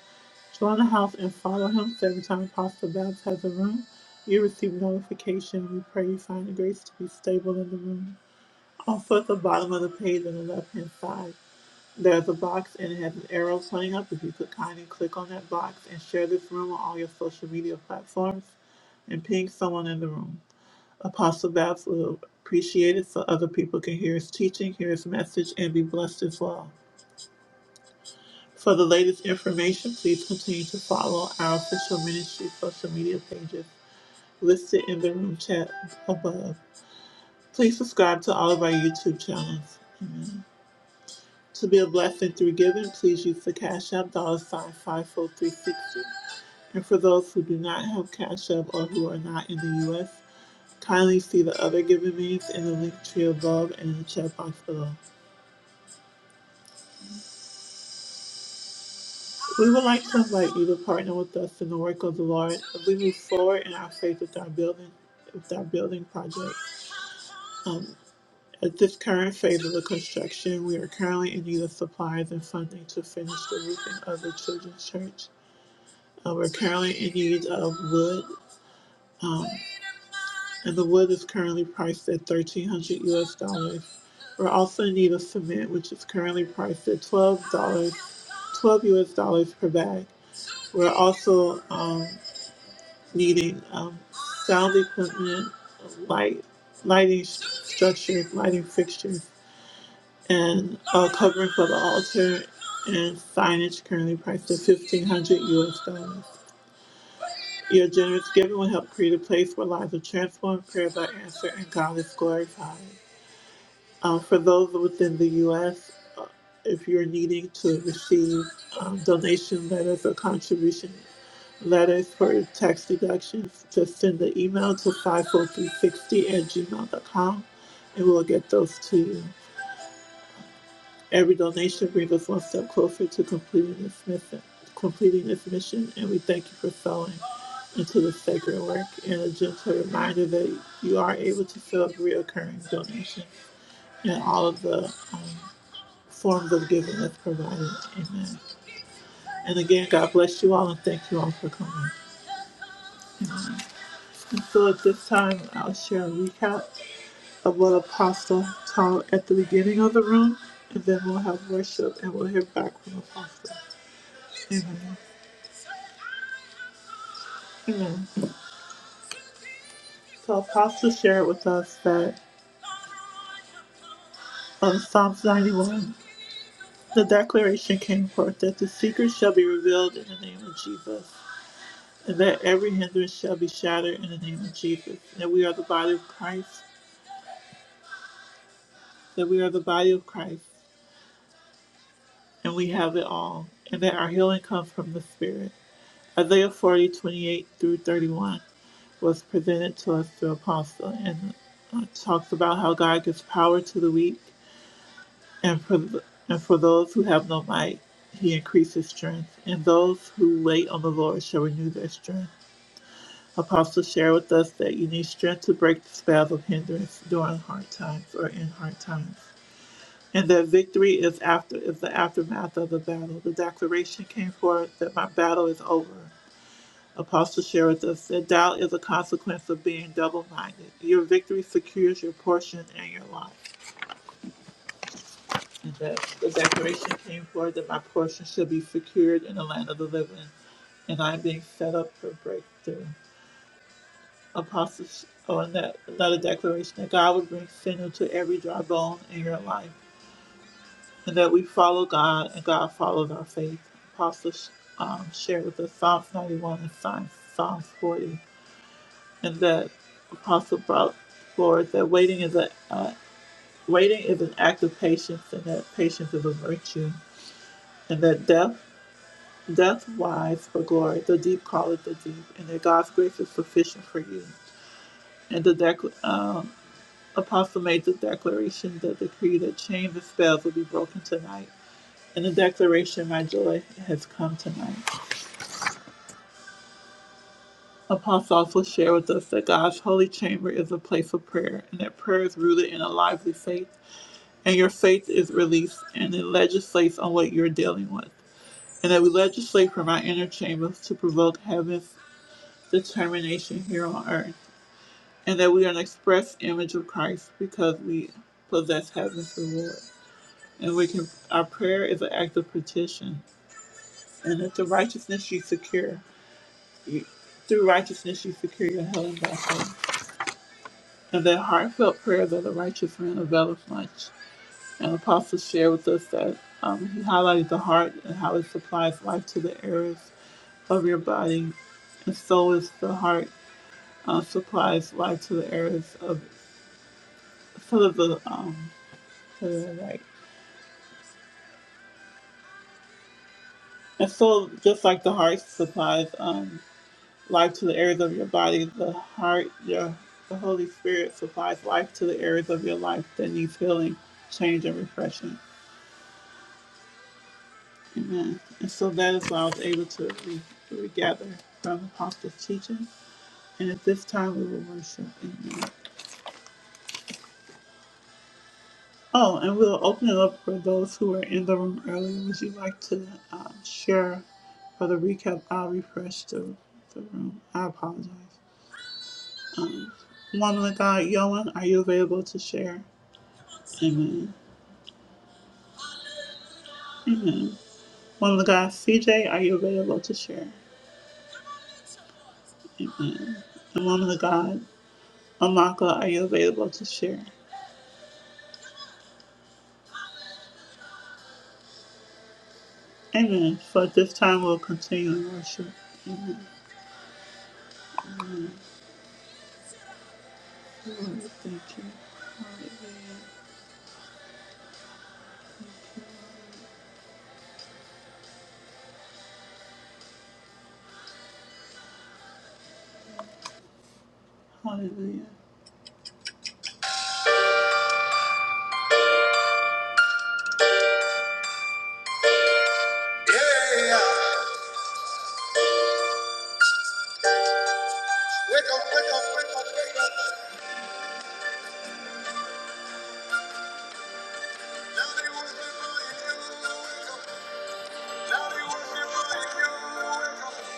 Speaker 1: Join the house and follow him so every time Apostle Babs has a room, you receive notification. We pray you find the grace to be stable in the room. Also at the bottom of the page on the left hand side, there's a box and it has an arrow pointing up. If you could kindly click on that box and share this room on all your social media platforms and ping someone in the room. Apostle Babs will appreciate it so other people can hear his teaching, hear his message, and be blessed as well. For the latest information, please continue to follow our official ministry social media pages listed in the room chat above. Please subscribe to all of our YouTube channels. Amen. To be a blessing through giving, please use the Cash App dollar sign 54360. And for those who do not have Cash App or who are not in the U.S., kindly see the other giving means in the link tree above and in the chat box below. We would like to invite you to partner with us in the work of the Lord as we move forward in our faith with our building, with our building project. Um, at this current phase of the construction, we are currently in need of supplies and funding to finish the roofing of the children's church. Uh, we're currently in need of wood, and the wood is currently priced at 1300 US dollars. We're also in need of cement, which is currently priced at $12, dollars, 12 US dollars per bag. We're also um, needing um, sound equipment, light, lighting structures, lighting fixtures, and a covering for the altar, and signage currently priced at 1500 US dollars. Your generous giving will help create a place where lives are transformed, prayers are answered, and God is glorified. Um, for those within the U.S., uh, if you're needing to receive um, donation letters or contribution letters for tax deductions, just send the email to 54360 at gmail.com and we'll get those to you. Every donation brings us one step closer to completing this mission. Completing this mission, and we thank you for sowing into the sacred work. And a gentle reminder that you are able to fill up reoccurring donations and all of the um, forms of giving that's provided. Amen. And again, God bless you all, and thank you all for coming. And so at this time, I'll share a recap of what Apostle taught at the beginning of the room, and then we'll have worship and we'll hear back from Apostle. Amen. So Apostle shared with us that from Psalms 91, the declaration came forth that the secret shall be revealed in the name of Jesus, and that every hindrance shall be shattered in the name of Jesus, and that we are the body of Christ, that we are the body of Christ, and we have it all, and that our healing comes from the Spirit. Isaiah 40:28 through 31 was presented to us through Apostle and uh, talks about how God gives power to the weak And for, th- and for those who have no might, he increases strength. And those who wait on the Lord shall renew their strength. Apostle share with us that you need strength to break the spells of hindrance during hard times or in hard times. And that victory is after is the aftermath of the battle. The declaration came forth that my battle is over. Apostle share with us that doubt is a consequence of being double minded. Your victory secures your portion and your life. and that the declaration came forward that my portion shall be secured in the land of the living, and I'm being set up for breakthrough. Apostle, oh, and that another declaration that God would bring sinew to every dry bone in your life, and that we follow God and God follows our faith. Apostle um, shared with us Psalms 91 and Psalms, 40, and that Apostle brought forward that waiting is a uh, waiting is an act of patience, and that patience is a virtue, and that death Death wise for glory. The deep calleth the deep, and that God's grace is sufficient for you. And the decl um, apostle made the declaration, the decree that chains and spells will be broken tonight. And the declaration, my joy has come tonight. Apostle also shared with us that God's holy chamber is a place of prayer, and that prayer is rooted in a lively faith, and your faith is released, and it legislates on what you're dealing with. And that we legislate from our inner chambers to provoke heaven's determination here on earth. and that we are an express image of Christ because we possess heaven's reward. And we can our prayer is an act of petition. And that the righteousness you secure you, through righteousness you secure your heaven by faith. And that heartfelt prayers of the righteous man availeth much. And Apostle shared with us that um, he highlighted the heart and how it supplies life to the areas of your body. And so is the heart uh, supplies life to the areas of sort of the um, what is it, right? And so, just like the heart supplies um, life to the areas of your body, the heart, your, the Holy Spirit supplies life to the areas of your life that needs healing, change, and refreshing. Amen. And so that is why I was able to re- regather from Apostle's teaching. And at this time, we will worship. Amen. Oh, and we'll open it up for those who were in the room earlier. Would you like to um, share for the recap? I'll refresh the, the room. I apologize. Um, woman of God, Yoan, are you available to share? Amen. Amen. Woman of God, CJ, are you available to share? Amen. And woman of God, Amaka, are you available to share? Amen. For at this time, we'll continue in worship. Lord, thank you. Hallelujah. Yeah. Wake up, wake up, wake up, wake up. Now they worship like you. wake up. Now they worship like you. Wake up.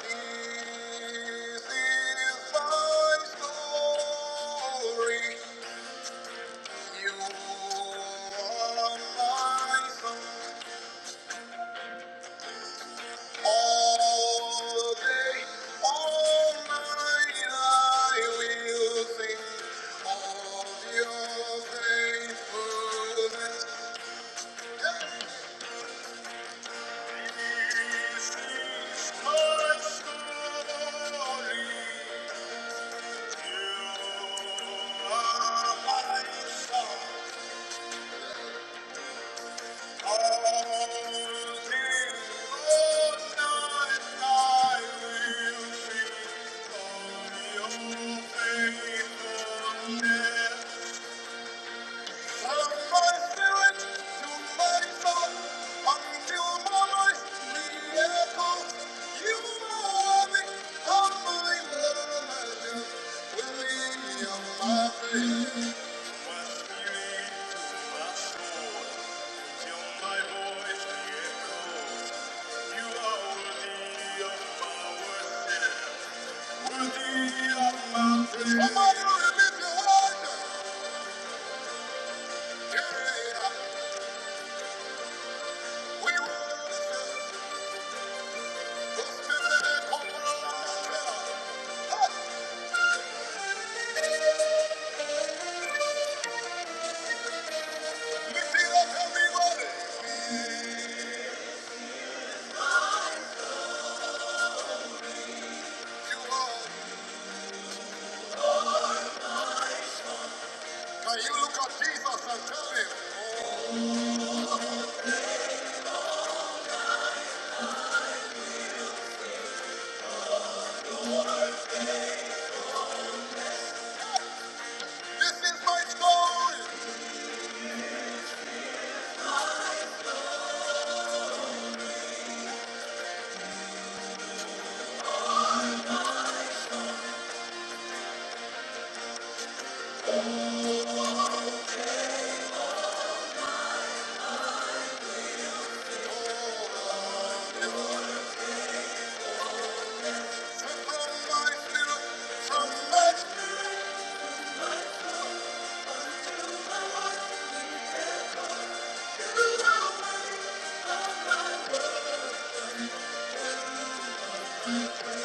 Speaker 1: This is my story. You are my song. All day, all night, I will sing of your faithfulness. This is my story. Thank you. Somebody release your water. Yeah. Can you look at Jesus and tell him, This is my story, and from my spirit, from my spirit,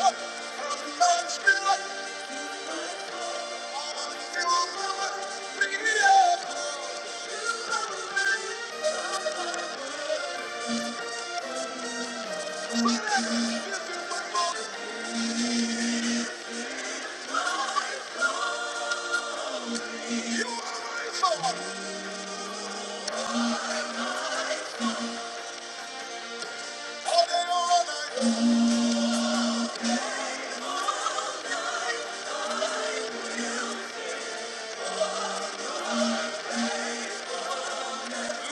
Speaker 1: from my spirit, until the miracle. This is my body, you are my soul, all day, all night. You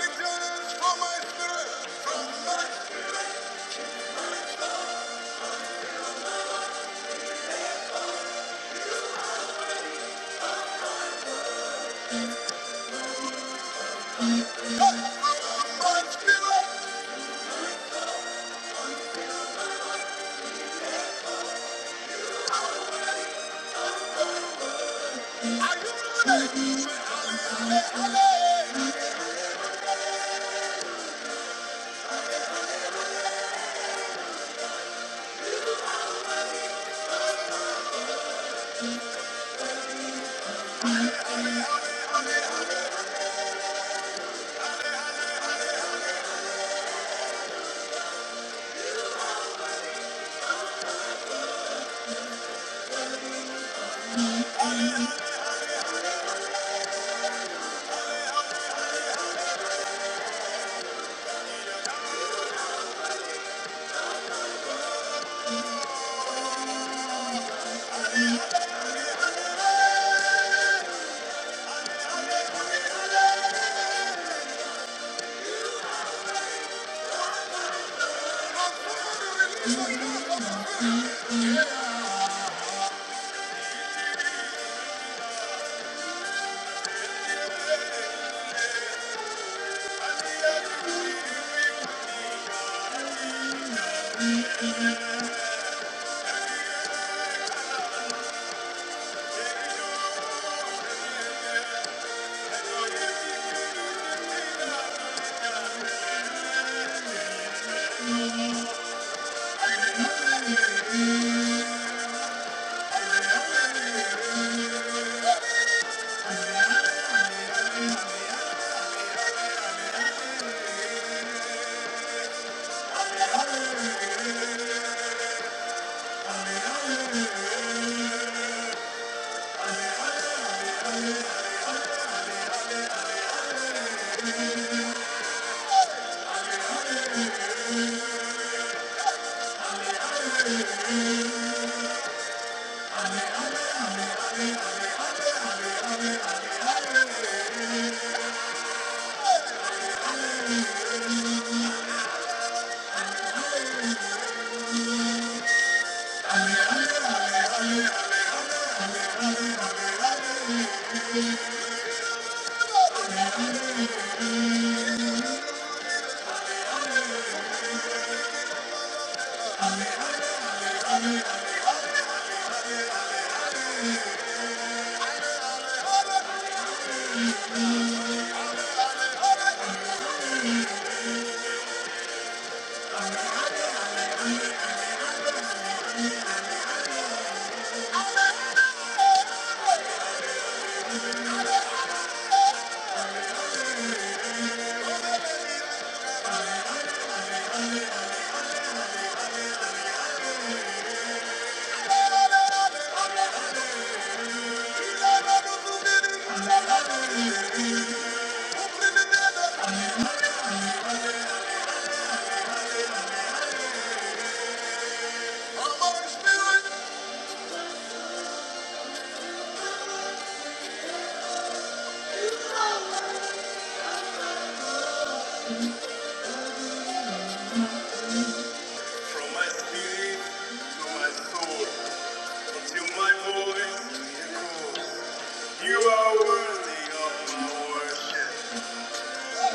Speaker 1: are worthy of my worship,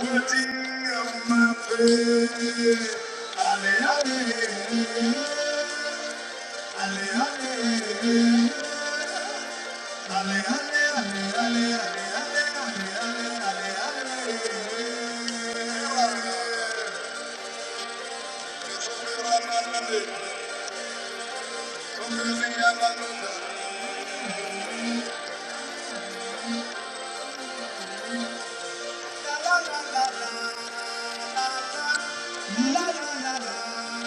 Speaker 1: worthy of my praise. Hallelujah. La, la, la, la.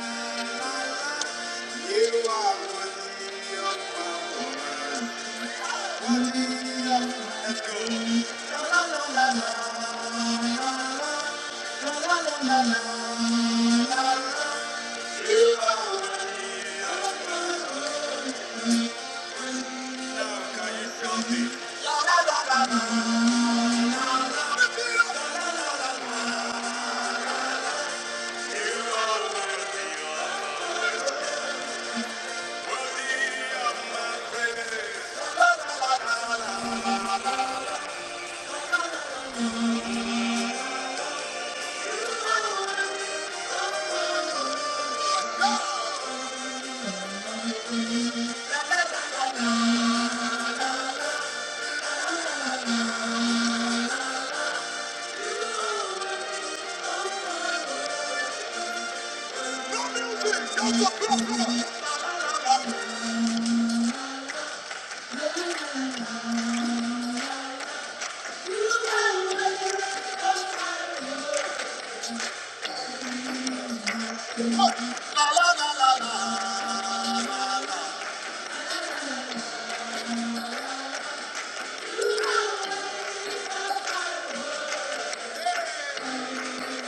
Speaker 1: You are my worship. Let's go. La, la, la, la, la. La, la, la,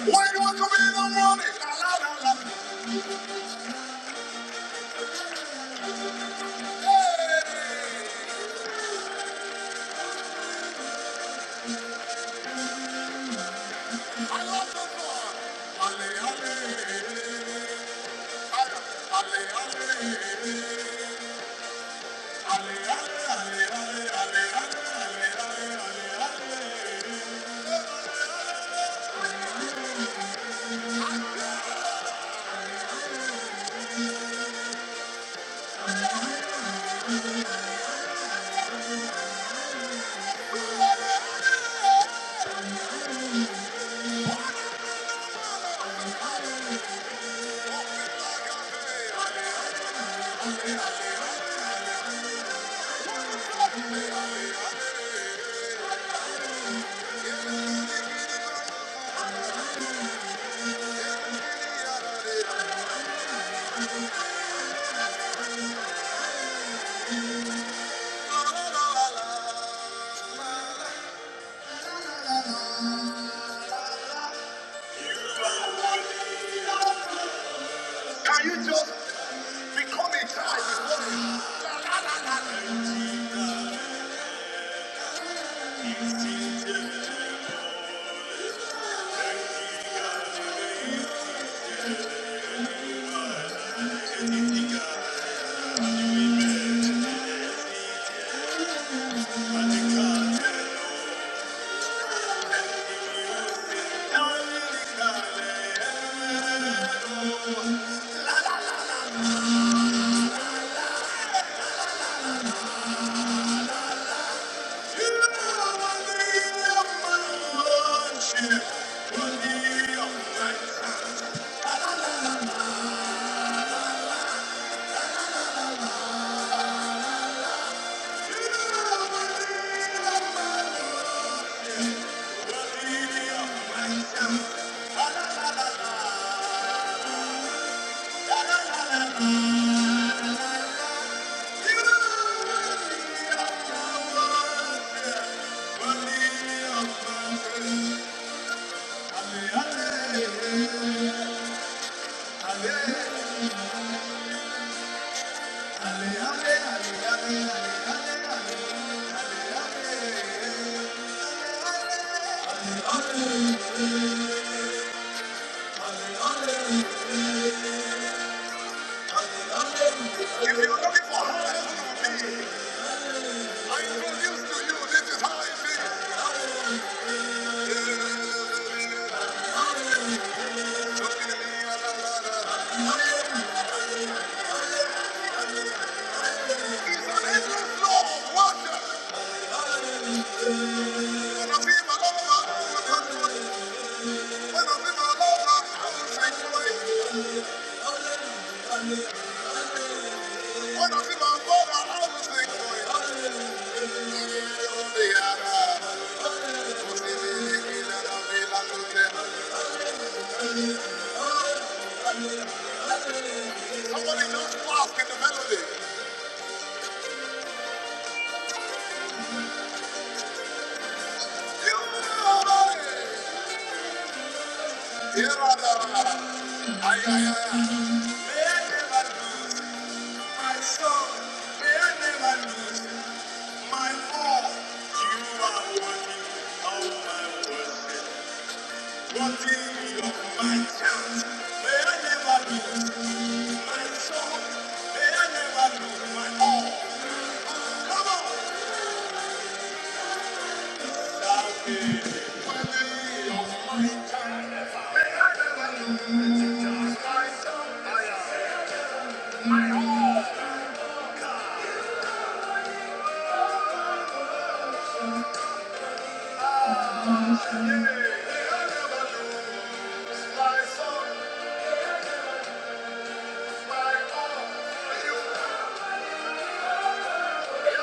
Speaker 1: Why do I come in the morning? Can you just become a child before you Hallelujah. If you're looking for how it's gonna be, I introduce to you, this is how it is. It's an endless flow of worship. When I'm my lover, I was thinking way. When I'm my mother, I was thinking way. Somebody just walk in the melody. You know it. Here I am. Ay, ay, I never lose my soul. I never lose my all. You are worthy of my worship. One thing is my challenge. May I never lose my soul. May I never lose my all. Come on. That is one thing of my challenge. May I never lose my soul. I am my all. May I never lose my soul, my all. You, you,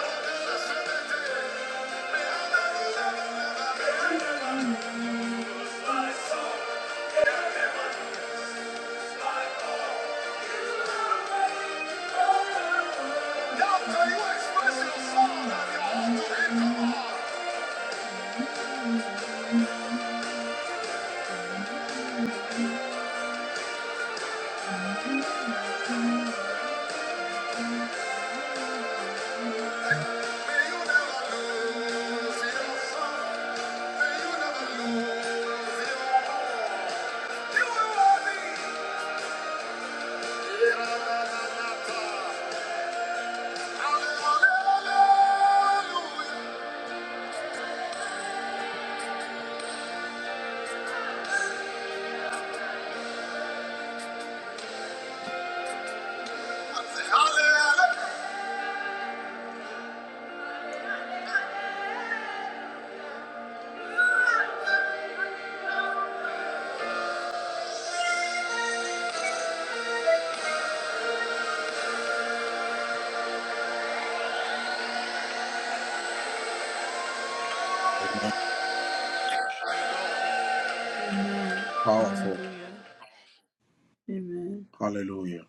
Speaker 1: now can you express your soul and your all to him? Come on. Hallelujah.
Speaker 3: Amen. Powerful.
Speaker 1: Amen.
Speaker 3: Hallelujah.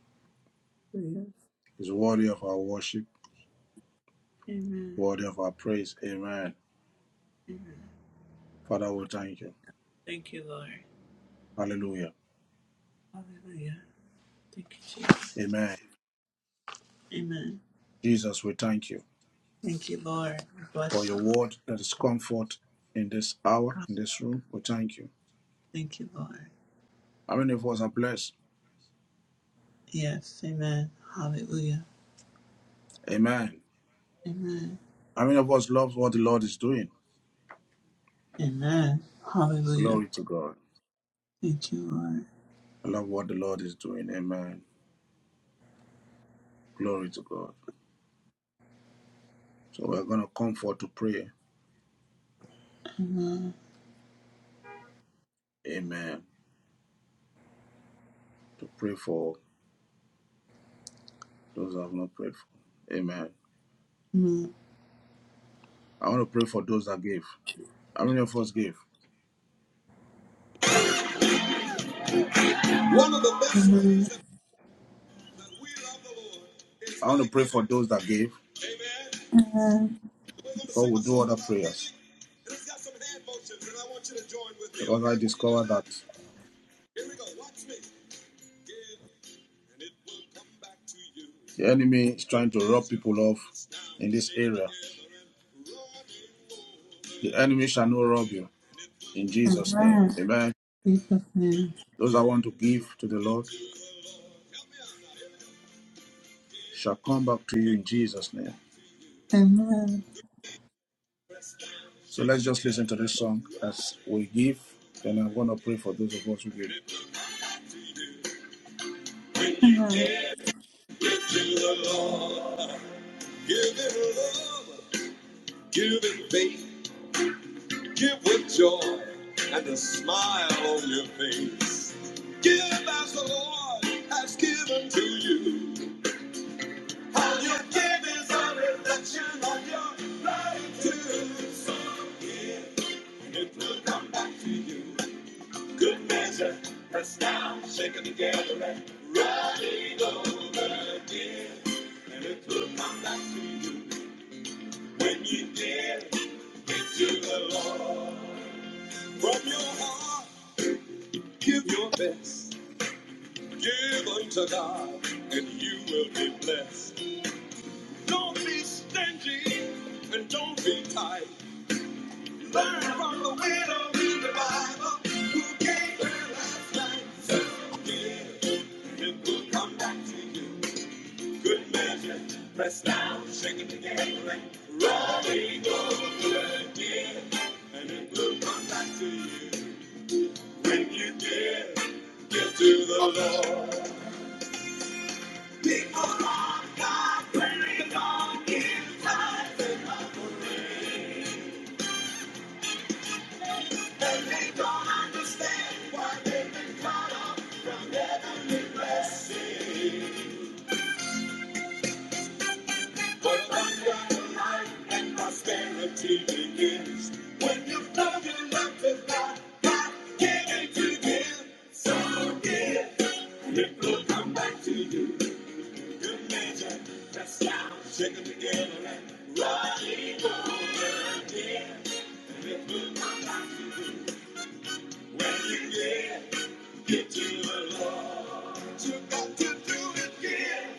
Speaker 1: Yes. Amen.
Speaker 3: He's worthy of our worship, worthy of our praise. Amen.
Speaker 1: Amen.
Speaker 3: Father, we thank you.
Speaker 1: Thank you, Lord.
Speaker 3: Hallelujah.
Speaker 1: Hallelujah. Thank you, Jesus.
Speaker 3: Amen.
Speaker 1: Amen.
Speaker 3: Jesus, we thank you
Speaker 1: Thank you, Lord. We
Speaker 3: for
Speaker 1: Bless
Speaker 3: your
Speaker 1: you.
Speaker 3: word that is comfort in this hour, in this room. We thank you.
Speaker 1: Thank you, Lord.
Speaker 3: How many of us are blessed?
Speaker 1: Yes. Amen. Hallelujah.
Speaker 3: Amen.
Speaker 1: Amen.
Speaker 3: How many of us love what the Lord is doing?
Speaker 1: Amen. Hallelujah.
Speaker 3: Glory to God.
Speaker 1: Thank you, Lord.
Speaker 3: I love what the Lord is doing. Amen. Glory to God. So we're going to come forth to pray.
Speaker 1: Amen.
Speaker 3: Amen. To pray for those that have not prayed for. Amen.
Speaker 1: Amen.
Speaker 3: I want to pray for those that gave. How many of us gave? One of the best ways
Speaker 1: Amen.
Speaker 3: that, that we love the Lord is I want to pray for those that gave, Amen. we but we'll do other prayers and it's got some hand motions, and I want you to join with me, because I okay? discovered that Here we go. Watch me. Give, and it will come back to you. the enemy is trying to rob people off in this area. The enemy shall not rob you in Jesus' name. Amen.
Speaker 1: In Jesus' name.
Speaker 3: Those that want to give to the Lord, shall come back to you in Jesus' name.
Speaker 1: Amen.
Speaker 3: So let's just listen to this song as we give. and I'm going to pray for those of us who give. When you
Speaker 1: Amen.
Speaker 3: dare, give to the Lord. Give it love, give it faith, give with joy and a smile on your face. Give as the Lord has given to you. How you give is a reflection of your gratitude. So give. It will come back to you. Good measure, pressed down, shaken together, and running over again. And it will come back to you when you dare into the Lord. From your heart, give your best. Give unto God, and you will be blessed. Don't be stingy, and don't be tight. Learn from the widow in the Bible who gave her last life. So give, it will come back to you. Good measure, pressed down, shaken together, and running over again. And it will come back to you when you give, give to the Lord. People are God, when it's on inside. And they don't understand why they've been caught up from heavenly blessing. But abundant life and prosperity begins when you've done enough of God. God gave it to give, so give. It will come back to you. Good measure, pressed down, shaken together, and running over again. It will come back to you. When you get, get to the Lord, you got to do it again.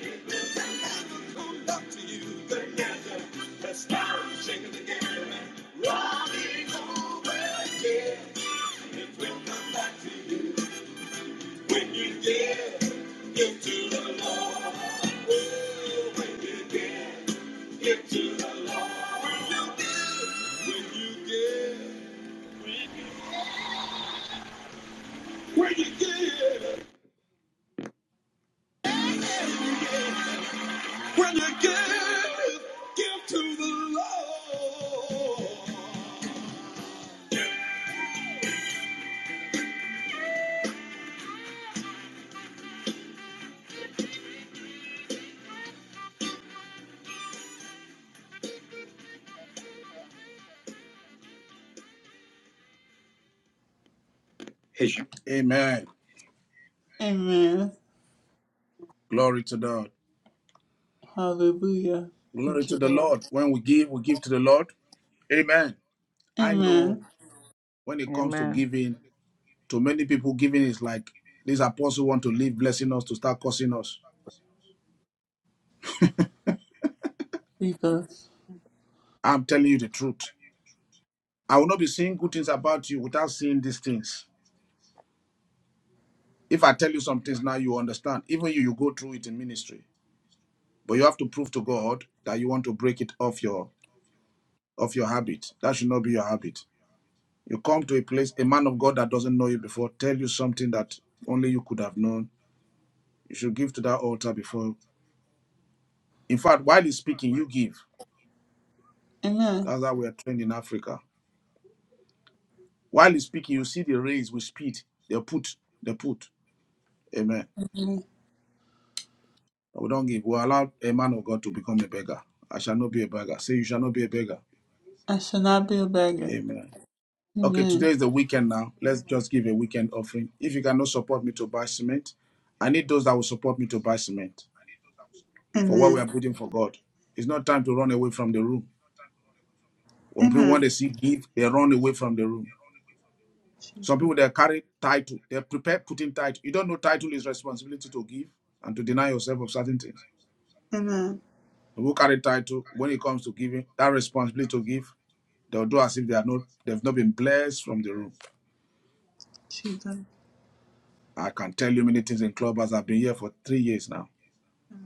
Speaker 3: It will never back to you. The answer, let's start shaking again. Running over again. It will come back to you. When you get, get to the Lord. Oh, when you get, get to the Lord. When you get, when you get. When you give, give to the Lord. Amen.
Speaker 1: Amen.
Speaker 3: Glory to the
Speaker 1: Hallelujah.
Speaker 3: glory
Speaker 1: Thank
Speaker 3: to
Speaker 1: you,
Speaker 3: the
Speaker 1: Lord.
Speaker 3: Lord. When we give, we give to the Lord. Amen. I know
Speaker 1: Amen.
Speaker 3: when it comes to
Speaker 13: Amen.
Speaker 3: giving, to many people, giving is like this apostle want to leave blessing us to start cursing us.
Speaker 1: Jesus.
Speaker 3: I'm telling you the truth. I will not be saying good things about you without seeing these things. If I tell you some things now, you understand. Even you, you go through it in ministry. But you have to prove to God that you want to break it off your of your habit. That should not be your habit. You come to a place, a man of God that doesn't know you before, tell you something that only you could have known. You should give to that altar before. In fact, while he's speaking, you give.
Speaker 1: Amen.
Speaker 3: That's how we are trained in Africa. While he's speaking, you see the raise with speed. They put, they put. Amen.
Speaker 1: Amen.
Speaker 3: But we don't give. We allow a man of God to become a beggar. I shall not be a beggar. Say, you shall not be a beggar.
Speaker 1: I shall not be a beggar.
Speaker 3: Amen. Okay,
Speaker 1: Amen.
Speaker 3: today is the weekend now. Let's just give a weekend offering. If you cannot support me to buy cement, I need those that will support me to buy cement. for what we are
Speaker 1: Amen.
Speaker 3: building for God. It's not time to run away from the room. When people want
Speaker 1: Amen.
Speaker 3: to see give, they run away from the room. Some
Speaker 1: Jesus.
Speaker 3: people they carry title, they prepare putting title. You don't know title is responsibility to give and to deny yourself of certain things.
Speaker 1: Amen.
Speaker 3: Some People carry title when it comes to giving, that responsibility to give, they'll do as if they are not they've not been blessed from the room.
Speaker 1: Jesus. Have
Speaker 3: I can tell you many things in clubhouse. I've been here for three years now.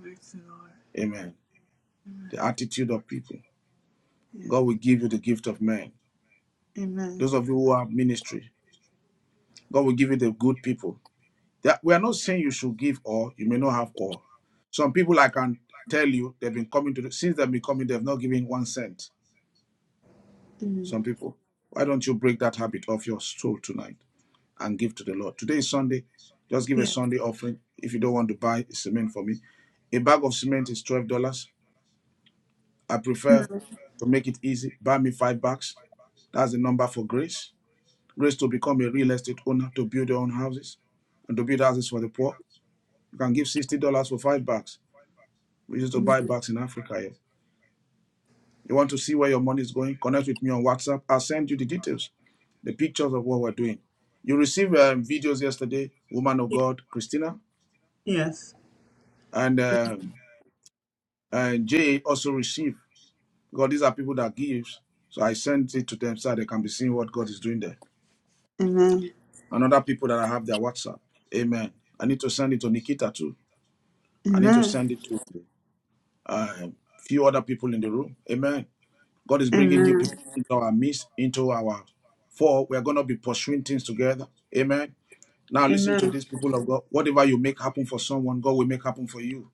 Speaker 1: mercy, Lord.
Speaker 3: Amen. The attitude of people.
Speaker 1: Yes.
Speaker 3: God will give you the gift of men.
Speaker 1: Amen.
Speaker 3: Those of you who have ministry, God will give you the good people. That we are not saying you should give all. You may not have all. Some people like I can tell you they've been coming to the, since they've been coming, they've not given one cent. Some
Speaker 1: Amen.
Speaker 3: people. Why don't you break that habit of your soul tonight and give to the Lord? Today is Sunday. Just give a
Speaker 1: Yes.
Speaker 3: Sunday offering. If you don't want to buy cement for me, a bag of cement is twelve dollars. I prefer to make it easy. Buy me five bags. That's the number for grace. Grace to become a real estate owner to build your own houses and to build houses for the poor. You can give sixty dollars for five bags. We used to buy bags in Africa here. You want to see where your money is going? Connect with me on WhatsApp. I'll send you the details, the pictures of what we're doing. You received um, videos yesterday, Woman of God, Christina,
Speaker 1: Yes.
Speaker 3: and, um, and Jay also received, because these are people that gives. So I sent it to them so they can be seeing what God is doing there.
Speaker 1: Amen.
Speaker 3: And other people that I have their WhatsApp. Amen. I need to send it to Nikita too. I need to
Speaker 1: Amen.
Speaker 3: send it to a um, few other people in the room. Amen. God is bringing new
Speaker 1: Amen.
Speaker 3: people into our midst, into our four. We are going to be pursuing things together. Amen. Now listen to
Speaker 1: Amen.
Speaker 3: these people of God. Whatever you make happen for someone, God will make happen for you.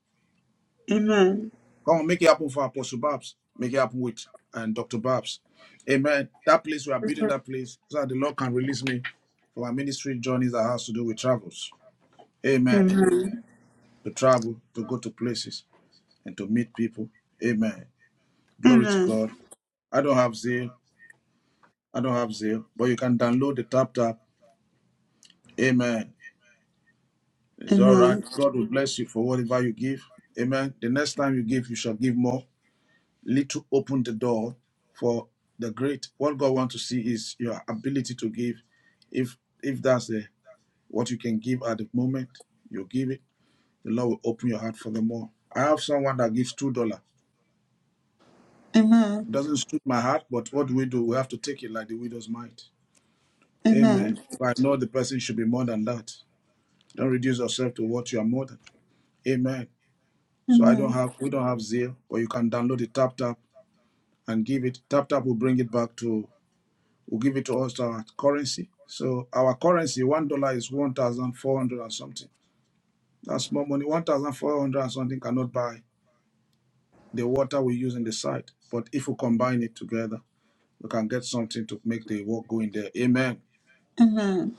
Speaker 1: Amen.
Speaker 3: Come on, make it happen for Apostle Babs. Make it happen with and Dr. Babs. Amen. That place we are building that place so that the Lord can release me for my ministry journeys that has to do with travels. Amen.
Speaker 1: Amen.
Speaker 3: To travel, to go to places and to meet people. Amen. Glory to
Speaker 1: Amen.
Speaker 3: God. I don't have zeal. I don't have zeal, but you can download the tap tap Amen. It's all right.
Speaker 1: Amen.
Speaker 3: God will bless you for whatever you give. Amen. The next time you give, you shall give more. Little open the door for the great. What God wants to see is your ability to give. If if that's the, what you can give at the moment, you give it. The Lord will open your heart for the more. I have someone that gives two dollar.
Speaker 1: Amen.
Speaker 3: Doesn't suit my heart, but what do we do? We have to take it like the widow's mite. Amen.
Speaker 1: Amen.
Speaker 3: If I know the person should be more than that, don't reduce yourself to what you are more than. Amen. So I don't
Speaker 1: Amen.
Speaker 3: have we don't have Zeal, but you can download the Tap Tap and give it. Tap Tap will bring it back to will give it to us our currency. So our currency one dollar is one thousand four hundred and something. That's more money. One thousand four hundred and something cannot buy the water we use in the site. But if we combine it together, we can get something to make the work go in there. Amen.
Speaker 1: Amen.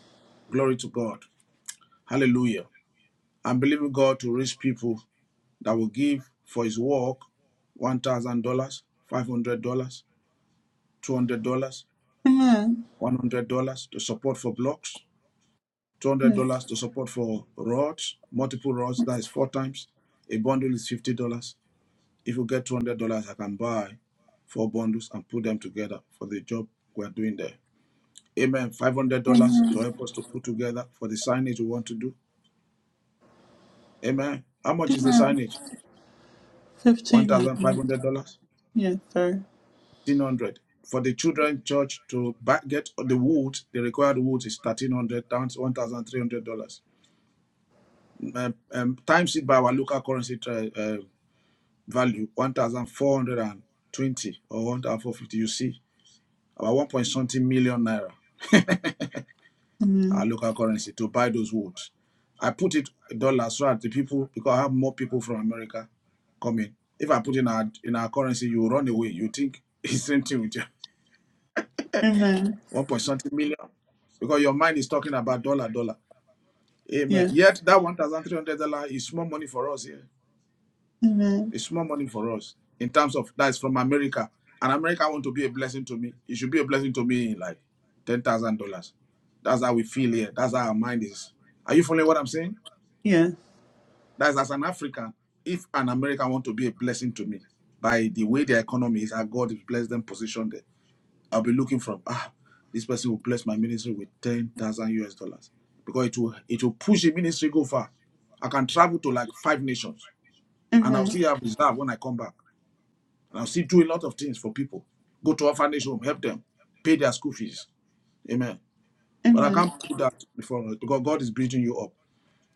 Speaker 3: Glory to God. Hallelujah. I'm believing God to reach people that will give for his work $1,000, $500, $200.
Speaker 1: Amen.
Speaker 3: $100 to support for blocks,
Speaker 1: Yes.
Speaker 3: $200 to support for rods, multiple rods, that is four times. A bundle is $50. If you get $200, I can buy four bundles and put them together for the job we're doing there. Amen. $500 to help us to put together for the signage we want to do. Amen. How much is the
Speaker 1: Amen.
Speaker 3: signage?
Speaker 1: Fifteen
Speaker 3: $1,500,
Speaker 1: hundred.
Speaker 3: 1500
Speaker 1: Yes, sir.
Speaker 3: For the children church to buy, get the wood, the required wood is $1,300, $1,300. um, um, times it by our local currency tra- uh, value, 1,420 or 1,450, you see, about 1 point something million naira, our
Speaker 1: Amen.
Speaker 3: local currency, to buy those woods. I put it dollars so that the people, because I have more people from America coming. If I put in our in our currency, you run away. You think <laughs> it's same thing with you.
Speaker 1: Amen.
Speaker 3: One point something million, because your mind is talking about dollar, dollar. Amen.
Speaker 1: Yes.
Speaker 3: Yet that one thousand three hundred dollar is small money for us here.
Speaker 1: Amen.
Speaker 3: It's small money for us in terms of that's from America. And America want to be a blessing to me. It should be a blessing to me in like ten thousand dollars. That's how we feel here. That's how our mind is. Are you following what I'm saying?
Speaker 1: Yes.
Speaker 3: That's as an African, if an American want to be a blessing to me by the way their economy is, how God has blessed them positioned there, I'll be looking from ah, this person will bless my ministry with ten thousand US dollars. Because it will it will push the ministry go far. I can travel to like five nations and I'll
Speaker 1: Amen.
Speaker 3: still have reserve when I come back. Now, see, do a lot of things for people. Go to orphanage home, help them, pay their school fees. Amen. But I
Speaker 1: Amen.
Speaker 3: can't put that before God. because God is building you up.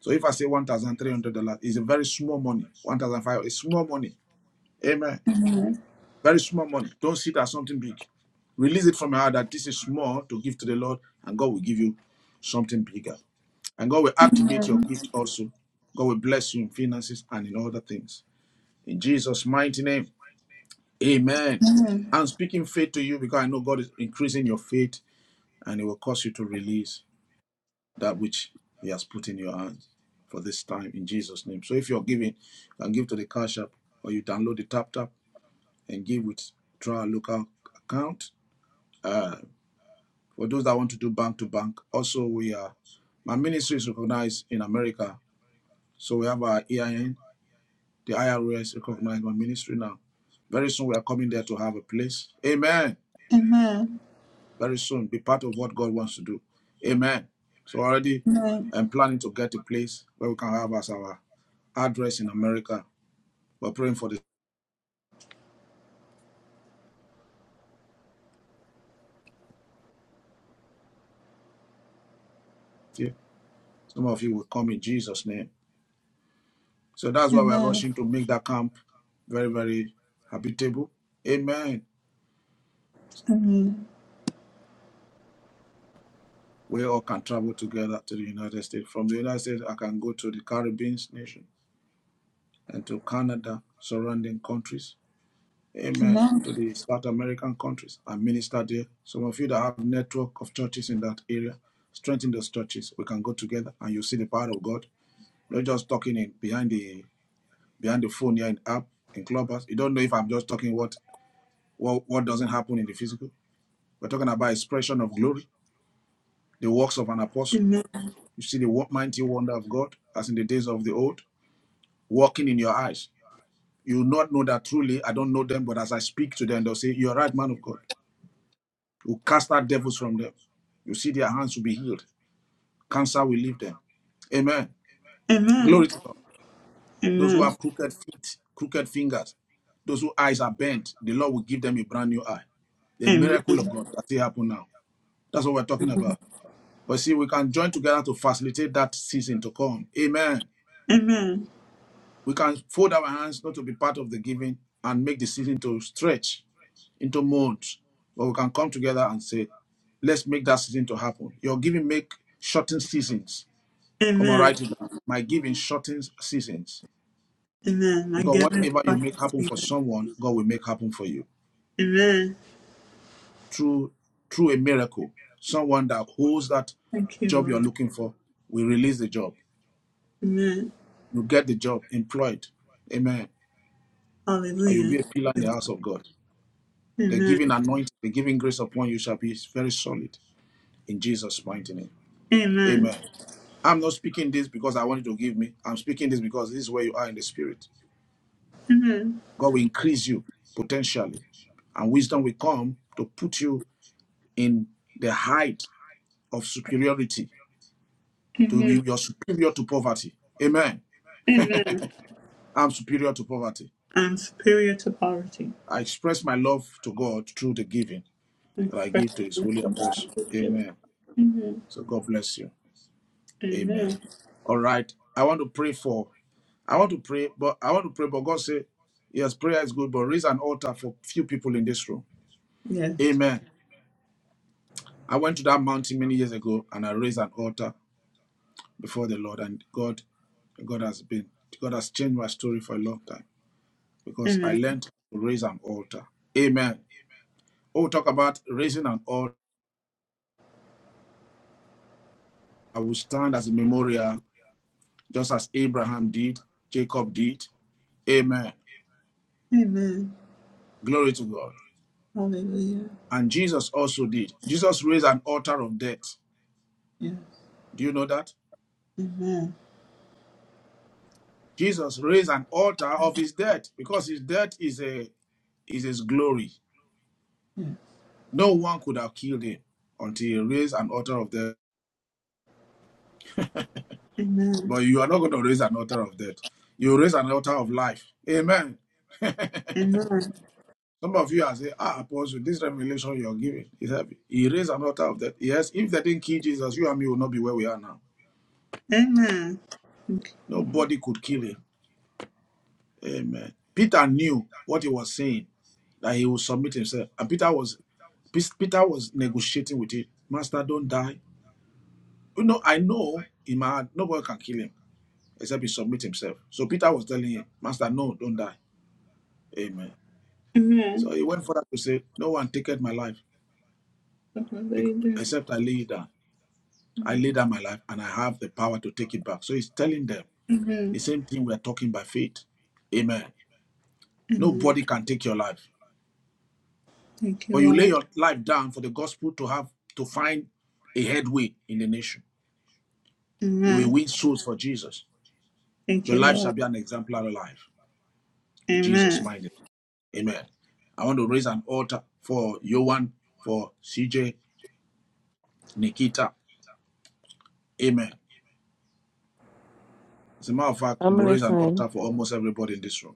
Speaker 3: So if I say one thousand three hundred dollars, it's a very small money. One thousand five, hundred dollars, it's small money. Amen. Very small money. Don't see it as something big. Release it from your heart that this is small to give to the Lord, and God will give you something bigger. And God will activate your gift also. God will bless you in finances and in other things. In Jesus' mighty name. Amen.
Speaker 1: Amen.
Speaker 3: I'm speaking faith to you because I know God is increasing your faith and it will cause you to release that which He has put in your hands for this time in Jesus' name. So if you're giving, you can give to the Cash App or you download the Tap Tap and give with through our local account. Uh, for those that want to do bank to bank, also we are, my ministry is recognized in America. So we have our EIN, the IRS recognized my ministry now. Very soon we are coming there to have a place. Amen.
Speaker 1: Amen.
Speaker 3: very soon. Be part of what God wants to do. Amen. So already I'm planning to get a place where we can have as our address in America. We're praying for this year. Some of you will come in Jesus' name. So that's why we're
Speaker 1: Amen.
Speaker 3: rushing to make that camp very, very habitable. Amen.
Speaker 1: Amen.
Speaker 3: We all can travel together to the United States. From the United States, I can go to the Caribbean nation and to Canada, surrounding countries Amen.
Speaker 1: Amen.
Speaker 3: To the South American countries and minister there. Some of you that have network of churches in that area, strengthen those churches. We can go together and you see the power of God. Not just talking in behind the behind the phone here in app in clubhouse. You don't know if I'm just talking what what, what doesn't happen in the physical. We're talking about expression of glory, the works of an apostle. You see the mighty wonder of God as in the days of the old, walking in your eyes. You will not know that truly I don't know them, but as I speak to them, they'll say, You're right, man of God. We'll cast out devils from them. You see their hands will be healed. Cancer will leave them. Amen.
Speaker 1: Amen. Amen.
Speaker 3: Glory to God.
Speaker 1: Amen.
Speaker 3: Those who
Speaker 1: Amen.
Speaker 3: have crooked feet, crooked fingers, those whose eyes are bent, the Lord will give them a brand new eye. The
Speaker 1: Amen.
Speaker 3: miracle of God That's it. happen now. That's what we're talking about. But see, we can join together to facilitate that season to come. Amen.
Speaker 1: Amen.
Speaker 3: We can fold our hands not to be part of the giving and make the season to stretch into months. But we can come together and say, let's make that season to happen. Your giving make shortened seasons. Come on,
Speaker 1: Amen.
Speaker 3: write it down. My giving shortens seasons.
Speaker 1: Amen. I
Speaker 3: Because
Speaker 1: give it
Speaker 3: whatever you
Speaker 1: back
Speaker 3: make
Speaker 1: to
Speaker 3: happen
Speaker 1: you.
Speaker 3: for someone, God will make happen for you.
Speaker 1: Amen.
Speaker 3: Through through a miracle. Someone that holds that
Speaker 1: Thank you,
Speaker 3: job you're
Speaker 1: Lord.
Speaker 3: looking for will release the job.
Speaker 1: Amen.
Speaker 3: You get the job, employed. Amen. And you'll
Speaker 1: Hallelujah.
Speaker 3: be a
Speaker 1: Thank
Speaker 3: pillar
Speaker 1: you,
Speaker 3: in the house
Speaker 1: Lord.
Speaker 3: of God. The
Speaker 1: Amen.
Speaker 3: giving anointing, the giving grace upon you shall be very solid in Jesus' mighty name.
Speaker 1: Amen.
Speaker 3: Amen. I'm not speaking this because I want you to give me. I'm speaking this because this is where you are in the spirit.
Speaker 1: Amen.
Speaker 3: God will increase you potentially, and wisdom will come to put you in the height of superiority, to be
Speaker 1: Amen.
Speaker 3: you're superior to poverty. Amen.
Speaker 1: Amen.
Speaker 3: I'm superior to poverty.
Speaker 1: I'm superior to poverty.
Speaker 3: I express my love to God through the giving
Speaker 1: I'm
Speaker 3: that I
Speaker 1: fresh
Speaker 3: give to His
Speaker 1: with
Speaker 3: holy
Speaker 1: the God
Speaker 3: apostle.
Speaker 1: who's given.
Speaker 3: Amen.
Speaker 1: Amen.
Speaker 3: So God bless you. Amen.
Speaker 1: Amen.
Speaker 3: All right. I want to pray for. I want to pray, but I want to pray, but God say, yes, prayer is good, but raise an altar for few people in this room.
Speaker 1: Yes.
Speaker 3: Amen. I went to that mountain many years ago, and I raised an altar before the Lord, and God, God has been, God has changed my story for a long time because I
Speaker 1: Amen.
Speaker 3: learned to raise an altar. Amen. Oh, talk about raising an altar. I will stand as a memorial, just as Abraham did, Jacob did. Amen.
Speaker 1: Amen.
Speaker 3: Glory to God.
Speaker 1: Hallelujah.
Speaker 3: And Jesus also did. Jesus raised an altar of death.
Speaker 1: Yes.
Speaker 3: Do you know that?
Speaker 1: Amen.
Speaker 3: Jesus raised an altar of his death because his death is a is his glory. No one could have killed him until he raised an altar of death.
Speaker 1: Amen.
Speaker 3: But you are not going to raise an altar of death. You raise an altar of life. Amen.
Speaker 1: Amen.
Speaker 3: Some of you are saying, Ah, Apostle, this revelation you're giving is heavy. He raised an altar of death. Yes, if they didn't kill Jesus, you and me will not be where we are now.
Speaker 1: Amen.
Speaker 3: Nobody could kill him. Amen. Peter knew what he was saying, that he would submit himself. And Peter was Peter was negotiating with it. Master, don't die. You know, I know in my heart, nobody can kill him except he submit himself. So Peter was telling him, Master, no, don't die. Amen. So
Speaker 1: Amen.
Speaker 3: he went further to say, No one taketh my life
Speaker 1: Look what they do.
Speaker 3: except I lay it down. I lay
Speaker 1: Amen.
Speaker 3: down my life and I have the power to take it back. So he's telling them the
Speaker 1: Amen.
Speaker 3: same thing we're talking by faith. Amen.
Speaker 1: Amen.
Speaker 3: Nobody can take your life.
Speaker 1: Thank you,
Speaker 3: But you lay
Speaker 1: Lord.
Speaker 3: your life down for the gospel to have to find a headway in the nation. You will
Speaker 1: Amen.
Speaker 3: win souls for Jesus.
Speaker 1: Thank
Speaker 3: Your
Speaker 1: you,
Speaker 3: life
Speaker 1: Lord.
Speaker 3: shall be an exemplary life in Jesus'
Speaker 1: Amen.
Speaker 3: mind. Amen. I want to raise an altar for Yohan, for CJ, Nikita. Amen. As a matter of fact,
Speaker 6: I'm
Speaker 3: we'll raise an
Speaker 6: listening.
Speaker 3: altar for almost everybody in this room.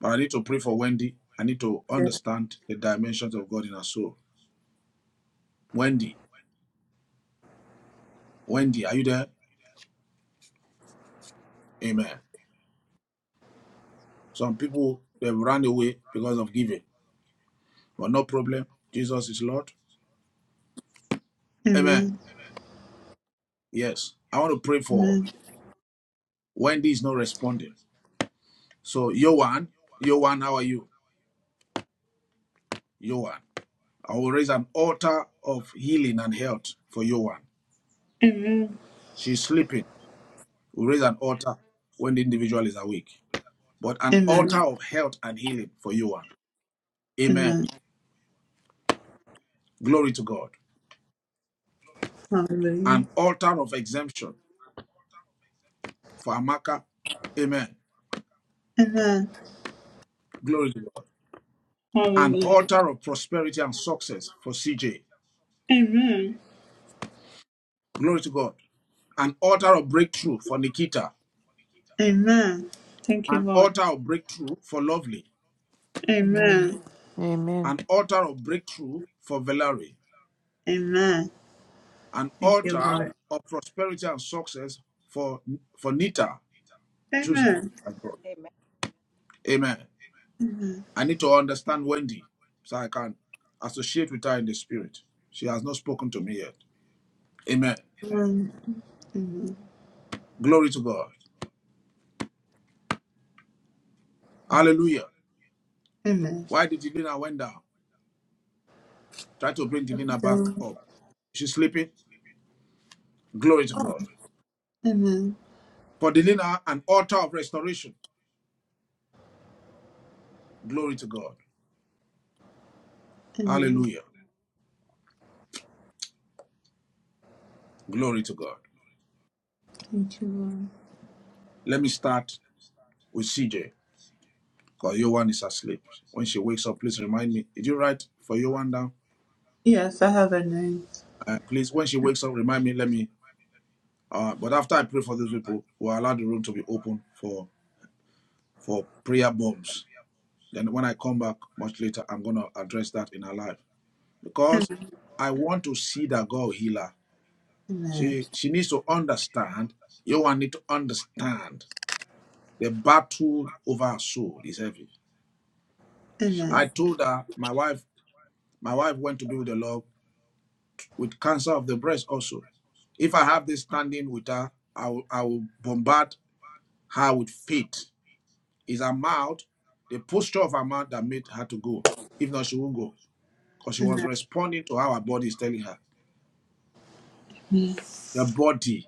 Speaker 3: But I need to pray for Wendy. I need to understand the dimensions of God in her soul. Wendy, Wendy, are you there? Amen. Some people they have run away because of giving. But no problem. Jesus is Lord. Amen.
Speaker 1: Amen.
Speaker 3: Yes. I want to pray for
Speaker 1: Amen.
Speaker 3: Wendy is not responding. So, Yohan, Yohan, how are you? Yohan. I will raise an altar of healing and health for Yohan.
Speaker 1: Amen.
Speaker 3: She's sleeping. We'll raise an altar when the individual is awake. But an
Speaker 1: Amen.
Speaker 3: altar of health and healing for Yohan. Amen.
Speaker 1: Amen.
Speaker 3: Glory to God.
Speaker 1: Hallelujah.
Speaker 3: An altar of exemption for Amaka. Amen.
Speaker 1: Amen.
Speaker 3: Glory to God. An
Speaker 1: Hallelujah.
Speaker 3: altar of prosperity and success for CJ.
Speaker 1: Amen.
Speaker 3: Glory to God. an altar of breakthrough for Nikita,
Speaker 1: Amen. Thank you,
Speaker 3: an
Speaker 1: Lord.
Speaker 3: altar of breakthrough for Lovely,
Speaker 6: Amen.
Speaker 1: Amen.
Speaker 6: Amen.
Speaker 3: an altar of breakthrough for Valerie,
Speaker 1: Amen.
Speaker 3: an
Speaker 1: Thank you,
Speaker 3: altar
Speaker 1: Lord.
Speaker 3: of prosperity and success for for Nita, choosing
Speaker 1: Amen.
Speaker 3: as
Speaker 14: Amen.
Speaker 3: Amen.
Speaker 1: Amen.
Speaker 3: I need to understand Wendy so I can associate with her in the spirit. She has not spoken to me yet. Amen.
Speaker 1: Amen. Amen.
Speaker 3: Glory to God. Hallelujah.
Speaker 1: Amen.
Speaker 3: Why did Delina went down? Try to bring Delina back
Speaker 1: So,
Speaker 3: up. She's sleeping. Glory to God.
Speaker 1: Amen.
Speaker 3: For Delina, an altar of restoration. Glory to God.
Speaker 1: Amen.
Speaker 3: Hallelujah. Glory to God.
Speaker 1: Thank you, Lord.
Speaker 3: Let me start with CJ because Yohan is asleep. When she wakes up, please remind me. Did you write for Yohan down?
Speaker 1: Yes, I have a name.
Speaker 3: Uh, please, when she wakes up, remind me. Let me. Uh, but after I pray for these people, we'll allow the room to be open for for prayer bombs. Then when I come back much later, I'm gonna address that in her life
Speaker 1: Amen.
Speaker 3: because I want to see that God heal her.
Speaker 1: Amen.
Speaker 3: She she needs to understand. Yohan need to understand The battle over our soul is heavy.
Speaker 1: Amen.
Speaker 3: I told her my wife, my wife went to be with the Lord with cancer of the breast also. If I have this standing with her, I will, I will bombard her with faith. Is her mouth, the posture of her mouth that made her to go. If not, she won't go. Because she was
Speaker 1: Amen.
Speaker 3: responding to how her body is telling her. The body.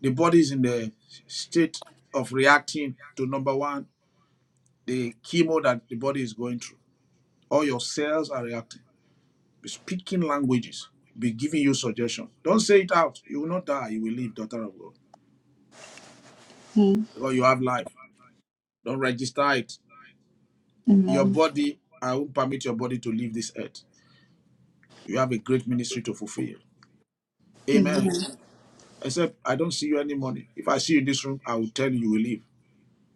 Speaker 3: The body is in the state of reacting to number one, the chemo that the body is going through. All your cells are reacting be speaking languages, be giving you suggestions. Don't say it out. You will not die. You will live, daughter of God,
Speaker 1: Amen.
Speaker 3: because you have life. Don't register it. Your body, I won't permit your body to leave this earth. You have a great ministry to fulfill.
Speaker 1: Amen.
Speaker 3: Amen. Except I don't see you any money. If I see you in this room, I will tell you you will leave.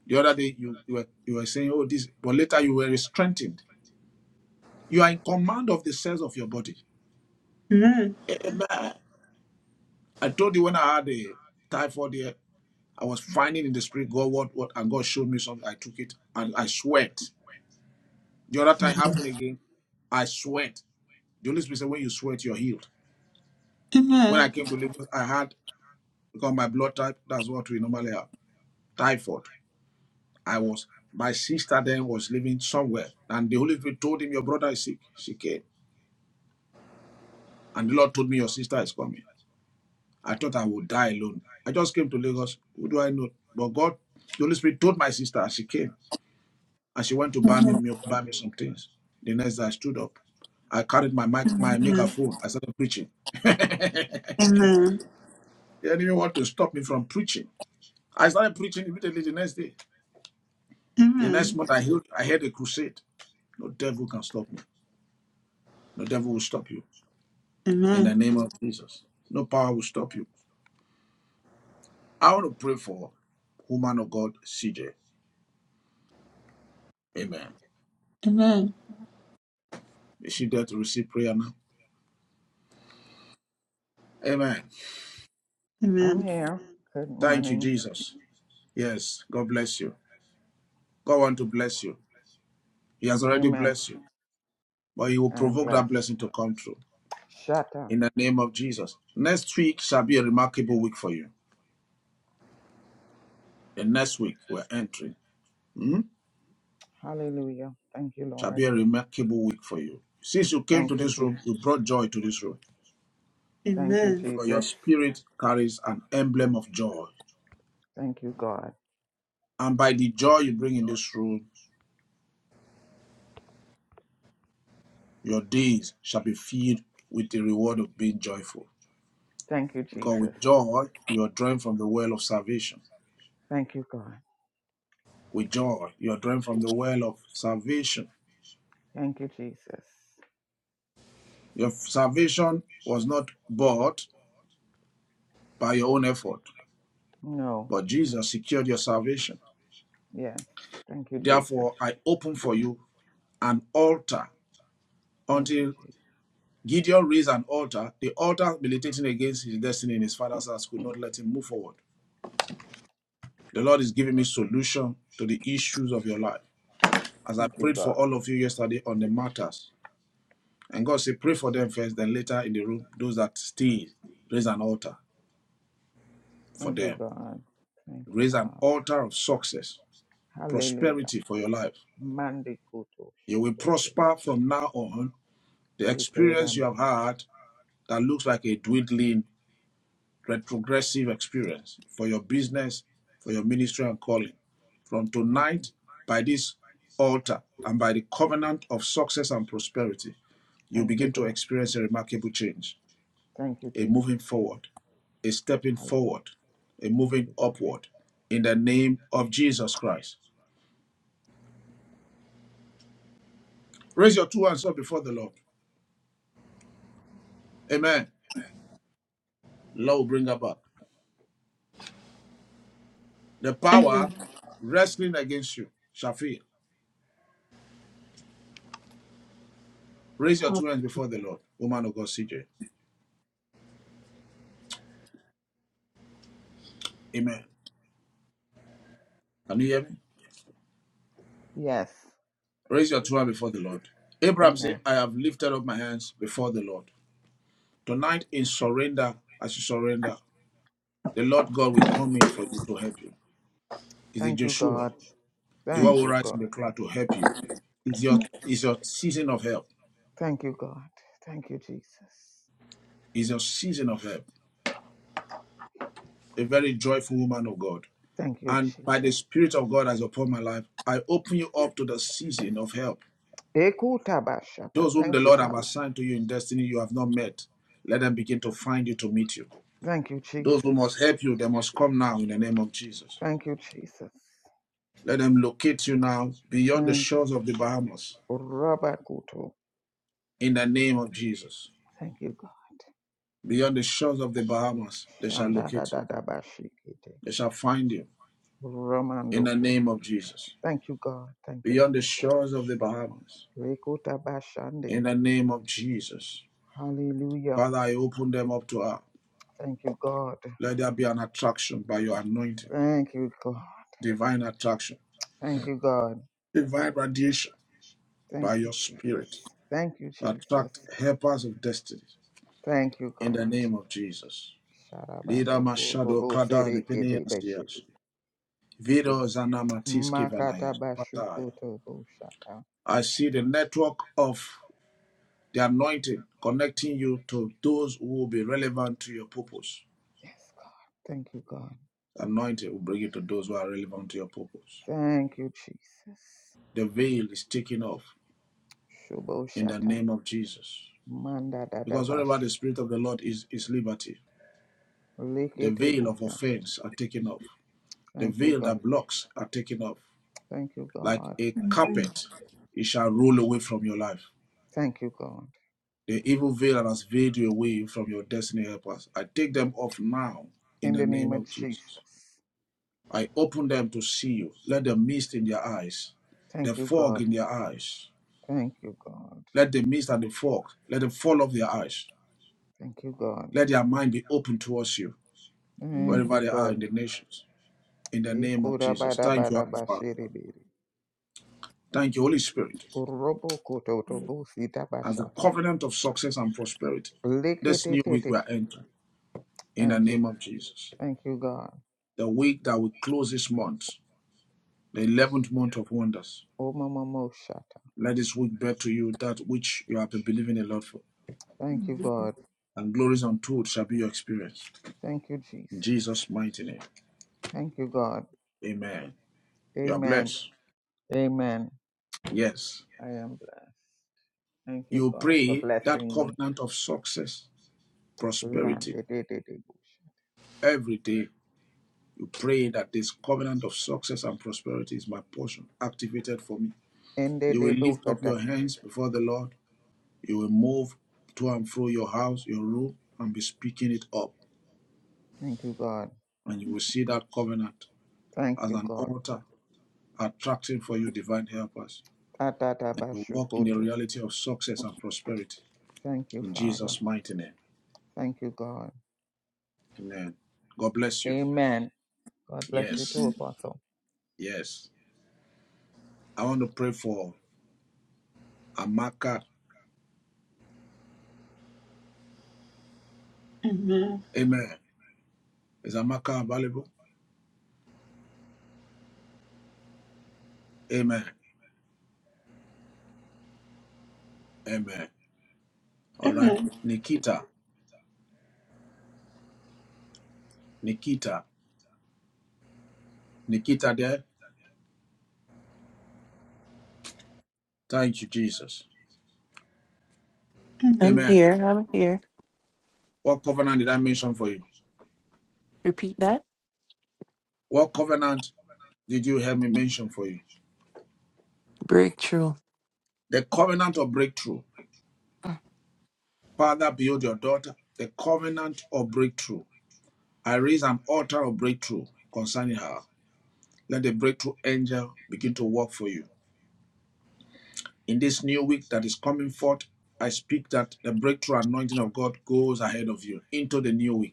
Speaker 3: The other day you, you were you were saying, oh this, but later you were strengthened. You are in command of the cells of your body.
Speaker 1: Amen.
Speaker 3: Amen. I told you when I had a typhoid here, I was finding in the spirit God what what and God showed me something. I took it and I sweat. The other time happened again. I sweat. The Holy Spirit said, when you sweat, you're healed. When
Speaker 1: Amen.
Speaker 3: I
Speaker 1: Amen.
Speaker 3: came to Lagos, I had because my blood type. That's what we normally have. Typhoid. I was. My sister then was living somewhere, and the Holy Spirit told him, "Your brother is sick." She came, and the Lord told me, "Your sister is coming." I thought I would die alone. I just came to Lagos. Who do I know? But God, the Holy Spirit told my sister, and she came. And she went to buy me milk, buy me some things. The next day I stood up. I carried my mic, my
Speaker 1: Amen.
Speaker 3: megaphone. I started preaching. <laughs> they
Speaker 1: Amen. Amen.
Speaker 3: didn't even want to stop me from preaching. I started preaching immediately the next day. The next month I heard I had a crusade. No devil can stop me. No devil will stop you. In
Speaker 1: Amen.
Speaker 3: the name of Jesus. No power will stop you. I want to pray for woman of God, CJ. Amen. Is she there to receive prayer now? Amen.
Speaker 13: I'm
Speaker 1: Amen.
Speaker 13: here. Good
Speaker 3: Thank you,
Speaker 13: morning.
Speaker 3: Jesus. Yes. God bless you. God want to bless you. He has already
Speaker 13: Amen.
Speaker 3: blessed you, but He will
Speaker 13: I am
Speaker 3: provoke that
Speaker 13: blessed.
Speaker 3: blessing to come true
Speaker 13: Shatter,
Speaker 3: in the name of Jesus. Next week shall be a remarkable week for you. The next week we're entering hmm,
Speaker 13: Hallelujah. Thank you,
Speaker 3: shall
Speaker 13: Lord.
Speaker 3: be a remarkable week for you. Since you came to
Speaker 13: Thank you,
Speaker 3: this
Speaker 13: Jesus.
Speaker 3: room, you brought joy to this room
Speaker 13: Thank you,
Speaker 3: because your
Speaker 13: Jesus.
Speaker 3: spirit carries an emblem of joy.
Speaker 13: Thank you, God.
Speaker 3: And by the joy you bring in this room, your days shall be filled with the reward of being joyful.
Speaker 13: Thank you,
Speaker 3: Because
Speaker 13: Jesus.
Speaker 3: with joy, you are drawn from the well of salvation.
Speaker 13: Thank you, God.
Speaker 3: With joy, you are drawn from the well of salvation.
Speaker 13: Thank you, Jesus.
Speaker 3: Your salvation was not bought by your own effort,
Speaker 13: No.
Speaker 3: but Jesus secured your salvation.
Speaker 13: Yes. Thank you, Jesus.
Speaker 3: Therefore, I open for you an altar
Speaker 13: Thank you,
Speaker 3: until
Speaker 13: Jesus.
Speaker 3: Gideon raised an altar. The altar militating against his destiny in his father's house could not let him move forward. The Lord is giving me solution to the issues of your life. As I
Speaker 13: Thank you,
Speaker 3: prayed for
Speaker 13: God.
Speaker 3: all of you yesterday on the matters, and God said, pray for them first, then later in the room, those that still raise an altar for
Speaker 13: Thank you,
Speaker 3: them.
Speaker 13: God. Thank you,
Speaker 3: Raise an
Speaker 13: Father.
Speaker 3: altar of success
Speaker 13: Hallelujah.
Speaker 3: prosperity for your life.
Speaker 13: Mandi kuto
Speaker 3: You will
Speaker 13: shokote.
Speaker 3: prosper from now on. The
Speaker 13: Eke
Speaker 3: experience you
Speaker 13: ram.
Speaker 3: have had that looks like a dwindling, retrogressive experience for your business, for your ministry and calling. From
Speaker 13: Thank you.
Speaker 3: tonight, by this altar and by the covenant of success and prosperity, you
Speaker 13: Thank you,
Speaker 3: begin to
Speaker 13: God.
Speaker 3: experience a remarkable change,
Speaker 13: Thank you,
Speaker 3: a
Speaker 13: Jesus.
Speaker 3: moving forward, a stepping
Speaker 13: Hallelujah.
Speaker 3: forward, a
Speaker 13: Thank
Speaker 3: moving
Speaker 13: you, God.
Speaker 3: upward in the name of Jesus Christ. Raise your two hands up before the Lord. Amen. Lord will bring her back. The power
Speaker 1: Amen.
Speaker 3: wrestling against you shall fail. Raise your two hands before the Lord, woman of God, CJ. Amen. Can you hear me?
Speaker 13: Yes.
Speaker 3: Raise your two hands before the Lord. Abraham said,
Speaker 13: Amen.
Speaker 3: I have lifted up my hands before the Lord. Tonight, in surrender, as you surrender, the Lord God will come in for you to help you. Is the
Speaker 13: Thank you,
Speaker 3: Jeshurun,
Speaker 13: God.
Speaker 3: the one
Speaker 13: Thank
Speaker 3: who
Speaker 13: you,
Speaker 3: rises in
Speaker 13: God.
Speaker 3: the cloud to help you. Is your is your season of help.
Speaker 13: Thank you, God. Thank you, Jesus.
Speaker 3: Is your season of help. A very joyful woman of God.
Speaker 13: Thank you,
Speaker 3: and by the
Speaker 13: Jesus.
Speaker 3: Spirit of God that is upon my life, I open you up to the season of help.
Speaker 13: Ekutabashaba.
Speaker 3: Those whom the
Speaker 13: Thank you,
Speaker 3: Lord have
Speaker 13: Father.
Speaker 3: assigned to you in destiny you have not met, let them begin to find you to meet you.
Speaker 13: Thank you,
Speaker 3: Those who must
Speaker 13: Jesus.
Speaker 3: help you, they must come now in the name of Jesus.
Speaker 13: Thank you, Jesus.
Speaker 3: Let them locate you now beyond the
Speaker 13: Thank you.
Speaker 3: shores of the Bahamas
Speaker 13: Rabakuto.
Speaker 3: in the name of Jesus.
Speaker 13: Thank you, God.
Speaker 3: Beyond the shores of the Bahamas, they shall
Speaker 13: Shanda da
Speaker 3: locate you.
Speaker 13: da da bashikite.
Speaker 3: They shall find you in the name of Jesus.
Speaker 13: Thank you, God. Thank you,
Speaker 3: Beyond the
Speaker 13: Jesus.
Speaker 3: shores of the Bahamas,
Speaker 13: Rekota bashande.
Speaker 3: in the name of Jesus.
Speaker 13: Hallelujah.
Speaker 3: Father, I open them up to us.
Speaker 13: Thank you, God.
Speaker 3: Let there be an attraction by your anointing,
Speaker 13: Thank you, God.
Speaker 3: divine attraction,
Speaker 13: Thank you, God.
Speaker 3: divine radiation
Speaker 13: Thank
Speaker 3: by
Speaker 13: you,
Speaker 3: your spirit.
Speaker 13: Jesus. Thank you, Jesus.
Speaker 3: Attract helpers of destiny
Speaker 13: Thank you,
Speaker 3: in the
Speaker 13: God.
Speaker 3: name of Jesus. Lida
Speaker 13: Sharabando ko
Speaker 3: Mashado
Speaker 13: robo
Speaker 3: Kada
Speaker 13: sereke de
Speaker 3: Repeniasias.
Speaker 13: beshete. Thank you.
Speaker 3: Vido Zanamatiski
Speaker 13: Makata
Speaker 3: Vanayas.
Speaker 13: bashukoto boshata.
Speaker 3: I see the network of the anointing connecting you to those who will be relevant to your purpose.
Speaker 13: Yes, God. Thank you, God.
Speaker 3: The Anointing will bring you to those who are relevant to your purpose.
Speaker 13: Thank you, Jesus.
Speaker 3: The veil is taken off
Speaker 13: Shubo
Speaker 3: in the
Speaker 13: shata.
Speaker 3: name of Jesus.
Speaker 13: Manda dada
Speaker 3: Because wherever
Speaker 13: bashu.
Speaker 3: the Spirit of the Lord is, is liberty. The
Speaker 13: Lekete
Speaker 3: veil of
Speaker 13: bushata.
Speaker 3: offense are taken off. The
Speaker 13: Thank you,
Speaker 3: veil that
Speaker 13: God.
Speaker 3: blocks are taken off.
Speaker 13: Thank you,
Speaker 3: Like
Speaker 13: God.
Speaker 3: a carpet, it shall roll away from your life.
Speaker 13: Thank you, God.
Speaker 3: The evil veil that has veiled you away from your destiny helpers. I take them off now in
Speaker 13: In
Speaker 3: the
Speaker 13: the name
Speaker 3: name
Speaker 13: of
Speaker 3: of Jesus.
Speaker 13: Jesus.
Speaker 3: I open them to see you. Let the mist in their eyes, the
Speaker 13: Thank you,
Speaker 3: fog
Speaker 13: God.
Speaker 3: in their eyes.
Speaker 13: Thank you, God.
Speaker 3: Let the mist and the fog, let them fall off their eyes.
Speaker 13: Thank you, God.
Speaker 3: Let their mind be open towards you,
Speaker 13: Thank
Speaker 3: wherever
Speaker 13: you,
Speaker 3: they are
Speaker 13: God.
Speaker 3: in the nations. in the name of
Speaker 13: Ikura
Speaker 3: Jesus.
Speaker 13: bada
Speaker 3: Thank you,
Speaker 13: bada
Speaker 3: Abba Father.
Speaker 13: bashiri biri
Speaker 3: Thank you, Holy Spirit,
Speaker 13: Urobo koto tobo sita
Speaker 3: as the
Speaker 13: bashata
Speaker 3: covenant of success and prosperity. This
Speaker 13: likete
Speaker 3: new week
Speaker 13: tete.
Speaker 3: we are entering in the
Speaker 13: Thank you.
Speaker 3: name of Jesus.
Speaker 13: Thank you, God.
Speaker 3: The week that we close this month, the 11th month of wonders.
Speaker 13: O Mama Moshata.
Speaker 3: Let this week bear to you that which you have been believing the Lord for,
Speaker 13: Thank you, God.
Speaker 3: and glories untold shall be your experience.
Speaker 13: Thank you,
Speaker 3: In
Speaker 13: Jesus.
Speaker 3: Jesus' mighty name,
Speaker 13: Thank you, God.
Speaker 3: amen. You are
Speaker 13: Amen.
Speaker 3: blessed.
Speaker 13: Amen.
Speaker 3: Yes.
Speaker 13: I am blessed. Thank you,
Speaker 3: You
Speaker 13: God, for
Speaker 3: pray that
Speaker 13: blessing me.
Speaker 3: covenant of success, prosperity
Speaker 13: Landedebukata.
Speaker 3: every day You pray that this covenant of success and prosperity is my portion, activated for me. You will lift up your hands before the Lord. You will move to and fro your house, your room, and be speaking it up.
Speaker 13: Thank you, God.
Speaker 3: And you will see that covenant
Speaker 13: Thank
Speaker 3: as
Speaker 13: you,
Speaker 3: an
Speaker 13: God.
Speaker 3: altar attracting for you divine helpers. And you walk in the
Speaker 13: Tatatabashukutu.
Speaker 3: reality of success and prosperity.
Speaker 13: Thank you,
Speaker 3: In
Speaker 13: Father.
Speaker 3: Jesus' mighty name.
Speaker 13: Thank you, God.
Speaker 3: Amen. God bless you.
Speaker 13: Amen. God bless you
Speaker 3: Yes.
Speaker 13: too, Apostle.
Speaker 3: Yes. I want to pray for Amaka.
Speaker 1: Amen.
Speaker 3: Amen. Is Amaka available? Amen. Amen. All right.
Speaker 1: Amen.
Speaker 3: Nikita, Nikita, Nikita there. Thank you, Jesus.
Speaker 1: Amen.
Speaker 6: I'm
Speaker 3: Amen.
Speaker 6: here. I'm here.
Speaker 3: What covenant did I mention for you?
Speaker 6: Repeat that.
Speaker 3: What covenant did you help me mention for you?
Speaker 6: Breakthrough.
Speaker 3: The covenant of breakthrough. Father, behold your daughter. The covenant of breakthrough. I raise an altar of breakthrough concerning her. Let the breakthrough angel begin to work for you. In this new week that is coming forth, I speak that the breakthrough anointing of God goes ahead of you into the new week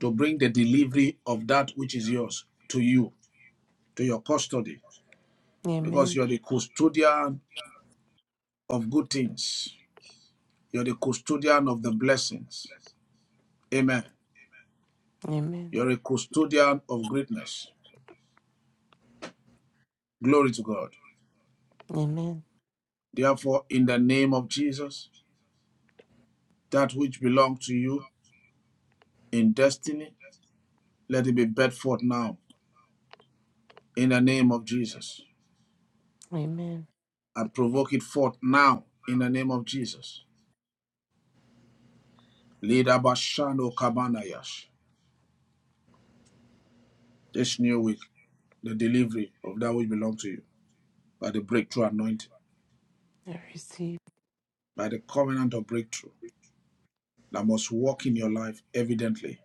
Speaker 3: to bring the delivery of that which is yours to you, to your custody, because
Speaker 6: Amen.
Speaker 3: you're the custodian of good things. You're the custodian of the blessings. Amen.
Speaker 6: Amen.
Speaker 3: You're a custodian of greatness. Glory to God.
Speaker 6: Amen.
Speaker 3: Therefore, in the name of Jesus, that which belongs to you in destiny, let it be brought forth now in the name of Jesus.
Speaker 6: Amen.
Speaker 3: And provoke it forth now in the name of Jesus. Lead Abashano Kabanayash. This new week. the delivery of that which belongs to you by the breakthrough anointing,
Speaker 6: I receive.
Speaker 3: by the covenant of breakthrough that must walk in your life evidently.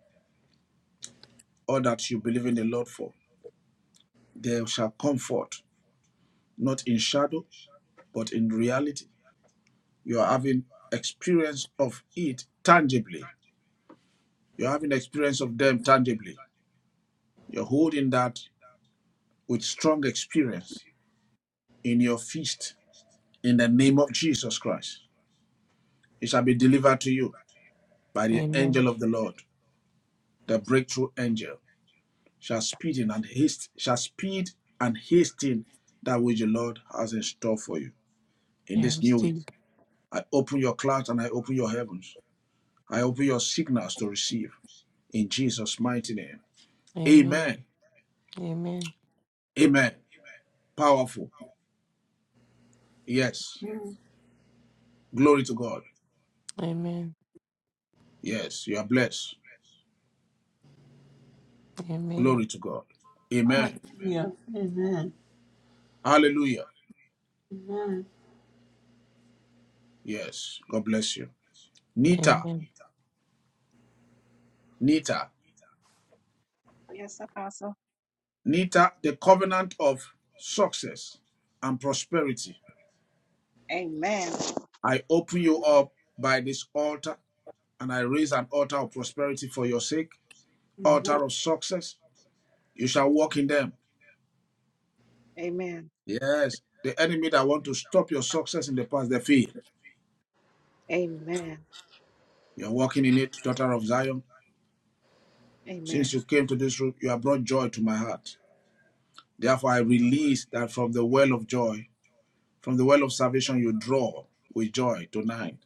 Speaker 3: All that you believe in the Lord for, there shall come forth, not in shadow, but in reality. You are having experience of it tangibly. You're having experience of them tangibly. You're holding that with strong experience in your feast in the name of Jesus Christ. It shall be delivered to you by the
Speaker 6: Amen.
Speaker 3: angel of the Lord, the breakthrough angel. shall speed in and haste shall speed and hasten that which the Lord has in store for you in
Speaker 6: I
Speaker 3: this new week.
Speaker 6: receive.
Speaker 3: I open your clouds and I open your heavens. I open your signals to receive in Jesus' mighty name.
Speaker 6: Amen.
Speaker 3: Amen.
Speaker 6: Amen.
Speaker 3: Amen. Powerful. Yes.
Speaker 1: Amen.
Speaker 3: Glory to God.
Speaker 6: Amen.
Speaker 3: Yes, you are blessed.
Speaker 6: Amen.
Speaker 3: Glory to God. Amen.
Speaker 1: Hallelujah. Amen.
Speaker 3: Hallelujah.
Speaker 1: Amen.
Speaker 3: Yes. God bless you. Nita.
Speaker 6: Amen.
Speaker 3: Nita.
Speaker 14: Yes, Apostle.
Speaker 3: Nita, the covenant of success and prosperity.
Speaker 14: Amen.
Speaker 3: I open you up by this altar, and I raise an altar of prosperity for your sake, altar of success. You shall walk in them.
Speaker 14: Amen.
Speaker 3: Yes, the enemy that want to stop your success in the past, they fear.
Speaker 14: Amen.
Speaker 3: You're walking in it, daughter of Zion. Since
Speaker 14: Amen.
Speaker 3: you came to this room, you have brought joy to my heart. Therefore, I release that from the well of joy, from the well of salvation, you draw with joy tonight.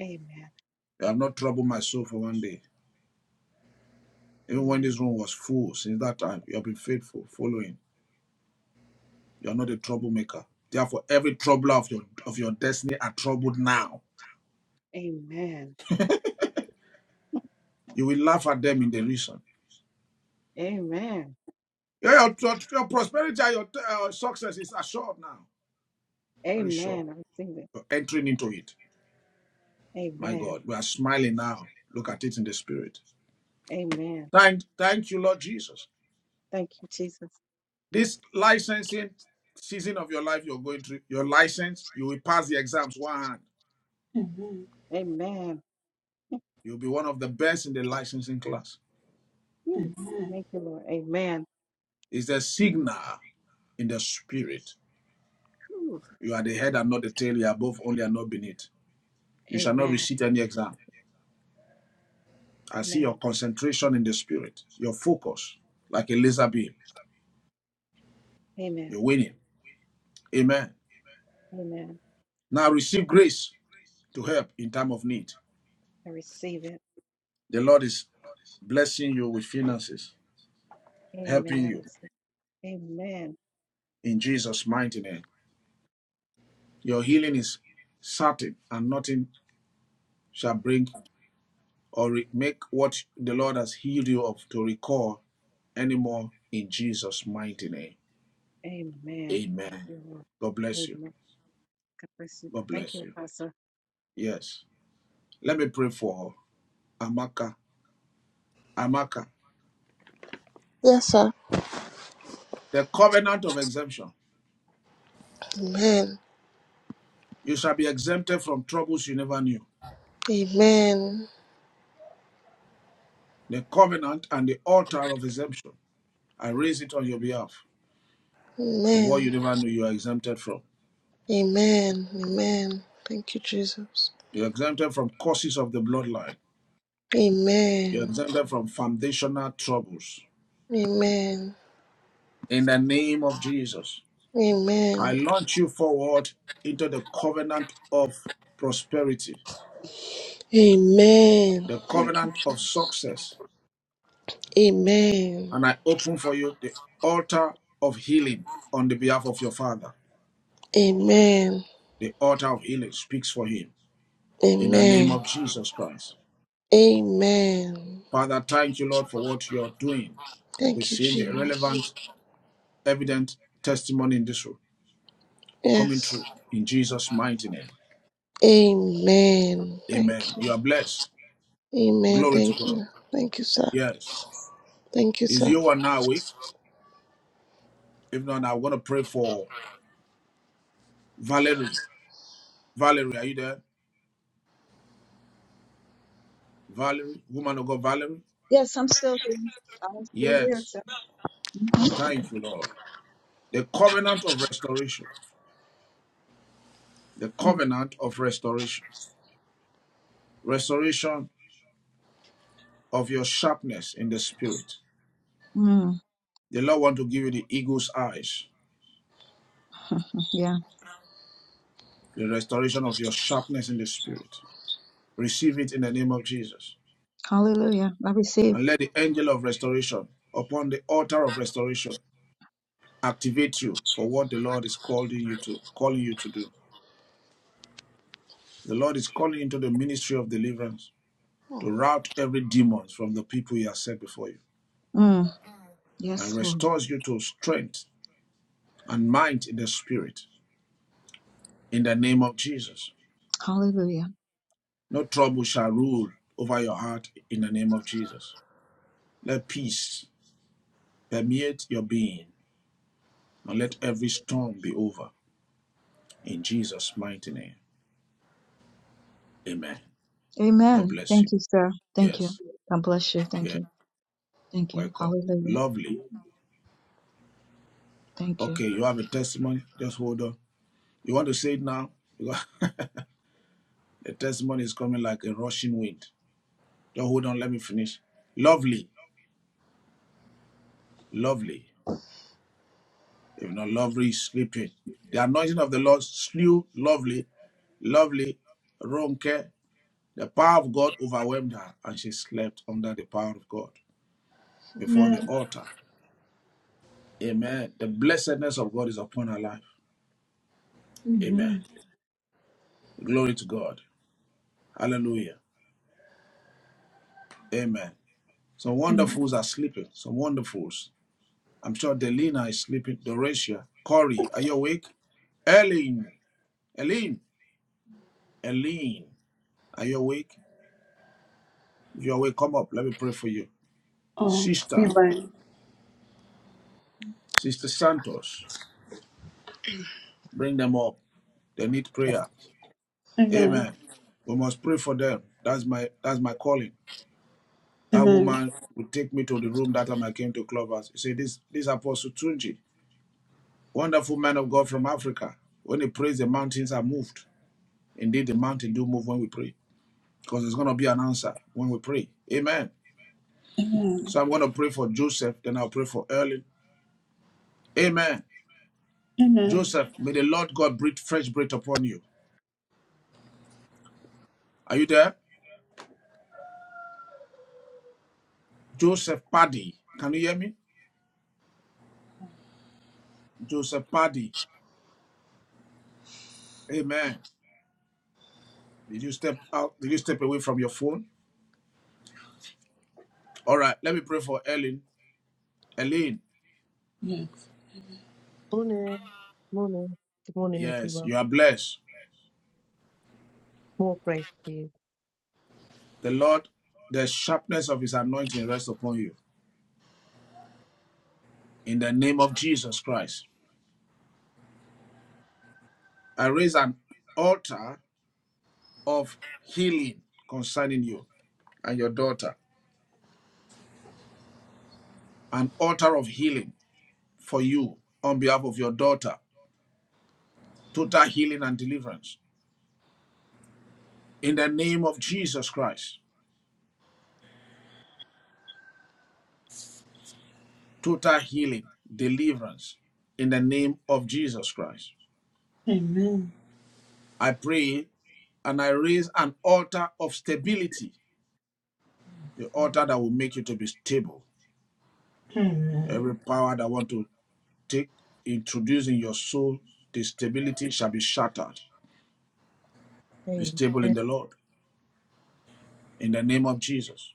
Speaker 14: Amen.
Speaker 3: You have not troubled my soul for one day. Even when this
Speaker 14: Amen.
Speaker 3: room was full, since that time, you have been faithful, following. You are not a troublemaker. Therefore, every troubler of your of your destiny are troubled now.
Speaker 14: Amen.
Speaker 3: You will laugh at them in derision.
Speaker 14: Amen.
Speaker 3: Yeah, your, your, your prosperity and your uh, success is assured now. Very sure.
Speaker 14: Amen. I receive it.
Speaker 3: You're entering into it. My
Speaker 14: Amen.
Speaker 3: God, we are smiling now. Look at it in the spirit.
Speaker 14: Amen.
Speaker 3: Thank, thank you, Lord Jesus.
Speaker 14: Thank you, Jesus.
Speaker 3: This licensing season of your life you're going through, your license, you will pass the exams one hand.
Speaker 1: Amen.
Speaker 14: Amen.
Speaker 3: You'll be one of the best in the licensing class.
Speaker 14: Whew.
Speaker 1: Amen.
Speaker 14: Thank you, Lord. Amen.
Speaker 3: It's a signal in the spirit.
Speaker 14: Whew.
Speaker 3: You are the head and not the tail. You are above only and not beneath. You shall not
Speaker 14: Amen.
Speaker 3: receive any exam. I see your
Speaker 14: Amen.
Speaker 3: concentration in the spirit, your focus, like a laser beam.
Speaker 14: Amen.
Speaker 3: You're winning. Amen.
Speaker 14: Amen.
Speaker 3: Now receive grace to help in time of need.
Speaker 14: I receive it.
Speaker 3: The Lord is blessing you with finances,
Speaker 14: Amen.
Speaker 3: helping
Speaker 14: I
Speaker 3: you
Speaker 14: receive it. Amen.
Speaker 3: in Jesus' mighty name. Your healing is certain, and nothing shall bring or make what the Lord has healed you of to recall anymore in Jesus' mighty name.
Speaker 14: Amen. Thank
Speaker 3: Amen.
Speaker 14: you, Lord.
Speaker 3: God bless you.
Speaker 14: Amen. God bless you.
Speaker 3: God
Speaker 14: Thank
Speaker 3: bless
Speaker 14: you,
Speaker 3: you.
Speaker 14: Apostle.
Speaker 3: Yes. Let me pray for Amaka. Amaka.
Speaker 2: Yes, sir.
Speaker 3: The covenant of exemption.
Speaker 2: Amen.
Speaker 3: You shall be exempted from troubles you never knew.
Speaker 2: Amen.
Speaker 3: The covenant and the altar of exemption. I raise it on your behalf. From what you
Speaker 2: Amen.
Speaker 3: never knew, you are exempted from.
Speaker 2: Amen. Amen. Thank you, Jesus.
Speaker 3: You're exempted from curses of the bloodline. You're
Speaker 2: Amen.
Speaker 3: exempted from foundational troubles.
Speaker 2: Amen.
Speaker 3: In the name of Jesus, I
Speaker 2: Amen.
Speaker 3: launch you forward into the covenant of prosperity
Speaker 2: Amen.
Speaker 3: the
Speaker 2: Thank you,
Speaker 3: covenant of
Speaker 2: Jesus.
Speaker 3: success,
Speaker 2: Amen.
Speaker 3: and I open for you the altar of healing on the behalf of your father.
Speaker 2: Amen.
Speaker 3: The altar of healing speaks for him in the name
Speaker 2: Amen.
Speaker 3: of Jesus Christ.
Speaker 2: Amen.
Speaker 3: Father, thank you, Lord, for what you're doing. We're
Speaker 2: Thank you,
Speaker 3: seeing the
Speaker 2: Jesus.
Speaker 3: relevant, evident testimony in this room coming
Speaker 2: Yes.
Speaker 3: true in Jesus' mighty name.
Speaker 2: Amen. Thank
Speaker 3: Amen.
Speaker 2: you.
Speaker 3: You are blessed.
Speaker 2: Amen.
Speaker 3: Glory to
Speaker 2: Thank
Speaker 3: God.
Speaker 2: you. Thank you, sir.
Speaker 3: Yes.
Speaker 2: Thank you,
Speaker 3: Is
Speaker 2: sir.
Speaker 3: you are now awake? If not, I'm going to pray for Valerie. Valerie, are you there? Valerie, woman of God, Valerie?
Speaker 12: Yes, I'm still here. I'm still here.
Speaker 3: Yes.
Speaker 12: So. Mhm.
Speaker 3: Thank you, Lord. The covenant of restoration. The
Speaker 12: Mm,
Speaker 3: covenant of restoration. Restoration of your sharpness in the spirit.
Speaker 12: mm.
Speaker 3: The Lord want to give you the eagle's eyes.
Speaker 12: <laughs> Yeah.
Speaker 3: The restoration of your sharpness in the spirit. Receive it in the name of Jesus.
Speaker 12: Hallelujah. I receive.
Speaker 3: And let the angel of restoration upon the altar of restoration activate you for what the Lord is calling you to calling you to do. The Lord is calling into the ministry of deliverance
Speaker 2: Oh,
Speaker 3: to rout every demon from the people he has set before you
Speaker 12: Mm.
Speaker 3: and
Speaker 12: Yes, Lord.
Speaker 3: restores you to strength and might in the spirit in the name of Jesus.
Speaker 12: Hallelujah.
Speaker 3: No trouble shall rule over your heart in the name of Jesus. Let peace permeate your being and let every storm be over in Jesus' mighty name. Amen. God
Speaker 12: Amen.
Speaker 3: bless you.
Speaker 12: Thank you, sir. Thank you.
Speaker 3: Yes.
Speaker 12: God bless you. Thank
Speaker 3: Yeah.
Speaker 12: you. Thank you.
Speaker 3: Welcome.
Speaker 12: Hallelujah.
Speaker 3: Lovely.
Speaker 12: Thank you.
Speaker 3: Okay, you have a testimony? Just hold on. You want to say it now? <laughs> the testimony is coming like a rushing wind. Just hold on. Let me finish. Lovely. Lovely. If not lovely, sleeping. The anointing of the Lord slew lovely, lovely, Ronke. The power of God overwhelmed her, and she slept under the power of God before the
Speaker 1: Amen.
Speaker 3: altar. Amen. The blessedness of God is upon her life. Amen.
Speaker 1: Amen.
Speaker 3: Glory to God. Hallelujah. Amen. Some
Speaker 1: Amen.
Speaker 3: wonderfuls are sleeping. Some wonderfuls. I'm sure Delina is sleeping. Doracia. Corey, are you awake? Eileen. Eileen. Eileen. Are you awake? If you're awake, come up. Let me pray for you.
Speaker 1: Oh,
Speaker 3: Sister,
Speaker 1: amen.
Speaker 3: Sister Santos, bring them up. They need prayer.
Speaker 1: Amen.
Speaker 3: Amen. We must pray for them. That's my that's my calling. That
Speaker 1: Amen.
Speaker 3: woman would take me to the room that time I came to Clubhouse. You see, this this Apostle Tunji, wonderful man of God from Africa. When he prays, the mountains are moved. Indeed, the mountain do move when we pray. Because there's gonna be an answer when we pray. Amen.
Speaker 1: Amen.
Speaker 3: So I'm gonna pray for Joseph, then I'll pray for Erling. Amen.
Speaker 1: Amen.
Speaker 3: Joseph, may the Lord God breathe fresh breath upon you. Are you there? Joseph Paddy. Can you hear me? Joseph Paddy. Amen. Did you step out? Did you step away from your phone? All right. Let me pray for Ellen. Ellen,
Speaker 1: Yes.
Speaker 15: Morning, morning, good morning,
Speaker 3: yes,
Speaker 15: everyone.
Speaker 3: you are blessed.
Speaker 15: More praise to you.
Speaker 3: The Lord, the sharpness of his anointing rests upon you. In the name of Jesus Christ. I raise an altar of healing concerning you and your daughter. An altar of healing for you on behalf of your daughter. Total healing and deliverance. In the name of Jesus Christ. total healing, deliverance in the name of Jesus Christ.
Speaker 1: Amen.
Speaker 3: I pray and I raise an altar of stability, the altar that will make you to be stable.
Speaker 1: Amen.
Speaker 3: Every power that want to take introduce in your soul the stability shall be shattered. Be
Speaker 15: Amen.
Speaker 3: stable in the Lord in the name of Jesus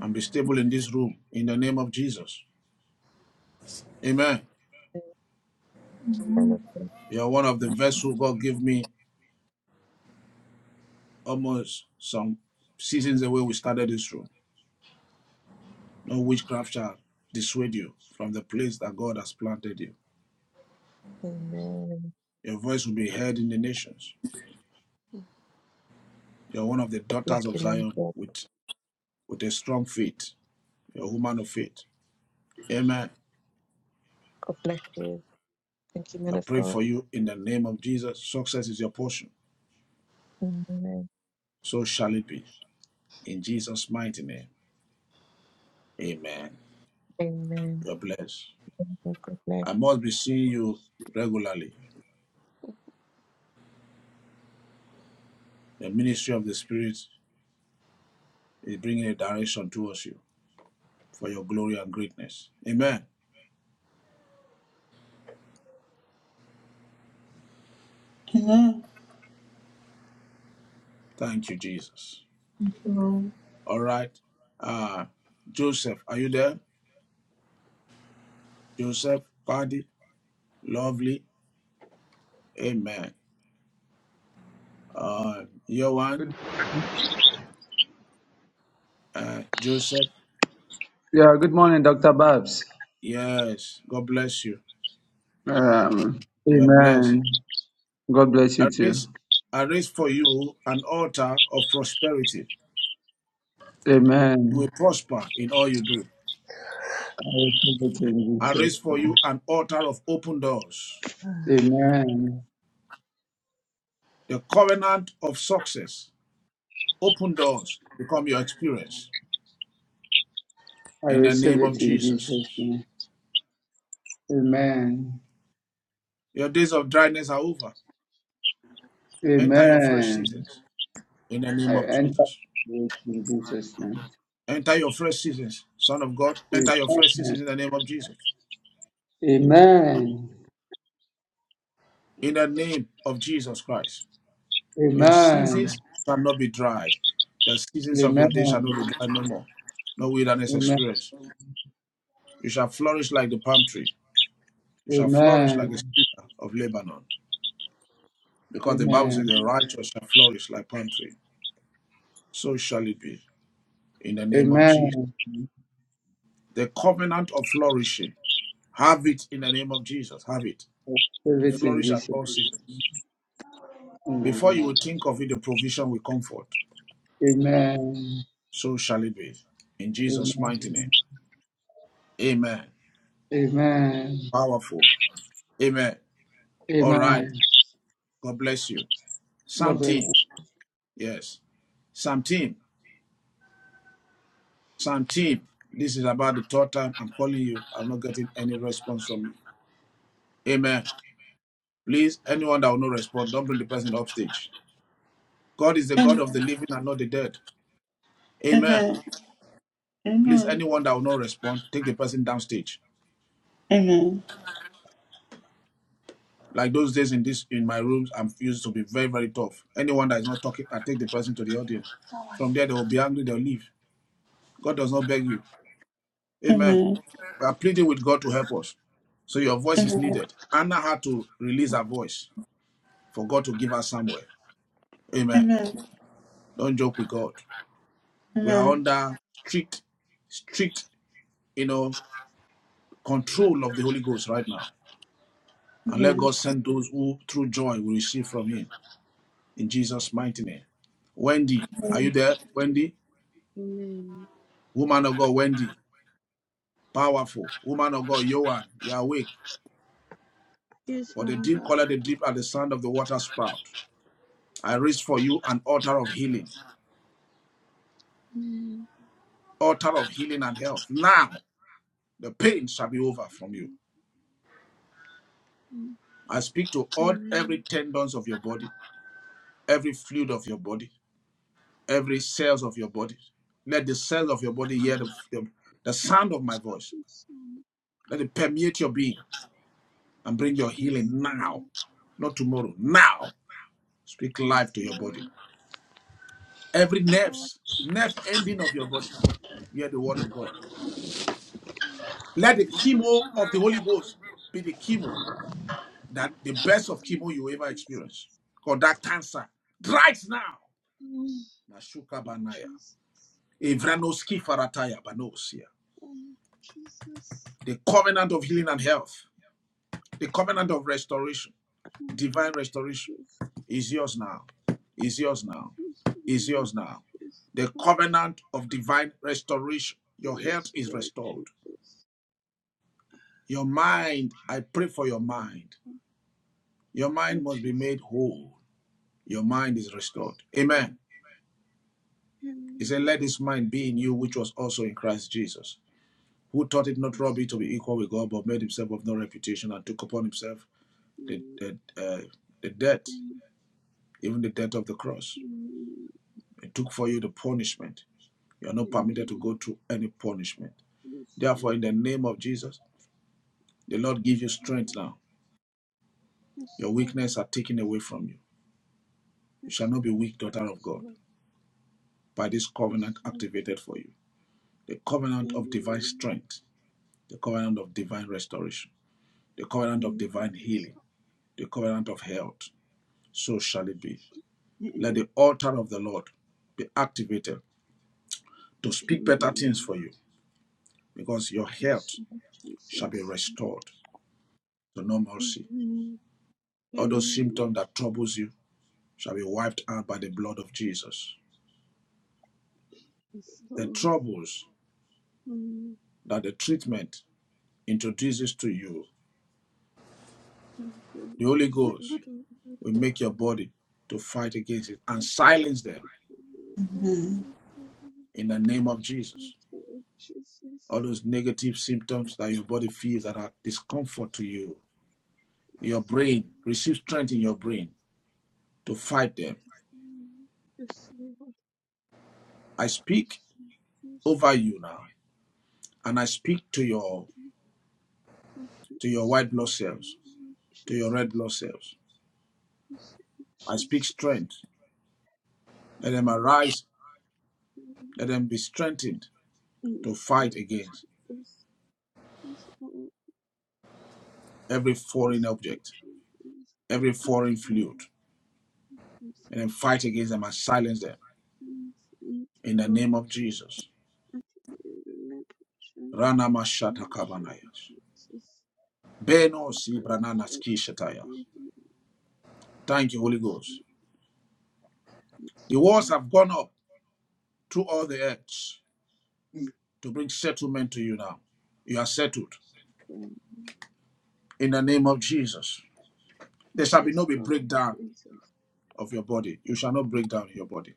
Speaker 3: and be stable in this room in the name of Jesus. Amen.
Speaker 15: Amen.
Speaker 3: You are one of the vessels God gave me almost some seasons away we started this room No witchcraft shall dissuade you from the place that God has planted you.
Speaker 15: Amen. God
Speaker 3: Your voice will be heard in the nations. You're one of the
Speaker 15: Bless
Speaker 3: daughters of
Speaker 15: you, man of
Speaker 3: Zion
Speaker 15: God.
Speaker 3: with, with a strong faith. You're a woman of faith. Amen.
Speaker 15: God bless you. Thank you, man
Speaker 3: I
Speaker 15: of
Speaker 3: pray
Speaker 15: God.
Speaker 3: for you in the name of Jesus. Success is your portion.
Speaker 15: Amen.
Speaker 3: So shall it be. In Jesus' mighty name. Amen.
Speaker 15: Amen.
Speaker 3: You're blessed.
Speaker 15: Amen. God bless.
Speaker 3: I must be seeing you regularly. The ministry of the Spirit is bringing a direction towards you for your glory and greatness. Amen.
Speaker 1: Amen.
Speaker 3: Thank you, Jesus.
Speaker 1: Amen.
Speaker 3: All right. Uh, Joseph, are you there? Joseph, Paddy, lovely. Amen. Uh, Yohan,
Speaker 16: Good-
Speaker 3: uh, Joseph,
Speaker 16: Yeah, good morning, Dr. Babs.
Speaker 3: yes. God bless you.
Speaker 16: Um,
Speaker 3: You are blessed.
Speaker 16: amen. God bless
Speaker 3: I
Speaker 16: you too.
Speaker 3: raise, I raise for you an altar of prosperity. You
Speaker 16: Amen.
Speaker 3: will prosper in all you do.
Speaker 16: I receive it in
Speaker 3: I raise
Speaker 16: Jesus'
Speaker 3: for
Speaker 16: name.
Speaker 3: you an altar of open doors.
Speaker 16: Amen.
Speaker 3: The covenant of success. Open doors become your experience
Speaker 16: I
Speaker 3: in the
Speaker 16: receive
Speaker 3: name
Speaker 16: it
Speaker 3: of
Speaker 16: in
Speaker 3: Jesus.
Speaker 16: Jesus' name. Amen.
Speaker 3: Your days of dryness are over. Enter your fresh
Speaker 16: Amen.
Speaker 3: seasons in the
Speaker 16: I
Speaker 3: name of
Speaker 16: enter
Speaker 3: Jesus.
Speaker 16: into it in Jesus' name.
Speaker 3: Enter your fresh seasons, Son of God. Enter your fresh
Speaker 16: Amen.
Speaker 3: seasons in the name of Jesus. In the name of Jesus Christ. Your
Speaker 16: Amen.
Speaker 3: seasons shall not be dried. The
Speaker 16: Amen.
Speaker 3: seasons of your day shall not be dried no more. No wilderness
Speaker 16: Amen.
Speaker 3: experience. You shall flourish like the palm tree. You shall flourish
Speaker 16: Amen.
Speaker 3: like the cedar of Lebanon. Because the Bible
Speaker 16: Amen. Amen.
Speaker 3: says the righteous shall flourish like palm tree. So shall it be in the name of Jesus.
Speaker 16: Amen.
Speaker 3: The covenant of flourishing. Have it in the name of Jesus. Have it
Speaker 16: I receive
Speaker 3: to
Speaker 16: it in
Speaker 3: flourish at
Speaker 16: Jesus'
Speaker 3: all seasons. Before
Speaker 16: name.
Speaker 3: you would think of it, the provision will comfort.
Speaker 16: Amen.
Speaker 3: So shall it be. In Jesus'
Speaker 16: Amen.
Speaker 3: mighty name. Amen.
Speaker 16: Amen.
Speaker 3: Powerful. Amen. All right.
Speaker 16: Amen.
Speaker 3: God bless you.
Speaker 16: God
Speaker 3: Psalm
Speaker 16: bless you.
Speaker 3: team. Yes. Psalm team. Psalm team. This is about the third time I'm calling you. I'm not getting any response from you. Amen. Please, anyone that will not respond, don't bring the person upstage. God is the God
Speaker 1: Amen.
Speaker 3: of the living and not the dead. Amen.
Speaker 1: Amen.
Speaker 3: Please,
Speaker 1: Amen.
Speaker 3: anyone that will not respond, take the person downstage.
Speaker 1: Amen. Amen.
Speaker 3: Like those days in this in my rooms, I'm used to be very, very tough. Anyone that is not talking, I take the person to the audience. From there they will be angry, they'll leave. God does not beg you. Amen.
Speaker 1: Amen.
Speaker 3: We are pleading with God to help us. So your voice is
Speaker 1: Amen.
Speaker 3: needed. Anna had to release her voice for God to give her somewhere. Amen.
Speaker 1: Amen.
Speaker 3: Don't joke with God. We are under strict, strict, you know, control of the Holy Ghost right now. And let
Speaker 1: Amen.
Speaker 3: God send those who through joy will receive from Him. in Jesus' mighty name. Wendy, are you there? Wendy, woman of God, Wendy, powerful woman of God, Johan, you are awake.
Speaker 9: Yes,
Speaker 3: For
Speaker 9: man
Speaker 3: the
Speaker 9: of
Speaker 3: deep
Speaker 9: God.
Speaker 3: color the deep at the sound of the water sprout. I reach for you an altar of healing,
Speaker 9: Amen.
Speaker 3: altar of healing and health. Now the pain shall be over from you.
Speaker 9: Amen.
Speaker 3: I speak to all every tendons of your body, every fluid of your body, every cells of your body. Let the cells of your body
Speaker 9: God
Speaker 3: hear the, the, the sound of my voice.
Speaker 9: bless you.
Speaker 3: Let it permeate your being. and bring your healing
Speaker 9: Yes,
Speaker 3: now,
Speaker 9: Lord.
Speaker 3: not tomorrow. Now, speak
Speaker 9: Yes,
Speaker 3: life to your body.
Speaker 9: Lord.
Speaker 3: Every
Speaker 9: God
Speaker 3: nerves, nerve ending of your body, hear the word of God. Let the chemo
Speaker 9: Jesus.
Speaker 3: of the Holy Ghost be the chemo that the best of chemo you ever experience.
Speaker 9: Jesus.
Speaker 3: Because that cancer right now. Nashuka banaya, Evranoski farataya banosia.
Speaker 9: Jesus. Jesus.
Speaker 3: The covenant of healing and health, the covenant of restoration, divine restoration
Speaker 9: Jesus.
Speaker 3: Is yours now. Is yours now.
Speaker 9: Yes,
Speaker 3: Is
Speaker 9: Lord.
Speaker 3: yours now.
Speaker 9: Yes,
Speaker 3: The
Speaker 9: Lord.
Speaker 3: covenant of divine restoration. Your health
Speaker 9: Yes,
Speaker 3: is restored.
Speaker 9: Jesus.
Speaker 3: Your mind, I pray for your
Speaker 9: Jesus.
Speaker 3: mind. Your
Speaker 9: Oh,
Speaker 3: mind must be
Speaker 9: Jesus.
Speaker 3: made whole. Your mind is restored. Amen. He said, Let this mind be in you, which was also in Christ Jesus, who taught it not robbery to be equal with God, but made himself of no reputation and took upon himself the, the, uh, the debt, even the debt of the cross. He took for you the punishment. You are not permitted to go through any punishment. Therefore, in the name of Jesus, the Lord give you strength now. Your weakness are taken away from you. You shall not be weak, daughter of God, by this covenant activated for you. The covenant of divine strength, the covenant of divine restoration, the covenant of divine healing, the covenant of health. So shall it be. Let the altar of the Lord be activated to speak better things for you because your health shall be restored to normalcy. All those symptoms that troubles you shall be wiped out by the blood of Jesus. the troubles that the treatment introduces to you, the Holy Ghost will make your body to fight against it and silence them
Speaker 1: Amen.
Speaker 9: Amen.
Speaker 3: in the name of Jesus.
Speaker 9: Lord Jesus.
Speaker 3: All those negative symptoms that your body feels that are discomfort to you, your brain receive strength in your brain to fight them.
Speaker 9: Yes, Lord,
Speaker 3: I speak
Speaker 9: yes, Lord
Speaker 3: over
Speaker 9: Jesus.
Speaker 3: you now, and I speak to your
Speaker 9: Lord,
Speaker 3: to your
Speaker 9: this
Speaker 3: white blood
Speaker 9: time,
Speaker 3: cells,
Speaker 9: Lord
Speaker 3: to your red
Speaker 9: Jesus,
Speaker 3: blood cells.
Speaker 9: yes, Lord
Speaker 3: I speak
Speaker 9: Jesus.
Speaker 3: strength. Let
Speaker 9: Lord,
Speaker 3: them
Speaker 9: Lord
Speaker 3: arise. Let them be strengthened to fight against.
Speaker 9: Jesus. Yes, Lord,
Speaker 3: every foreign
Speaker 9: yes, Lord
Speaker 3: object,
Speaker 9: Jesus.
Speaker 3: every
Speaker 9: Yes,
Speaker 3: foreign fluid,
Speaker 9: Lord, yes,
Speaker 3: and then fight
Speaker 9: God,
Speaker 3: against them and silence them
Speaker 9: yes, and
Speaker 3: in the
Speaker 9: God,
Speaker 3: name of Jesus.
Speaker 9: let action
Speaker 3: Rana mashata
Speaker 9: in
Speaker 3: kabanayas.
Speaker 9: Jesus.
Speaker 3: Beno
Speaker 9: Oh,
Speaker 3: si
Speaker 9: God,
Speaker 3: branana ski
Speaker 9: yes,
Speaker 3: shataya. Thank you, Holy
Speaker 9: yes,
Speaker 3: Ghost.
Speaker 9: Yes,
Speaker 3: The walls
Speaker 9: Lord.
Speaker 3: have gone up through all the earths
Speaker 9: Yes,
Speaker 3: to bring settlement to you now. You are settled
Speaker 9: Lord.
Speaker 3: in the name of Jesus. There shall be
Speaker 9: Yes,
Speaker 3: no be
Speaker 9: Lord
Speaker 3: breakdown
Speaker 9: Jesus.
Speaker 3: of your body. You shall not break down your body,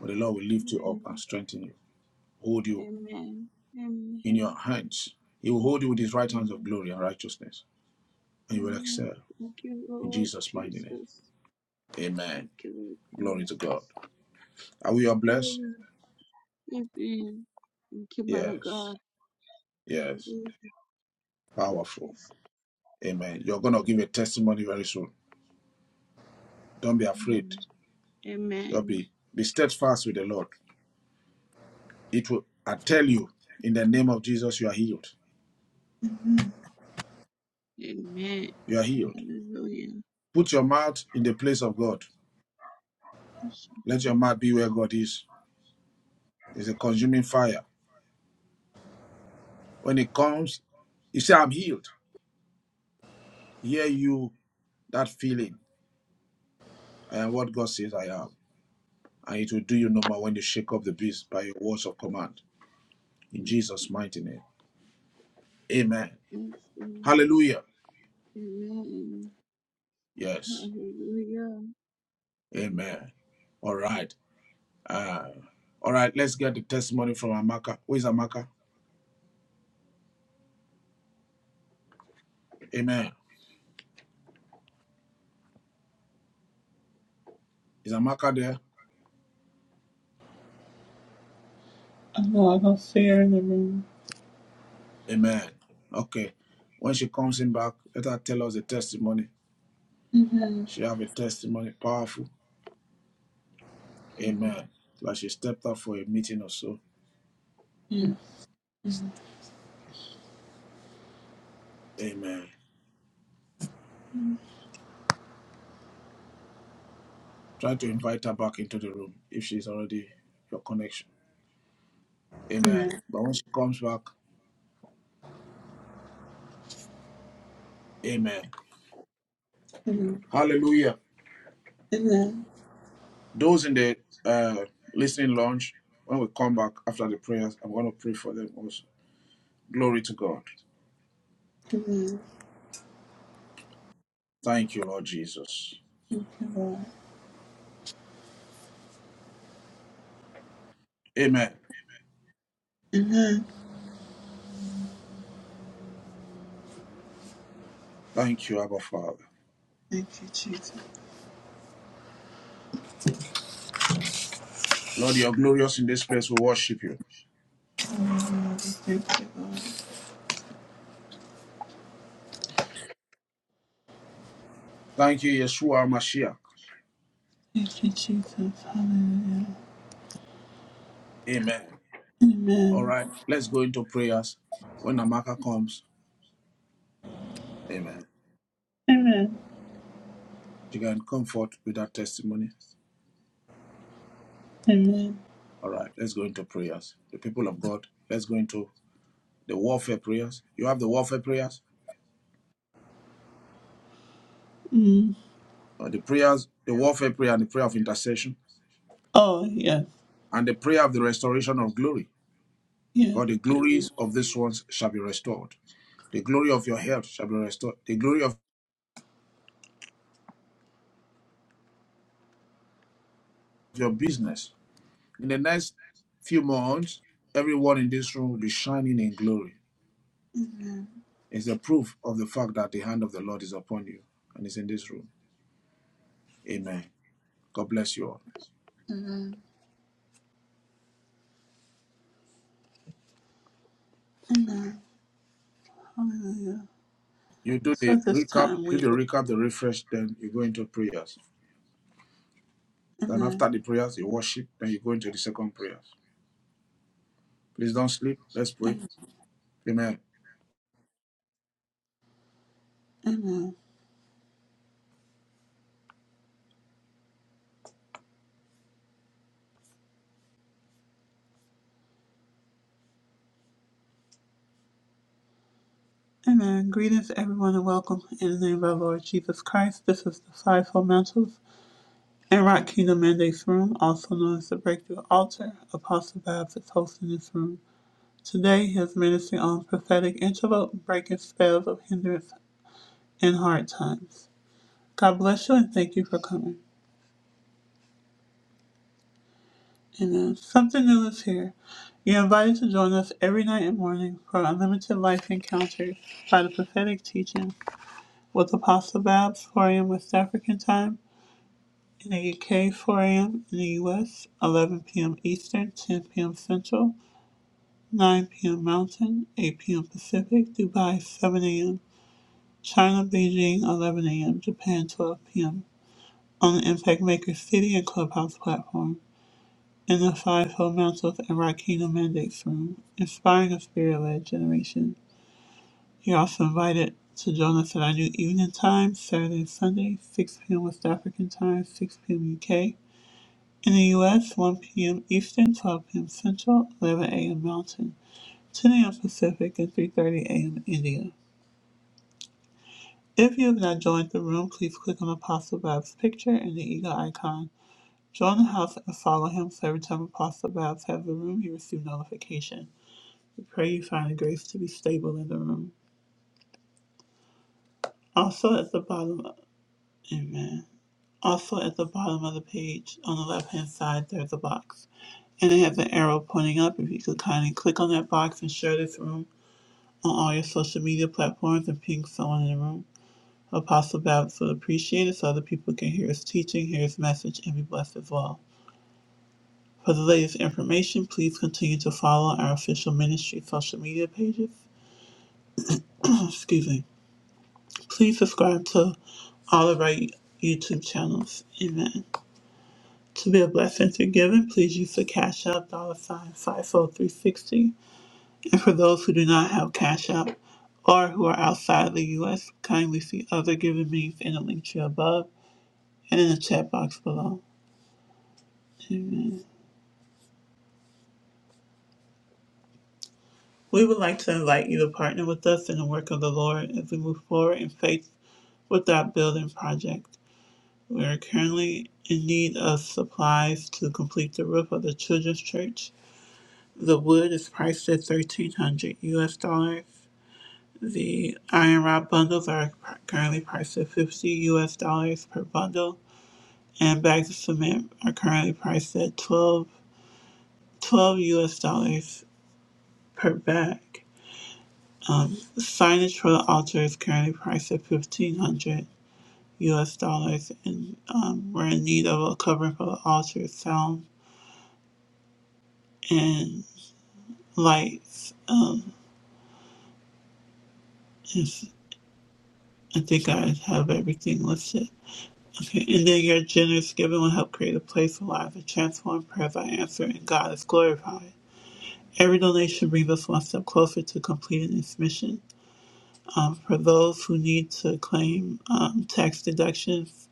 Speaker 3: but the Lord will lift you up and
Speaker 9: Amen.
Speaker 3: strengthen you, hold you
Speaker 9: Amen.
Speaker 3: in your
Speaker 9: Amen.
Speaker 3: hands. He will hold you with his right hands of
Speaker 9: Amen.
Speaker 3: glory and righteousness. and you will
Speaker 9: Amen.
Speaker 3: excel
Speaker 9: Thank you,
Speaker 3: in
Speaker 9: Lord
Speaker 3: Jesus' mighty name.
Speaker 9: Jesus.
Speaker 3: Amen.
Speaker 9: Thank you, Lord
Speaker 3: Glory to
Speaker 9: Jesus.
Speaker 3: God. Are we all blessed?
Speaker 9: Amen. Amen. Thank you, man of
Speaker 3: Yes.
Speaker 9: God.
Speaker 3: Yes.
Speaker 9: Hallelujah. Thank you,
Speaker 3: Powerful.
Speaker 9: Jesus.
Speaker 3: Amen. You're gonna give a testimony very soon. Don't be afraid.
Speaker 9: Amen.
Speaker 3: You'll
Speaker 9: Amen.
Speaker 3: be be steadfast with the Lord. It will I tell you, in the name of Jesus, you are healed.
Speaker 9: Amen.
Speaker 3: You are healed.
Speaker 9: Hallelujah.
Speaker 3: Put your mouth in the place of God.
Speaker 9: Yes,
Speaker 3: Let your
Speaker 9: Lord.
Speaker 3: mouth be where God is. It's a consuming fire. When it comes, you say, I'm healed. Hear you that feeling. I am what God says I am. and it will do you no more when you shake off the beast by your words of command. In
Speaker 9: Yes,
Speaker 3: Jesus' mighty name. Amen.
Speaker 9: yes, Lord.
Speaker 3: Hallelujah.
Speaker 9: Amen.
Speaker 3: Yes.
Speaker 9: Hallelujah.
Speaker 3: Amen. All right. Uh, all right. Let's get the testimony from Amaka. Who is Amaka? Amen. Is Amaka there?
Speaker 1: Oh, I don't see her in the room.
Speaker 3: Amen. Okay. When she comes in back, let her tell us the testimony.
Speaker 1: Amen.
Speaker 3: She have a testimony, powerful. Amen. Like she stepped out for a meeting or so.
Speaker 1: Yes.
Speaker 3: Amen. Try to invite her back into the room if she's already your connection. Amen.
Speaker 1: Amen.
Speaker 3: But when she comes back, Amen.
Speaker 1: Amen.
Speaker 3: Hallelujah.
Speaker 1: Amen.
Speaker 3: Those in the uh, listening lounge, when we come back after the prayers, I'm going to pray for them also. Glory to God.
Speaker 1: Amen.
Speaker 3: Thank you, Lord Jesus.
Speaker 1: Amen.
Speaker 3: Amen.
Speaker 1: Amen.
Speaker 3: Thank you, Abba Father.
Speaker 1: Thank you, Jesus.
Speaker 3: Lord, you're glorious in this place. We worship you.
Speaker 1: Thank you,
Speaker 3: Thank you, Yeshua Mashiach.
Speaker 1: Jesus. Hallelujah.
Speaker 3: Amen. All
Speaker 1: Amen.
Speaker 3: right, let's go into prayers. When Amaka comes, amen.
Speaker 1: Amen.
Speaker 3: She can comfort with that testimony.
Speaker 1: Amen.
Speaker 3: All right, let's go into prayers. The people of God, let's go into the warfare prayers. You have the warfare prayers,
Speaker 1: Mm.
Speaker 3: uh, the prayers, the warfare prayer, and the prayer of intercession,
Speaker 1: Oh, yes.
Speaker 3: and the prayer of the restoration of glory.
Speaker 1: Yes.
Speaker 3: Because the
Speaker 1: Amen.
Speaker 3: glories of these ones shall be restored. The glory of your health shall be restored. The glory of your business. In the next few months, everyone in this room will be shining in glory. It's a proof of the fact that the hand of the Lord is upon you and is in this room. Amen. God bless you all.
Speaker 1: Amen. Hallelujah.
Speaker 3: You do
Speaker 1: So
Speaker 3: the
Speaker 1: at this
Speaker 3: recap,
Speaker 1: time
Speaker 3: do the
Speaker 1: we will.
Speaker 3: recap, the refresh, then you go into prayers. Then
Speaker 1: Amen.
Speaker 3: after the prayers, you worship, then you go into the second prayer. Please don't sleep. Let's pray. Amen.
Speaker 1: Amen. Amen. Greetings, everyone, and welcome in the name of our Lord Jesus Christ. This is the Fivefold Mantles and Rock Kingdom Mandates Room, also known as the Breakthrough Altar. Apostle Babs is hosting this room. Today, his ministry on prophetic antidote, breaking spells of hindrance in hard times. God bless you and thank you for coming. Amen. Something new is here. You're invited to join us every night and morning for Unlimited Life Encounters by the Prophetic Teaching with Apostle Babs, 4 a.m. West African time, in the UK, 4 a.m. in the US, 11 p.m. Eastern, 10 p.m. Central, 9 p.m. Mountain, 8 p.m. Pacific, Dubai, 7 a.m., China, Beijing, 11 a.m., Japan, 12 p.m. on the Impact Maker City and Clubhouse platform. and the fivefold mantles and Rakina Mendate's room, inspiring a spirit-led generation. You're also invited to join us at our new evening time, Saturday and Sunday, 6 p.m. West African time, 6 p.m. UK. In the U.S., 1 p.m. Eastern, 12 p.m. Central, 11 a.m. Mountain, 10 a.m. Pacific, and 3.30 a.m. India. If you have not joined the room, please click on Apostle Babs' picture and the eagle icon. Join the house and follow him so every time Apostle Babs has a room, you receive notification. We pray you find the grace to be stable in the room. Also at the bottom, amen. Also at the bottom of the page on the left hand side, there's a box. And it has an arrow pointing up. If you could kindly click on that box and share this room on all your social media platforms and ping someone in the room. Apostle Babs would appreciate it so other people can hear his teaching, hear his message, and be blessed as well. For the latest information, please continue to follow our official ministry social media pages. <clears throat> Excuse me. Please subscribe to all of our YouTube channels. Amen. To be a blessing to giving, please use the Cash App dollar sign FIFO And for those who do not have Cash App or who are outside the U.S., kindly see other giving means in the link tree above and in the chat box below. Amen. We would like to invite you to partner with us in the work of the Lord as we move forward in faith with our building project. We are currently in need of supplies to complete the roof of the children's church. The wood is priced at thirteen hundred US dollars. The iron rod bundles are currently priced at fifty US dollars per bundle, and bags of cement are currently priced at 12 12 US dollars per bag. Um, signage for the altar is currently priced at fifteen hundred US dollars, and um, we're in need of a covering for the altar, sound, and lights. Um, if I think I have everything listed. Okay, and then your generous giving will help create a place where lives are transformed, prayers are answered, and God is glorified. Every donation brings us one step closer to completing this mission. Um, for those who need to claim um, tax deductions,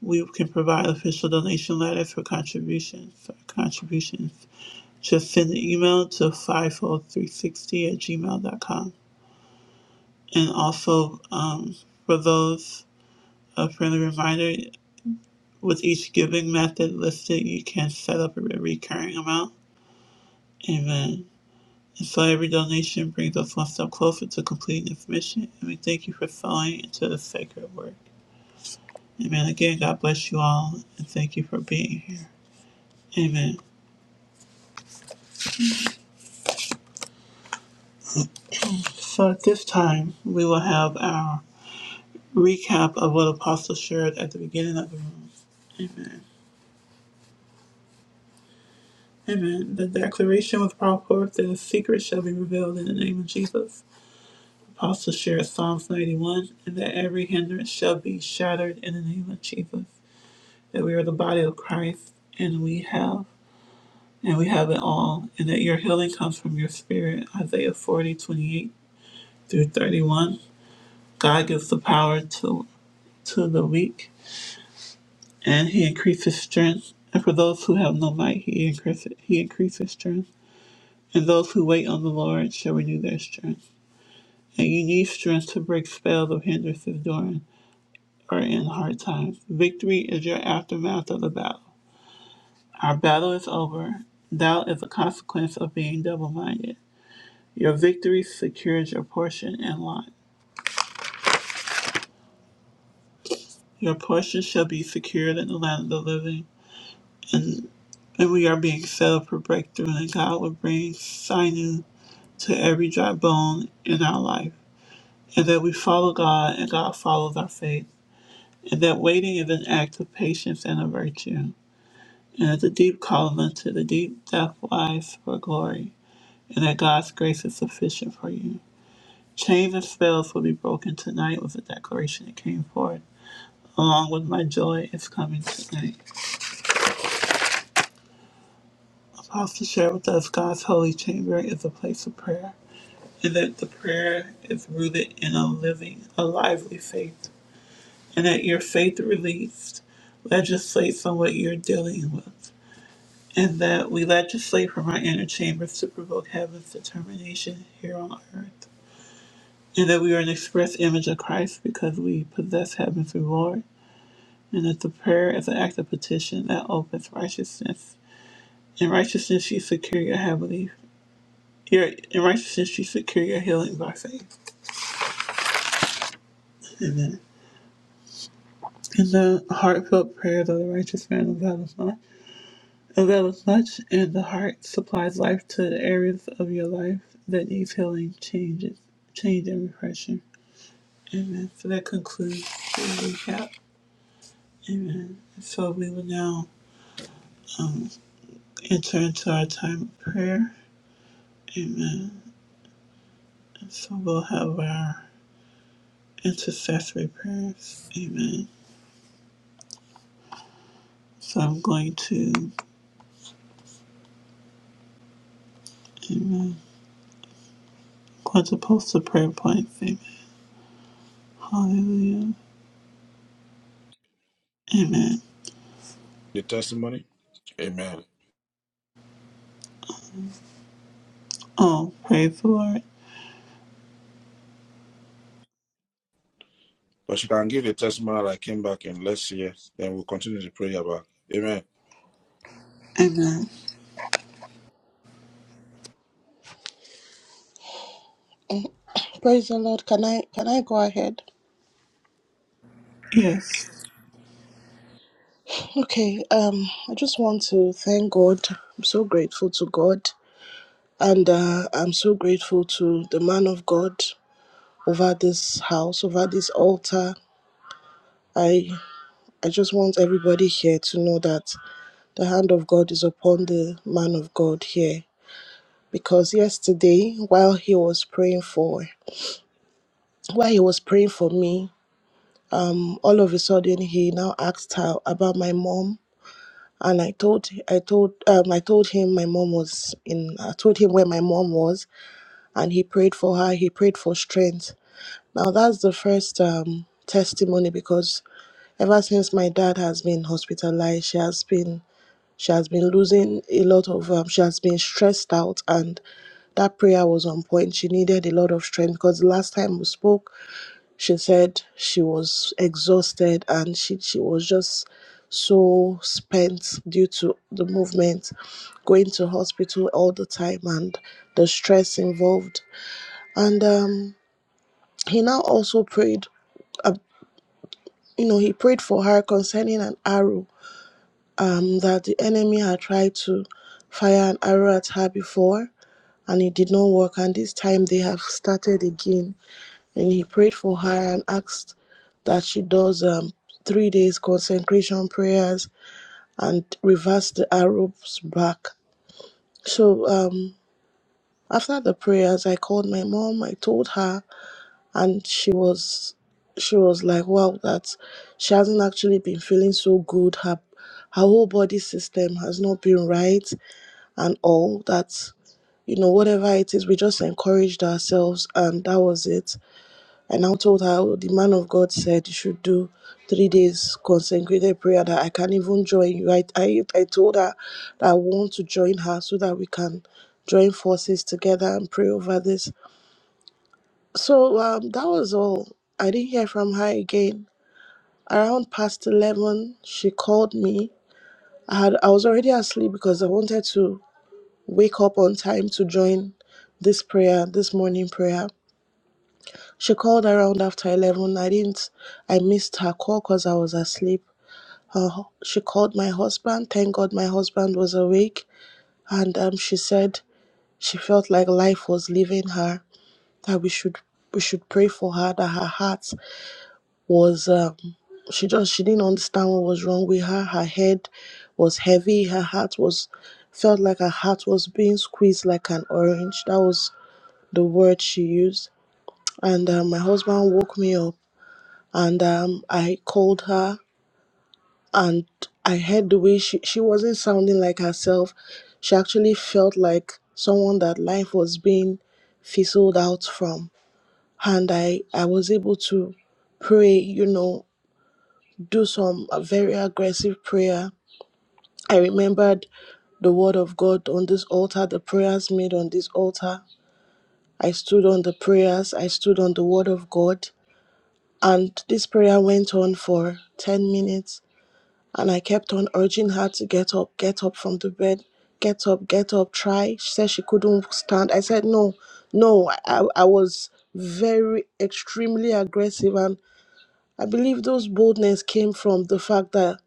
Speaker 1: we can provide official donation letters for contributions. For contributions, just send an email to 50360 at gmail dot com. And also, um, for those A friendly reminder with each giving method listed, you can set up a recurring amount. Amen. And so every donation brings us one step closer to completing this mission, and we thank you for sowing into the sacred work. Amen. Again, God bless you all, and thank you for being here. Amen. So at this time, we will have our recap of what Apostle shared at the beginning of the room. Amen. Amen. The declaration was brought forth that the secret shall be revealed in the name of Jesus. Apostle shares Psalms 91, and that every hindrance shall be shattered in the name of Jesus. That we are the body of Christ, and we have, and we have it all, and that your healing comes from your spirit. Isaiah 40:28 through 31. God gives the power to to the weak, and He increases strength. And for those who have no might, He increases He increases strength. And those who wait on the Lord shall renew their strength. And you need strength to break spells of hindrances during or in hard times. Victory is your aftermath of the battle. Our battle is over. Doubt is a consequence of being double minded. Your victory secures your portion and lot. Your portion shall be secured in the land of the living, and, and we are being set up for breakthrough, and God will bring sinew to every dry bone in our life, and that we follow God, and God follows our faith, and that waiting is an act of patience and a virtue. and is a deep calling unto the deep depth life for glory, and that God's grace is sufficient for you. Chains and spells will be broken tonight with the declaration that came forth, along with my joy is coming tonight. Apostle shared with us God's holy chamber is a place of prayer, and that the prayer is rooted in a living, a lively faith, and that your faith released legislates on what you're dealing with. and that we legislate from our inner chambers to provoke heaven's determination here on earth, and that we are an express image of Christ because we possess heaven's reward, and that the prayer is an act of petition that opens righteousness. In righteousness you secure your heavenly your, in righteousness you secure your healing by faith. Amen. And the heartfelt prayers of the righteous man availeth much. Availeth much, and the heart supplies life to the areas of your life that needs healing, changes, change, and refreshing. Amen. So that concludes the recap. Amen. So we will now um, enter into our time of prayer. Amen. And so we'll have our intercessory prayers. Amen. So I'm going to, amen, going to post the prayer points. Amen. Hallelujah. Amen.
Speaker 3: The testimony. Amen.
Speaker 1: Oh, praise the Lord.
Speaker 3: But you can give the testimony that I came back in. Let's hear. Then we'll continue the prayer back. Amen.
Speaker 1: Amen.
Speaker 2: Praise the Lord. Can I can I go ahead?
Speaker 1: Yes.
Speaker 2: Okay. Um, I just want to thank God. I'm so grateful to God, and uh, I'm so grateful to the man of God over this house, over this altar. I I just want everybody here to know that. The hand of God is upon the man of God here because yesterday, while he was praying for, while he was praying for me, all of a sudden he now asked her about my mom, and I told, I told, um, I told him my mom was in. I told him where my mom was, and he prayed for her. He prayed for strength. Now that's the first um testimony because ever since my dad has been hospitalized, she has been She has been losing a lot of, um, she has been stressed out, and that prayer was on point. She needed a lot of strength because last time we spoke, she said she was exhausted and she, she was just so spent due to the movement, going to hospital all the time and the stress involved. And um, he now also prayed, uh, you know, he prayed for her concerning an arrow um, that the enemy had tried to fire an arrow at her before and it did not work. And this time they have started again. And he prayed for her and asked that she does um, three days consecration prayers and reverse the arrows back. So um, after the prayers, I called my mom. I told her, and she was she was like, "Wow, that she hasn't actually been feeling so good. Her her whole body system has not been right. and all that you know whatever it is we just encouraged ourselves and that was it i now told her "Oh, the man of god said you should do three days consecrated prayer that i can even join you i i, I told her that i want to join her so that we can join forces together and pray over this so um that was all i didn't hear from her again around past 11 she called me i had i was already asleep because i wanted to wake up on time to join this prayer, this morning prayer. She called around after 11. I didn't, I missed her call because I was asleep. Her, she called my husband. Thank God my husband was awake. And um, she said she felt like life was leaving her, that we should we should pray for her, that her heart was, um, she just, she didn't understand what was wrong with her. Her head was heavy. Her heart was, felt like her heart was being squeezed like an orange. That was the word she used. And uh, my husband woke me up and um, I called her and I heard the way she, she wasn't sounding like herself. She actually felt like someone that life was being fizzled out from. And I, I was able to pray, you know, do some uh, very aggressive prayer. I remembered the word of God on this altar, the prayers made on this altar. I stood on the prayers, I stood on the word of God. And this prayer went on for 10 minutes. And I kept on urging her to get up, get up from the bed, get up, get up, try. She said she couldn't stand. I said, no, no. I, I was very, extremely aggressive. And I believe those boldness came from the fact that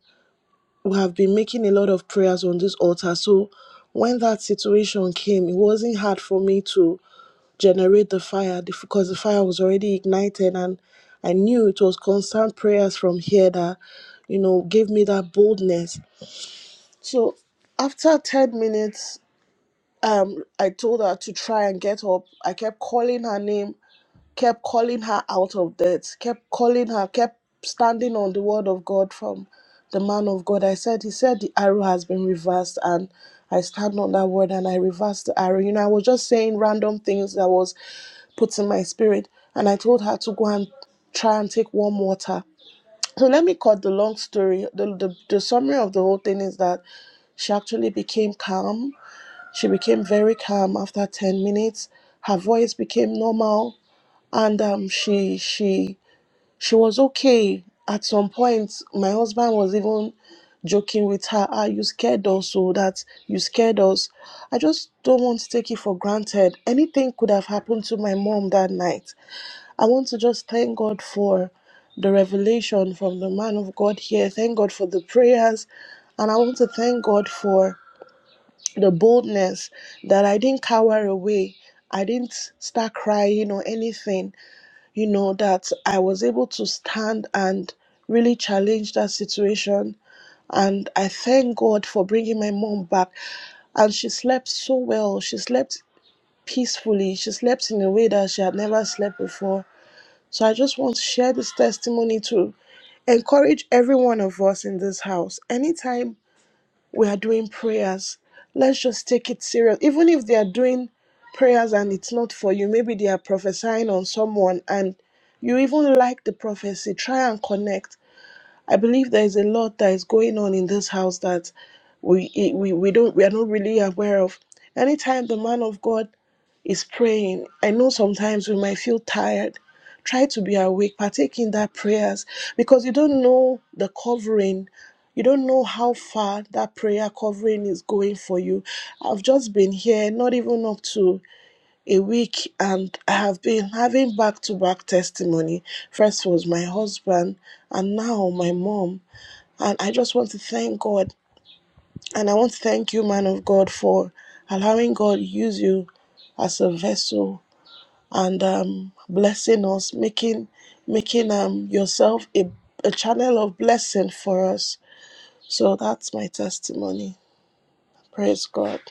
Speaker 2: we have been making a lot of prayers on this altar. So when that situation came, it wasn't hard for me to generate the fire the- because the fire was already ignited and I knew it was constant prayers from here that, you know, gave me that boldness. So after 10 minutes, um, I told her to try and get up. I kept calling her name kept calling her out of debt, kept calling her, kept standing on the word of God from the man of God. I said, He said the arrow has been reversed, and I stand on that word and I reversed the arrow. You know, I was just saying random things that was put in my spirit, and I told her to go and try and take warm water. So let me cut the long story. The, the, the summary of the whole thing is that she actually became calm. She became very calm after 10 minutes. Her voice became normal and um she she she was okay at some point my husband was even joking with her ah you scared us so that you scared us i just don't want to take it for granted anything could have happened to my mom that night i want to just thank god for the revelation from the man of god here thank god for the prayers and i want to thank god for the boldness that i didn't cower away i didn't start crying or anything you know, that I was able to stand and really challenge that situation. And I thank God for bringing my mom back. And she slept so well. She slept peacefully. She slept in a way that she had never slept before. So I just want to share this testimony to encourage every one of us in this house. Anytime we are doing prayers. Let's just take it serious. Even if they are doing prayers and it's not for you, maybe they are prophesying on someone and you even like the prophecy, try and connect. I believe there is a lot that is going on in this house that we we, we don't we are not really aware of. Anytime the man of God is praying. I know sometimes we might feel tired. Try to be awake, partake in that prayers because you don't know the covering. You don't know how far that prayer covering is going for you. I've just been here, not even up to a week, and I have been having back to back testimony. First was my husband, and now my mom. And I just want to thank God. And I want to thank you, man of God, for allowing God use you as a vessel and um, blessing us, making making um, yourself a, a channel of blessing for us. So that's my testimony. Praise God.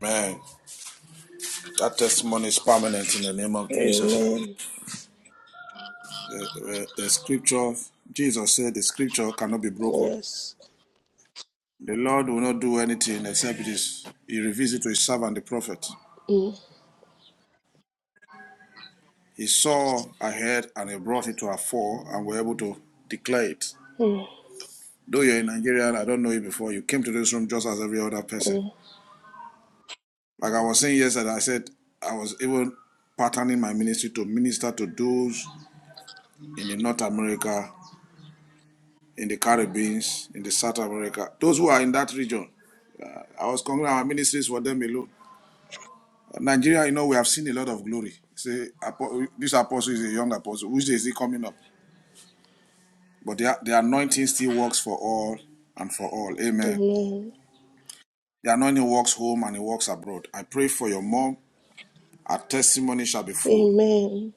Speaker 17: Man, that testimony is permanent in the name of Jesus.
Speaker 2: Amen.
Speaker 17: The, the scripture, Jesus said, the scripture cannot be broken.
Speaker 2: Yes.
Speaker 17: The Lord will not do anything except it is, he reveals it to his servant, the prophet.
Speaker 2: Mm,
Speaker 17: He saw ahead and he brought it to a fore and were able to declare it.
Speaker 2: mm,
Speaker 17: Though you're in Nigeria, I don't know you before, you came to this room just as every other person.
Speaker 2: mm.
Speaker 17: Like I was saying yesterday, I said I was even patterning my ministry to minister to those in the North America in the Caribbean, in the South America, those who are in that region. I was congratulating our ministries for them alone. Nigeria, you know, we have seen a lot of glory. Say, apo- this apostle is a young apostle. Which day is he coming up? But the, the anointing still works for all and for all. Amen.
Speaker 2: Amen.
Speaker 17: The anointing works home and it works abroad. I pray for your mom. Her testimony shall be full.
Speaker 2: Amen.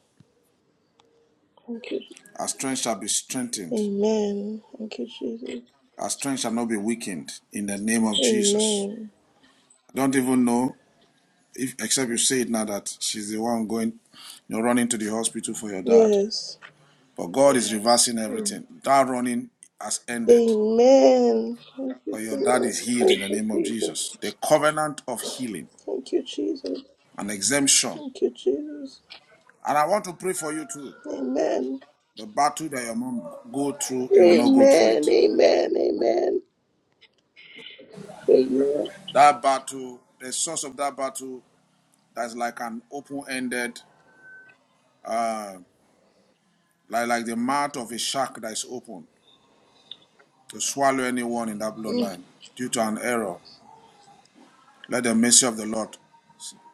Speaker 2: Thank you.
Speaker 17: Her strength shall be strengthened.
Speaker 2: Amen. Thank you, Jesus.
Speaker 17: Our strength shall not be weakened in the name of Jesus.
Speaker 2: Amen.
Speaker 17: I don't even know. if, except you say it now that she's the one going, you know, running to the hospital for your dad.
Speaker 2: Yes.
Speaker 17: But God is reversing everything. That running has ended.
Speaker 2: Amen. Thank you,
Speaker 17: But your dad
Speaker 2: Jesus.
Speaker 17: is healed in the name of
Speaker 2: Thank you, Jesus.
Speaker 17: Jesus. The covenant of healing
Speaker 2: Thank you, Jesus.
Speaker 17: and exemption.
Speaker 2: Thank you, Jesus.
Speaker 17: And I want to pray for you too.
Speaker 2: Amen.
Speaker 17: The battle that your mom go through, you will not go through
Speaker 2: Amen.
Speaker 17: it.
Speaker 2: Amen. Amen. Amen.
Speaker 17: That battle, the source of that battle, that's like an open-ended, uh, like like the mouth of a shark that is open to swallow anyone in that
Speaker 2: Mm.
Speaker 17: bloodline due to an error. Let the mercy of the Lord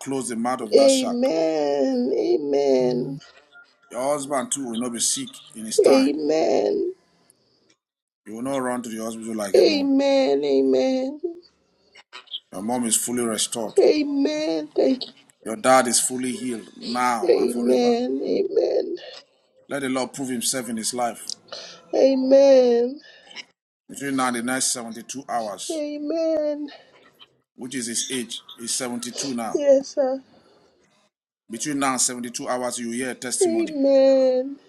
Speaker 17: close the mouth of that shark.
Speaker 2: Amen. Amen.
Speaker 17: Your husband too will not be sick in his time.
Speaker 2: Amen.
Speaker 17: You will not run to the hospital like your mom.
Speaker 2: Amen. Amen.
Speaker 17: Your mom is fully restored.
Speaker 2: Amen. Thank you.
Speaker 17: Your dad is fully healed now and forever.
Speaker 2: Amen. Amen.
Speaker 17: Let the Lord prove himself in his life.
Speaker 2: Amen.
Speaker 17: Between now and the next 72 hours,
Speaker 2: Amen.
Speaker 17: which is his age, he's 72 now.
Speaker 2: Yes, sir.
Speaker 17: Between now and 72 hours, you hear a testimony
Speaker 2: Amen.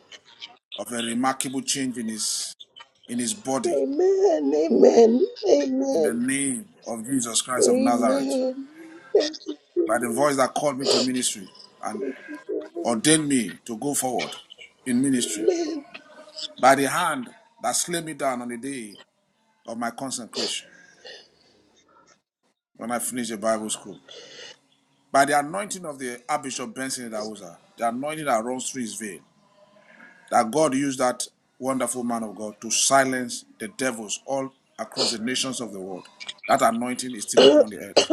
Speaker 17: of a remarkable change in his in his body.
Speaker 2: Amen. Amen.
Speaker 17: In the
Speaker 2: Amen.
Speaker 17: name of Jesus Christ of Nazareth.
Speaker 2: Amen.
Speaker 17: By the voice that called me to ministry and. Ordain me to go forward in ministry
Speaker 2: Amen.
Speaker 17: by the hand that slay me down on the day of my consecration when I finished the Bible school. By the anointing of the Archbishop Benson Idahosa, the anointing that runs through his vein, that God used that wonderful man of God to silence the devils all across the nations of the world. That anointing is
Speaker 2: <coughs> <clears throat>
Speaker 17: still upon the earth.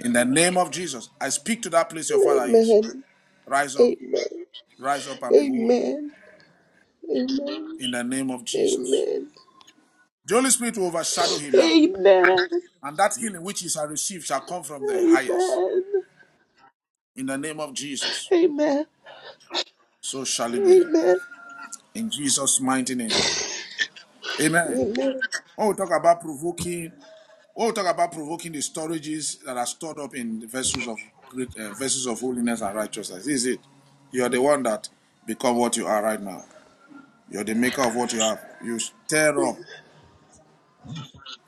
Speaker 17: In the name of Jesus, I speak to that place your father is.
Speaker 2: Amen.
Speaker 17: Rise up, rise up and be whole.
Speaker 2: Amen. Amen. Amen.
Speaker 17: In the name of Jesus.
Speaker 2: Amen.
Speaker 17: The Holy Spirit will overshadow him now.
Speaker 2: Amen.
Speaker 17: And that healing which you shall receive shall come from the highest.
Speaker 2: Amen.
Speaker 17: In the name of Jesus.
Speaker 2: Amen.
Speaker 17: So shall it be.
Speaker 2: Amen.
Speaker 17: In Jesus' mighty name. Amen.
Speaker 2: Amen.
Speaker 17: When we talk about provoking, when we talk about provoking the storages that are stored up in the vessels of great uh, vessels of holiness and righteousness. This is it. You are the one that become what you are right now. You're the maker of what you have. You stir up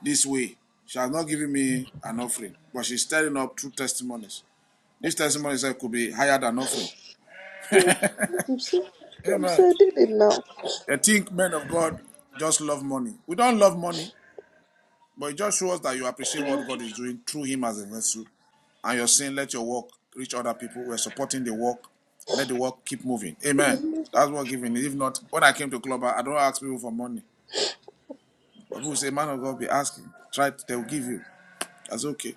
Speaker 17: this way. She has not given me an offering, but she's stirring up true testimonies. These testimonies eh, could be higher than offering.
Speaker 2: I'm so I'm
Speaker 17: Amen.
Speaker 2: sad didn't
Speaker 17: They think men of God just love money. We don't love money, but it just shows that you appreciate what God is doing through him as a vessel. And you're saying, let your work reach other people. We're supporting the work. Let the work keep moving. Amen. That's what giving is. If not, when I came to club, I don't ask people for money. But people say, man of God, be asking. Try, it, they will give you. That's okay.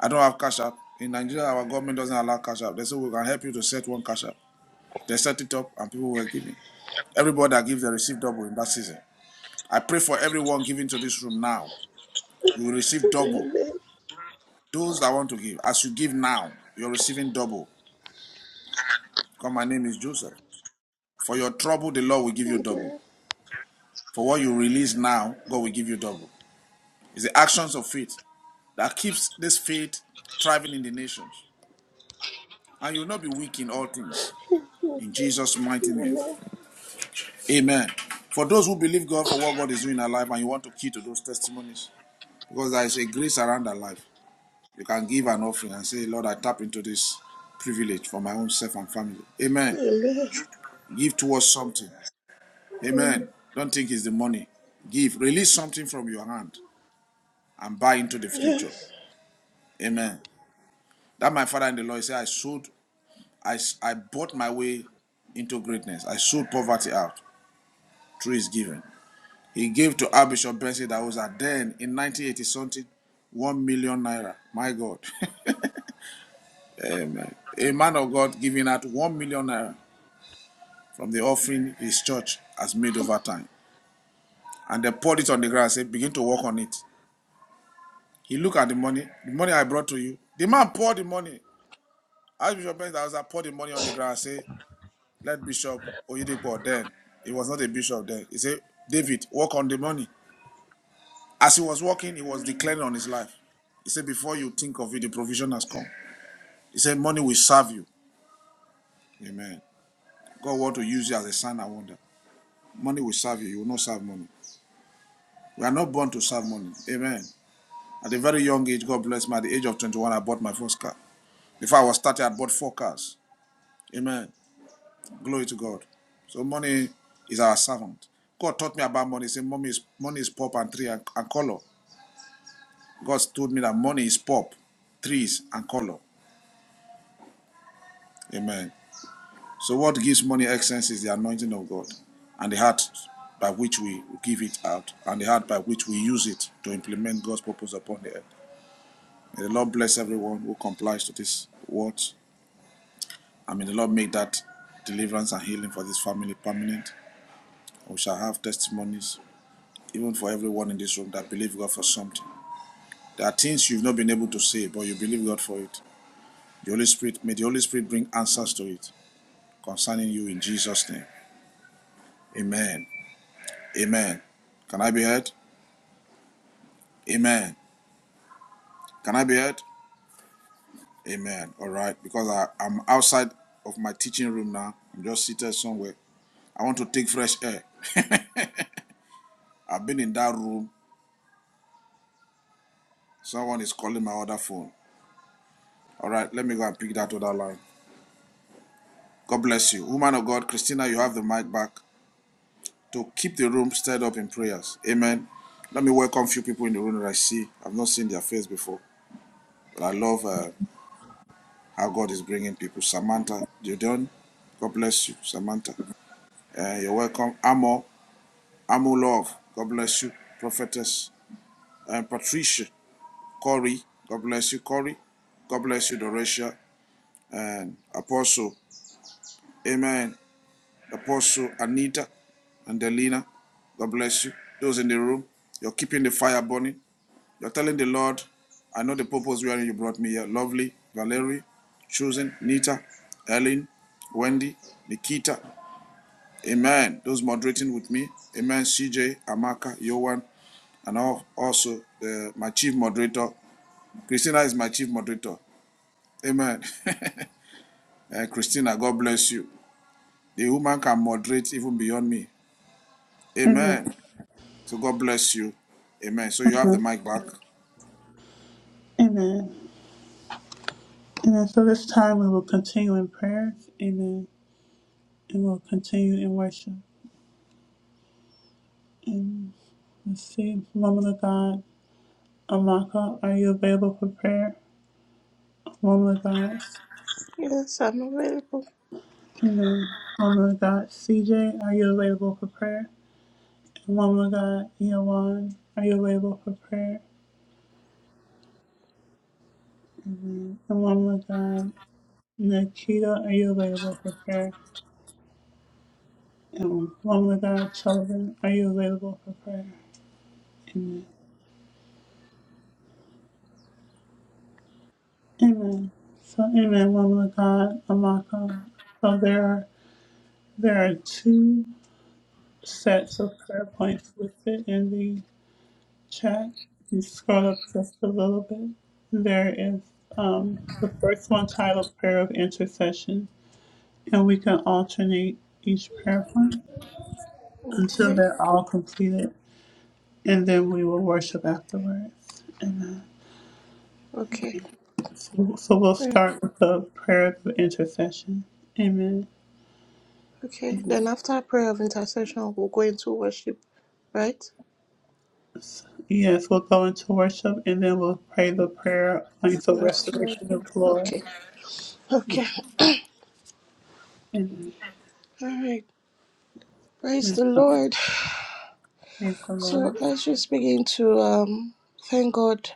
Speaker 17: I don't have cash app. In Nigeria, our government doesn't allow cash app. They say, we can help you to set one cash app. They set it up and people were giving. Everybody that gives, they receive double in that season. I pray for everyone giving to this room now. You will receive double.
Speaker 2: Amen.
Speaker 17: Those that want to give, as you give now, you're receiving double. Because my name is Joseph. For your trouble, the Lord will give you double.
Speaker 2: Amen.
Speaker 17: For what you release now, God will give you double. It's the actions of faith that keeps this faith thriving in the nations. And you will not be weak in all things.
Speaker 2: Amen.
Speaker 17: In Jesus' mighty name.
Speaker 2: Amen.
Speaker 17: Amen. For those who believe God for what God is doing in our life and you want to key to those testimonies, because there is a grace around our life. You can give an offering and say, Lord, I tap into this privilege for my own self and family. Amen.
Speaker 2: Amen.
Speaker 17: Give towards something.
Speaker 2: Um,
Speaker 17: Amen. Don't think it's the money. Give. Release something from your hand and buy into the future.
Speaker 2: Yes.
Speaker 17: Amen. That my father in the Lord said, I sold, I, I bought my way into greatness. I sold poverty out through his giving. He gave to Archbishop Benson that was at then in 1980 something, 1 million naira. My God. <laughs> Amen. A man of God giving out 1 million naira from the offering his church has made over time. And they poured it on the ground and said, Begin to work on it. He looked at the money, the money I brought to you. The man poured the money. Archbishop Benzahauser poured the money on the ground and said, Let Bishop Oyedepo then. He was not a bishop then. He said, David, work on the money. As he was working, he was declaring on his life. He said, Before you think of it, the provision has come. He said, Money will serve you. Amen. God want to use you as a sign and wonder. Money will serve you. You will not serve money. We are not born to serve money. Amen. At a very young age, God bless me. At the age of 21, I bought my first car. Before I was 30, I bought four cars. Amen. Glory to God. So money is our servant. God taught me about money. He said, money is, money is pop and tree and, and color. God told me that money is pop, trees, and color. Amen. So what gives money excellence is the anointing of God and the heart by which we give it out and the heart by which we use it to implement God's purpose upon the earth. May the Lord bless everyone who complies to this word I mean, the Lord make that deliverance and healing for this family permanent. We shall have testimonies, even for everyone in this room that believe God for something. There are things you've not been able to say, but you believe God for it. The Holy Spirit, may the Holy Spirit bring answers to it concerning you in Jesus' name. Amen. Amen. Can I be heard? Amen. Can I be heard? Amen. All right. Because I, I'm outside of my teaching room now. I'm just seated somewhere. I want to take fresh air. I've been in that room. Someone is calling my other phone. All right, let me go and pick that other line. God bless you. Woman of God, Christina, you have the mic back to keep the room stirred up in prayers. Amen. Let me welcome a few people in the room that I see. I've not seen their face before, but I love uh, how God is bringing people. Samantha, you done? God bless you, Samantha. Uh, you're welcome. Amo, Amo Love, God bless you. Prophetess uh, Patricia, Corey, God bless you, Corey. God bless you, Dorisha and Apostle. Amen. Apostle Anita and Delina. God bless you. Those in the room, you're keeping the fire burning. You're telling the Lord, I know the purpose wherein you brought me here. Lovely, Valerie, Susan, Nita, Ellen, Wendy, Nikita. Amen. Those moderating with me. Amen. CJ, Amaka, Yohan, and al- also uh, my chief moderator. Christina is my chief moderator. Amen. <laughs> Uh, Christina, God bless you. The woman can moderate even beyond me.
Speaker 1: Amen.
Speaker 17: Amen. So God bless you. Amen. So you have the
Speaker 1: Amen.
Speaker 17: mic back.
Speaker 1: Amen. Amen. So this time we will continue in prayers. Amen. And we'll continue in worship. And let's see, woman of God, Amaka, are you available for prayer? Woman of God,
Speaker 2: Yes, I'm available.
Speaker 1: Amen. Woman of God, CJ, are you available for prayer? And woman of God, Yawan, are you available for prayer? And woman of God, Nikita, are you available for prayer? And woman of God, Children, are you available for prayer? Amen. Amen. So, amen, woman of God, Amaka. So there are, there are two. sets of prayer points listed in the chat. If you scroll up just a little bit, there is um, the first one titled Prayer of Intercession, and we can alternate each prayer point until
Speaker 2: Okay.
Speaker 1: they're all completed, and then we will worship afterwards. Amen.
Speaker 2: Okay.
Speaker 1: So, so we'll
Speaker 2: Right.
Speaker 1: start with the prayer of intercession. Amen.
Speaker 2: Okay. Then after prayer of intercession, we'll go into worship. Right?
Speaker 1: Yes, we'll go into worship and then we'll pray the prayer points of restoration
Speaker 2: Restoration.
Speaker 1: of
Speaker 2: Okay.
Speaker 1: glory.
Speaker 2: Okay.
Speaker 1: Amen.
Speaker 2: All right. Praise
Speaker 1: And
Speaker 2: the
Speaker 1: so
Speaker 2: Lord.
Speaker 1: Praise the
Speaker 2: So
Speaker 1: Lord.
Speaker 2: let's just begin to um, thank God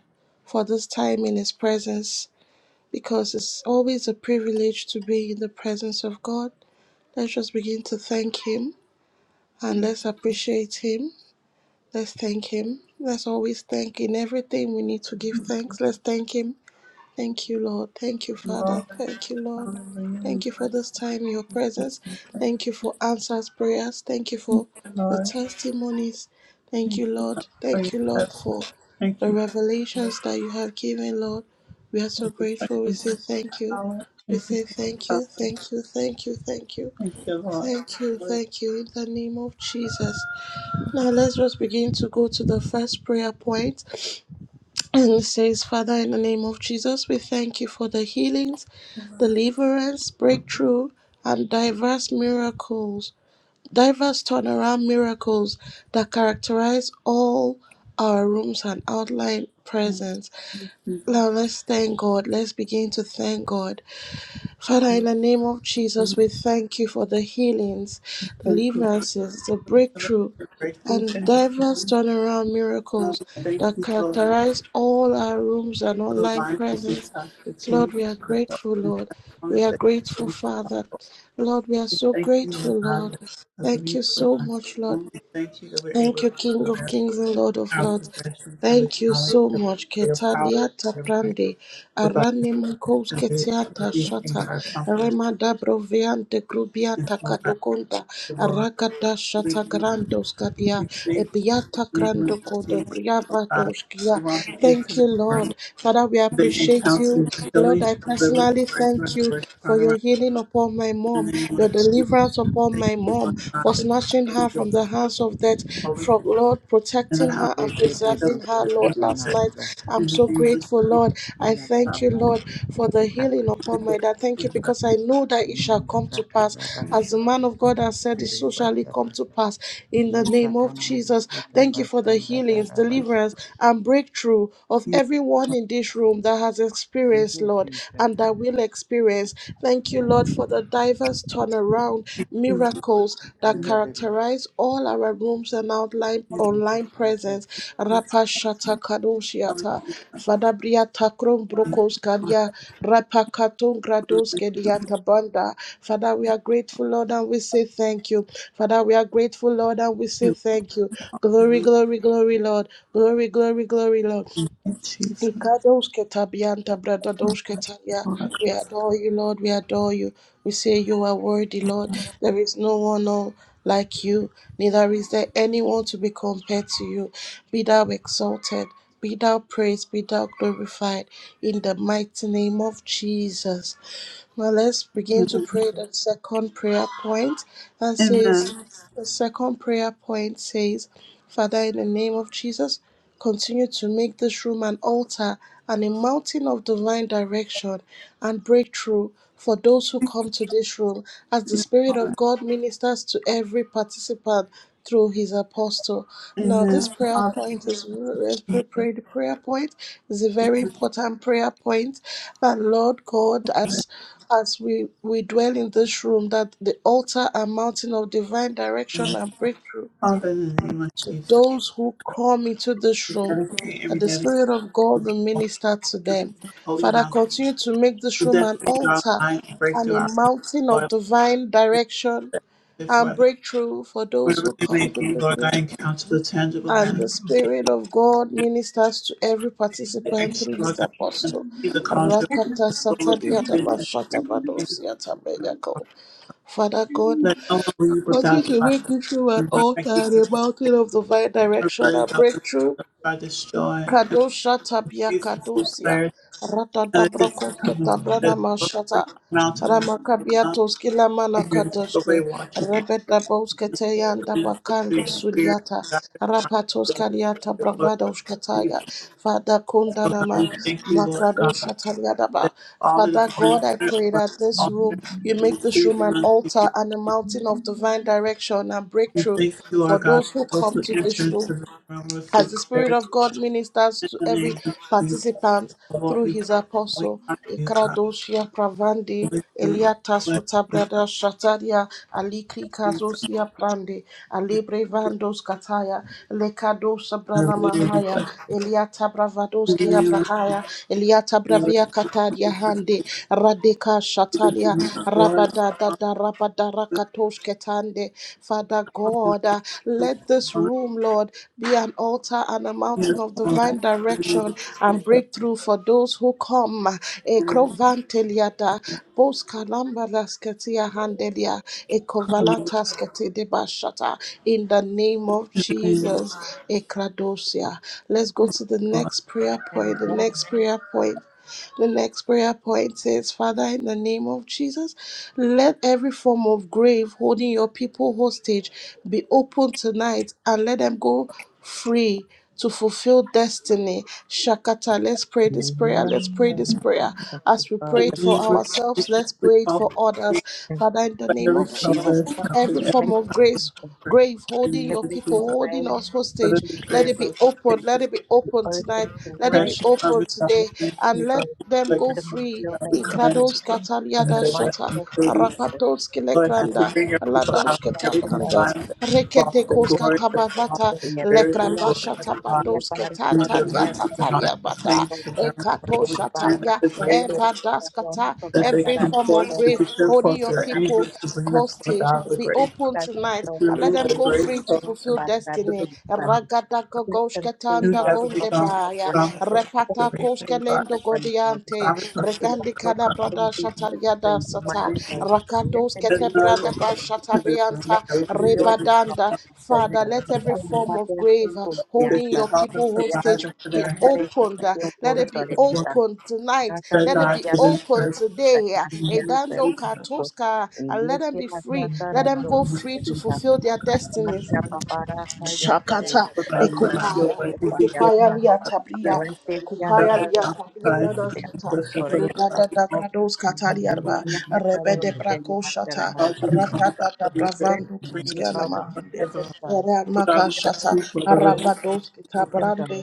Speaker 2: for this time in His presence because it's always a privilege to be in the presence of God. Let's just begin to thank Him and let's appreciate Him. Let's thank Him. Let's always thank in everything we need to give thanks. Let's thank Him Thank you, Lord. Thank you,
Speaker 1: Lord,
Speaker 2: Father. Thank you, Lord.
Speaker 1: hallelujah. We
Speaker 2: Thank you for
Speaker 1: worship
Speaker 2: this time, in your presence.
Speaker 1: you. Thank
Speaker 2: Thank you for answers, prayers. Thank you for
Speaker 1: you,
Speaker 2: the
Speaker 1: Lord.
Speaker 2: testimonies. Thank
Speaker 1: Thank you
Speaker 2: you, Lord.
Speaker 1: for your
Speaker 2: Thank you, Lord,
Speaker 1: presence.
Speaker 2: for
Speaker 1: Thank
Speaker 2: the
Speaker 1: you for this.
Speaker 2: revelations that you have given, Lord. We are so
Speaker 1: Thank you for
Speaker 2: grateful. We
Speaker 1: your
Speaker 2: say
Speaker 1: good
Speaker 2: thank you.
Speaker 1: power.
Speaker 2: We
Speaker 1: Thank you
Speaker 2: say
Speaker 1: for your
Speaker 2: thank you,
Speaker 1: power.
Speaker 2: thank you, thank you, thank you,
Speaker 1: Thank you, Lord.
Speaker 2: thank you,
Speaker 1: Lord,
Speaker 2: thank you in the name of Jesus. Now let's just begin to go to the first prayer point. And it says, Father, in the name of Jesus, we thank you for the healings,
Speaker 1: thank you, Lord.
Speaker 2: deliverance, breakthrough, and diverse miracles, diverse turnaround miracles that characterize all our rooms and outline
Speaker 1: Thank
Speaker 2: presence.
Speaker 1: you, Jesus.
Speaker 2: Now let's thank God. Let's begin to thank God. Father, in
Speaker 1: Thank
Speaker 2: the name of Jesus, we
Speaker 1: you,
Speaker 2: thank you for the healings,
Speaker 1: Thank you, Lord.
Speaker 2: deliverances, the
Speaker 1: for the
Speaker 2: breakthrough,
Speaker 1: your breakthrough.
Speaker 2: and
Speaker 1: Thank you,
Speaker 2: diverse
Speaker 1: Lord.
Speaker 2: turnaround
Speaker 1: Uh,
Speaker 2: miracles
Speaker 1: we Thank
Speaker 2: that
Speaker 1: you, Lord,
Speaker 2: characterize all our rooms and
Speaker 1: for the
Speaker 2: online
Speaker 1: lines that you
Speaker 2: presence.
Speaker 1: touched, the
Speaker 2: Lord,
Speaker 1: change,
Speaker 2: we
Speaker 1: of
Speaker 2: are
Speaker 1: your thoughts
Speaker 2: grateful,
Speaker 1: the
Speaker 2: Lord. We
Speaker 1: promise
Speaker 2: are
Speaker 1: that
Speaker 2: grateful,
Speaker 1: you
Speaker 2: Father.
Speaker 1: made.
Speaker 2: Lord, we are
Speaker 1: We
Speaker 2: so
Speaker 1: thank you, Lord
Speaker 2: grateful,
Speaker 1: God,
Speaker 2: Lord.
Speaker 1: that because of
Speaker 2: Thank
Speaker 1: you,
Speaker 2: you
Speaker 1: Lord
Speaker 2: so
Speaker 1: God.
Speaker 2: much, Lord.
Speaker 1: We thank you that we're able
Speaker 2: Thank you,
Speaker 1: to
Speaker 2: King of
Speaker 1: possess
Speaker 2: Kings and Lord of
Speaker 1: our
Speaker 2: Lords.
Speaker 1: possessions and with
Speaker 2: Thank you
Speaker 1: knowledge
Speaker 2: so
Speaker 1: that
Speaker 2: much.
Speaker 1: your power
Speaker 2: Ketaliata
Speaker 1: and your might
Speaker 2: prande,
Speaker 1: provide
Speaker 2: arane makos
Speaker 1: us with
Speaker 2: ketiata
Speaker 1: these things
Speaker 2: shata,
Speaker 1: that are comforts
Speaker 2: remada broviante
Speaker 1: and
Speaker 2: grubiata
Speaker 1: so that
Speaker 2: kadokonda,
Speaker 1: the Lord.
Speaker 2: arakada
Speaker 1: We
Speaker 2: shata
Speaker 1: give
Speaker 2: grandos kadia,
Speaker 1: we thank you,
Speaker 2: ebiata
Speaker 1: we move
Speaker 2: grando
Speaker 1: to
Speaker 2: kodo
Speaker 1: Jesus, Lord
Speaker 2: briava
Speaker 1: God. We
Speaker 2: doskia.
Speaker 1: want to enter
Speaker 2: Thank
Speaker 1: the
Speaker 2: you,
Speaker 1: room.
Speaker 2: Lord. Father, we
Speaker 1: They
Speaker 2: appreciate you.
Speaker 1: encounter the
Speaker 2: Lord,
Speaker 1: healing,
Speaker 2: I
Speaker 1: deliverance,
Speaker 2: personally
Speaker 1: breakthrough,
Speaker 2: thank
Speaker 1: and
Speaker 2: you
Speaker 1: the
Speaker 2: for your
Speaker 1: turnaround
Speaker 2: healing upon my
Speaker 1: in
Speaker 2: mom,
Speaker 1: the name of
Speaker 2: your
Speaker 1: Jesus.
Speaker 2: deliverance upon
Speaker 1: Thank
Speaker 2: my
Speaker 1: you, Lord
Speaker 2: mom,
Speaker 1: God,
Speaker 2: for for
Speaker 1: that
Speaker 2: snatching
Speaker 1: you're
Speaker 2: her
Speaker 1: the
Speaker 2: from the hands of death,
Speaker 1: Holy
Speaker 2: from Lord
Speaker 1: and
Speaker 2: protecting
Speaker 1: allow us
Speaker 2: her and
Speaker 1: to
Speaker 13: Dekete
Speaker 1: accept
Speaker 2: preserving her,
Speaker 13: busha
Speaker 1: our gifts
Speaker 2: Lord, last night.
Speaker 13: Deketebushatatanamandas.
Speaker 2: I'm
Speaker 1: in the
Speaker 2: so
Speaker 1: name of
Speaker 2: grateful,
Speaker 1: Jesus.
Speaker 2: Lord. I
Speaker 1: our
Speaker 2: thank you, Lord, for the healing
Speaker 13: Andadadabashukutabasha.
Speaker 2: upon my dad. Thank you because I know that it shall come to pass. As the
Speaker 1: future.
Speaker 2: man of God has said, it so shall it come
Speaker 13: Mandakatarabashukutoboserebashata.
Speaker 2: to pass in the name of Jesus. Thank you for the healings,
Speaker 13: Lekatamandukutabashandadadabasha.
Speaker 2: deliverance, and breakthrough of
Speaker 1: Yes,
Speaker 2: everyone in this room that has
Speaker 13: Thank
Speaker 2: experienced,
Speaker 13: you,
Speaker 2: Lord,
Speaker 13: Jesus.
Speaker 2: and that will experience experience. Thank you,
Speaker 13: Thank
Speaker 2: Lord,
Speaker 13: you,
Speaker 2: for the diverse turnaround
Speaker 1: thank you,
Speaker 2: miracles
Speaker 1: in the
Speaker 2: that
Speaker 1: name
Speaker 13: God.
Speaker 2: characterize all our rooms and outline
Speaker 1: of
Speaker 13: Thank you,
Speaker 2: online
Speaker 13: Jesus.
Speaker 2: presence.
Speaker 1: Jesus.
Speaker 2: Rapa shata
Speaker 1: Hallelujah.
Speaker 2: kadoshiata, Fadabria takrum
Speaker 1: Thank you,
Speaker 2: brokos
Speaker 1: Lord,
Speaker 2: kadia, Rapa katun
Speaker 1: for
Speaker 2: grados kediata banda. Father, we are grateful, Lord, and we say thank you. Father, we are grateful, Lord, and we say
Speaker 1: you.
Speaker 2: thank you.
Speaker 1: In the
Speaker 2: Glory,
Speaker 1: name
Speaker 2: glory, glory, Lord. Glory, glory, glory, Lord.
Speaker 1: of Jesus.
Speaker 2: Ikadoske tabianta bradadoske taya.
Speaker 1: Lord.
Speaker 2: We adore you, Lord. We adore you. We say you are worthy, Lord. There is no one oh, like you, neither is there anyone to be compared to you. Be thou exalted, be thou praised, be thou glorified in the mighty name of Jesus. Now let's begin to
Speaker 1: Amen.
Speaker 2: pray the second prayer point that says,
Speaker 1: Amen.
Speaker 2: the second prayer point says, Father, in the name of Jesus, continue to make this room an altar and a mountain of divine direction and breakthrough for those who come to this room as the
Speaker 1: Yes,
Speaker 2: Spirit
Speaker 1: Lord.
Speaker 2: of God ministers to every participant through his apostle. Now, this
Speaker 1: Amen.
Speaker 2: prayer
Speaker 1: Father,
Speaker 2: point is let's pray, pray the prayer point is a very important prayer point that Lord God has as we, we dwell in this room, that the altar and mountain of divine direction and breakthrough
Speaker 1: Father, in the name of
Speaker 2: to
Speaker 1: Jesus,
Speaker 2: those who come into this
Speaker 1: we
Speaker 2: room,
Speaker 1: dedicate every
Speaker 2: that the
Speaker 1: dedication
Speaker 2: Spirit of
Speaker 1: to
Speaker 2: God will minister to them.
Speaker 1: the holy
Speaker 2: Father,
Speaker 1: mountain,
Speaker 2: continue to make this
Speaker 1: the
Speaker 2: room an
Speaker 1: destiny of our
Speaker 2: altar
Speaker 1: lives,
Speaker 2: and
Speaker 1: breakthrough our
Speaker 2: a mountain of
Speaker 1: Lord,
Speaker 2: divine direction
Speaker 1: this
Speaker 2: and
Speaker 1: weather,
Speaker 2: breakthrough for those
Speaker 1: wherever
Speaker 2: who
Speaker 1: it
Speaker 2: come
Speaker 1: may
Speaker 2: to
Speaker 1: be,
Speaker 2: this
Speaker 1: Lord
Speaker 2: room.
Speaker 1: God, encounter the tangible
Speaker 2: And the Spirit of God ministers to every participant
Speaker 1: manifestation,
Speaker 2: through his
Speaker 1: Lord God,
Speaker 2: apostle.
Speaker 1: continue to conjure
Speaker 2: Rakata
Speaker 1: Lord, I
Speaker 2: satadia
Speaker 1: pray
Speaker 2: daba
Speaker 1: that
Speaker 2: shata
Speaker 1: you
Speaker 2: bados yata bega Father God,
Speaker 1: let no one leave
Speaker 2: continue
Speaker 1: without the
Speaker 2: to
Speaker 1: light
Speaker 2: make
Speaker 1: of
Speaker 2: me through an
Speaker 1: and Lord, I
Speaker 2: altar
Speaker 1: keep
Speaker 2: and
Speaker 1: from
Speaker 2: a mountain
Speaker 1: the
Speaker 2: of divine direction
Speaker 1: burdens
Speaker 2: and
Speaker 1: of the
Speaker 2: breakthrough.
Speaker 1: people are destroyed and
Speaker 2: Kadosha tapia
Speaker 1: confused and see
Speaker 2: kadosia.
Speaker 1: clarity.
Speaker 2: Rata
Speaker 1: And that
Speaker 2: dabra
Speaker 1: this becomes
Speaker 2: koke
Speaker 1: a prophetic book for
Speaker 2: mashata.
Speaker 1: a mountain where men will
Speaker 2: Ramakabia
Speaker 1: come
Speaker 2: toskila
Speaker 1: and hear the people way
Speaker 2: kadoshke.
Speaker 1: walking in.
Speaker 2: Rebeta
Speaker 1: And
Speaker 2: boskete
Speaker 1: speak the
Speaker 2: yanda
Speaker 1: minister through
Speaker 2: bakando
Speaker 1: your spirit
Speaker 2: suliata.
Speaker 1: and guide their hearts
Speaker 2: Rapatos
Speaker 1: into
Speaker 2: kariata
Speaker 1: the glory
Speaker 2: bravada
Speaker 1: of
Speaker 2: ushkataya.
Speaker 1: Jesus.
Speaker 2: Father
Speaker 1: So God,
Speaker 2: kundanama
Speaker 1: we thank you, Lord God,
Speaker 2: makadosha taliadaba.
Speaker 1: that all that
Speaker 2: Father
Speaker 1: is
Speaker 2: God,
Speaker 1: ministered
Speaker 2: I
Speaker 1: upon
Speaker 2: pray
Speaker 1: the
Speaker 2: that this
Speaker 1: altar
Speaker 2: room, you
Speaker 1: will be
Speaker 2: make this room
Speaker 1: pleasing
Speaker 2: an
Speaker 1: unto you.
Speaker 2: altar and a mountain of divine direction and
Speaker 1: We
Speaker 2: breakthrough
Speaker 1: thank you,
Speaker 2: for
Speaker 1: our God,
Speaker 2: those who
Speaker 1: for those
Speaker 2: come
Speaker 1: who
Speaker 2: to
Speaker 1: enter
Speaker 2: this room
Speaker 1: into the throne with your
Speaker 2: as the Spirit
Speaker 1: clarity
Speaker 2: of God ministers
Speaker 1: in
Speaker 2: to
Speaker 1: the
Speaker 2: every
Speaker 1: name of Jesus.
Speaker 2: participant
Speaker 1: Lord,
Speaker 2: through
Speaker 1: we bless
Speaker 2: his
Speaker 1: you. We
Speaker 2: apostle.
Speaker 1: honor you, God.
Speaker 2: Ikradoshia pravandi
Speaker 1: Hallelujah. We
Speaker 2: eliata
Speaker 1: bless you,
Speaker 2: sutabrada
Speaker 1: God.
Speaker 2: shataria alikli
Speaker 1: Jesus.
Speaker 2: kazosia prande alibre vandos kataya Lekados
Speaker 1: And
Speaker 2: sabrana
Speaker 1: we will
Speaker 2: mahaya
Speaker 1: bless
Speaker 2: eliata
Speaker 1: you in
Speaker 2: bravadoski
Speaker 1: the name of
Speaker 2: abrahaya
Speaker 1: Jesus.
Speaker 2: eliata
Speaker 1: We will
Speaker 2: bravia kataria hande radeka
Speaker 1: give
Speaker 2: shataria
Speaker 1: you the glory,
Speaker 2: rabada
Speaker 1: the honor,
Speaker 2: da da rakatosh ketande. Father God, uh,
Speaker 1: and
Speaker 2: let
Speaker 1: the
Speaker 2: this
Speaker 1: honor.
Speaker 2: room, Lord, be an altar and a
Speaker 1: Yes,
Speaker 2: mountain of
Speaker 1: Lord.
Speaker 2: divine
Speaker 1: In the name of
Speaker 2: direction
Speaker 1: Jesus.
Speaker 2: and breakthrough for those who come.
Speaker 1: Hallelujah.
Speaker 2: Ekrovanteliada, boskalambalasketia handelia, ekovalatasketidebashata. In the name of
Speaker 1: In the name of
Speaker 2: Jesus,
Speaker 1: Jesus.
Speaker 2: Ekradosia. Let's go to the next prayer point. The
Speaker 15: Amen.
Speaker 2: next prayer point. The next prayer point says, Father, in the name of Jesus, let every form of grave holding your people hostage be open tonight and let them go free to fulfill destiny. Shakata, let's pray this prayer. Let's pray this
Speaker 15: Amen.
Speaker 2: prayer.
Speaker 15: Thank you,
Speaker 2: As we
Speaker 15: Father.
Speaker 1: In
Speaker 2: pray
Speaker 1: the
Speaker 2: it
Speaker 1: name of
Speaker 2: for
Speaker 1: Jesus.
Speaker 2: ourselves, let's
Speaker 1: We
Speaker 2: pray it
Speaker 1: call
Speaker 2: for others.
Speaker 15: Thank you.
Speaker 2: Father, in the
Speaker 1: for
Speaker 15: for
Speaker 2: name
Speaker 1: every
Speaker 2: of
Speaker 15: the
Speaker 1: soul
Speaker 2: Jesus,
Speaker 1: that is
Speaker 15: perfect
Speaker 1: counted,
Speaker 2: every
Speaker 1: every
Speaker 2: form of
Speaker 15: relationship
Speaker 2: grace
Speaker 15: and
Speaker 1: person
Speaker 2: grave
Speaker 1: in the
Speaker 15: the
Speaker 2: holding
Speaker 1: name
Speaker 2: your
Speaker 1: of
Speaker 15: perfect
Speaker 1: Jesus.
Speaker 2: people,
Speaker 15: way,
Speaker 2: holding us
Speaker 1: Let
Speaker 2: hostage.
Speaker 1: it
Speaker 15: little
Speaker 1: be
Speaker 2: Let it be
Speaker 15: people
Speaker 1: grateful,
Speaker 15: of
Speaker 2: open.
Speaker 15: the
Speaker 2: Let
Speaker 1: sickness,
Speaker 2: it be open
Speaker 15: earth
Speaker 2: tonight.
Speaker 15: and
Speaker 2: Let it be
Speaker 15: tonight.
Speaker 1: depression,
Speaker 2: open
Speaker 1: harvest,
Speaker 2: today. And
Speaker 15: Let's
Speaker 1: opportunity,
Speaker 2: let
Speaker 15: go
Speaker 2: them
Speaker 15: to
Speaker 1: like
Speaker 2: go
Speaker 15: the
Speaker 2: free.
Speaker 1: God, we
Speaker 2: In
Speaker 1: come in
Speaker 15: field.
Speaker 1: to
Speaker 2: Krados
Speaker 1: the and
Speaker 15: in
Speaker 1: the
Speaker 15: the
Speaker 2: Kataliada
Speaker 15: mighty
Speaker 2: Shata,
Speaker 1: destiny
Speaker 15: name of the
Speaker 1: truly.
Speaker 15: Jesus.
Speaker 2: Rapatos
Speaker 1: Lord,
Speaker 15: I
Speaker 1: that you
Speaker 2: Kilekranda,
Speaker 15: must
Speaker 1: bring your people
Speaker 15: stop
Speaker 1: out
Speaker 2: Lados
Speaker 1: of
Speaker 15: not
Speaker 1: every
Speaker 15: to God.
Speaker 2: Ketabandas,
Speaker 1: confinement, their
Speaker 15: Let
Speaker 1: flaw, their
Speaker 2: Reketekos
Speaker 1: glory, their song,
Speaker 2: Katabavata,
Speaker 1: their
Speaker 15: them
Speaker 1: barriers, their organ,
Speaker 2: Lekrabashata
Speaker 1: God, you know, their
Speaker 2: Bados
Speaker 1: virtues and all that
Speaker 2: Shatalia Bata,
Speaker 1: pertains to them.
Speaker 2: Ekato
Speaker 1: Lord, we pray that
Speaker 2: Shatalia,
Speaker 1: the grave,
Speaker 2: Ebadaskata,
Speaker 1: that they
Speaker 2: every
Speaker 1: come
Speaker 2: form of
Speaker 1: forth, to
Speaker 2: grave
Speaker 1: secure
Speaker 2: holding
Speaker 1: forth
Speaker 2: your
Speaker 1: their
Speaker 2: people
Speaker 1: angels to bring them forth
Speaker 2: hostage
Speaker 1: out of the
Speaker 2: be
Speaker 1: grave,
Speaker 2: open
Speaker 1: that
Speaker 2: tonight
Speaker 1: you
Speaker 2: and let
Speaker 1: remove
Speaker 2: them
Speaker 1: their
Speaker 2: go
Speaker 1: grave
Speaker 2: free to
Speaker 1: clothes
Speaker 2: fulfill destiny.
Speaker 1: and
Speaker 2: Ragada
Speaker 15: see,
Speaker 1: You
Speaker 2: Gogoshkatanda
Speaker 1: have
Speaker 15: Father,
Speaker 1: become the
Speaker 2: Gondebaya,
Speaker 15: the
Speaker 1: promise of
Speaker 15: Thank
Speaker 2: Repata
Speaker 15: you,
Speaker 1: restoration,
Speaker 15: praise
Speaker 1: God,
Speaker 15: the
Speaker 2: Koshkelendo
Speaker 1: the
Speaker 15: grace, Father God.
Speaker 2: Godiante,
Speaker 1: promise of faith,
Speaker 15: Let
Speaker 1: oh
Speaker 2: Regandikada
Speaker 1: God.
Speaker 2: Brada
Speaker 15: everything be set
Speaker 2: Shatalia
Speaker 15: free, in the
Speaker 1: I
Speaker 2: sata
Speaker 15: mighty
Speaker 1: thank you.
Speaker 15: name. Let
Speaker 2: rakados
Speaker 15: them be
Speaker 1: As
Speaker 15: your
Speaker 1: none
Speaker 2: ketebrada
Speaker 15: will.
Speaker 1: to this
Speaker 15: Jesus.
Speaker 1: room,
Speaker 15: Let
Speaker 2: bashatabianta
Speaker 15: it be
Speaker 1: chosen,
Speaker 15: your
Speaker 1: given,
Speaker 15: will,
Speaker 2: rebadanda
Speaker 1: and
Speaker 2: father
Speaker 15: Father.
Speaker 2: let every
Speaker 15: Rite
Speaker 1: standing,
Speaker 2: form of
Speaker 15: Pater
Speaker 2: grave uh,
Speaker 15: Sanctus,
Speaker 1: because
Speaker 2: holding
Speaker 15: Beata.
Speaker 1: you
Speaker 2: your
Speaker 1: call
Speaker 2: people
Speaker 1: the
Speaker 2: hostage
Speaker 15: Iacta
Speaker 1: provider for
Speaker 2: be
Speaker 1: their
Speaker 15: Natare,
Speaker 1: inheritance
Speaker 2: opened
Speaker 1: and
Speaker 2: uh,
Speaker 1: for
Speaker 15: Iacta
Speaker 2: let it be
Speaker 1: the work
Speaker 2: opened tonight
Speaker 1: that
Speaker 2: let
Speaker 15: Natarea,
Speaker 2: it
Speaker 1: God
Speaker 2: be
Speaker 15: Iacta
Speaker 1: given
Speaker 2: opened
Speaker 1: earth.
Speaker 15: Santa,
Speaker 2: today uh,
Speaker 1: In the name of
Speaker 15: Iacta
Speaker 2: edando
Speaker 1: Jesus, in
Speaker 15: Santa.
Speaker 2: katoska and let them
Speaker 15: Iacta
Speaker 2: be free
Speaker 15: Natara,
Speaker 2: let them go
Speaker 1: the name of
Speaker 2: free to
Speaker 15: Rosetta.
Speaker 1: Jesus,
Speaker 2: fulfill their destinies.
Speaker 15: Iacta Papara, Iacta
Speaker 2: Shakata,
Speaker 1: for
Speaker 15: Rosetta,
Speaker 1: God, cleanse
Speaker 15: Iacta
Speaker 1: your
Speaker 2: Ekupaya,
Speaker 1: way,
Speaker 15: Santa,
Speaker 1: Ezekiel,
Speaker 15: Iacta.
Speaker 2: Ekupaya Liatabria,
Speaker 15: Let that
Speaker 1: that
Speaker 2: Ekupaya
Speaker 1: was not
Speaker 2: Liatabria
Speaker 1: science, and
Speaker 2: Ladashata,
Speaker 1: that's the Lord,
Speaker 2: Lutata
Speaker 1: God,
Speaker 2: Dagrados Katariarva, Rebede Brakoshata,
Speaker 1: cause you to come about of
Speaker 2: Ratata
Speaker 1: your faith,
Speaker 2: Bravando
Speaker 1: bring you to
Speaker 2: Kuskiana
Speaker 1: the Lord
Speaker 2: Mahande,
Speaker 1: as a God,
Speaker 2: Ramaka
Speaker 1: we thank
Speaker 2: Shata,
Speaker 1: you for the release of the
Speaker 2: Arabados
Speaker 1: book of
Speaker 2: Kitabrande,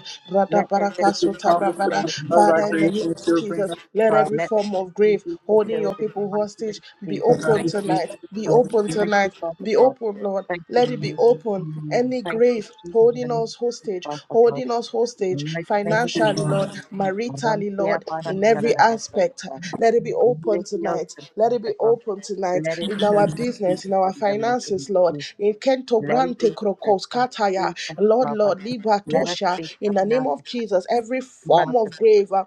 Speaker 1: that you
Speaker 2: Radabarakaso
Speaker 1: promised to
Speaker 2: Tabravada,
Speaker 1: confirm our
Speaker 2: Father, in the name
Speaker 1: creation that
Speaker 2: of
Speaker 1: you'll bring
Speaker 2: Jesus,
Speaker 1: us to
Speaker 2: let
Speaker 1: God.
Speaker 2: every form of grave
Speaker 15: Jesus
Speaker 2: holding
Speaker 15: fulfilled
Speaker 2: your
Speaker 15: in the
Speaker 2: people
Speaker 15: mighty name
Speaker 2: hostage
Speaker 15: of
Speaker 2: be
Speaker 15: Jesus. Let we be fulfilled in the mighty name of
Speaker 1: So
Speaker 15: Jesus.
Speaker 1: God,
Speaker 2: open
Speaker 15: Thank
Speaker 1: we thank
Speaker 15: you,
Speaker 1: you.
Speaker 2: tonight, be
Speaker 15: Jesus.
Speaker 1: Um, we
Speaker 2: open
Speaker 1: thank
Speaker 15: Thank you,
Speaker 2: tonight,
Speaker 15: Father
Speaker 2: be
Speaker 15: God.
Speaker 2: open, Lord.
Speaker 15: Thank you,
Speaker 2: Let it be
Speaker 15: Jesus.
Speaker 2: open any
Speaker 15: Thank you,
Speaker 2: grave
Speaker 15: Jesus.
Speaker 2: holding
Speaker 15: Thank
Speaker 2: us
Speaker 15: you,
Speaker 2: hostage,
Speaker 15: Father God.
Speaker 2: holding us
Speaker 15: In the
Speaker 2: hostage
Speaker 15: mighty name of
Speaker 1: you,
Speaker 2: financially,
Speaker 1: Lord.
Speaker 15: Jesus.
Speaker 2: Lord, maritally, Lord, in every aspect.
Speaker 15: Amen.
Speaker 2: Let it be
Speaker 15: Let
Speaker 2: open
Speaker 15: it be
Speaker 2: tonight.
Speaker 15: open,
Speaker 2: Let it be
Speaker 15: Father God.
Speaker 2: open tonight
Speaker 15: Let it
Speaker 2: in
Speaker 15: be
Speaker 2: our
Speaker 15: open,
Speaker 2: business, in
Speaker 15: Father
Speaker 2: our
Speaker 15: God, in the name of
Speaker 2: finances, Lord.
Speaker 15: Jesus.
Speaker 2: In Kento
Speaker 15: Let it
Speaker 2: Brante
Speaker 15: be
Speaker 2: Krokos
Speaker 15: open,
Speaker 2: Kataya,
Speaker 15: Father
Speaker 2: Lord,
Speaker 15: God. Father.
Speaker 2: Lord, Liba
Speaker 15: Let us
Speaker 2: Tosha,
Speaker 15: be
Speaker 2: in the
Speaker 15: coming now.
Speaker 2: name
Speaker 15: of
Speaker 2: of Jesus, every
Speaker 15: the
Speaker 2: form
Speaker 15: mouth
Speaker 2: of
Speaker 15: of it,
Speaker 2: grave uh,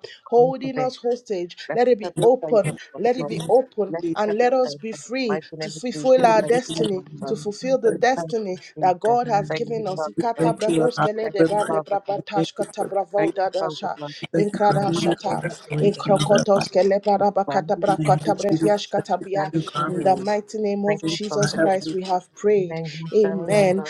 Speaker 15: of
Speaker 2: holding
Speaker 15: it.
Speaker 2: us hostage,
Speaker 15: Let
Speaker 2: let
Speaker 15: us
Speaker 2: it be
Speaker 15: have your faith
Speaker 2: open.
Speaker 15: of
Speaker 2: Let it
Speaker 15: God.
Speaker 2: be
Speaker 1: Everything
Speaker 2: open open
Speaker 15: Let
Speaker 1: we see
Speaker 15: us
Speaker 2: and
Speaker 15: have
Speaker 2: let
Speaker 15: your
Speaker 2: us
Speaker 15: faith
Speaker 2: be
Speaker 15: of the
Speaker 2: free
Speaker 15: mighty
Speaker 2: to
Speaker 15: name of
Speaker 2: fulfill
Speaker 1: in
Speaker 15: Jesus.
Speaker 1: the
Speaker 2: our
Speaker 15: Thank
Speaker 1: name
Speaker 15: you,
Speaker 1: of
Speaker 2: destiny,
Speaker 15: Father
Speaker 2: to
Speaker 15: God.
Speaker 2: fulfill the
Speaker 1: Jesus.
Speaker 15: Thank
Speaker 2: destiny
Speaker 15: you,
Speaker 2: that
Speaker 15: Jesus.
Speaker 2: God has
Speaker 15: Thank you,
Speaker 2: given us.
Speaker 1: We
Speaker 15: Father God.
Speaker 2: Ikata
Speaker 1: thank you, Lord
Speaker 2: bravos
Speaker 1: God,
Speaker 15: Thank
Speaker 2: de
Speaker 1: for
Speaker 15: you,
Speaker 2: ba
Speaker 1: liberation.
Speaker 2: de
Speaker 15: Father God.
Speaker 1: We Thank you
Speaker 2: kata
Speaker 1: for
Speaker 2: bravo
Speaker 15: Thank
Speaker 1: creation.
Speaker 2: da
Speaker 15: you,
Speaker 2: da
Speaker 15: Father
Speaker 2: sha.
Speaker 15: God.
Speaker 1: We Thank you for
Speaker 15: In the
Speaker 2: Inkrada
Speaker 1: newness
Speaker 15: mighty name
Speaker 1: and
Speaker 2: shata.
Speaker 15: of Jesus,
Speaker 1: restoration of our life.
Speaker 2: Inkrokotos kele
Speaker 15: we stand in
Speaker 1: In the name of Jesus,
Speaker 2: breviash kata
Speaker 1: new
Speaker 15: standing
Speaker 2: In the
Speaker 1: garments.
Speaker 15: communion.
Speaker 2: mighty name
Speaker 15: Thank
Speaker 2: of
Speaker 1: Thank you
Speaker 15: you,
Speaker 1: for
Speaker 2: Jesus
Speaker 15: Father God.
Speaker 2: Christ,
Speaker 1: heavenly
Speaker 2: we have
Speaker 15: In the
Speaker 2: prayed.
Speaker 15: name of
Speaker 1: things.
Speaker 2: Amen.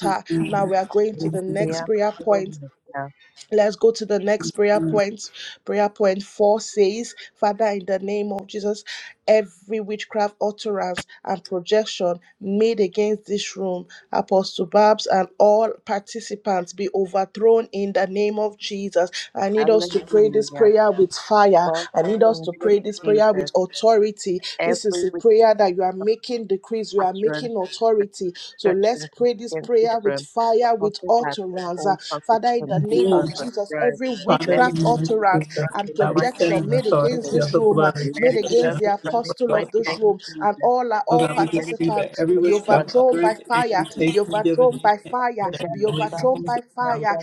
Speaker 1: Thank
Speaker 2: Now
Speaker 1: you.
Speaker 2: we are going to
Speaker 1: Thank
Speaker 2: the
Speaker 1: you.
Speaker 2: next
Speaker 15: Yeah,
Speaker 2: prayer point.
Speaker 15: hallelujah.
Speaker 2: Let's go to the next prayer point. Prayer point four says, Father, in the name of Jesus, every witchcraft utterance and projection made against this room, Apostle Babs, and all participants be overthrown in the name of Jesus. I need us to pray this
Speaker 15: Hallelujah.
Speaker 2: prayer with fire.
Speaker 15: Father,
Speaker 2: I need
Speaker 15: in
Speaker 2: us
Speaker 15: the
Speaker 2: to pray this
Speaker 15: name of
Speaker 2: prayer
Speaker 15: Jesus,
Speaker 2: with authority. This is
Speaker 15: every
Speaker 2: a
Speaker 15: weak
Speaker 2: prayer that you are making decrees, you are
Speaker 15: utterance,
Speaker 2: making authority. So let's
Speaker 15: objection
Speaker 2: pray this
Speaker 15: against this
Speaker 2: prayer with
Speaker 15: room,
Speaker 2: fire, with
Speaker 15: apostle Babs and
Speaker 2: utterance. Uh,
Speaker 15: all
Speaker 2: Father, in
Speaker 15: participants
Speaker 2: the
Speaker 15: be
Speaker 2: name
Speaker 1: Amen.
Speaker 2: of Jesus,
Speaker 15: overthrown.
Speaker 2: every
Speaker 1: Father,
Speaker 15: Let
Speaker 1: in
Speaker 15: it
Speaker 2: witchcraft
Speaker 15: be
Speaker 1: the name of
Speaker 2: utterance
Speaker 1: Jesus,
Speaker 15: overthrown
Speaker 2: and
Speaker 15: in the
Speaker 1: God, we
Speaker 15: mighty
Speaker 1: stand
Speaker 15: name
Speaker 1: in
Speaker 2: projection
Speaker 1: the
Speaker 2: made
Speaker 15: of
Speaker 2: against
Speaker 15: Jesus.
Speaker 1: authority of
Speaker 2: this
Speaker 1: the
Speaker 2: room, uh,
Speaker 1: blood of
Speaker 15: Let
Speaker 2: made
Speaker 15: it
Speaker 1: Jesus
Speaker 15: be
Speaker 1: and
Speaker 2: against
Speaker 1: of the
Speaker 2: the
Speaker 15: overthrown in the
Speaker 2: apostle
Speaker 1: blood
Speaker 2: of
Speaker 15: mighty
Speaker 1: of
Speaker 2: this
Speaker 15: name of
Speaker 2: room, and
Speaker 15: Jesus.
Speaker 2: all are
Speaker 1: Oh
Speaker 2: all
Speaker 1: God, we
Speaker 15: Let it
Speaker 1: decree that
Speaker 2: participants
Speaker 1: every
Speaker 15: be
Speaker 2: be
Speaker 1: witchcraft,
Speaker 15: overthrown in the
Speaker 2: overthrown
Speaker 1: others,
Speaker 2: by
Speaker 15: mighty name of
Speaker 2: fire,
Speaker 15: Jesus.
Speaker 2: be
Speaker 1: incantation,
Speaker 2: overthrown
Speaker 1: divination,
Speaker 2: by
Speaker 1: and
Speaker 2: fire,
Speaker 15: Let it be
Speaker 2: be
Speaker 1: belief
Speaker 2: overthrown
Speaker 15: overthrown in
Speaker 2: by
Speaker 1: from
Speaker 2: fire.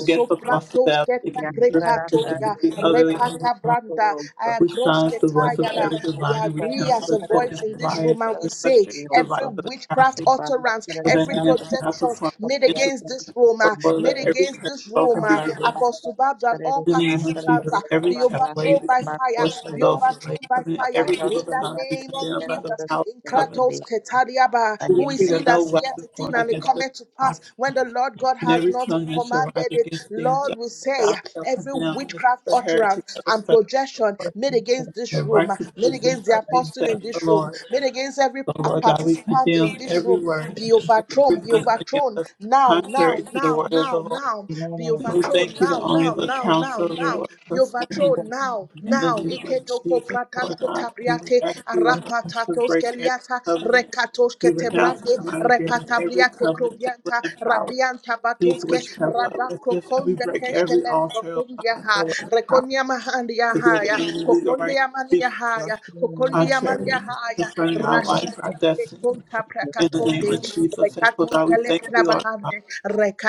Speaker 1: against the possibility,
Speaker 15: the
Speaker 1: against the
Speaker 2: ketabrikatoya,
Speaker 15: mighty
Speaker 1: sufficiency, utterly overthrown.
Speaker 15: name
Speaker 2: repatabranda,
Speaker 15: of Jesus.
Speaker 1: We silence the
Speaker 15: Thank
Speaker 1: voice of
Speaker 2: ayagrosketayala.
Speaker 1: every
Speaker 2: We
Speaker 1: diviner. We
Speaker 2: agree as
Speaker 1: cancel
Speaker 2: a
Speaker 1: the spoken
Speaker 2: voice in this
Speaker 1: lies,
Speaker 2: room and we
Speaker 1: every
Speaker 2: say
Speaker 1: frustrated device
Speaker 2: every
Speaker 1: of the
Speaker 2: witchcraft
Speaker 1: crafty
Speaker 2: utterance,
Speaker 1: of an
Speaker 2: every
Speaker 1: enemy cannot
Speaker 2: projection
Speaker 1: perform
Speaker 2: made against
Speaker 1: intervention.
Speaker 2: against this room,
Speaker 1: So
Speaker 2: uh,
Speaker 1: Lord,
Speaker 2: made
Speaker 1: let every
Speaker 2: against
Speaker 1: curse
Speaker 2: this room,
Speaker 1: spoken be
Speaker 2: uh,
Speaker 1: released.
Speaker 2: Apostle Babs and all
Speaker 1: In the name of
Speaker 2: participants uh,
Speaker 1: Jesus, every
Speaker 2: be
Speaker 1: trap laid
Speaker 2: overthrown
Speaker 1: against
Speaker 2: by
Speaker 1: the
Speaker 2: fire,
Speaker 1: portion of
Speaker 2: be
Speaker 1: those who lay
Speaker 2: overthrown by
Speaker 1: covenant,
Speaker 2: fire
Speaker 1: every evil
Speaker 2: in the
Speaker 1: tongue be
Speaker 2: name of
Speaker 1: condemned by the
Speaker 2: Jesus.
Speaker 1: power of
Speaker 2: In
Speaker 1: covenant.
Speaker 2: Kratos Ketariaba,
Speaker 1: We
Speaker 2: who is
Speaker 1: decree
Speaker 2: he
Speaker 1: that
Speaker 2: that
Speaker 1: no
Speaker 2: saith
Speaker 1: weapon
Speaker 2: a thing
Speaker 1: formed
Speaker 2: and it
Speaker 1: against us
Speaker 2: cometh to
Speaker 1: shall
Speaker 2: pass when
Speaker 1: prosper,
Speaker 2: the Lord God
Speaker 1: and
Speaker 2: has
Speaker 1: every
Speaker 2: not
Speaker 1: tongue that shall rise
Speaker 2: commanded it?
Speaker 1: against thee in
Speaker 2: Lord,
Speaker 1: judgment
Speaker 2: we say
Speaker 1: thou
Speaker 2: uh,
Speaker 1: shalt
Speaker 2: every
Speaker 1: condemn. This is
Speaker 2: witchcraft
Speaker 1: the heritage
Speaker 2: utterance
Speaker 1: of the
Speaker 2: and
Speaker 1: servants of the
Speaker 2: projection
Speaker 1: Lord,
Speaker 2: made against
Speaker 1: and
Speaker 2: this
Speaker 1: the
Speaker 2: room, uh,
Speaker 1: righteousness
Speaker 2: made
Speaker 1: which
Speaker 2: against the
Speaker 1: shall be
Speaker 2: apostle in
Speaker 1: set for
Speaker 2: this room,
Speaker 1: Lord.
Speaker 2: made against every
Speaker 1: So,
Speaker 2: uh,
Speaker 1: Lord God, we
Speaker 2: participant in
Speaker 1: condemn
Speaker 2: this
Speaker 1: every
Speaker 2: room,
Speaker 1: word
Speaker 2: be
Speaker 1: that is
Speaker 2: overthrown, be
Speaker 1: written
Speaker 2: be
Speaker 1: against
Speaker 2: overthrown
Speaker 1: us
Speaker 2: now, now,
Speaker 1: contrary to the
Speaker 2: now,
Speaker 1: word of the
Speaker 2: now,
Speaker 1: Lord.
Speaker 2: now. Be
Speaker 1: And we
Speaker 2: overthrown
Speaker 1: thank you
Speaker 2: now,
Speaker 1: that only
Speaker 2: now,
Speaker 1: the
Speaker 2: now, now,
Speaker 1: counsel of the
Speaker 2: now.
Speaker 1: Lord
Speaker 2: Be
Speaker 1: shall stand.
Speaker 2: overthrown now,
Speaker 1: In
Speaker 15: you.
Speaker 1: the
Speaker 2: now.
Speaker 1: name of
Speaker 2: Iketoko
Speaker 1: Jesus,
Speaker 2: pratas
Speaker 1: Lord God, and we
Speaker 2: kotabriate
Speaker 1: ask you, Lord God, to
Speaker 2: arapatatos
Speaker 1: break every
Speaker 2: keliata
Speaker 1: covenant.
Speaker 2: rekatos
Speaker 1: We renounce and
Speaker 2: ketebrande
Speaker 1: come out of agreement with every
Speaker 2: repatabriate
Speaker 1: covenant that will
Speaker 2: krovianta
Speaker 1: empower
Speaker 2: rabianta
Speaker 1: these
Speaker 2: batoske
Speaker 1: witchcraft
Speaker 2: radako
Speaker 1: officers, and we
Speaker 2: konde
Speaker 1: break every
Speaker 2: keshkelem
Speaker 1: altar, oh
Speaker 2: prokundia
Speaker 1: God,
Speaker 2: ha
Speaker 1: that will empower
Speaker 2: rekonia mahandia
Speaker 1: to give the
Speaker 2: haya
Speaker 1: enemy legal right to
Speaker 2: kokondia mania
Speaker 1: speak
Speaker 2: haya kokondia mania
Speaker 1: contrary
Speaker 2: haya
Speaker 1: concerning our life,
Speaker 2: rashata
Speaker 1: our
Speaker 2: Te
Speaker 1: destiny.
Speaker 2: conta
Speaker 1: In the name
Speaker 2: pracatonde,
Speaker 1: of Jesus, yes,
Speaker 2: recato
Speaker 1: Lord God, we thank you, Lord God,
Speaker 2: telegrabahande,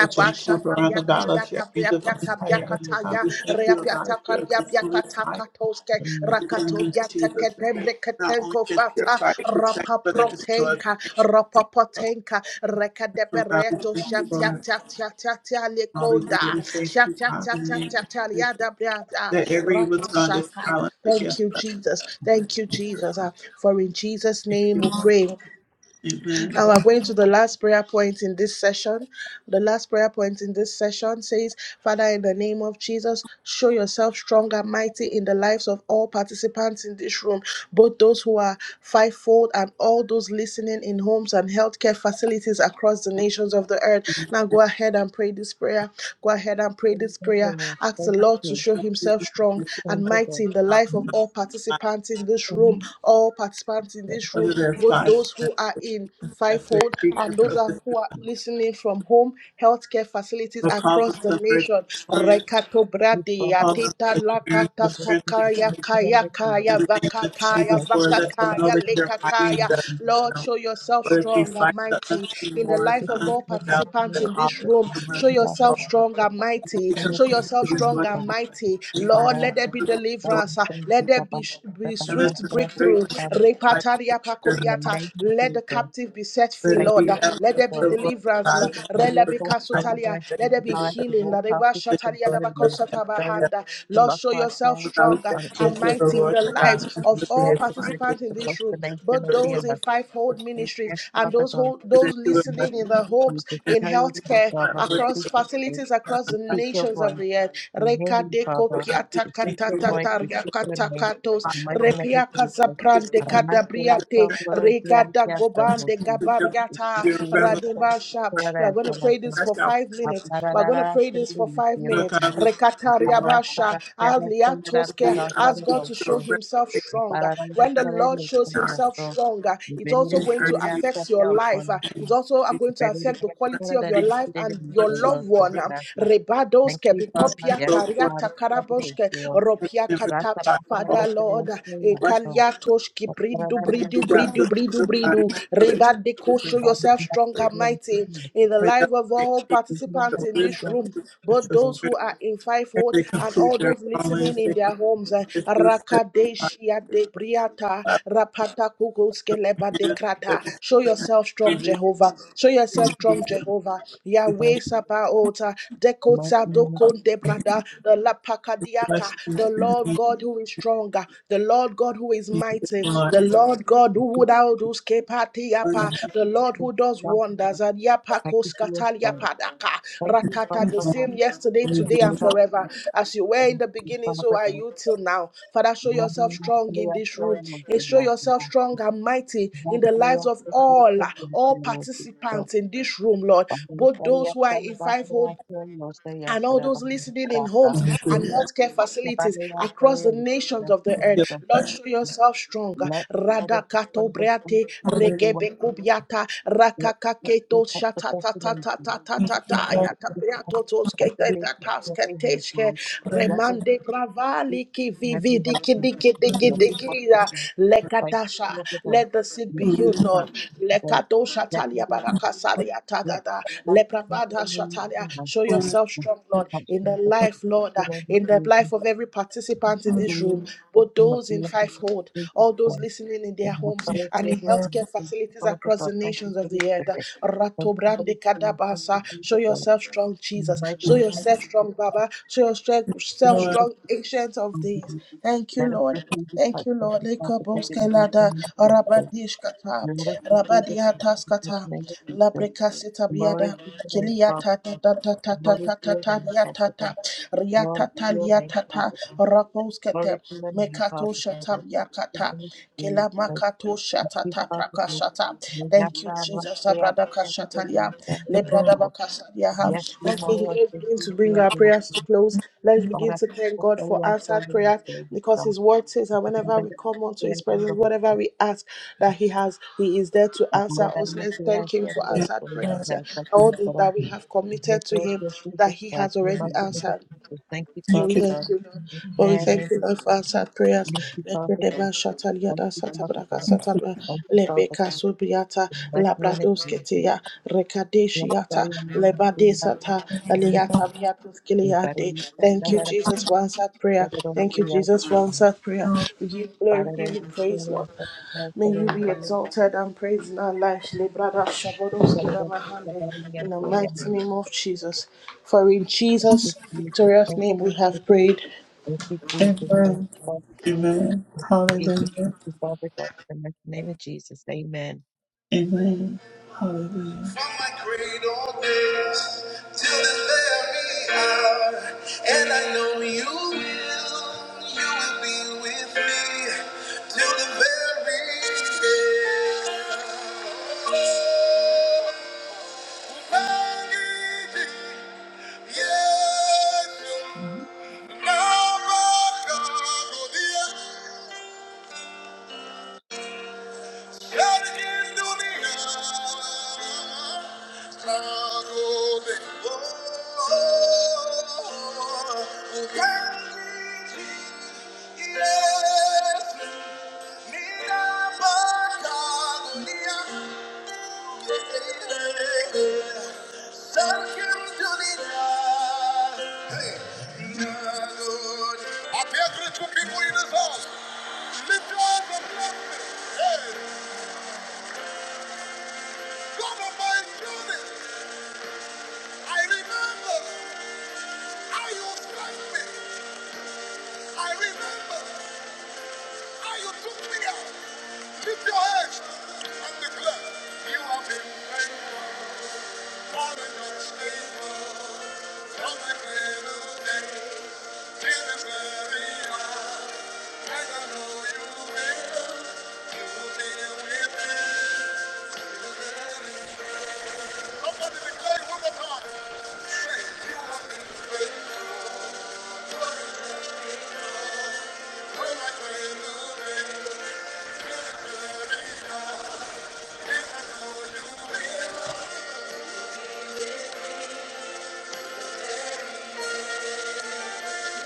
Speaker 1: that you encamp around
Speaker 2: shatabia
Speaker 1: about us, your
Speaker 2: capiata,
Speaker 1: angels of
Speaker 2: reapiata
Speaker 1: fire. oh God,
Speaker 2: biacataya,
Speaker 1: we thank you, Lord God,
Speaker 2: reapiata
Speaker 1: that you're a
Speaker 2: calia
Speaker 1: consuming
Speaker 2: biacata
Speaker 1: fire.
Speaker 2: catoske,
Speaker 1: In the
Speaker 2: racato
Speaker 1: name of
Speaker 2: viata
Speaker 1: Jesus, that they
Speaker 2: catembre
Speaker 1: not only
Speaker 2: catenco
Speaker 1: get
Speaker 2: fata,
Speaker 1: purified, protect,
Speaker 2: rapa
Speaker 1: but it destroyed. the
Speaker 2: tenka
Speaker 1: info.
Speaker 2: ropopotenka
Speaker 1: So God, we
Speaker 2: rekadebereto
Speaker 1: thank you,
Speaker 2: shatia
Speaker 1: Lord.
Speaker 2: tia tia
Speaker 1: Hallelujah.
Speaker 2: lekonda
Speaker 1: We thank you,
Speaker 2: shatia
Speaker 1: God,
Speaker 2: tia
Speaker 1: in the
Speaker 2: tia
Speaker 1: name of Jesus.
Speaker 2: liada briada
Speaker 1: That every evil
Speaker 2: rapa
Speaker 1: tongue is silenced
Speaker 2: Thank
Speaker 1: against
Speaker 2: you,
Speaker 1: us.
Speaker 2: Jesus.
Speaker 1: In
Speaker 2: Thank you, Jesus. Uh, For in Jesus'
Speaker 1: Thank
Speaker 2: name
Speaker 1: you,
Speaker 2: we
Speaker 1: Lord.
Speaker 2: pray.
Speaker 1: Amen.
Speaker 2: And we're going to the last prayer point in this session. The last prayer point in this session says, Father, in the name of Jesus, show yourself strong and mighty in the lives of all participants in this room, both those who are fivefold and all those listening in homes and healthcare facilities across the nations of the earth. Now go ahead and pray this prayer. Go ahead and pray this prayer. Ask the Lord to show himself
Speaker 1: Jesus,
Speaker 2: strong and mighty in the life of all participants in this room, all participants in this room,
Speaker 1: Whether they're
Speaker 2: both
Speaker 1: five
Speaker 2: those who are in
Speaker 1: minutes, that's their
Speaker 2: fivefold and
Speaker 1: speakers,
Speaker 2: those
Speaker 1: or
Speaker 2: are,
Speaker 1: this
Speaker 2: who
Speaker 1: is
Speaker 2: are listening from home, healthcare facilities
Speaker 1: the call them
Speaker 2: across the
Speaker 1: to mercy
Speaker 2: nation.
Speaker 1: prayer.
Speaker 2: Rekato
Speaker 15: You
Speaker 2: brade
Speaker 1: Call
Speaker 15: father,
Speaker 1: them
Speaker 2: ateta
Speaker 1: to experience
Speaker 2: lakata
Speaker 15: you just
Speaker 1: the
Speaker 15: keep
Speaker 1: strength
Speaker 2: kakaya
Speaker 15: speaking on
Speaker 2: kaya
Speaker 15: the
Speaker 1: In
Speaker 2: kaya
Speaker 15: Jesus.
Speaker 1: the name of
Speaker 2: vakakaya
Speaker 15: That's
Speaker 1: Jesus,
Speaker 15: if
Speaker 1: Lord, let
Speaker 15: you
Speaker 1: them
Speaker 15: got
Speaker 1: know that
Speaker 2: vakakaya
Speaker 1: you're mighty and
Speaker 2: lekakaya.
Speaker 1: just. You
Speaker 2: Lord,
Speaker 1: know,
Speaker 2: show yourself
Speaker 1: Lord, that you
Speaker 2: strong and
Speaker 1: fight the
Speaker 2: mighty
Speaker 1: unseen
Speaker 2: in the
Speaker 1: wars,
Speaker 2: life
Speaker 1: the
Speaker 2: of
Speaker 1: unseen
Speaker 2: all
Speaker 15: one
Speaker 1: battles,
Speaker 15: thing
Speaker 2: participants
Speaker 1: the
Speaker 2: in
Speaker 15: that you
Speaker 1: cause
Speaker 2: this
Speaker 15: get
Speaker 2: room.
Speaker 1: of
Speaker 15: money
Speaker 1: mercy.
Speaker 2: Show
Speaker 15: to that
Speaker 1: Lord,
Speaker 2: yourself strong and
Speaker 1: that
Speaker 2: mighty.
Speaker 1: you
Speaker 15: so
Speaker 2: Show
Speaker 1: continue
Speaker 2: yourself
Speaker 1: to rejoice
Speaker 2: strong
Speaker 1: over
Speaker 2: and
Speaker 1: them,
Speaker 2: mighty.
Speaker 15: the
Speaker 1: continue
Speaker 2: Lord,
Speaker 1: to
Speaker 15: para
Speaker 2: let there
Speaker 15: to
Speaker 2: be
Speaker 1: the
Speaker 15: that and
Speaker 2: deliverance. Ah,
Speaker 15: so you
Speaker 2: Let
Speaker 15: can
Speaker 1: joy.
Speaker 2: there
Speaker 15: papa
Speaker 2: be,
Speaker 15: that
Speaker 2: be
Speaker 15: I
Speaker 1: and let
Speaker 15: ask
Speaker 2: swift
Speaker 1: the
Speaker 15: for
Speaker 2: breakthrough
Speaker 15: that
Speaker 2: breakthrough.
Speaker 1: straightness of life be
Speaker 2: Repataria
Speaker 15: In the
Speaker 2: pakobiata.
Speaker 15: name of
Speaker 2: Let the
Speaker 15: Jesus,
Speaker 2: captive be set free,
Speaker 1: let
Speaker 15: thank
Speaker 1: it
Speaker 2: Lord.
Speaker 1: be
Speaker 15: you,
Speaker 2: Let
Speaker 15: Father
Speaker 2: there
Speaker 1: evidence
Speaker 2: be
Speaker 15: God.
Speaker 1: of what the
Speaker 2: deliverance,
Speaker 1: God
Speaker 2: Lord.
Speaker 1: is
Speaker 15: Show
Speaker 1: doing
Speaker 2: Rela
Speaker 1: for
Speaker 15: yourself
Speaker 2: bika
Speaker 1: God.
Speaker 15: strong and
Speaker 2: sutalia.
Speaker 15: mighty
Speaker 1: That it
Speaker 15: in
Speaker 2: Let there be
Speaker 1: is a
Speaker 15: the life of
Speaker 1: good
Speaker 2: healing.
Speaker 15: all
Speaker 2: La reba
Speaker 15: participants
Speaker 2: shatalia
Speaker 15: in
Speaker 2: da
Speaker 1: Lord,
Speaker 15: the
Speaker 1: for
Speaker 15: room.
Speaker 1: God.
Speaker 15: Bless
Speaker 2: bakosota
Speaker 15: those
Speaker 1: That
Speaker 2: bahanda.
Speaker 15: who
Speaker 2: Lord,
Speaker 15: lost
Speaker 2: show
Speaker 15: our
Speaker 2: yourself
Speaker 1: we
Speaker 15: soul
Speaker 1: always
Speaker 2: stronger
Speaker 1: thank
Speaker 15: and
Speaker 1: you,
Speaker 2: and
Speaker 1: that you're the death,
Speaker 15: express
Speaker 1: without
Speaker 2: mighty
Speaker 1: the
Speaker 2: in
Speaker 1: Lord,
Speaker 2: the
Speaker 1: the God,
Speaker 2: lives
Speaker 15: this
Speaker 2: of all
Speaker 15: care for the
Speaker 2: participants in
Speaker 1: and
Speaker 15: across
Speaker 2: this
Speaker 15: the
Speaker 2: room,
Speaker 15: nation
Speaker 2: both
Speaker 15: of
Speaker 1: for
Speaker 15: the
Speaker 1: the
Speaker 2: those in
Speaker 15: earth.
Speaker 2: fivefold ministries
Speaker 15: Yes,
Speaker 2: and
Speaker 15: Father
Speaker 2: those
Speaker 15: God.
Speaker 2: who,
Speaker 1: Thank
Speaker 2: those
Speaker 1: you,
Speaker 15: In
Speaker 1: Lord
Speaker 15: the mighty
Speaker 2: listening in their
Speaker 15: name of
Speaker 2: homes,
Speaker 15: Jesus,
Speaker 2: in
Speaker 15: show yourself,
Speaker 2: healthcare,
Speaker 15: Father. We
Speaker 2: across
Speaker 15: seek your face.
Speaker 2: facilities across
Speaker 15: We
Speaker 2: the
Speaker 15: seek your
Speaker 2: nations of
Speaker 15: voice.
Speaker 2: the earth.
Speaker 15: We hear
Speaker 2: Reka
Speaker 15: you,
Speaker 2: deko
Speaker 15: Father. We
Speaker 2: piata
Speaker 15: seek
Speaker 2: kata
Speaker 15: your voice. We seek your
Speaker 2: tataria
Speaker 15: name.
Speaker 2: katos
Speaker 15: In
Speaker 1: God,
Speaker 15: the mighty
Speaker 1: for
Speaker 15: name of
Speaker 2: repiaka
Speaker 15: Jesus.
Speaker 2: zaprande
Speaker 15: Armaste hasta
Speaker 2: kadabriate
Speaker 15: floro
Speaker 2: regada
Speaker 15: fianchi hasta
Speaker 2: gobande
Speaker 15: rosi.
Speaker 1: your
Speaker 2: gabariata
Speaker 1: your
Speaker 15: Isti
Speaker 1: revelation.
Speaker 2: radibasha.
Speaker 15: hasta
Speaker 2: We
Speaker 15: la
Speaker 2: are going to
Speaker 15: sala
Speaker 2: pray
Speaker 15: sa.
Speaker 2: this
Speaker 1: That's
Speaker 2: for
Speaker 1: our
Speaker 2: five minutes. We are going to
Speaker 15: Aplararara
Speaker 2: pray
Speaker 15: hasta
Speaker 2: this for
Speaker 15: luis
Speaker 2: five
Speaker 15: cielo
Speaker 2: minutes.
Speaker 1: Father
Speaker 15: sa.
Speaker 1: God. We we want
Speaker 15: Arrasta la
Speaker 2: Rekatariabasha
Speaker 15: cara hasta la
Speaker 1: to
Speaker 2: aliatoske.
Speaker 1: be
Speaker 15: rara
Speaker 1: um,
Speaker 2: Ask
Speaker 15: sala
Speaker 2: God to
Speaker 1: your
Speaker 15: osto.
Speaker 2: show Himself
Speaker 1: revelation
Speaker 2: stronger.
Speaker 15: Apararara
Speaker 2: When the
Speaker 15: hasta el
Speaker 2: Lord
Speaker 15: luis
Speaker 2: shows
Speaker 1: God,
Speaker 15: cielo
Speaker 2: Himself
Speaker 15: sa.
Speaker 2: stronger, it's
Speaker 15: Venir
Speaker 2: also
Speaker 1: in
Speaker 15: y
Speaker 2: going to
Speaker 1: earth.
Speaker 15: subir
Speaker 1: We
Speaker 15: hasta
Speaker 2: affect your
Speaker 15: el
Speaker 2: life. Uh,
Speaker 15: ojo.
Speaker 2: It's also uh, going to
Speaker 15: Thank
Speaker 2: affect the quality of your
Speaker 1: want to
Speaker 2: life and your
Speaker 1: But you Lord, you
Speaker 2: loved one.
Speaker 1: Lord.
Speaker 2: Rebadoske Uh,
Speaker 15: you, Father.
Speaker 1: You
Speaker 15: Yes,
Speaker 1: go for it.
Speaker 15: God
Speaker 2: tariata
Speaker 15: is
Speaker 2: bikopiataria
Speaker 15: You
Speaker 2: Ropia
Speaker 1: Never the
Speaker 15: that's
Speaker 2: kata,
Speaker 15: the power
Speaker 2: Father
Speaker 1: Bible.
Speaker 15: of the Lord.
Speaker 2: Lord,
Speaker 1: Watch what
Speaker 15: So,
Speaker 2: Ekaliatosh
Speaker 15: the power of
Speaker 2: Kibridu,
Speaker 15: the
Speaker 1: you
Speaker 2: Bridu,
Speaker 1: got
Speaker 2: Bridu,
Speaker 1: the
Speaker 2: Bridu,
Speaker 1: the Bible
Speaker 2: Bridu,
Speaker 1: first.
Speaker 2: Rebadeko, show
Speaker 15: Lord is
Speaker 2: yourself strong and
Speaker 15: in the
Speaker 2: mighty in the
Speaker 1: Without
Speaker 2: life of
Speaker 1: the
Speaker 2: all
Speaker 1: the
Speaker 15: kingdom
Speaker 2: participants
Speaker 1: the
Speaker 15: and
Speaker 2: in
Speaker 15: through
Speaker 2: this
Speaker 1: wisdom
Speaker 15: that.
Speaker 2: room,
Speaker 1: and
Speaker 2: both
Speaker 1: your
Speaker 15: So,
Speaker 2: those who
Speaker 1: strength,
Speaker 2: are in
Speaker 1: and
Speaker 2: fivefold
Speaker 1: they
Speaker 2: and
Speaker 1: complete
Speaker 2: all
Speaker 1: their
Speaker 2: those
Speaker 1: calling.
Speaker 2: listening in
Speaker 1: They
Speaker 15: yes,
Speaker 2: their homes.
Speaker 1: complete
Speaker 2: Rakadeshia de briata, Rapata Kukuskeleba Dekrata, show yourself strong,
Speaker 1: your service.
Speaker 2: Jehovah, show yourself
Speaker 1: Jesus,
Speaker 2: strong, Jehovah,
Speaker 15: God,
Speaker 2: Yahweh Sabaota,
Speaker 15: the mighty
Speaker 2: Dekota
Speaker 15: name
Speaker 2: Dokon Lebrada, the Lapakadiaka,
Speaker 1: bless you,
Speaker 2: the Lord God who is stronger, the Lord God who is
Speaker 1: Jesus,
Speaker 2: mighty, the
Speaker 1: Lord.
Speaker 2: Lord God who would outdoes Kepatiapa,
Speaker 15: of God.
Speaker 1: Hallelujah,
Speaker 2: the Lord who does
Speaker 15: Thank
Speaker 2: wonders, and
Speaker 15: Thank
Speaker 2: Yapakos
Speaker 15: you for your soul.
Speaker 2: Kataliapadaka,
Speaker 15: Thank you, Father.
Speaker 2: Ratata, the
Speaker 15: for
Speaker 1: hallelujah,
Speaker 15: God.
Speaker 2: same yesterday,
Speaker 15: Thank
Speaker 2: today,
Speaker 15: you,
Speaker 2: and
Speaker 15: Father.
Speaker 2: forever. As you were
Speaker 15: Thank
Speaker 2: in the
Speaker 15: you,
Speaker 2: beginning,
Speaker 15: Father.
Speaker 2: so
Speaker 15: for
Speaker 2: are
Speaker 15: God.
Speaker 2: you till now. Father, show
Speaker 15: Now we
Speaker 2: yourself strong in
Speaker 15: are
Speaker 2: this room
Speaker 15: sorry, Lord,
Speaker 2: and
Speaker 15: for the
Speaker 2: show
Speaker 15: loss
Speaker 2: yourself strong and mighty
Speaker 15: Now we are
Speaker 2: in the
Speaker 15: sorry,
Speaker 2: lives
Speaker 15: Lord,
Speaker 2: of
Speaker 15: for
Speaker 2: all, all
Speaker 15: the loss
Speaker 2: participants in this room, Lord,
Speaker 15: Let the
Speaker 2: both
Speaker 15: blood of
Speaker 2: those who are in fivefold
Speaker 15: Jesus
Speaker 2: and all those listening in homes and
Speaker 1: hallelujah.
Speaker 2: healthcare facilities across the nations of the
Speaker 1: Thank
Speaker 2: earth. Lord, show yourself strong. Radakato breate
Speaker 1: Hallelujah,
Speaker 15: everyone.
Speaker 2: regebekubiata
Speaker 15: Let let them
Speaker 2: rakakaketo
Speaker 15: touch the population.
Speaker 1: thank
Speaker 2: shatatatatatatatatata
Speaker 1: you,
Speaker 15: Let
Speaker 1: Lord.
Speaker 15: them
Speaker 2: yatabriato
Speaker 15: let them be touched with the
Speaker 2: tosketetatatasketeshke
Speaker 15: uniform. Let
Speaker 1: Hallelujah,
Speaker 15: them
Speaker 2: remande
Speaker 15: be
Speaker 2: bravali
Speaker 15: touched in every
Speaker 2: kivividi
Speaker 15: health institution, every
Speaker 1: hallelujah,
Speaker 2: kidikidikidikidia
Speaker 15: hospital, place,
Speaker 2: lekatasha
Speaker 15: field of them.
Speaker 2: let the sick
Speaker 15: be
Speaker 2: be
Speaker 15: touched in
Speaker 2: healed,
Speaker 15: every
Speaker 2: Lord.
Speaker 15: household.
Speaker 2: Lekato
Speaker 15: Let them
Speaker 2: shatalia
Speaker 15: be touched
Speaker 2: barakasalia
Speaker 15: with them. Let them
Speaker 2: tadada.
Speaker 15: be touched. Let let let
Speaker 2: Leprabada
Speaker 15: them
Speaker 2: shatalia. Show
Speaker 1: Lord,
Speaker 2: yourself strong,
Speaker 15: be
Speaker 2: Lord, in the
Speaker 15: touched.
Speaker 2: life, Lord, uh,
Speaker 15: Let them
Speaker 2: in the
Speaker 15: be touched.
Speaker 2: life of every participant in this
Speaker 15: you
Speaker 2: room,
Speaker 15: is
Speaker 2: both
Speaker 15: from the
Speaker 2: those in
Speaker 15: blood of
Speaker 2: fivefold,
Speaker 15: Jesus
Speaker 2: all those
Speaker 15: Christ,
Speaker 2: listening in their
Speaker 15: from the
Speaker 2: homes and
Speaker 15: fellowship
Speaker 2: in
Speaker 15: of the
Speaker 2: healthcare
Speaker 15: Saints,
Speaker 2: facilities
Speaker 15: Father
Speaker 2: across
Speaker 15: God,
Speaker 2: the
Speaker 15: thank you
Speaker 2: nations of
Speaker 15: for
Speaker 2: the
Speaker 15: this
Speaker 2: earth.
Speaker 15: day. Thank you for
Speaker 2: Ratobrande
Speaker 15: this day. Thank
Speaker 2: kadabasa.
Speaker 15: you,
Speaker 2: Show
Speaker 15: Jesus Christ.
Speaker 2: yourself strong,
Speaker 15: In the
Speaker 2: Jesus.
Speaker 15: mighty
Speaker 2: Show
Speaker 15: name of Jesus,
Speaker 2: yourself strong, Baba. Show
Speaker 15: we
Speaker 2: yourself
Speaker 15: take
Speaker 1: Lord.
Speaker 15: us
Speaker 2: strong, ancient of
Speaker 15: from
Speaker 2: days.
Speaker 15: you.
Speaker 2: Thank you,
Speaker 15: Let us
Speaker 2: Lord.
Speaker 15: receive the
Speaker 2: Thank
Speaker 15: touch
Speaker 2: you,
Speaker 15: of
Speaker 2: Lord.
Speaker 15: the Father God
Speaker 2: Lekabos
Speaker 15: in the
Speaker 2: Canada,
Speaker 15: name of Jesus.
Speaker 2: Rabadishkata,
Speaker 15: Let us receive the touch of the
Speaker 2: Rabadiataskata,
Speaker 15: name of Jesus.
Speaker 2: Labricasita
Speaker 15: Glory
Speaker 2: Biada,
Speaker 15: to your name, Father.
Speaker 2: Kiliata, Tata, Tata,
Speaker 15: Glory to your name,
Speaker 2: Tata,
Speaker 15: Father God.
Speaker 2: Tata,
Speaker 15: Glory
Speaker 2: Riata,
Speaker 15: to your name,
Speaker 2: Taliatata,
Speaker 15: Father God.
Speaker 2: Raposkate,
Speaker 15: Glory to your name, Father
Speaker 2: Mekato
Speaker 15: God. In
Speaker 2: Shatabiakata,
Speaker 15: the name of
Speaker 2: Kila
Speaker 15: Jesus.
Speaker 2: Makato
Speaker 15: Thank you,
Speaker 2: Shatata,
Speaker 15: Father, for
Speaker 2: Prakashata.
Speaker 15: your grace
Speaker 2: Thank you,
Speaker 15: and mercy.
Speaker 2: Jesus. Sabrada
Speaker 15: Thank you, Father, for your
Speaker 2: Kashatalia,
Speaker 15: love and
Speaker 1: Hallelujah,
Speaker 2: Lebrada
Speaker 15: care.
Speaker 2: Bakasadiaha.
Speaker 15: Thank you,
Speaker 1: thank
Speaker 2: Let's
Speaker 15: Father, for
Speaker 2: begin,
Speaker 15: your
Speaker 2: let's
Speaker 15: strength and
Speaker 2: begin to bring our
Speaker 15: support.
Speaker 2: prayers to close. Let's begin to
Speaker 15: Thank
Speaker 2: thank
Speaker 15: you, Father,
Speaker 2: God
Speaker 15: for
Speaker 2: for
Speaker 15: your
Speaker 2: answered
Speaker 15: guidance
Speaker 2: prayers
Speaker 15: and
Speaker 2: because
Speaker 15: wisdom.
Speaker 2: His word says that whenever we come unto His presence, whatever we ask that He has, He is there to answer us. Let's thank Him for answered
Speaker 1: Lord.
Speaker 2: prayers. All that we have committed to Him, that He has already answered.
Speaker 15: Thank you,
Speaker 2: Lord,
Speaker 1: Thank
Speaker 2: we
Speaker 15: Father,
Speaker 1: you.
Speaker 2: thank you, Lord. Lord,
Speaker 15: for
Speaker 2: we thank you, Lord, for answered prayers. Let me deba shataliada satabraka sataba lebeka subiata labradosketia
Speaker 15: your
Speaker 2: rekadeshiata
Speaker 15: presence in my
Speaker 2: lebadesata
Speaker 15: life.
Speaker 2: eliata
Speaker 15: Thank you,
Speaker 2: viatuskiliade.
Speaker 15: Jesus.
Speaker 2: Thank you, Jesus, for answered prayer. Thank you, Jesus, for answered prayer. We give glory, give you praise, Lord. May you be exalted and praised in our lives, Lebrada Shabodoski Ramahande, in the mighty name of Jesus. For in Jesus' victorious name we have prayed.
Speaker 1: Amen. Amen. Hallelujah.
Speaker 15: Thank you, Father God, in the mighty name of Jesus. Amen.
Speaker 1: Amen. Hallelujah. From my cradle days till the very hour, and I know you will, you will be with me till the very end. I pay grateful people in this house. Lift your hands and bless me. Hey, God of my children. I remember how you blessed me. I remember how you took me out. Lift your hands and declare you have been faithful. Father, not faithful. From the cradle days till this very hour. And I know you will. You will be with me. Somebody declare it one more time. Say, you have been faithful. From my cradle days.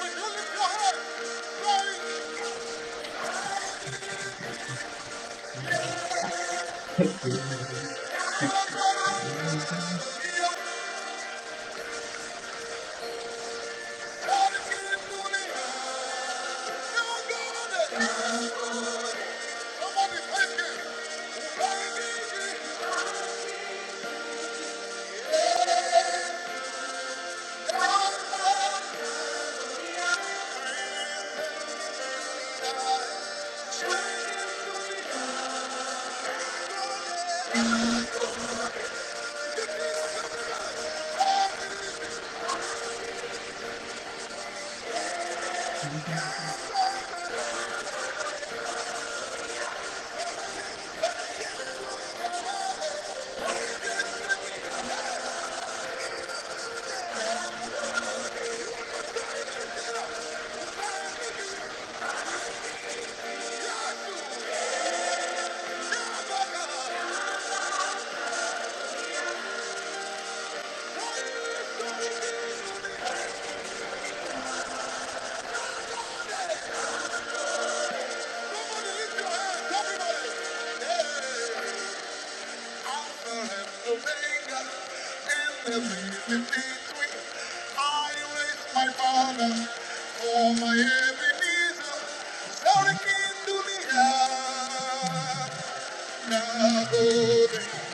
Speaker 1: When lift your heart, praise God is here doing it. You got it. Somebody thank Him. Praise Him. God is doing it. Somebody lift your hands, everybody. Yeah. Alpha and Omega, in the beginning between. I raise my Father for my Ebenezer. Shout again, do the Thank you.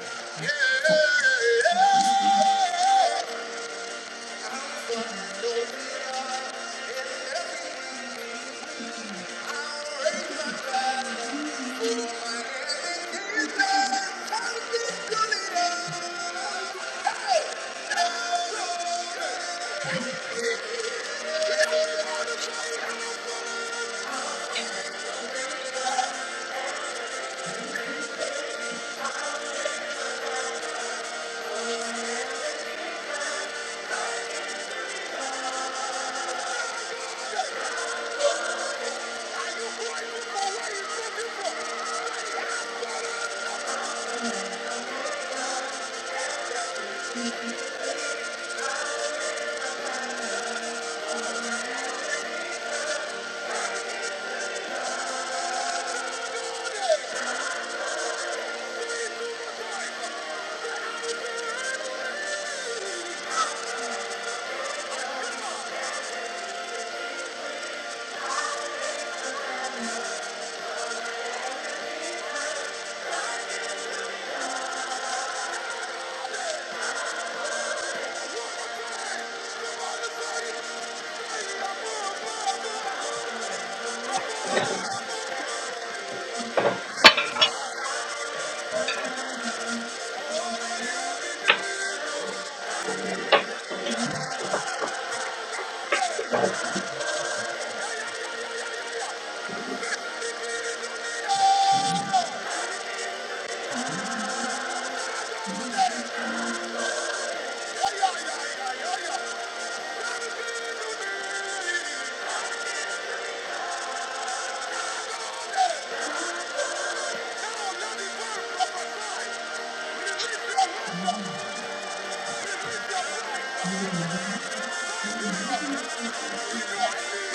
Speaker 13: <laughs>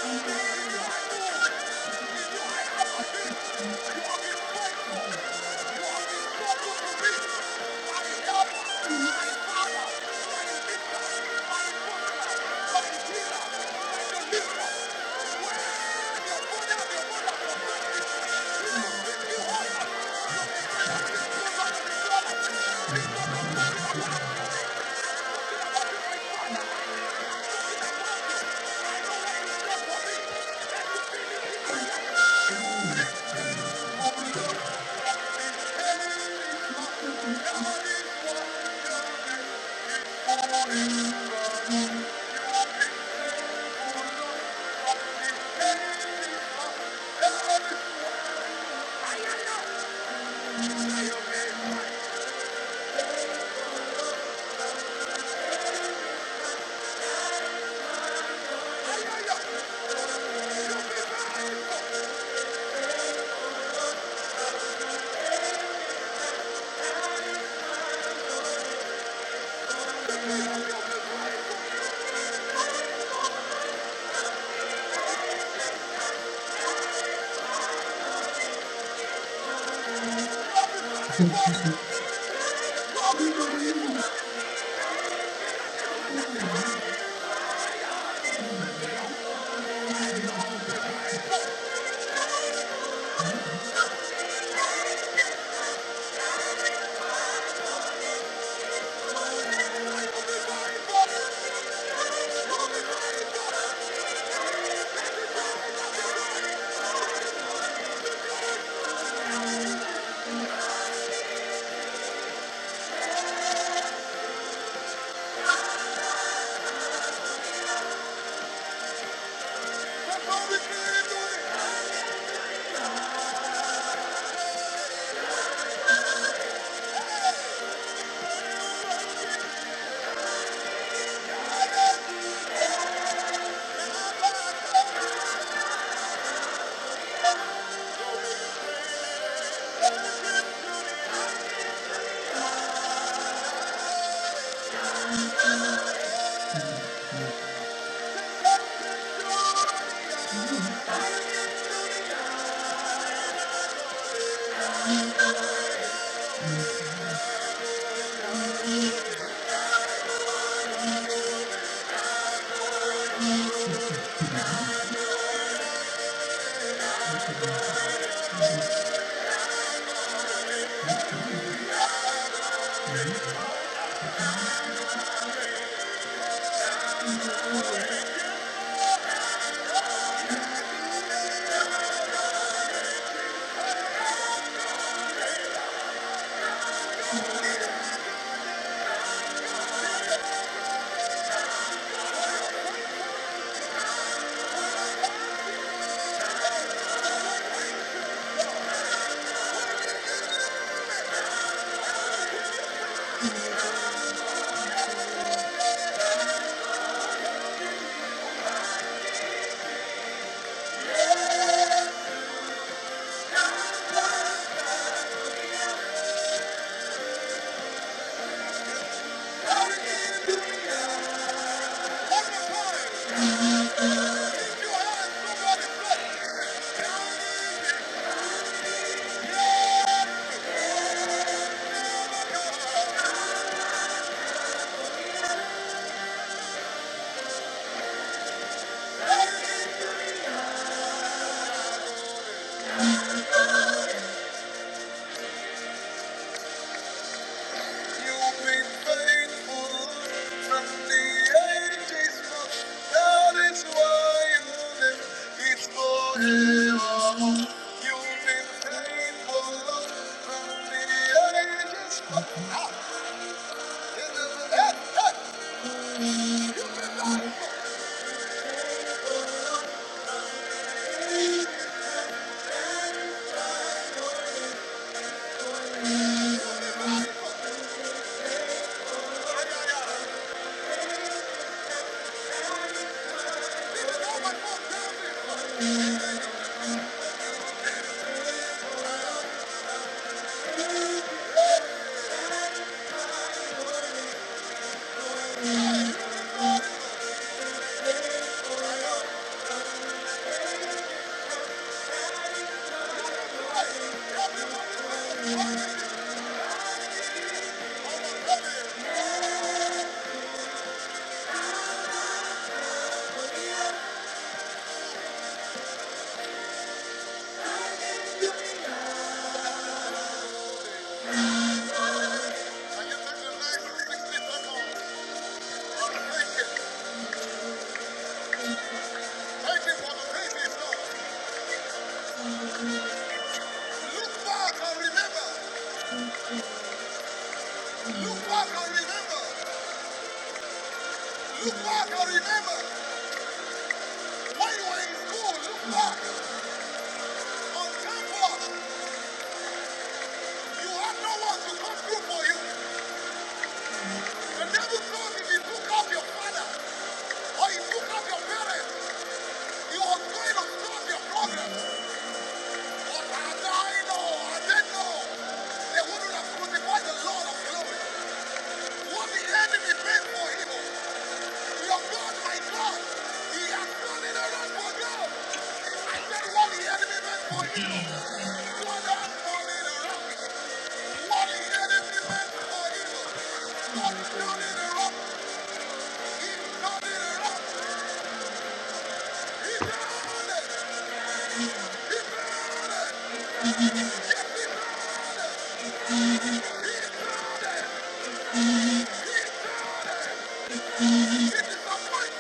Speaker 13: Thank you. Thank
Speaker 1: Somebody bless. You've been faithful from the ages past. That is why you live. It's forever. You've been faithful from the ages past. I give them the nice 60 seconds of thinking. Thanking for the praises, Lord. Look back and remember. Look back and remember. Look back and remember. When you were in school, look back. you have no one to come through for you. The devil thought if he took up your father or he took up your parents, he was going to stop your progress. But as I know, as they know, they wouldn't have crucified the Lord of glory. What the enemy meant for evil, Your God, my God, he has done it all for God. I said what the enemy meant for evil, God has done it all. What the enemy meant for evil, God has done it all. He's done it all. He's done it. It's a fight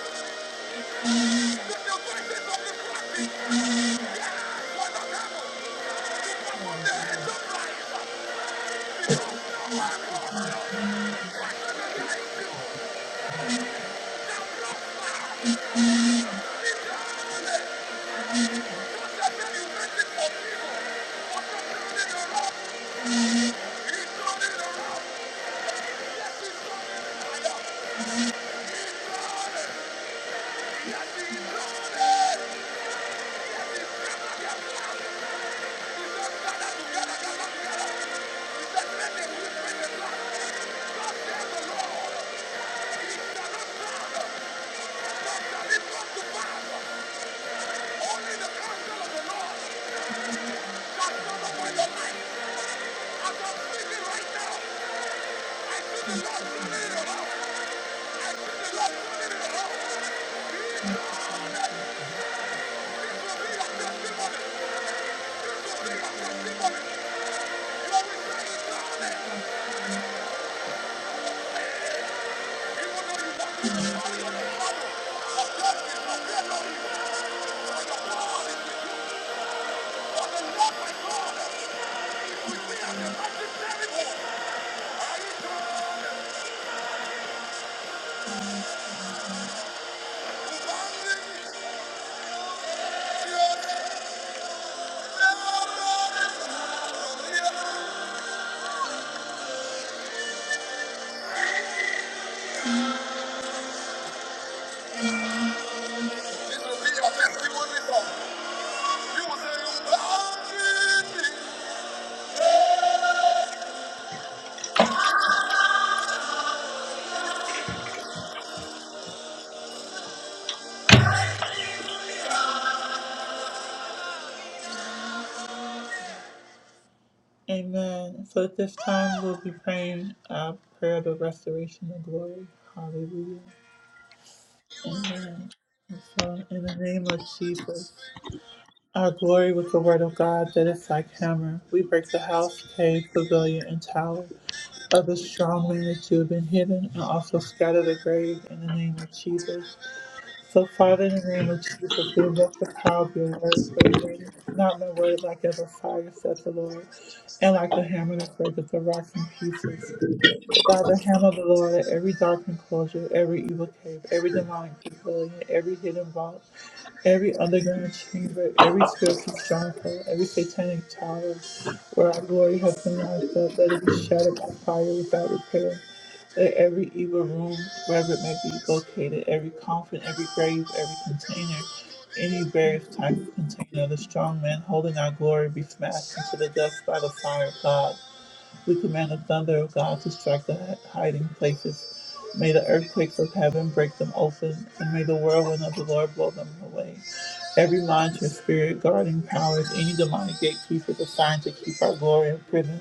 Speaker 1: to the voices of the prophet. It will be a testimony song. You You will say, you bound me. Amen. So at this time, we'll be praying a prayer of the restoration of glory. Hallelujah. Amen. And so, in the name of Jesus, our glory with the word of God that is like hammer, we break the house, cave, pavilion, and tower of the strong man that you have been hidden, and also scatter the grave in the name of Jesus. So, Father, in the name of Jesus, we invoke the power of your word for the word, is not my word like as a fire, said the Lord and like a hammer that breaketh the rocks in pieces. By the hand of the Lord, at every dark enclosure, every evil cave, every demonic pavilion, every hidden vault, every underground chamber, every spiritual stronghold, every satanic tower where our glory has been locked up, let it be shattered by fire without repair. Let every evil room, wherever it may be located, every coffin, every grave, every container, any various type of container, the strong man holding our glory be smashed into the dust by the fire of God. We command the thunder of God to strike the hiding places. May the earthquakes of heaven break them open, and may the whirlwind of the Lord blow them away. Every monitoring spirit, guarding powers, any demonic gatekeepers assigned to keep our glory in prison,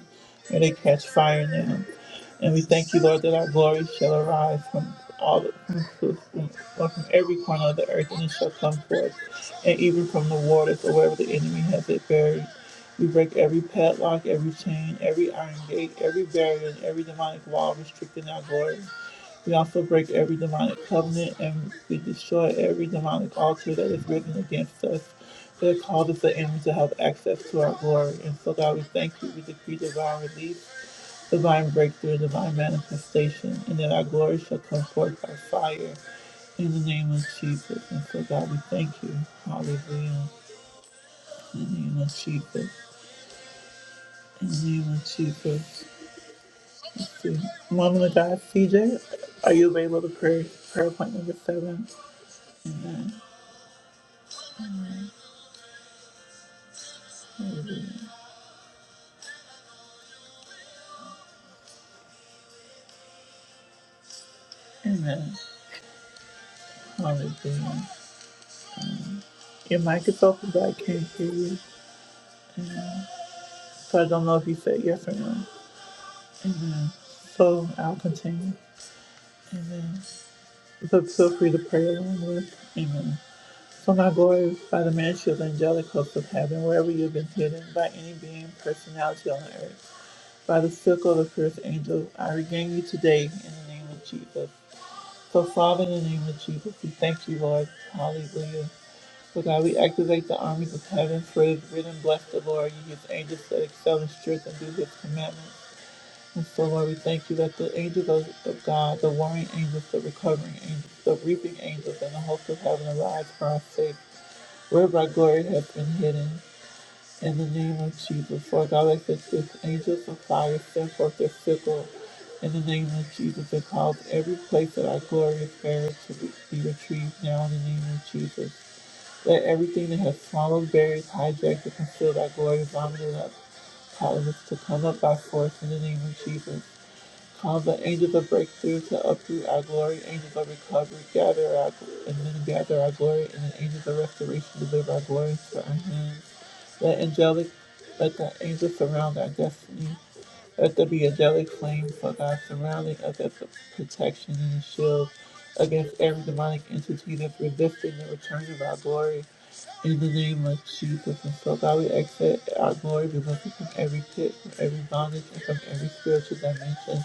Speaker 1: may they catch fire in them. And we thank you, Lord, that our glory shall arise from all the, from, from, from every corner of the earth, and it shall come forth, and even from the waters or wherever the enemy has it buried. We break every padlock, every chain, every iron gate, every barrier, and every demonic wall restricting our glory. We also break every demonic covenant and we destroy every demonic altar that is written against us that causes the enemy to have access to our glory. And so, God, we thank you. We decree divine relief, divine breakthrough, and divine manifestation, and that our glory shall come forth by fire in the name of Jesus. And so, God, we thank you. Hallelujah. In the name of Jesus. In the name of Jesus. Woman of God, CJ, are you available to pray? Prayer point number seven. Amen. Hallelujah. Your mic is open, but I can't hear you. So I don't know if you said yes or no. So I'll continue. Amen. But feel free to pray along with. Amen. So now glorify the ministry of the angelic host of heaven, wherever you've been hidden by any being, personality on earth. By the circle of the first angel, I regain you today in the name of Jesus. So, Father, in the name of Jesus, we thank you, Lord. Hallelujah. So, God, we activate the armies of heaven, for it is written, Bless the Lord, you his angels that excel in strength and do his commandments. And so, Lord, we thank you that the angels of, of God, the warring angels, the recovering angels, the reaping angels, and the host of heaven arise for our sake, wherever our glory has been hidden. In the name of Jesus, Lord God, let the six angels of fire send forth their sickle. In the name of Jesus, and cause every place that our glorious buried to be, be retrieved now in the name of Jesus. Let everything that has swallowed, buried, hijacked, and concealed our glory vomited up, causing us to come up by force in the name of Jesus. Cause the angels of breakthrough to uproot our glory, angels of recovery, gather our, and then gather our glory, and the angels of restoration deliver our glory to our hands. Let angelic, let the angels surround our destiny. Let there be angelic flame for God surrounding us as a protection and a shield against every demonic entity that's resisting the return of our glory. In the name of Jesus, and so God, we exit our glory be lifted from every pit, from every bondage, and from every spiritual dimension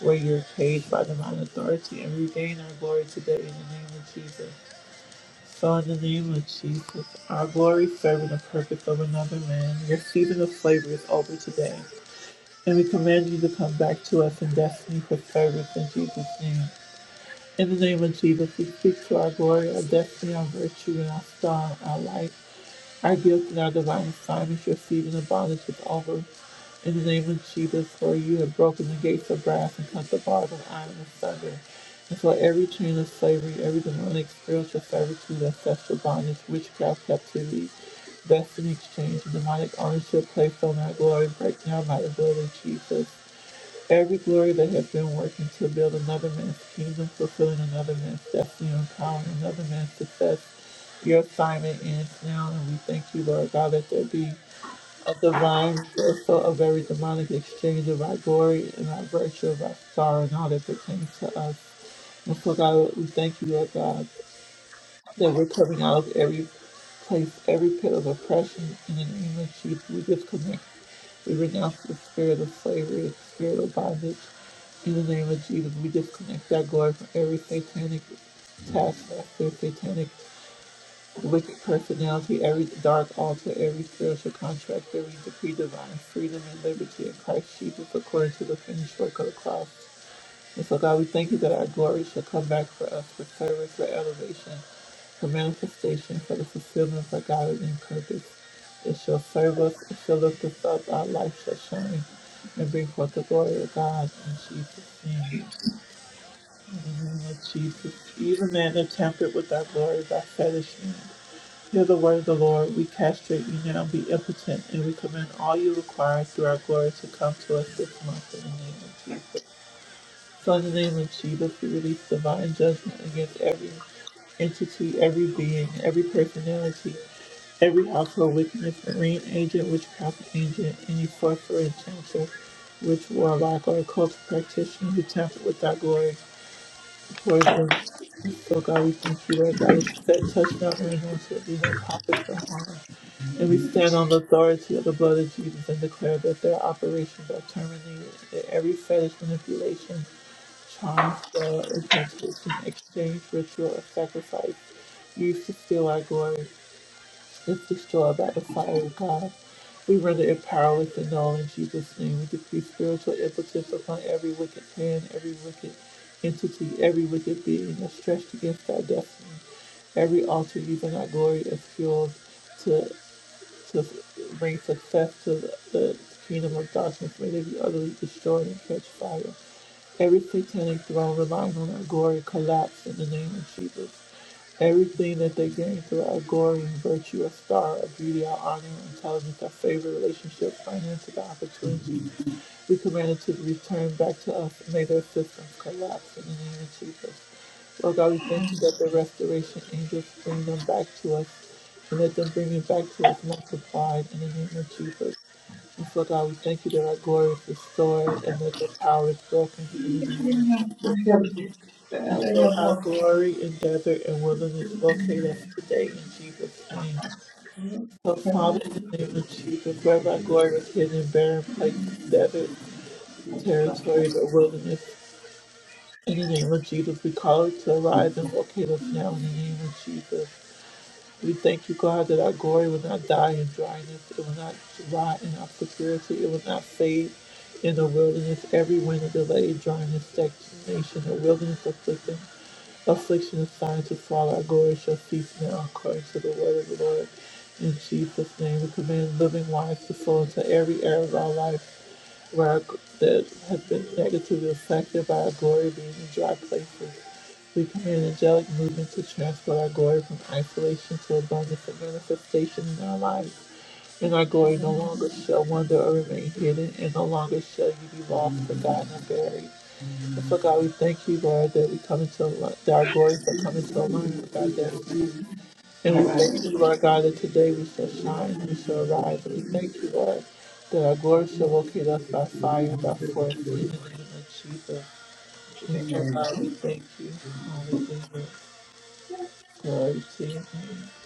Speaker 1: where you're caged by divine authority, and regain our glory today in the name of Jesus. Father, in the name of Jesus, our glory, serving the purpose of another man, your season of slavery is over today. And we command you to come back to us in destiny for service in Jesus' name. In the name of Jesus, we speak to our glory, our destiny, our virtue, and our star, our light. Our gift and our divine assignments you receive in abundance with over. In the name of Jesus, for you have broken the gates of brass and cut the bars of iron asunder. And so every chain of slavery, every demonic spiritual servitude, ancestral bondage, witchcraft, captivity, destiny exchange, and demonic ownership placed on our glory, break now by the blood of Jesus. Every glory that has been working to build another man's kingdom, fulfilling another man's destiny, empowering another man's success. Your assignment ends now, and we thank you, Lord God, that there be a divine reversal of every demonic exchange of our glory and our virtue, of our sorrow, and all that pertains to us. And so, God, we thank you, Lord God, that we're coming out of every place, every pit of oppression in the name of Jesus. We disconnect we renounce the spirit of slavery, the spirit of bondage. In the name of Jesus, we disconnect that glory from every satanic taskmaster, satanic wicked personality, every dark altar, every spiritual contract, every decree divine freedom and liberty in Christ Jesus according to the finished work of the cross. And so, God, we thank you that our glory shall come back for us for service, for elevation, for manifestation, for the fulfillment of our God and purpose. It shall serve us, it shall lift us up, our life shall shine, and bring forth the glory of God in Jesus' name. In the name of Jesus, even man that tempered with our glory by fellowship. Hear the word of the Lord. We castrate you now, be impotent, and we command all you require through our glory to come to us this month in the name of Jesus. So in the name of Jesus, we release divine judgment against every entity, every being, every personality, every household witness, marine agent, witchcraft agent, any sorcerer, enchanter, witch, warlock, or occult practitioner who tampered with our glory. Word of Lord uh, so God, we thank you, Lord God, that touch not anyone to be no profit from harm. And we stand on the authority of the blood of Jesus and declare that their operations are terminated, that every fetish manipulation, charm, spell, incantation, exchange, ritual, or sacrifice used to steal our glory. Let's destroy about the fire of God. We render it powerless and null in Jesus' name. We decree spiritual impotence upon every wicked hand, every wicked entity, every wicked being that's stretched against our destiny. Every altar using our glory as fuel to to bring success to the, the kingdom of darkness. May they be utterly destroyed and catch fire. Every satanic throne relying on our glory collapse in the name of Jesus. Everything that they gain through our glory and virtue, our star, our beauty, our honor, our intelligence, our favor, relationships, finances, our opportunities, we command it to be returned back to us. May their systems collapse in the name of Jesus. Lord God, we thank you that the restoration angels bring them back to us and let them bring it back to us multiplied in the name of Jesus. And so, God, we thank you that our glory is restored and that the power is broken indeed. And so, our glory, endeavor, and willingness locate us today in Jesus' name. So, Father, in the name of Jesus, where our glory is hidden in barren places, desert territories, or wilderness, in the name of Jesus, we call it to arise and locate us now in the name of Jesus. We thank you, God, that our glory will not die in dryness. It will not rot in obscurity. It will not fade in the wilderness. Every wind of delay, dryness, stagnation, a wilderness affliction, affliction is signed to fall. Our glory shall cease now, according to the word of the Lord. In Jesus' name, we command living waters to flow into every area of our life where that have been negatively affected by our glory being in dry places. We command angelic movement to transport our glory from isolation to abundance and manifestation in our lives. And our glory no longer shall wander or remain hidden, and no longer shall you be lost, forgotten, or buried. And
Speaker 13: you.
Speaker 1: so, God, we thank you, Lord, that we come into al- that our glory shall come into alignment with our destiny. And we thank you, Lord God, that today we shall shine, we shall rise. And we thank you, Lord, that our glory shall locate us by fire, by force, in the name of Jesus. And so, God, we thank you. Hallelujah. Glory to your name.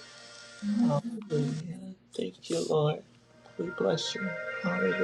Speaker 1: Hallelujah. Thank you, Lord. We bless you. Hallelujah.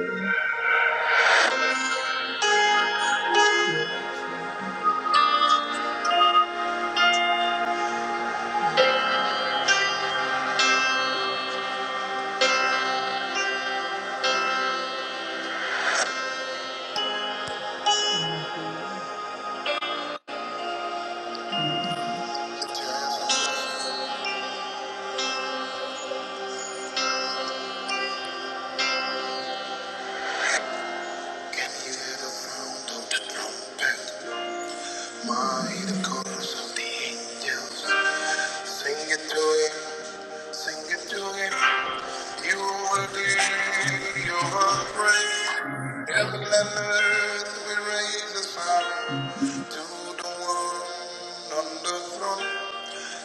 Speaker 1: On the throne,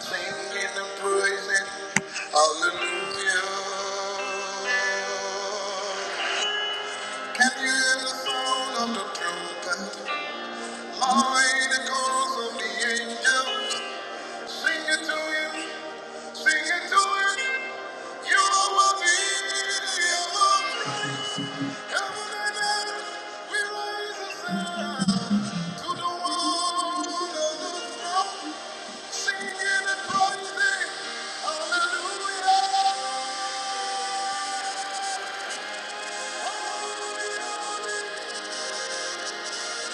Speaker 1: singing and praising. Hallelujah. Can you hear the the the the the the sound of of trumpet, angels. Singing to to him, sing it to him. you, are worthy, You it. are right. Heaven and and earth, we raise a sound to the one on the throne. singing and praising, Hallelujah. hallelujah,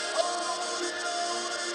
Speaker 1: hallelujah.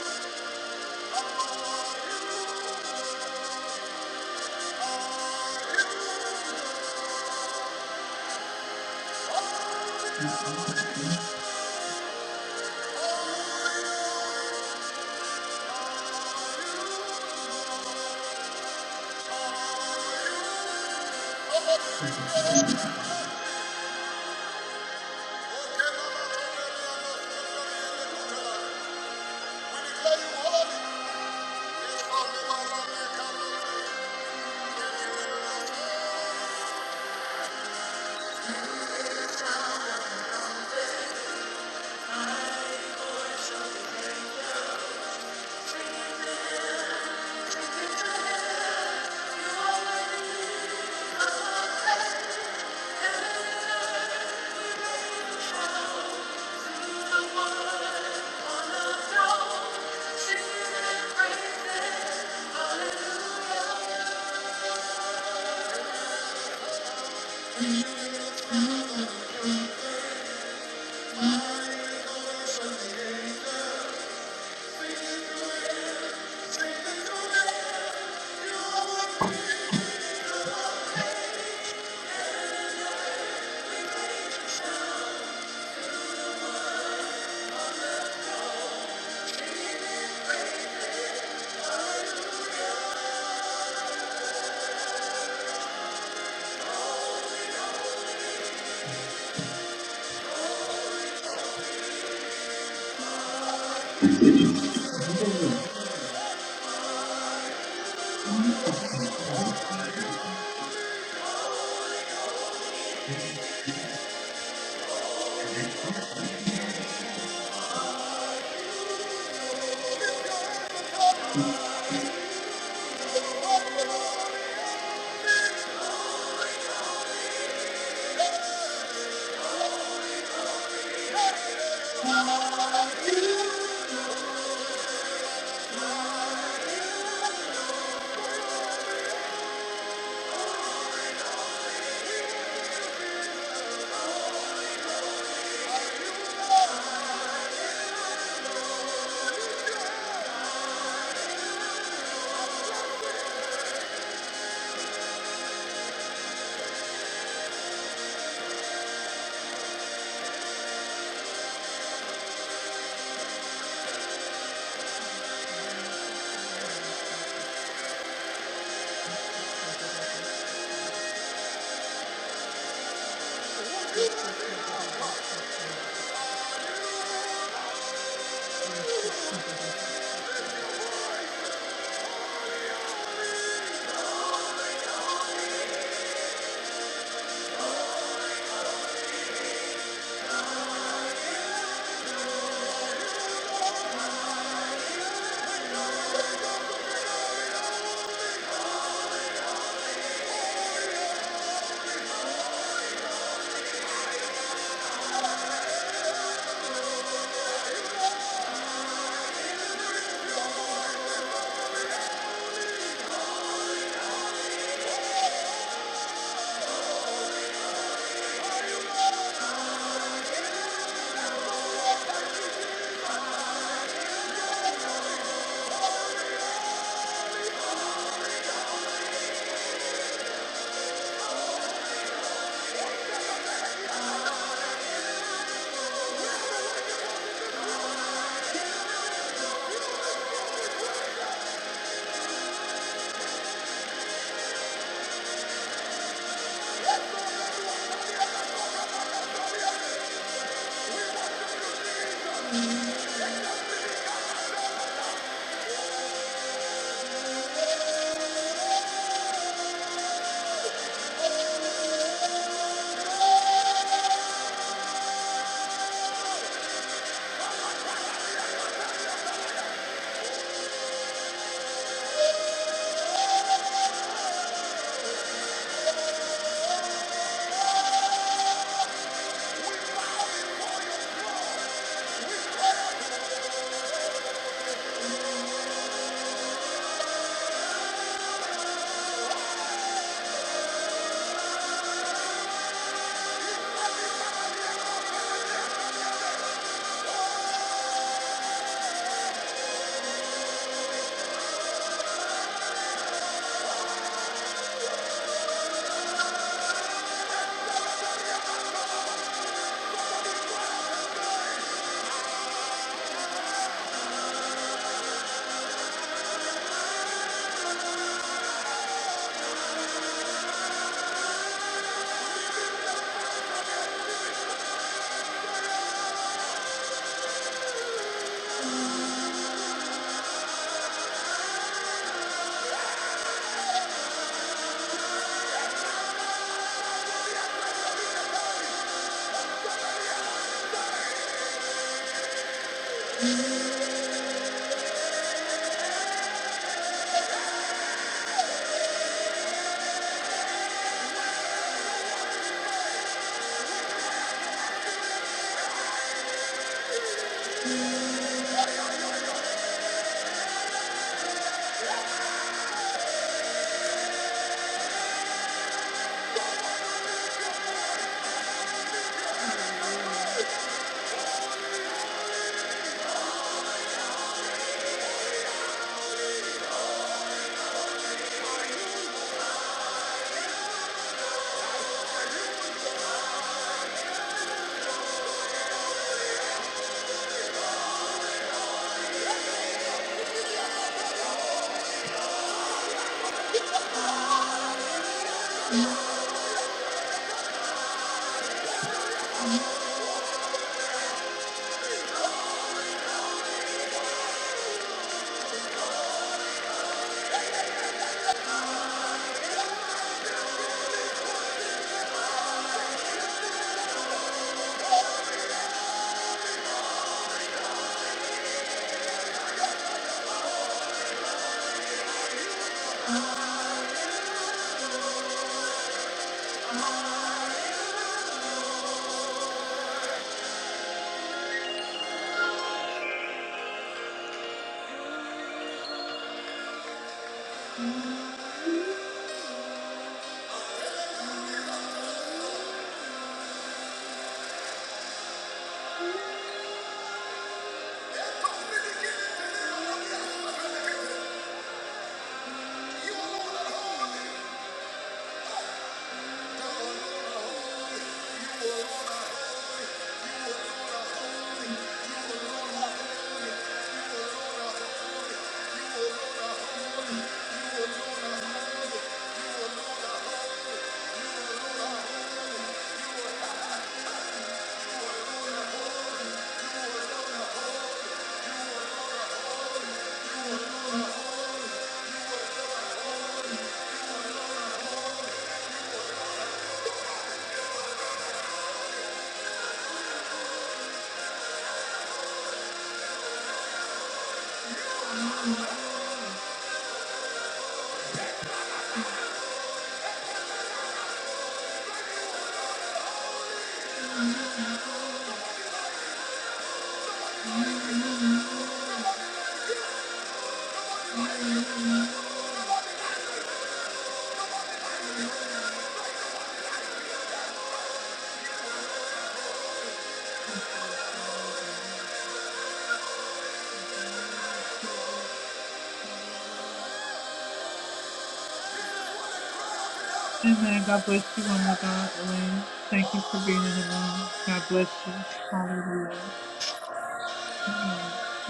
Speaker 1: Amen. God bless you, woman of God, Elaine. Thank you for being in the room. God bless you. Hallelujah.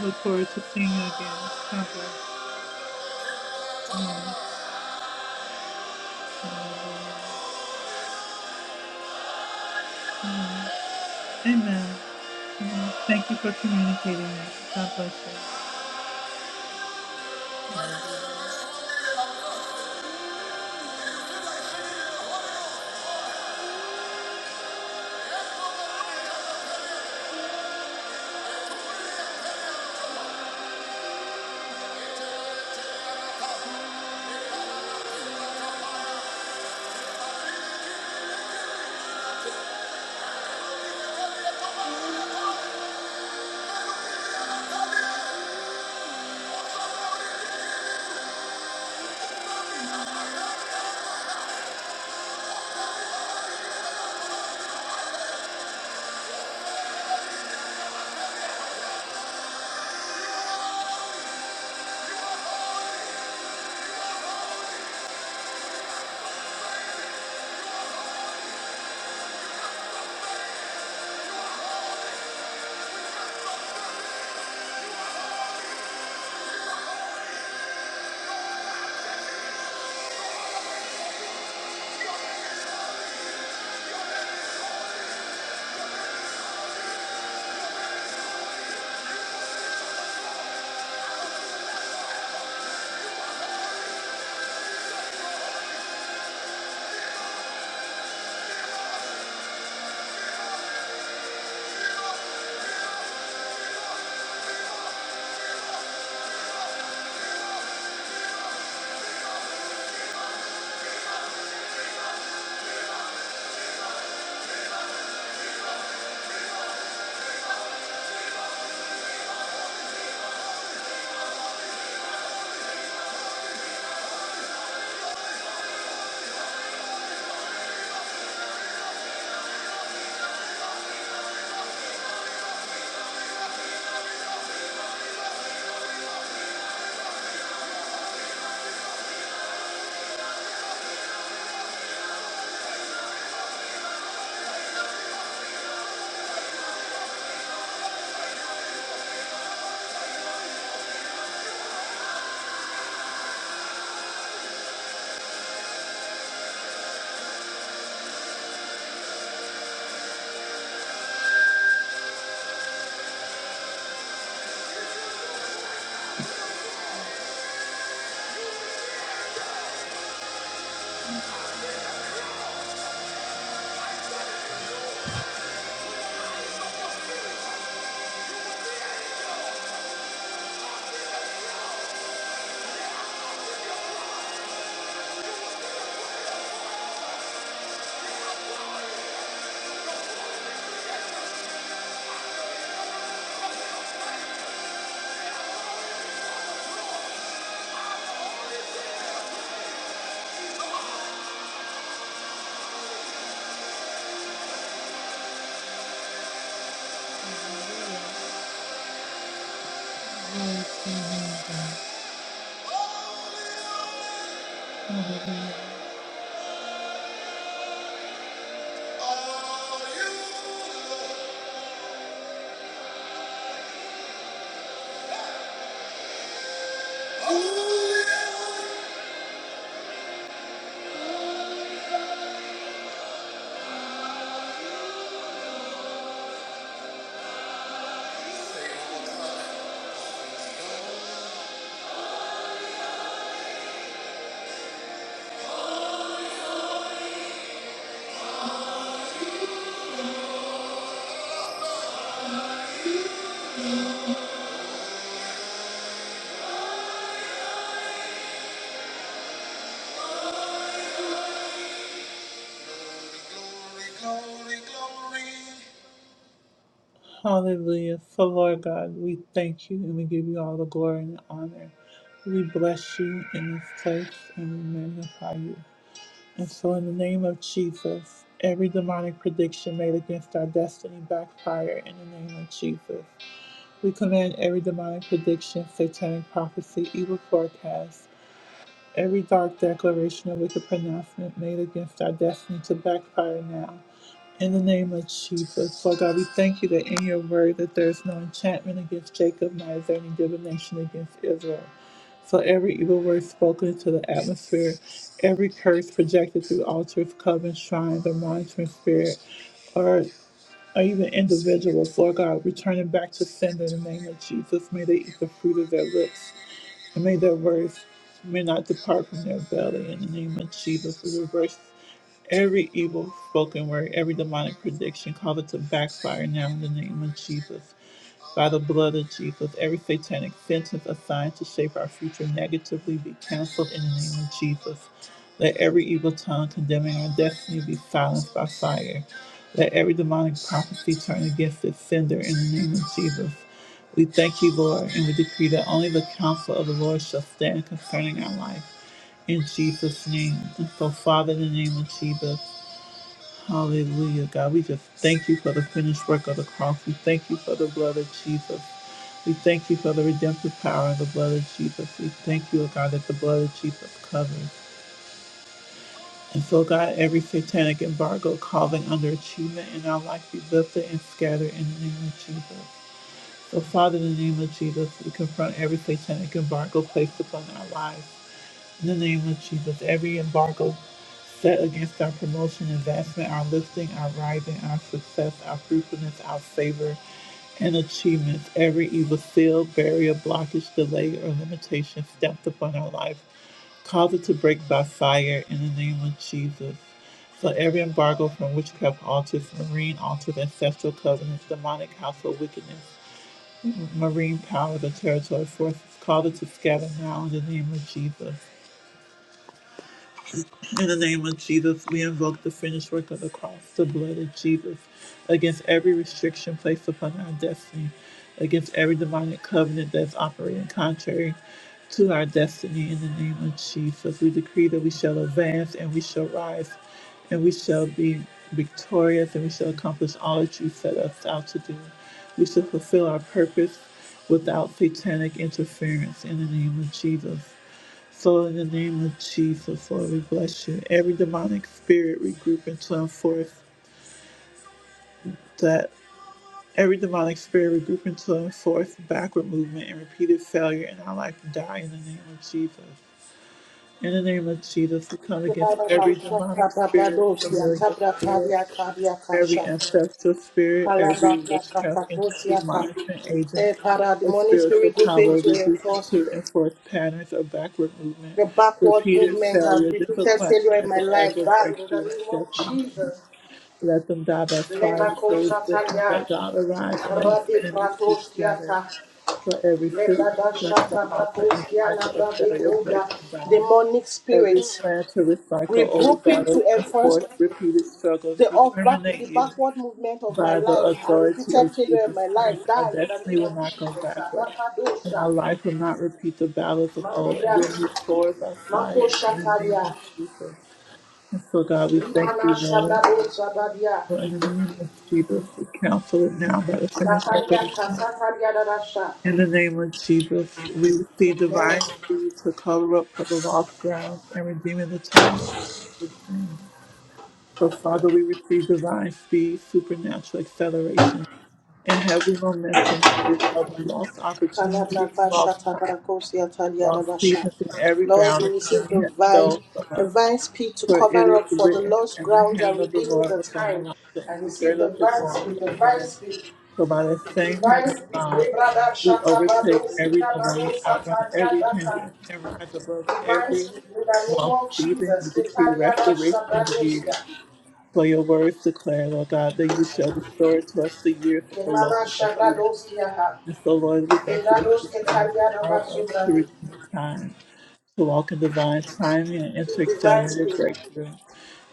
Speaker 1: Look forward to seeing you again. God bless. Amen. Mm, Thank you for communicating that. God bless you. Glory to your name. Hallelujah. Hallelujah. So, Lord God, we thank you and we give you all the glory and honor. We bless you in this place and we magnify you. And so, in the name of Jesus, every demonic prediction made against our destiny backfire in the name of Jesus. We command every demonic prediction, satanic prophecy, evil forecast, every dark declaration and wicked pronouncement made against our destiny to backfire now. In the name of Jesus, Lord God, we thank you that in your word that there is no enchantment against Jacob, nor is there any divination against Israel. So every evil word spoken into the atmosphere, every curse projected through altars, covens, shrines, or monitoring spirit, or or even individuals, Lord God, returning back to sin in the name of Jesus. May they eat the fruit of their lips. And may their words may not depart from their belly in the name of Jesus. We reverse every evil spoken word, every demonic prediction, cause it to backfire now in the name of Jesus. By the blood of Jesus, every satanic sentence assigned to shape our future negatively be canceled in the name of Jesus. Let every evil tongue condemning our destiny be silenced by fire. Let every demonic prophecy turn against its sender in the name of Jesus. We thank you, Lord, and we decree that only the counsel of the Lord shall stand concerning our life. In Jesus' name. And so, Father, in the name of Jesus, hallelujah, God. We just thank you for the finished work of the cross. We thank you for the blood of Jesus. We thank you for the redemptive power of the blood of Jesus. We thank you, O God, that the blood of Jesus covers. And so, God, every satanic embargo causing underachievement in our life, we lift it and scatter in the name of Jesus. So, Father, in the name of Jesus, we confront every satanic embargo placed upon our lives. In the name of Jesus, every embargo set against our promotion, investment, our lifting, our rising, our success, our fruitfulness, our favor, and achievements, every evil seal, barrier, blockage, delay, or limitation stamped upon our life, cause it to break by fire in the name of Jesus. So every embargo from witchcraft altars, marine altars, ancestral covenants, demonic household wickedness, marine power of the territory forces. Call it to scatter now in the name of Jesus. In the name of Jesus, we invoke the finished work of the cross, the blood of Jesus, against every restriction placed upon our destiny, against every demonic covenant that's operating contrary to our destiny. In the name of Jesus, we decree that we shall advance and we shall rise and we shall be victorious and we shall accomplish all that you set us out to do. We shall fulfill our purpose without satanic interference. In the name of Jesus. So, in the name of Jesus, Lord, we bless you. Every demonic spirit regroup into and turn forth that every demonic spirit regroup into and turn forth backward movement and repeated failure in our life die in the name of Jesus. In the name of Jesus, we come against
Speaker 2: Lebrada
Speaker 1: every demonic
Speaker 2: Bashaka
Speaker 1: spirit,
Speaker 2: Babados,
Speaker 1: familiar
Speaker 2: Yatabra
Speaker 1: spirit.
Speaker 2: Kadia Kadia
Speaker 1: Every
Speaker 2: Kasha,
Speaker 1: ancestral spirit, every
Speaker 2: Kalababra
Speaker 1: witchcraft
Speaker 2: Kakakosia
Speaker 1: entity, monitoring agent,
Speaker 2: Eh, Father, the
Speaker 1: or
Speaker 2: morning
Speaker 1: spiritual
Speaker 2: spirit will fail
Speaker 1: power
Speaker 2: to
Speaker 1: reducing
Speaker 2: enforce.
Speaker 1: to enforce patterns of backward movement,
Speaker 2: The backward
Speaker 1: repeated
Speaker 2: movement has
Speaker 1: failure,
Speaker 2: recruited failure
Speaker 1: disappointment
Speaker 2: in
Speaker 1: at
Speaker 2: my
Speaker 1: the edge
Speaker 2: life.
Speaker 1: of
Speaker 2: God, in the
Speaker 1: breakthrough and
Speaker 2: name
Speaker 1: destiny.
Speaker 2: of Jesus.
Speaker 1: Let them die by fire,
Speaker 2: Lebako
Speaker 1: so it's written,
Speaker 2: Shataya
Speaker 1: let God arise and let his
Speaker 2: Rade
Speaker 1: enemies be scattered.
Speaker 2: Pratoskiata
Speaker 1: For every system,
Speaker 2: Lebrada
Speaker 1: structure,
Speaker 2: Shata
Speaker 1: altar, and
Speaker 2: Brakoskia
Speaker 1: cycle of
Speaker 2: Labrade
Speaker 1: failure break
Speaker 2: Koga
Speaker 1: and die.
Speaker 2: Demonic
Speaker 1: Every
Speaker 2: spirits
Speaker 1: plan to recycle old
Speaker 2: regrouping to
Speaker 1: battles and
Speaker 2: enforce
Speaker 1: force repeated struggles,
Speaker 2: the
Speaker 1: we
Speaker 2: off back
Speaker 1: terminate
Speaker 2: the
Speaker 1: you
Speaker 2: backward movement of my
Speaker 1: by the
Speaker 2: life and
Speaker 1: authority
Speaker 2: repeated
Speaker 1: of
Speaker 2: failure in
Speaker 1: Jesus
Speaker 2: my life
Speaker 1: Christ. Our
Speaker 2: die in the
Speaker 1: destiny
Speaker 2: name
Speaker 1: will
Speaker 2: of
Speaker 1: not go
Speaker 2: Jesus
Speaker 1: backward, and
Speaker 2: Abakadosha
Speaker 1: our life will not repeat the battles of old, and
Speaker 2: Mandebra
Speaker 1: we'll move forward by
Speaker 2: Mako
Speaker 1: fire in the name
Speaker 2: Shatalia,
Speaker 1: of Jesus. And so, God, we thank
Speaker 2: Limana
Speaker 1: you, Lord,
Speaker 2: Shabrado Zabadia,
Speaker 1: for in the name of Jesus. We counsel it now by the finished work of
Speaker 2: Natalia
Speaker 1: the cross.
Speaker 2: Kasatalia Darasha,
Speaker 1: In the name of Jesus, we receive
Speaker 2: Amen.
Speaker 1: divine speed to cover up for the lost ground and redeeming the time. So, Father, we receive divine speed, supernatural acceleration and heavy momentum to recover lost opportunities,
Speaker 2: Kalababasha
Speaker 1: lost time,
Speaker 2: tabarakosia
Speaker 1: lost
Speaker 2: taliadabasha.
Speaker 1: seasons, and every
Speaker 2: Lord,
Speaker 1: ground
Speaker 2: we
Speaker 1: the
Speaker 2: receive
Speaker 1: enemy has
Speaker 2: divine,
Speaker 1: stole from us.
Speaker 2: divine speed to
Speaker 1: For it
Speaker 2: cover
Speaker 1: is
Speaker 2: up for the
Speaker 1: written,
Speaker 2: lost
Speaker 1: and the
Speaker 2: grounds and
Speaker 1: hand of the
Speaker 2: redeeming
Speaker 1: Lord
Speaker 2: the
Speaker 1: was on
Speaker 2: time.
Speaker 1: Elijah, and
Speaker 2: and
Speaker 1: he
Speaker 2: receive
Speaker 1: girded up his
Speaker 2: divine
Speaker 1: loins
Speaker 2: speed,
Speaker 1: and
Speaker 2: divine
Speaker 1: ran.
Speaker 2: speed,
Speaker 1: For by the same
Speaker 2: divine
Speaker 1: hand of
Speaker 2: speed.
Speaker 1: God, we
Speaker 2: Rebradasha
Speaker 1: overtake
Speaker 2: tabadoski
Speaker 1: every delay,
Speaker 2: dabarosa
Speaker 1: outrun every
Speaker 2: taliadaka.
Speaker 1: hindrance, and rise above
Speaker 2: Divine
Speaker 1: every
Speaker 2: speed in the name
Speaker 1: lost
Speaker 2: of
Speaker 1: season.
Speaker 2: Jesus.
Speaker 1: We decree
Speaker 2: Ketariadasha
Speaker 1: restoration of
Speaker 2: bradosia.
Speaker 1: years. For your words declare, Lord God, that you shall restore to us the years of the
Speaker 2: Kemala
Speaker 1: locusts and eaten.
Speaker 2: shabradoskia ha.
Speaker 1: And so, Lord, we thank you that you
Speaker 2: Kebrados
Speaker 1: shall empower us to
Speaker 2: ketariadabasobrani.
Speaker 1: redeem the time, to walk in divine timing and enter
Speaker 2: Divine
Speaker 1: accelerated
Speaker 2: speed.
Speaker 1: breakthrough.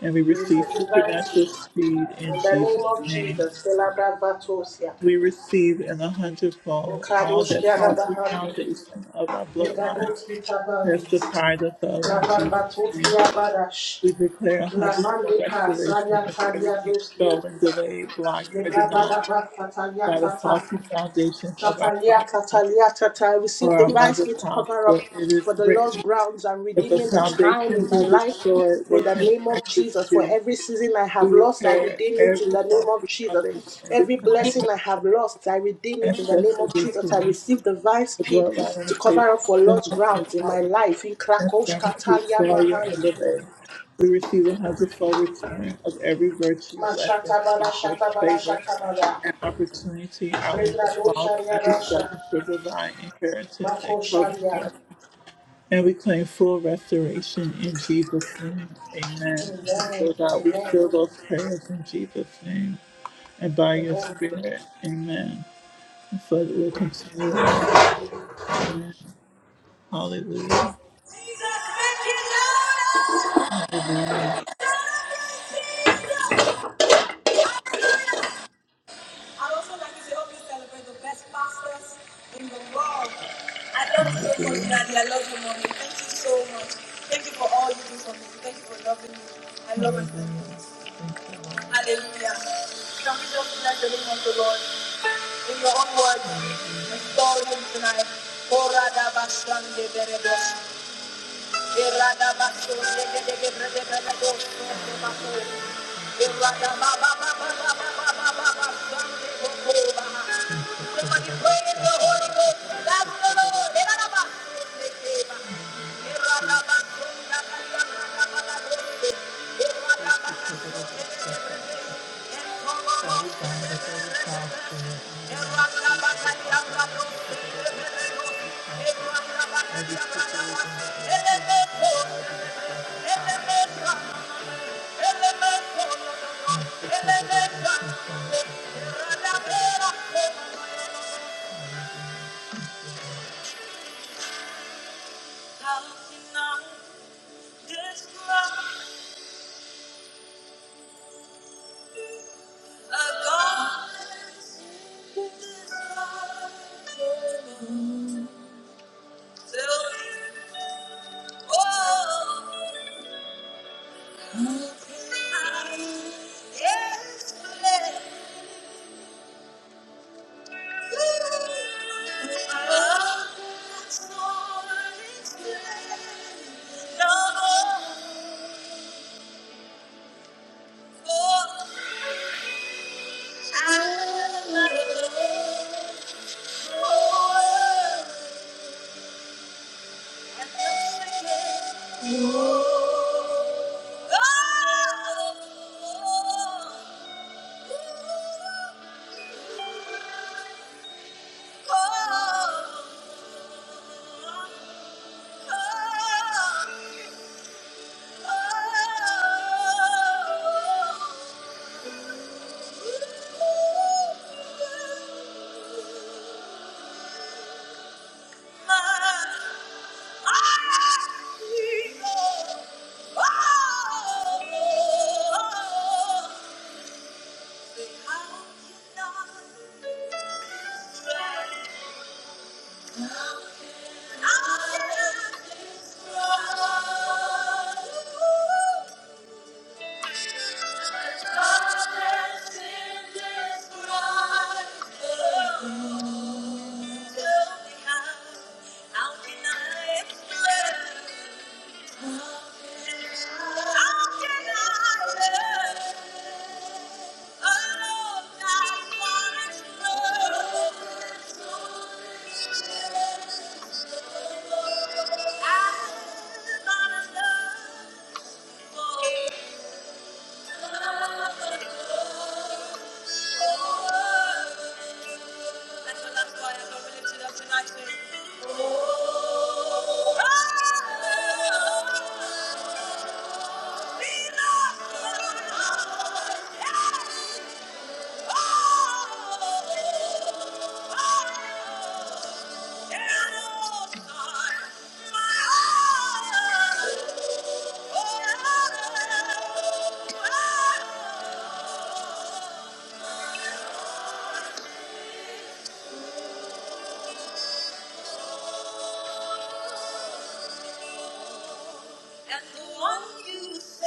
Speaker 1: And we
Speaker 2: We receive
Speaker 1: receive
Speaker 2: divine speed.
Speaker 1: supernatural speed in
Speaker 2: In the name of
Speaker 1: Jesus' name.
Speaker 2: Jesus, Celebra Vatosia,
Speaker 1: We receive in a hundredfold all that
Speaker 2: Nkadoshkia
Speaker 1: falls the
Speaker 2: Labahandi,
Speaker 1: foundation of our bloodline
Speaker 2: Ligadoski
Speaker 1: has
Speaker 2: Tabandis,
Speaker 1: deprived us of in Jesus' name.
Speaker 2: Labavatoskia Badash,
Speaker 1: We declare a hundredfold
Speaker 2: Lamande
Speaker 1: restoration
Speaker 2: Kasanya
Speaker 1: of
Speaker 2: Talia
Speaker 1: everything
Speaker 2: Doskia,
Speaker 1: stolen, delayed, blocked, or denied
Speaker 2: Ligabada Vatatalia
Speaker 1: by the
Speaker 2: Tata,
Speaker 1: faulty foundations of our
Speaker 2: Catalia,
Speaker 1: bloodline
Speaker 2: Catalia, Tata, I receive
Speaker 1: For our
Speaker 2: divine
Speaker 1: mother's
Speaker 2: spirit to
Speaker 1: house,
Speaker 2: cover
Speaker 1: for
Speaker 2: up
Speaker 1: it is
Speaker 2: for the lost
Speaker 1: written,
Speaker 2: grounds and
Speaker 1: if a
Speaker 2: redeeming the time
Speaker 1: foundation
Speaker 2: in my
Speaker 1: be
Speaker 2: life
Speaker 1: destroyed,
Speaker 2: in
Speaker 1: what
Speaker 2: the
Speaker 1: can the
Speaker 2: name of
Speaker 1: righteous
Speaker 2: Jesus. For
Speaker 1: do?
Speaker 2: every season I
Speaker 1: We
Speaker 2: have lost, I
Speaker 1: repair
Speaker 2: redeem it in
Speaker 1: every
Speaker 2: the name of
Speaker 1: faulty foundation
Speaker 2: Jesus.
Speaker 1: and
Speaker 2: Every
Speaker 1: disconnect
Speaker 2: blessing
Speaker 1: the
Speaker 2: I have lost, I redeem it in the name
Speaker 1: ancestors
Speaker 2: of
Speaker 1: to
Speaker 2: Jesus. I
Speaker 1: me.
Speaker 2: receive divine
Speaker 1: The
Speaker 2: speed
Speaker 1: bloodline
Speaker 2: to
Speaker 1: limitation,
Speaker 2: cover up for lost
Speaker 1: sinfulness, and
Speaker 2: grounds in my
Speaker 1: poverty,
Speaker 2: life. In
Speaker 1: and
Speaker 2: Krakosh,
Speaker 1: gratitude,
Speaker 2: Catalia,
Speaker 1: failure, and
Speaker 2: Mahandi.
Speaker 1: delay. We receive a hundredfold return of every virtue, blessing,
Speaker 2: Mashatabala,
Speaker 1: progress,
Speaker 2: shatabala,
Speaker 1: favor,
Speaker 2: shatabala.
Speaker 1: and opportunity. I leave the
Speaker 2: Regrado,
Speaker 1: lost
Speaker 2: sharia,
Speaker 1: and be step
Speaker 2: rasha.
Speaker 1: into divine inheritance and
Speaker 2: Mako,
Speaker 1: covenant
Speaker 2: sharia.
Speaker 1: blessings. And we claim full restoration in Jesus' name. Amen. And
Speaker 2: Amen.
Speaker 1: so God, we
Speaker 2: Amen.
Speaker 1: fill those prayers in Jesus' name and by your
Speaker 2: Amen.
Speaker 1: spirit. Amen. And so that we'll continue in worship. Amen. Hallelujah. Hallelujah. I'd also like you to help me celebrate the best pastors in the world. I love you so much, Daddy. I love you, Mommy. Thank you so much. Thank you for all you do for me. Thank you for loving me. I love and thank you. Hallelujah. Can we just bless the name of the Lord in your own words? Restore him tonight. Korada bashande berebo. Irada basu de de de de de basu basu irada ba ba ba ba ba ba ba ba ba Somebody pray in the Holy Ghost. That's the Lord. Thank you. how Oh, yes, Oh oh, oh. Oh Thank you. Oh! And the one you say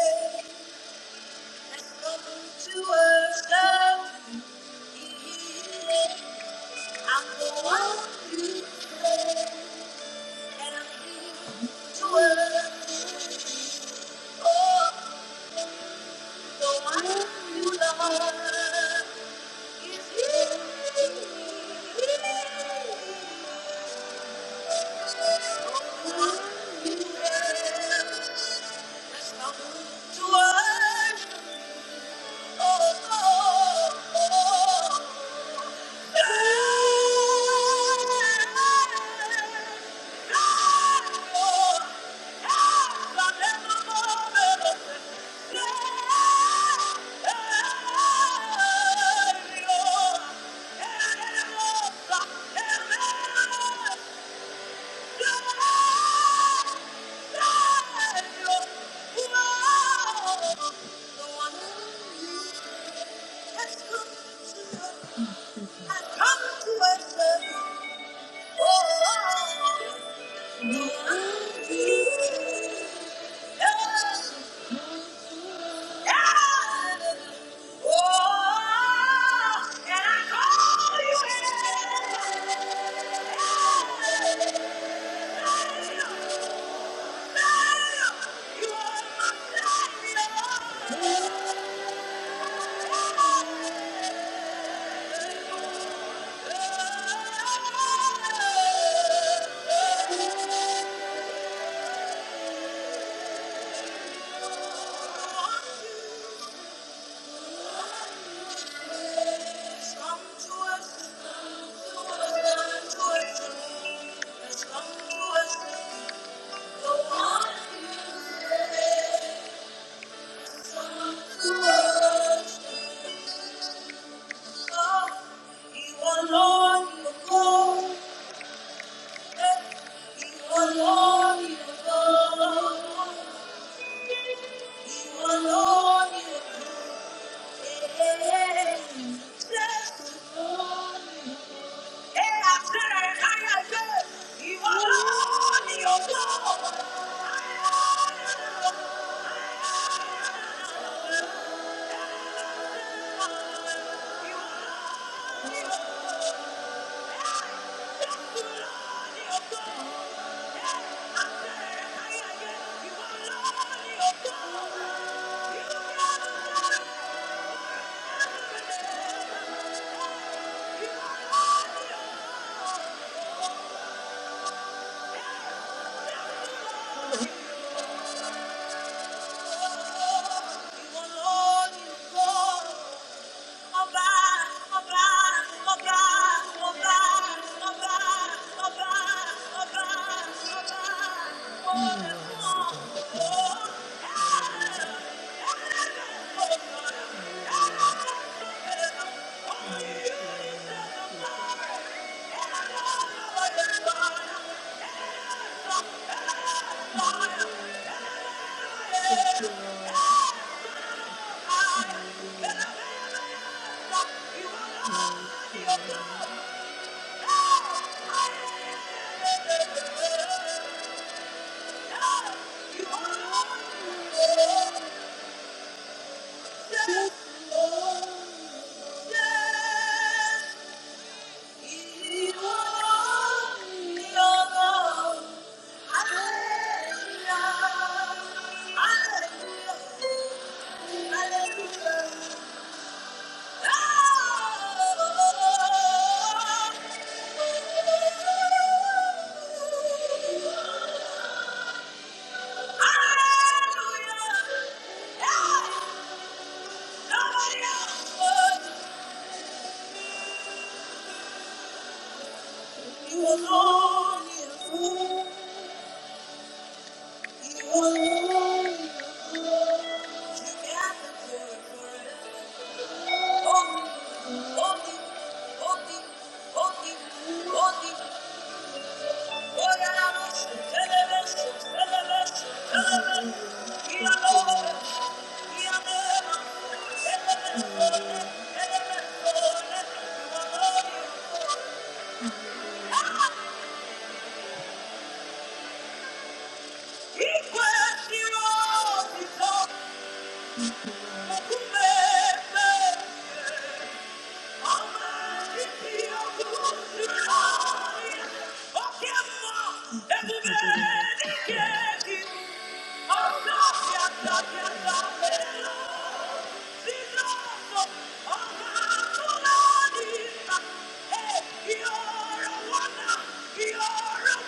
Speaker 1: has come to us love I'm the one you say and I'm here Oh, the one you love. To us. Oh, Oh, and I call you. Thank you. You are Lord, you are God. You are Lord, you are God. You are Lord, you are Lord. Mm. Hallelujah. Oh, Thank you. You're a wonder. You're a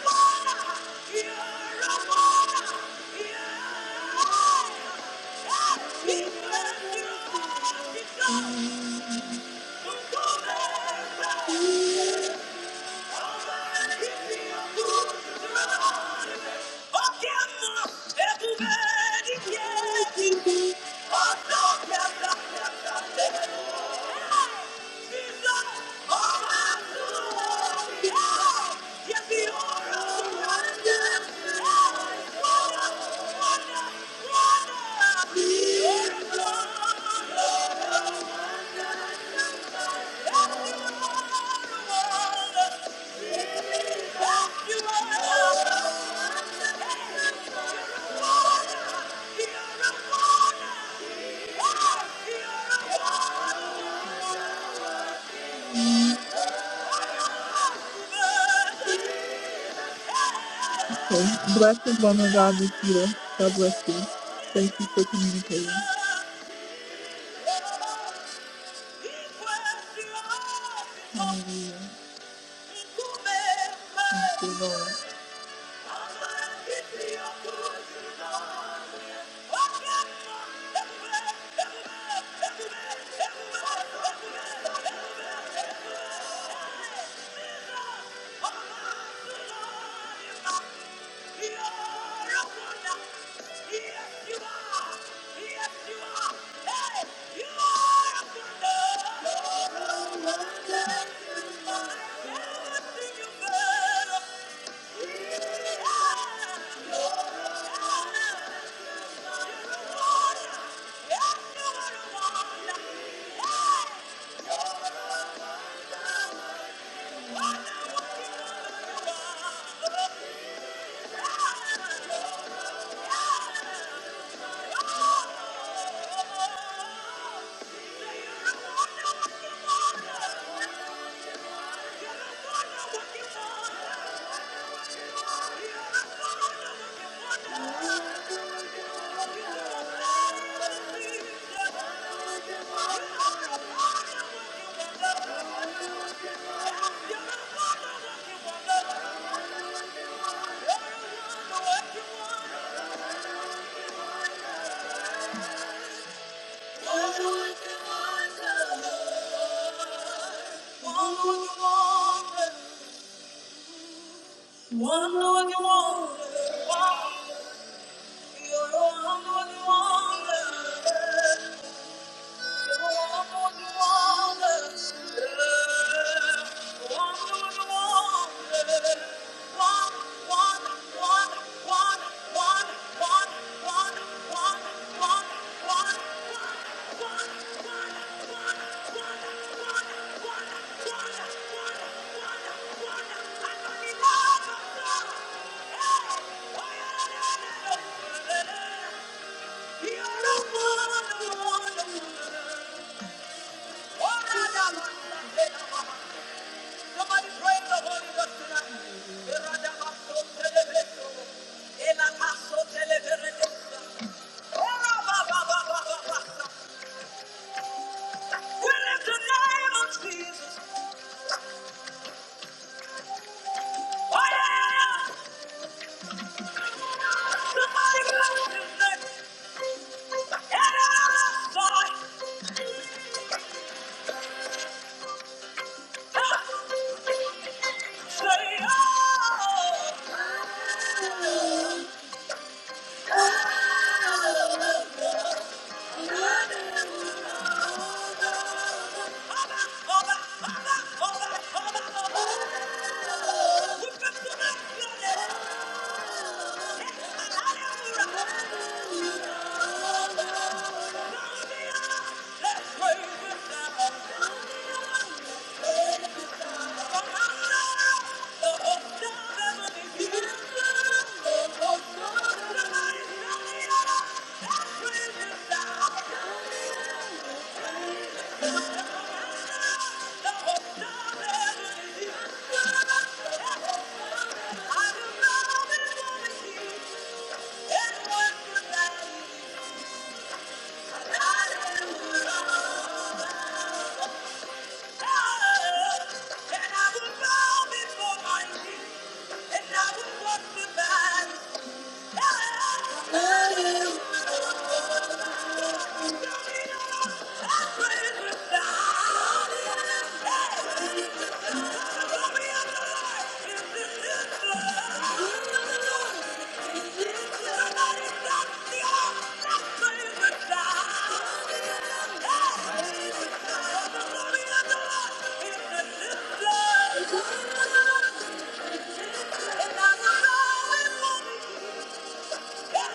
Speaker 1: wonder. You're a wonder. Thank you. Yeah. Bless and woman God, Nikita. God bless you. Thank you for communicating. Hallelujah. Thank you, Lord. Yes, you are! Hey, you are a wonder! You're a wonder! Yeah! Thank you. One look at wonder. One look at wonder. You're a one look at wonder. You're the one, the one, the one. Somebody pray in the Holy Ghost tonight. Eradabaso telebeso. Elakaso teleberedosa. Orabababababasa. We lift the name of Jesus. Oh, yeah. Somebody bless his name. Eradabaso. Say, oh. Thank you. Hallelujah. And I will bow before my king, and I will walk the worship Thank you. Thank you.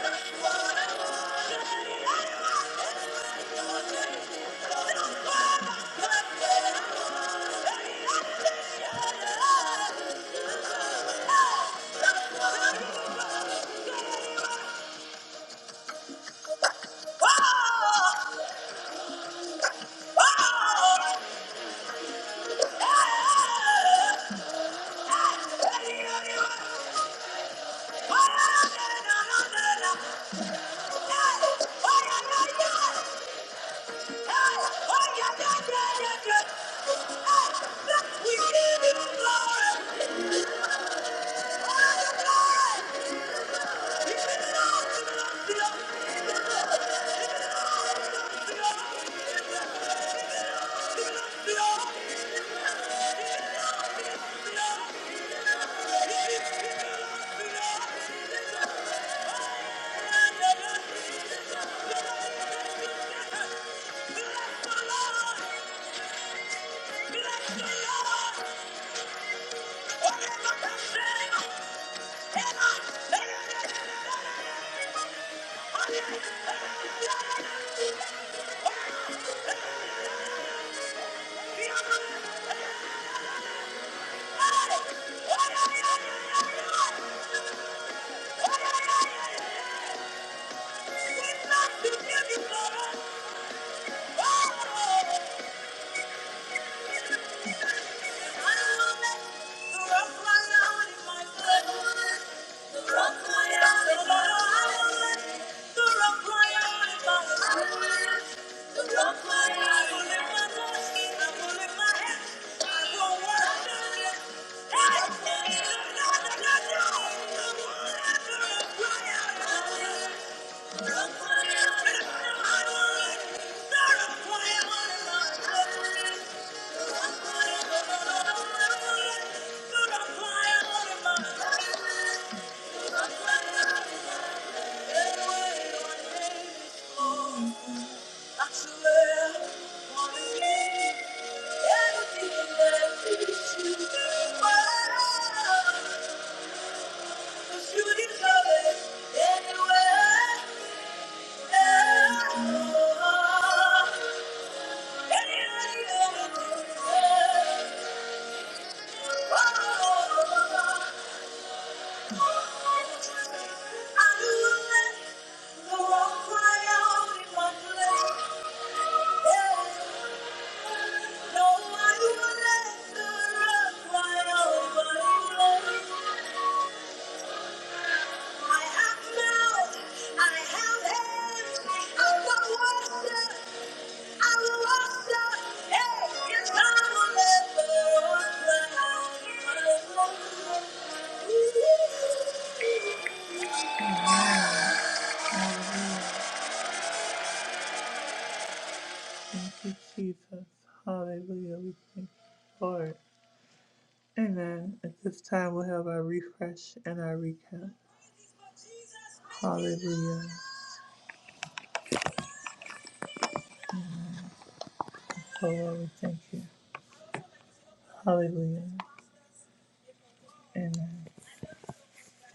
Speaker 1: Oh, yeah, yeah, yeah, yeah, yeah. We give you glory. Thank you. Oh! Hey! Anywhere Thank you. I have now, I have everything. I will worship, Thank you, Jesus. Hallelujah. We thank you, Lord. Amen. At this time, we'll have our refresh and our recap. Hallelujah. Oh, Lord, we thank you. Hallelujah. Amen.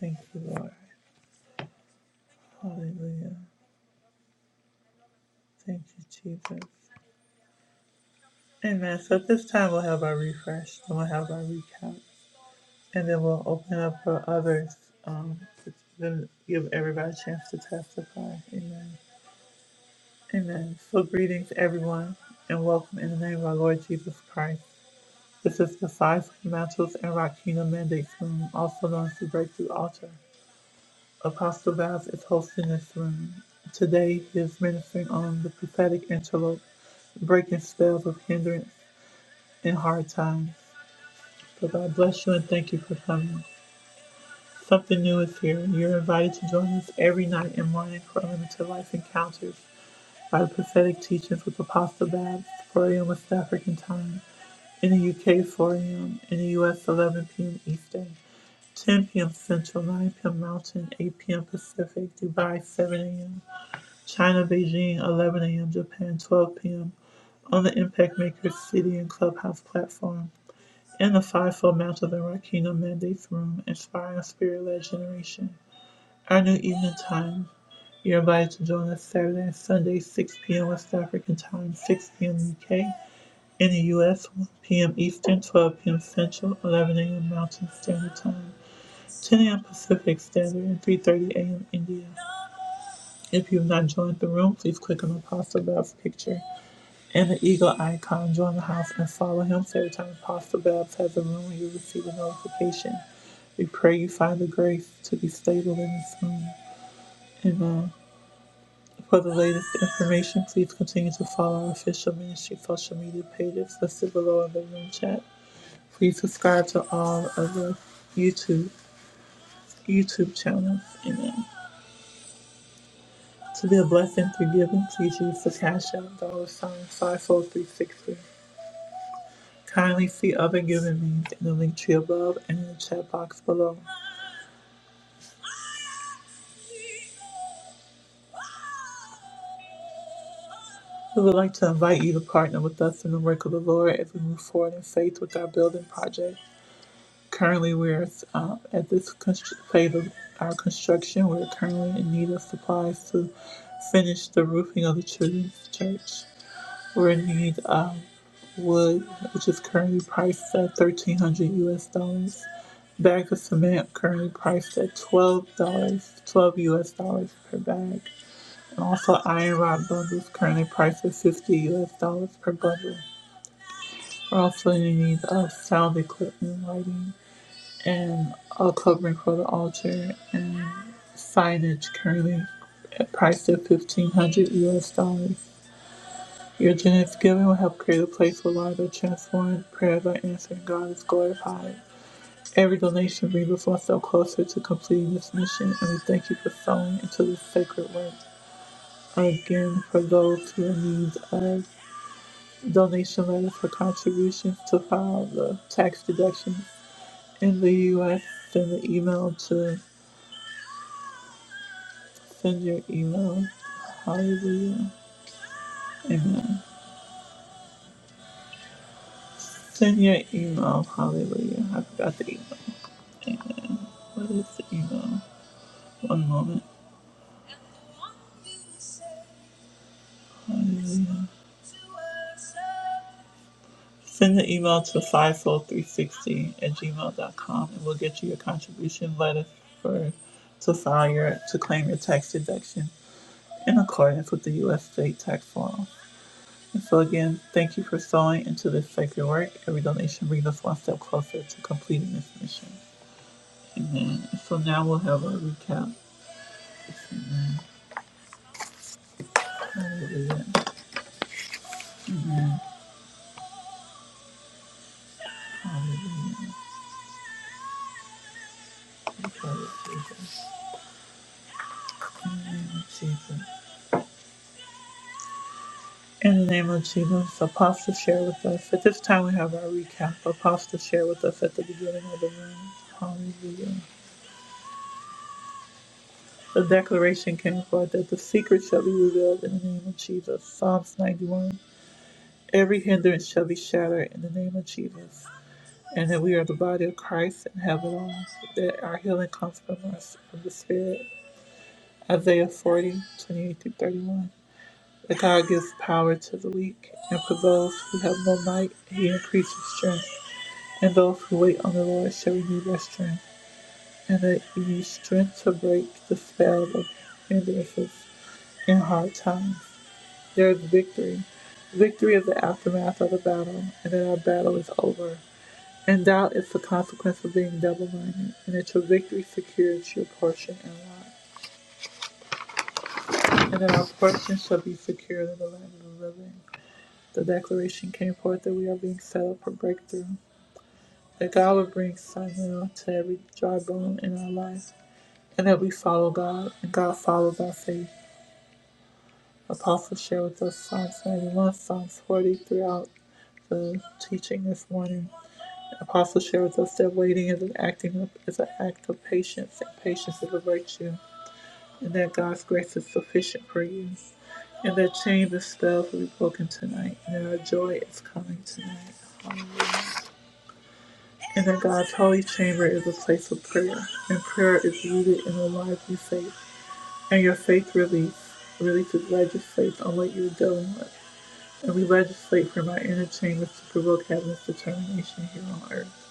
Speaker 1: Thank you, Lord. Hallelujah. Thank you, Jesus. Amen. So at this time we'll have our refresh, then we'll have our recap, and then we'll open up for others um, to then give everybody a chance to testify. Amen. Amen. So greetings everyone, and welcome in the name of our Lord Jesus Christ. This is the Five Mantles and Rock Kingdom Mandates Room, also known as the Breakthrough Altar. Apostle Vaz is hosting this room. Today he is ministering on the prophetic interlope breaking spells of hindrance in hard times. But God bless you and thank you for coming. Something new is here. and You're invited to join us every night and morning for limited life encounters by the prophetic teachings with Apostle Babs, 4 a.m. West African time, in the UK 4 a.m., in the US 11 p.m. Eastern, 10 p.m. Central, 9 p.m. Mountain, 8 p.m. Pacific, Dubai 7 a.m., China Beijing 11 a.m., Japan 12 p.m. On the Impact Makers City and Clubhouse platform. and the fivefold mount of the Rakino mandates Room, inspiring a spirit led generation. Our new evening time. You're invited to join us Saturday and Sunday, 6 p.m. West African time, 6 p.m. UK. In the U.S., 1 p.m. Eastern, 12 p.m. Central, 11 a.m. Mountain Standard Time, 10 a.m. Pacific Standard, and 3.30 a.m. India. If you have not joined the room, please click on the pasta above picture and the eagle icon. Join the house and follow him. So every time Apostle Babs has the room, you receive a notification. We pray you find the grace to be stable in this room. Amen. For the latest information, please continue to follow our official ministry social media pages listed below in the room chat. Please subscribe to all of the YouTube YouTube channels. Amen. To be a blessing through giving, please use the Cash App dollar sign five four three six three. Kindly see other giving means in the link tree above and in the chat box below. We would like to invite you to partner with us in the work of the Lord as we move forward in faith with our building project. Currently, we're uh, at this phase of our construction. We're currently in need of supplies to finish the roofing of the children's church. We're in need. of. wood, which is currently priced at thirteen hundred US dollars. Bags of cement currently priced at twelve dollars, twelve US dollars per bag. And also iron rod bundles currently priced at fifty US dollars per bundle. We're also in need of sound equipment, lighting, and a covering for the altar and signage currently priced at fifteen hundred US dollars. Your generous giving will help create a place where lives are transformed, prayers are answered, God is glorified. Every donation brings us so closer to completing this mission, and we thank you for sowing into this sacred work. Again, for those who are in need of donation letters for contributions to file the tax deductions in the U.S., send an email to send your email. Hallelujah. Amen. Send your email. Hallelujah. I forgot the email. What is the email? One moment. Send the email to 54360 at gmail.com and we'll get you your contribution letter for to file your to claim your tax deduction in accordance with the U.S. state tax form. And so again, thank you for sewing into this sacred work. Every donation brings us one step closer to completing this mission. Amen. So now we'll have a recap. Amen. Hallelujah. Hallelujah. Thank Jesus. In the name of Jesus, Apostle, share with us. At this time, we have our recap. Apostle, share with us at the beginning of the room. Hallelujah. The declaration came forth that the secret shall be revealed in the name of Jesus. Psalms 91. Every hindrance shall be shattered in the name of Jesus. And that we are the body of Christ and have it all. That our healing comes from us, from the Spirit. Isaiah 4028 through 31. That God gives power to the weak, and for those who have no might, he increases strength. And those who wait on the Lord shall renew their strength, and they use strength to break the spell of hindrances in hard times. There is victory. Victory is the aftermath of the battle, and that our battle is over. And doubt is the consequence of being double-minded, and that your victory secures your portion and lot, and that our portion shall be secured in the land of the living. The declaration came forth that we are being set up for breakthrough, that God will bring sinew to every dry bone in our life, and that we follow God, and God follows our faith. Apostle shared with us Psalms 91, Psalms 40 throughout the teaching this morning. Apostle shared with us that waiting is an acting of, is an act of patience, and patience is a virtue, and that God's grace is sufficient for you, and that chains and spells will be broken tonight, and that our joy is coming tonight. Hallelujah. And in God's holy chamber is a place of prayer. And prayer is rooted in the lives you faith. And your faith release releases legislates on what you're dealing with. And we legislate from our inner chambers to provoke heaven's determination here on earth.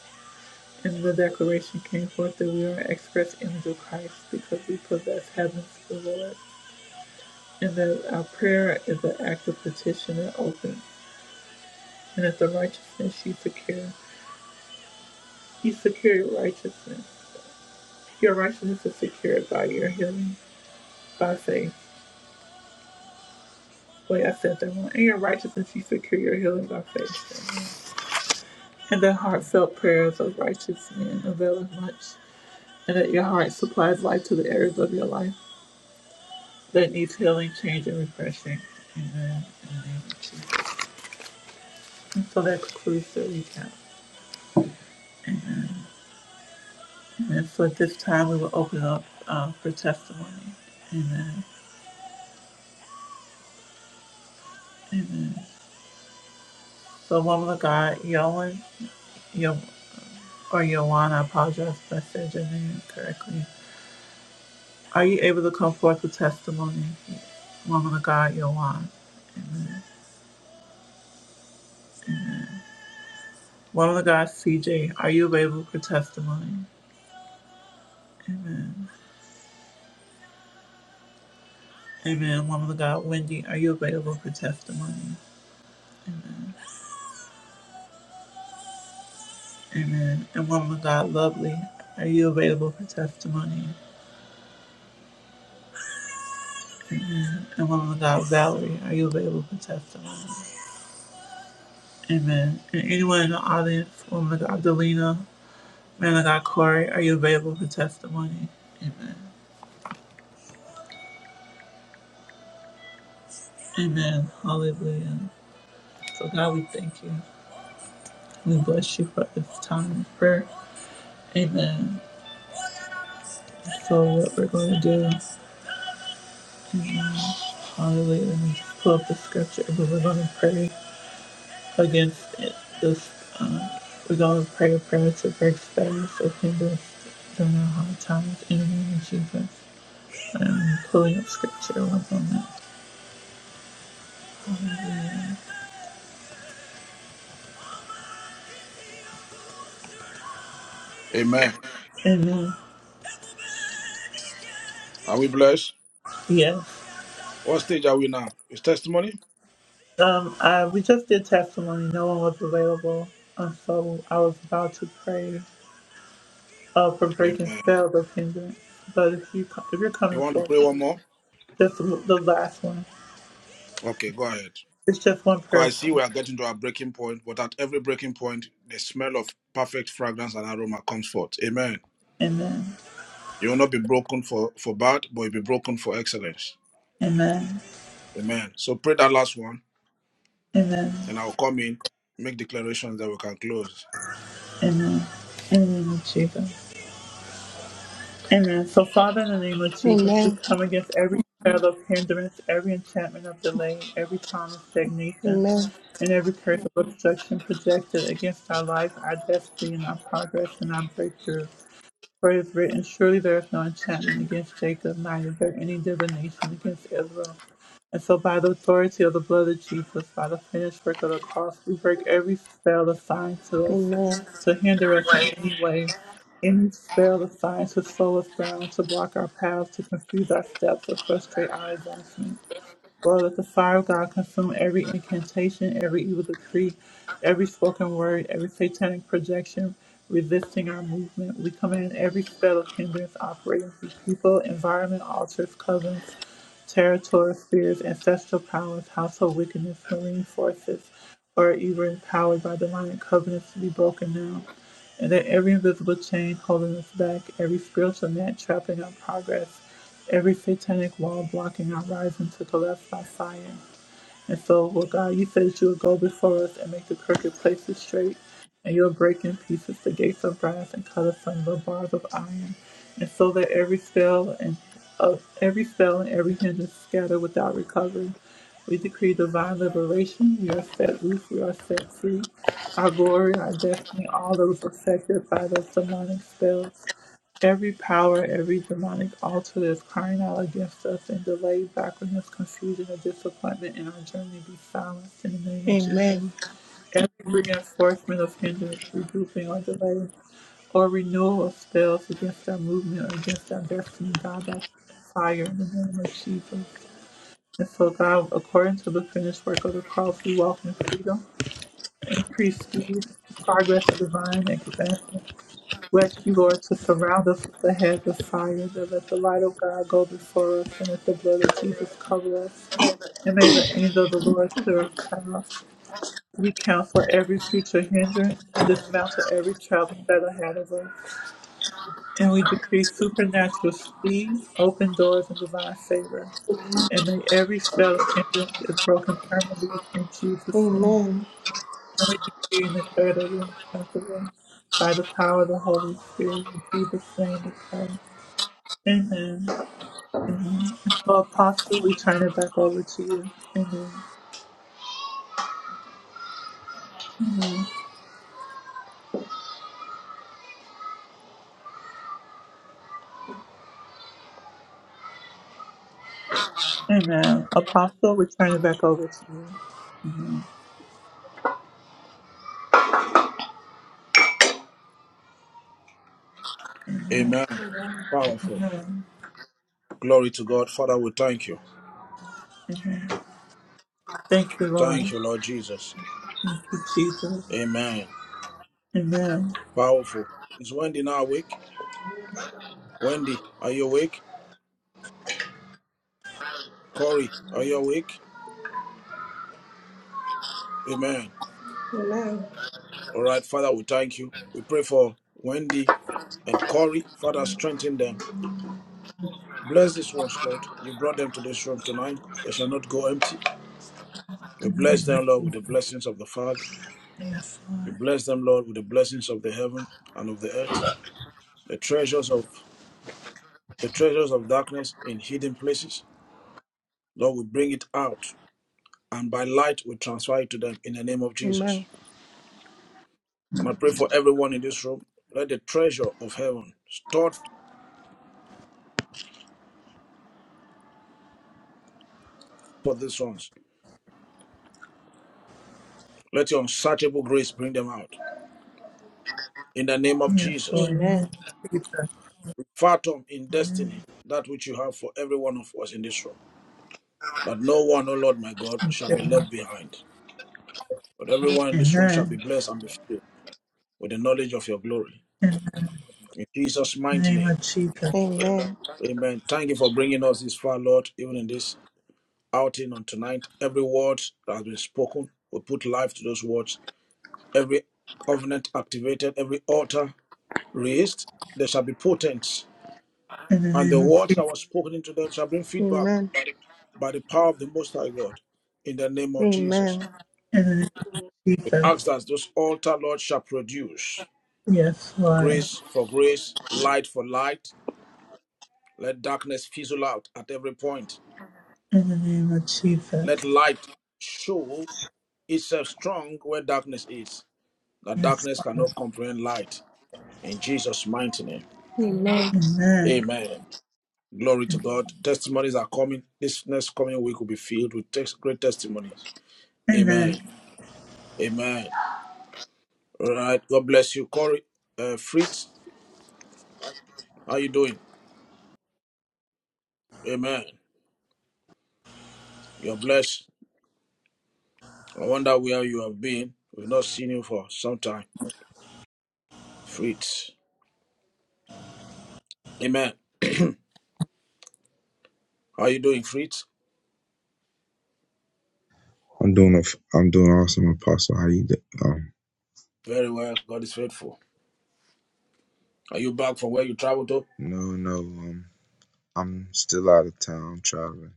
Speaker 1: And the declaration came forth that we are an express image of Christ because we possess heaven's reward. And that our prayer is an act of petition and open. And that the righteousness you secure, you secure your righteousness. Your righteousness is secured by your healing. by faith. Wait, I said that one. In your righteousness, you secure your healing by faith. Amen. And the heartfelt prayers of righteous men availeth much, and that your heart supplies life to the areas of your life that needs healing, change, and refreshing. Amen. In And so that concludes the recap. Amen. And so at this time, we will open up uh, for testimony. Amen. Amen. So, woman of God, Yolan, Yo, or Yoan, I apologize if I said your name correctly. Are you able to come forth with testimony? Woman of God, Yohan. Amen. Amen. Woman of God, CJ, are you available for testimony? Amen. Amen. Woman of God, Wendy, are you available for testimony? Amen. And woman of God, Lovely, are you available for testimony? Amen. And woman of God, Valerie, are you available for testimony? Amen. And anyone in the audience, woman of God, Delina, man of God, Corey, are you available for testimony? Amen. Amen. Hallelujah. So, God, we thank you. We bless you for this time of prayer. Amen. So, what we're going to do, hallelujah, let me pull up the scripture, but we're going to pray against it. this. Um, we're going to pray a prayer to break status of hindrance during our hard times in the name of Jesus. I'm pulling up scripture one moment.
Speaker 3: Amen.
Speaker 1: Amen.
Speaker 3: Are we blessed?
Speaker 1: Yes.
Speaker 3: What stage are we now? Is testimony?
Speaker 1: Um, I, we just did testimony. No one was available. And so I was about to pray. uh, for breaking
Speaker 3: Amen.
Speaker 1: sales of hindrance, But if you if you're
Speaker 3: You
Speaker 1: coming
Speaker 3: want to
Speaker 1: for
Speaker 3: pray one more?
Speaker 1: just the the last one,
Speaker 3: Okay, go ahead.
Speaker 1: it's just one
Speaker 3: Because
Speaker 1: prayer
Speaker 3: I see
Speaker 1: point.
Speaker 3: we are getting to our breaking point, but at every breaking point, the smell of perfect fragrance and aroma comes forth. Amen.
Speaker 1: Amen.
Speaker 3: You will not be broken for, for bad, but you'll be broken for excellence.
Speaker 1: Amen.
Speaker 3: Amen. So pray that last one,
Speaker 1: Amen.
Speaker 3: and I'll come in, make declarations that we can close.
Speaker 1: Amen. In the name of Jesus. Amen. So, Father, in the name of Jesus, we
Speaker 2: Amen.
Speaker 1: come against every spell of hindrance, every enchantment of delay, every trauma of stagnation,
Speaker 2: Amen.
Speaker 1: and every curse of obstruction projected against our life, our destiny, and our progress, and our breakthrough. For it is written, Surely there is no enchantment against Jacob, neither is there any divination against Israel. And so, by the authority of the blood of Jesus, by the finished work of the cross, we break every spell assigned to us
Speaker 2: Amen.
Speaker 1: to hinder us in any way, any spell assigned to slow us down, to block our paths, to confuse our steps, or frustrate our advancement. Lord, let the fire of God consume every incantation, every evil decree, every spoken word, every satanic projection resisting our movement. We command every spell of hindrance operating through people, environment, altars, covens, territories, spheres, ancestral powers, household wickedness, marine forces, or even powered by divine covenants to be broken now and that every invisible chain holding us back, every spiritual net trapping our progress, every satanic wall blocking our rising to the left by fire. And so, Lord God, you said you would go before us and make the crooked places straight, and you'll break in pieces the gates of brass and cut asunder the bars of iron, and so that every spell and of every spell and every hindrance scatter without recovery. We decree divine liberation. We are set loose. We are set free. Our glory, our destiny, all those affected by those demonic spells. Every power, every demonic altar that is crying out against us in delay, backwardness, confusion, or disappointment in our journey be silenced in the
Speaker 2: Amen.
Speaker 1: name of Jesus.
Speaker 2: Amen.
Speaker 1: Every reinforcement of hindrance, regrouping, or delay, or renewal of spells against our movement or against our destiny, God, by fire in the name of Jesus. And so, God, according to the finished work of the cross, we walk in freedom, increased speed, progress, and divine expansion. Bless you, Lord, to surround us with the hedge of fire, that let the light of God go before us, and let the blood of Jesus cover us. And may the angel of the Lord clear us path. We counsel every future hindrance and dismantle every traveling that ahead of us. And we decree supernatural speed, open doors, and divine favor. And may every spell of hindrance is broken permanently in Jesus' name.
Speaker 2: Amen.
Speaker 1: And we decree and declare that we are inseparable by the power of the Holy Spirit. In Jesus' name we pray. Amen. Amen. So, Apostle, we turn it back over to you. Amen. Amen. Amen. Apostle, we turn it back over to you. Amen.
Speaker 3: Amen. Powerful. Glory to God. Father, we thank you.
Speaker 1: Thank you, Lord.
Speaker 3: Thank you, Lord Jesus.
Speaker 1: Thank you, Jesus.
Speaker 3: Amen.
Speaker 1: Amen.
Speaker 3: Powerful. Is Wendy now awake? Wendy, are you awake? Corey, are you awake? Amen.
Speaker 2: Amen.
Speaker 3: All right, Father, we thank you. We pray for Wendy and Corey. Father, strengthen them. Bless these ones, Lord. You brought them to this room tonight. They shall not go empty. You
Speaker 1: In the
Speaker 3: bless
Speaker 1: name of
Speaker 3: them, Lord, with
Speaker 1: Jesus.
Speaker 3: the blessings of the Father.
Speaker 1: Yes,
Speaker 3: You
Speaker 1: Lord.
Speaker 3: bless them, Lord, with the blessings of the heavens and of the earth, the treasures of the treasures of darkness in hidden places. Lord, we bring it out, and by light we transfer it to them in the name of Jesus.
Speaker 2: Amen.
Speaker 3: And I pray for everyone in this room. Let the treasure of heaven stored for these ones. Let your unsearchable grace bring them out in the name of
Speaker 1: Yes,
Speaker 3: Jesus.
Speaker 1: Lord. In the
Speaker 2: Amen.
Speaker 1: name of Jesus.
Speaker 3: We fathom in destiny that which you have for every one of us in this room. That no one, O Lord my God,
Speaker 1: Thank
Speaker 3: shall
Speaker 1: you,
Speaker 3: be
Speaker 1: Lord.
Speaker 3: left behind. But everyone in
Speaker 1: Amen.
Speaker 3: this room shall be blessed and be filled with the knowledge of your glory.
Speaker 1: Amen. In
Speaker 3: In Jesus'
Speaker 1: the
Speaker 3: mighty
Speaker 1: name
Speaker 3: name,
Speaker 1: of Jesus.
Speaker 2: Amen. Amen.
Speaker 3: amen. Thank you for bringing us this far, Lord, even in this outing on tonight. Every word that has been spoken, we put life to those words. Every covenant activated, every altar raised, they shall be potent.
Speaker 1: In the
Speaker 3: And the
Speaker 1: name of
Speaker 3: word that
Speaker 1: Jesus.
Speaker 3: was spoken into them shall bring feedback by the power of the Most High God in the name of Jesus.
Speaker 1: In the name of
Speaker 3: We ask
Speaker 1: Jesus.
Speaker 3: that those altar, Lord, shall produce
Speaker 1: Yes, Lord.
Speaker 3: grace for grace, light for light. Let darkness fizzle out at every point
Speaker 1: In the name of Jesus.
Speaker 3: Let light show itself strong where darkness is, that
Speaker 1: Yes,
Speaker 3: darkness
Speaker 1: Lord.
Speaker 3: cannot comprehend light. In Jesus' mighty name.
Speaker 2: Amen.
Speaker 1: Amen.
Speaker 3: Amen. Glory to God. Testimonies are coming. This next coming week will be filled with tes- great testimonies.
Speaker 1: Amen.
Speaker 3: Amen. Amen. All right. God bless you, Corey. Uh, Fritz, how you doing? Amen. You're blessed. I wonder where you have been. We've not seen you for some time. Fritz. Amen. How you doing, Fritz?
Speaker 18: I'm doing a, f- I'm doing awesome, Apostle. How you doing? Um,
Speaker 3: Very well. God is faithful. Are you back from where you traveled to?
Speaker 18: no, no, um, I'm still out of town I'm traveling.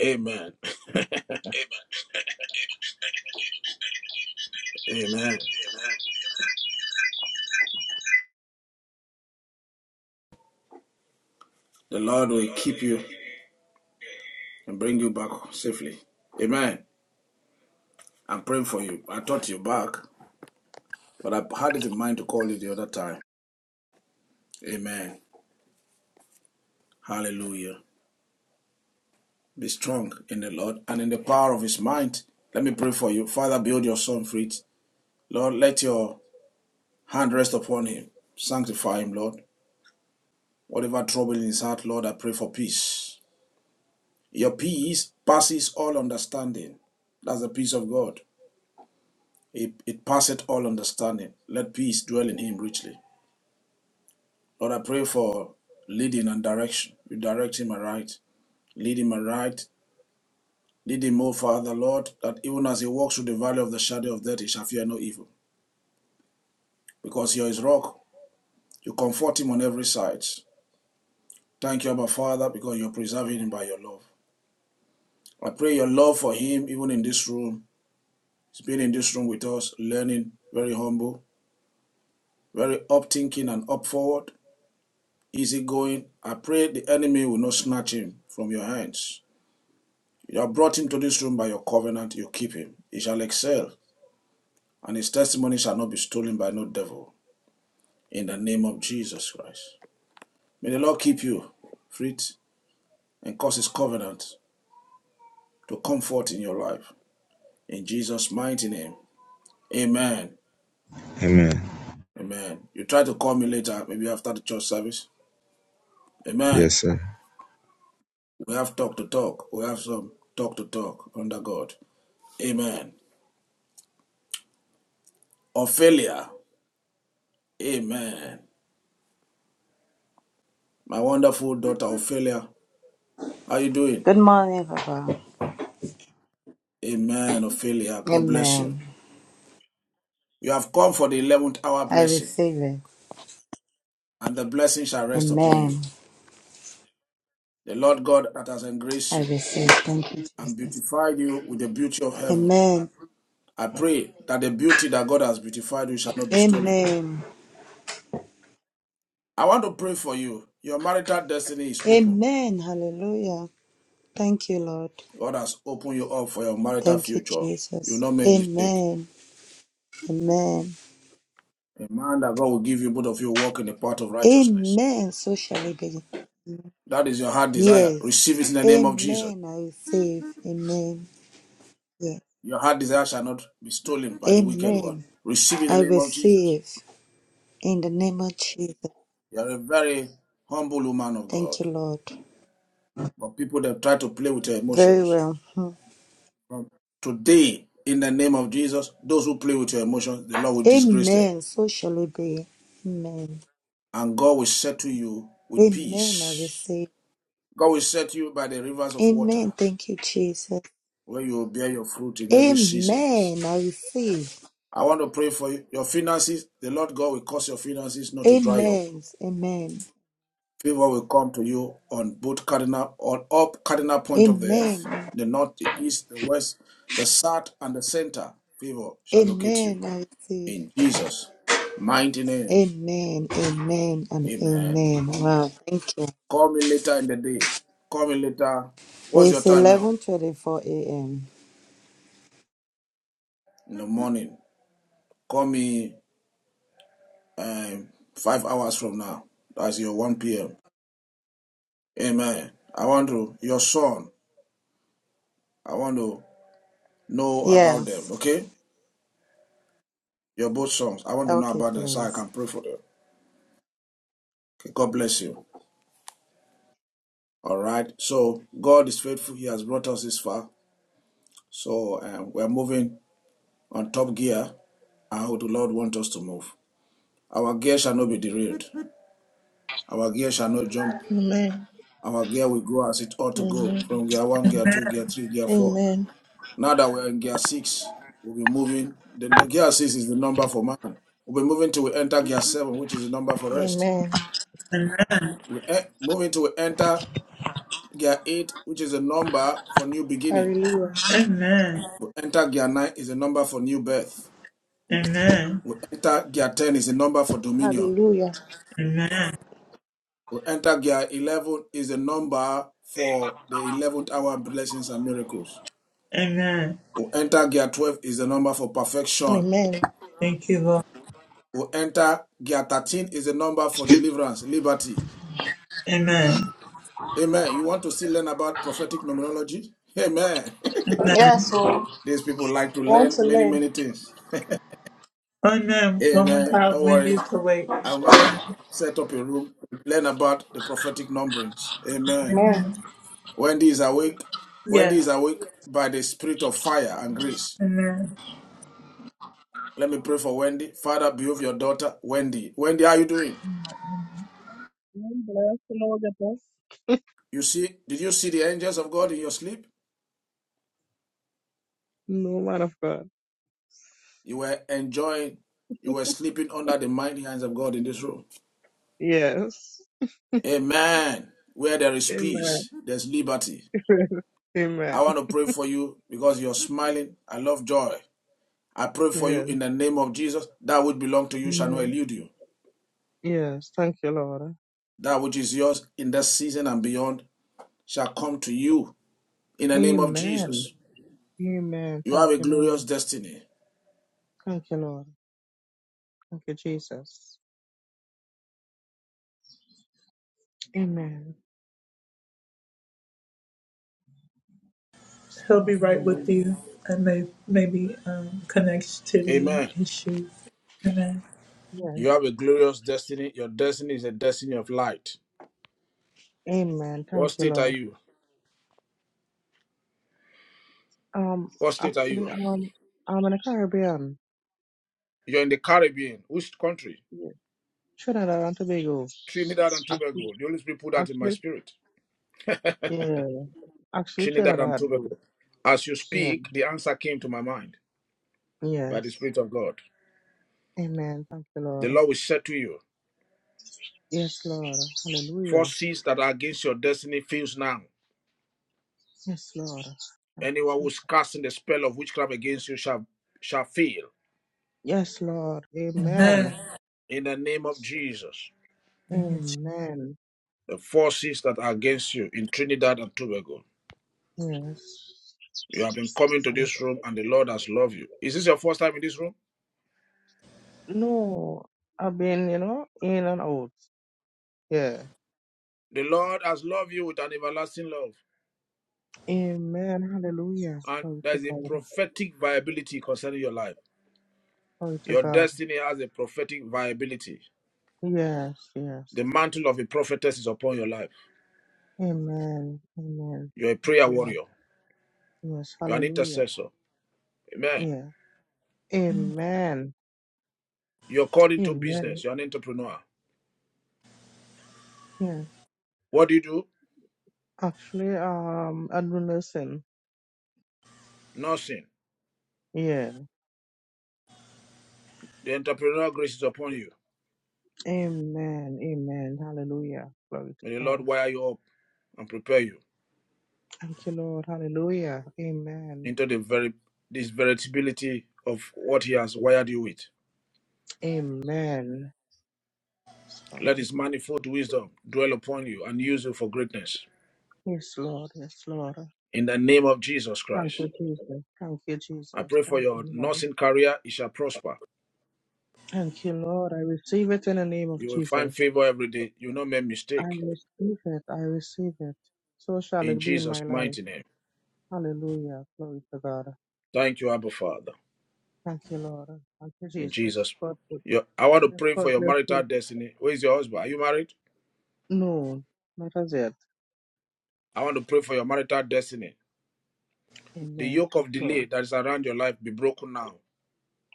Speaker 3: Amen. <laughs> Amen.
Speaker 17: The Lord will keep you and bring you back safely. Amen. I'm praying for you. I thought you're back, but I had it in mind to call you the other time. Amen. Hallelujah. Be strong in the Lord and in the power of his might. Let me pray for you. Father, build your son Fritz. Lord, let your hand rest upon him. Sanctify him, Lord. Whatever trouble in his heart, Lord, I pray for peace. Your peace passes all understanding. That's the peace of God. It, it passeth all understanding. Let peace dwell in him richly. Lord, I pray for leading and direction. You direct him aright. Lead him aright. Lead him, O Father, Lord, that even as he walks through the valley of the shadow of death, he shall fear no evil. Because you are his rock, you comfort him on every side. Thank you, Abba Father, because you're preserving him by your love. I pray your love for him, even in this room. He's been in this room with us, learning, very humble, very up thinking and up forward. easy going. I pray the enemy will not snatch him from your hands. You have brought him to this room by your covenant, you keep him. He shall excel, and his testimony shall not be stolen by no devil. In the name of Jesus Christ. May the Lord keep you, Fritz, and cause his covenant to comfort in your life. In Jesus' mighty name. Amen.
Speaker 18: Amen.
Speaker 17: Amen. You try to call me later, maybe after the church service. Amen.
Speaker 18: Yes, sir.
Speaker 17: We have talk to talk. We have some talk to talk under God. Amen. Ophelia, Amen. My wonderful daughter Ophelia, how are you doing?
Speaker 19: Good morning, Papa.
Speaker 17: Amen, Ophelia. God bless you.
Speaker 19: Amen.
Speaker 17: You have come for the 11th hour
Speaker 19: I
Speaker 17: blessing,
Speaker 19: receive it.
Speaker 17: and the blessing shall rest upon
Speaker 19: Amen.
Speaker 17: you. The Lord God that has
Speaker 19: I
Speaker 17: engraced you
Speaker 19: receive. Thank you,
Speaker 17: and
Speaker 19: Jesus.
Speaker 17: beautified you with the beauty of heaven.
Speaker 19: Amen.
Speaker 17: I pray that the beauty that God has beautified you shall not be stolen.
Speaker 19: Amen.
Speaker 17: I want to pray for you. Your marital destiny is open.
Speaker 19: Amen. Hallelujah. Thank you, Lord.
Speaker 17: God has opened you up for your marital
Speaker 19: Thank you,
Speaker 17: future. You will
Speaker 19: Jesus.
Speaker 17: not make mistake.
Speaker 19: Amen. Amen.
Speaker 17: A man that God will give you both of you walk in the path of righteousness.
Speaker 19: Amen. So shall it be.
Speaker 17: That is your heart desire.
Speaker 19: Yes.
Speaker 17: Receive it in the name of Jesus.
Speaker 19: Amen. I receive. Amen. Yes.
Speaker 17: Your heart desire shall not be stolen by the wicked one.
Speaker 19: Amen.
Speaker 17: Receive it in
Speaker 19: I
Speaker 17: the name of Jesus.
Speaker 19: receive in the name of Jesus.
Speaker 17: You are a very humble woman of
Speaker 19: Thank
Speaker 17: God.
Speaker 19: you, Lord.
Speaker 17: But people that try to play with your
Speaker 19: Very
Speaker 17: emotions.
Speaker 19: well. Hmm.
Speaker 17: From today, in the name of Jesus, those who play with your emotions, the Lord will disgrace them.
Speaker 19: Amen. So shall it be. Amen.
Speaker 17: And God will settle you with
Speaker 19: Amen. I
Speaker 17: peace.
Speaker 19: receive.
Speaker 17: God will set you by the rivers of water,
Speaker 19: Amen. Thank you, Jesus.
Speaker 17: where you will bear your fruit in every season.
Speaker 19: Amen. I receive.
Speaker 17: I want to pray for you. Your finances, the Lord God will cause your finances not to dry up
Speaker 19: Amen. Amen.
Speaker 17: Favor will come to you on both cardinal or all cardinal point of the earth,
Speaker 19: Amen.
Speaker 17: the north, the east, the west, the south, and the center. Favor shall locate you
Speaker 19: Amen. I receive.
Speaker 17: in Jesus' mighty name.
Speaker 19: Amen. Amen. And
Speaker 17: Amen.
Speaker 19: amen. Wow. Thank you.
Speaker 17: Call me later in the day. Call me later. What's your
Speaker 19: It's
Speaker 17: time now?
Speaker 19: 11:24 a.m.
Speaker 17: In the morning. Call me um, five hours from now. That's your 1 p.m. Amen. I want to, your son, I want to know about them,
Speaker 19: Yes.
Speaker 17: okay? Your both songs. I want to know
Speaker 19: Okay,
Speaker 17: about them so I
Speaker 19: please.
Speaker 17: can pray for them. Okay, God bless you. All right. So God is faithful. He has brought us this far. So um, we're moving on top gear and how the Lord wants us to move. Our gear shall not be derailed. Our gear shall not jump. Our gear will grow as it ought to go from gear one, gear two, gear three, gear
Speaker 2: Amen.
Speaker 17: four.
Speaker 2: Amen.
Speaker 17: Now that we're in gear six, we'll be moving. The the gear six is the number for man. We'll be moving till we enter gear seven, which is the number for rest.
Speaker 2: Amen.
Speaker 1: Amen.
Speaker 17: We e- moving till we enter Gear 8, which is a number for new beginning.
Speaker 2: Hallelujah.
Speaker 1: Amen.
Speaker 17: We enter gear 9 is a number for new birth.
Speaker 1: Amen.
Speaker 17: We enter gear 10 is a number for dominion.
Speaker 2: Hallelujah.
Speaker 1: Amen.
Speaker 17: We enter gear 11 is a number for the 11th hour blessings and miracles.
Speaker 1: Amen.
Speaker 17: We enter gear 12 is a number for perfection.
Speaker 2: Amen.
Speaker 1: Thank you, Lord.
Speaker 17: We enter gear 13 is a number for deliverance, liberty.
Speaker 1: Amen.
Speaker 17: Amen. You want to still learn about prophetic numerology? Amen. <laughs>
Speaker 2: Yes,
Speaker 1: Amen.
Speaker 2: so
Speaker 17: These people like to
Speaker 2: want to
Speaker 17: learn many,
Speaker 2: learn.
Speaker 17: many things.
Speaker 1: Amen. Woman
Speaker 17: Amen.
Speaker 1: God,
Speaker 17: Don't worry.
Speaker 1: Wendy's awake.
Speaker 17: I'm gonna set up a room, learn about the prophetic numberings. Amen.
Speaker 2: Amen.
Speaker 1: Amen.
Speaker 17: Wendy is awake. Wendy
Speaker 1: Yes.
Speaker 17: is awake by the spirit of fire and grace.
Speaker 1: Amen.
Speaker 17: Let me pray for Wendy. Father, behave your daughter, Wendy. Wendy, how are you doing?
Speaker 20: Not them. Bless the Lord with us.
Speaker 17: You see, did you see the angels of God in your sleep?
Speaker 20: No man of God.
Speaker 17: You were enjoying, you were sleeping under the mighty hands of God in this room.
Speaker 20: Yes.
Speaker 17: Amen. Where there is
Speaker 20: Amen.
Speaker 17: peace, there's liberty.
Speaker 20: <laughs>
Speaker 17: I
Speaker 20: Amen.
Speaker 17: want to pray for you because you're smiling. I love joy. I pray for you
Speaker 20: Yes.
Speaker 17: in the name of Jesus. That which belongs to you shall not
Speaker 20: Amen.
Speaker 17: elude you.
Speaker 20: Yes. Thank you, Lord.
Speaker 17: That which is yours in this season and beyond shall come to you in the name of
Speaker 20: Amen.
Speaker 17: Jesus.
Speaker 20: Amen.
Speaker 17: You
Speaker 20: Thank
Speaker 17: have a
Speaker 20: you,
Speaker 17: glorious
Speaker 20: Lord.
Speaker 17: destiny.
Speaker 20: Thank you, Lord. Thank you, Jesus. Amen. Yes,
Speaker 1: He'll
Speaker 20: Lord.
Speaker 1: be right with
Speaker 20: Hallelujah.
Speaker 1: you. And may, maybe um, connectivity
Speaker 3: Amen.
Speaker 1: issues. Amen.
Speaker 20: Yes.
Speaker 3: You have a glorious destiny. Your destiny is a destiny of light.
Speaker 20: Amen.
Speaker 3: What
Speaker 20: Thank you,
Speaker 3: state are
Speaker 20: Lord.
Speaker 3: you?
Speaker 20: Um,
Speaker 3: What state are you?
Speaker 20: actually, um, I'm in the Caribbean.
Speaker 3: You're in the Caribbean. Which country?
Speaker 20: Yes. Trinidad and Tobago.
Speaker 3: Trinidad and Tobago.
Speaker 20: Actually,
Speaker 3: The Holy Spirit put that in my
Speaker 20: actually,
Speaker 3: spirit.
Speaker 20: yeah. Actually,
Speaker 3: Trinidad and
Speaker 20: Trinidad, though.
Speaker 3: Tobago. As you
Speaker 20: Yeah.
Speaker 3: speak, the answer came to my mind by the
Speaker 20: Yes.
Speaker 3: Spirit of God.
Speaker 20: Amen. Thank you,
Speaker 3: The
Speaker 20: Lord.
Speaker 3: Lord will say to you,
Speaker 20: Yes, Lord. Hallelujah.
Speaker 3: forces that are against your destiny fails now.
Speaker 20: Yes, Lord. Thank
Speaker 3: Anyone
Speaker 20: you,
Speaker 3: who's
Speaker 20: Jesus.
Speaker 3: casting the spell of witchcraft against you shall shall fail
Speaker 20: Yes, Lord.
Speaker 1: Amen.
Speaker 20: Amen.
Speaker 3: in the name of Jesus.
Speaker 20: Amen.
Speaker 3: the forces that are against you in Trinidad and Tobago.
Speaker 20: Yes.
Speaker 3: You have been coming to this room and the Lord has loved you. Is this your first time in this room?
Speaker 20: No, I've been, you know, in and out. Yeah.
Speaker 3: The Lord has loved you with an everlasting love.
Speaker 20: Amen. Hallelujah.
Speaker 3: And
Speaker 20: Glory
Speaker 3: there
Speaker 20: to
Speaker 3: is a
Speaker 20: God.
Speaker 3: prophetic viability concerning your life.
Speaker 20: Glory to
Speaker 3: Your
Speaker 20: God.
Speaker 3: destiny has a prophetic viability.
Speaker 20: Yes, yes.
Speaker 3: The mantle of a prophetess is upon your life.
Speaker 20: Amen. Amen.
Speaker 3: You're a
Speaker 20: Thank
Speaker 3: prayer
Speaker 20: you, Lord.
Speaker 3: warrior.
Speaker 20: Yes.
Speaker 3: You're an
Speaker 20: Hallelujah.
Speaker 3: intercessor. Amen.
Speaker 20: Yeah. Amen.
Speaker 3: You're called into business.
Speaker 20: Amen.
Speaker 3: You're an entrepreneur.
Speaker 20: Yeah.
Speaker 3: What do you do?
Speaker 20: Actually, um, I do listen.
Speaker 3: Nothing.
Speaker 20: Yeah.
Speaker 3: The entrepreneurial grace is upon you.
Speaker 20: Amen. Amen. Hallelujah. Glory to
Speaker 3: May the Lord
Speaker 20: God.
Speaker 3: wire you up and prepare you.
Speaker 20: Thank you, Lord. Hallelujah. Amen.
Speaker 3: into the very this veritability of what he has wired you with.
Speaker 20: Amen. Yes,
Speaker 3: Let
Speaker 20: Lord.
Speaker 3: his manifold wisdom dwell upon you and use you for greatness.
Speaker 20: Yes, Lord. Yes, Lord.
Speaker 3: In the name of Jesus
Speaker 20: Thank
Speaker 3: Christ.
Speaker 20: you, Jesus. Thank you,
Speaker 3: I
Speaker 20: Jesus.
Speaker 3: pray for
Speaker 20: Thank you,
Speaker 3: your
Speaker 20: Lord.
Speaker 3: nursing career, it shall prosper.
Speaker 20: Thank you, Lord. I receive it in the name of
Speaker 3: You will find
Speaker 20: Jesus.
Speaker 3: favor every day. You will not make
Speaker 20: I
Speaker 3: mistake.
Speaker 20: receive it. I receive it. So shall
Speaker 3: In
Speaker 20: it be in
Speaker 3: Jesus'
Speaker 20: my life.
Speaker 3: mighty name.
Speaker 20: Hallelujah. Glory to God.
Speaker 3: Thank you, Abba Father.
Speaker 20: Thank you, Lord. Thank you,
Speaker 3: In
Speaker 20: Jesus.
Speaker 3: Jesus.
Speaker 20: God,
Speaker 3: Your, I want to
Speaker 20: yes,
Speaker 3: pray for
Speaker 20: God
Speaker 3: your
Speaker 20: bless
Speaker 3: marital
Speaker 20: you.
Speaker 3: destiny. Where is your husband? Are you married?
Speaker 20: No, not as yet.
Speaker 3: I want to pray for your marital destiny. The
Speaker 20: Amen.
Speaker 3: yoke
Speaker 20: Yes,
Speaker 3: of
Speaker 20: Lord.
Speaker 3: delay that is around your life be broken now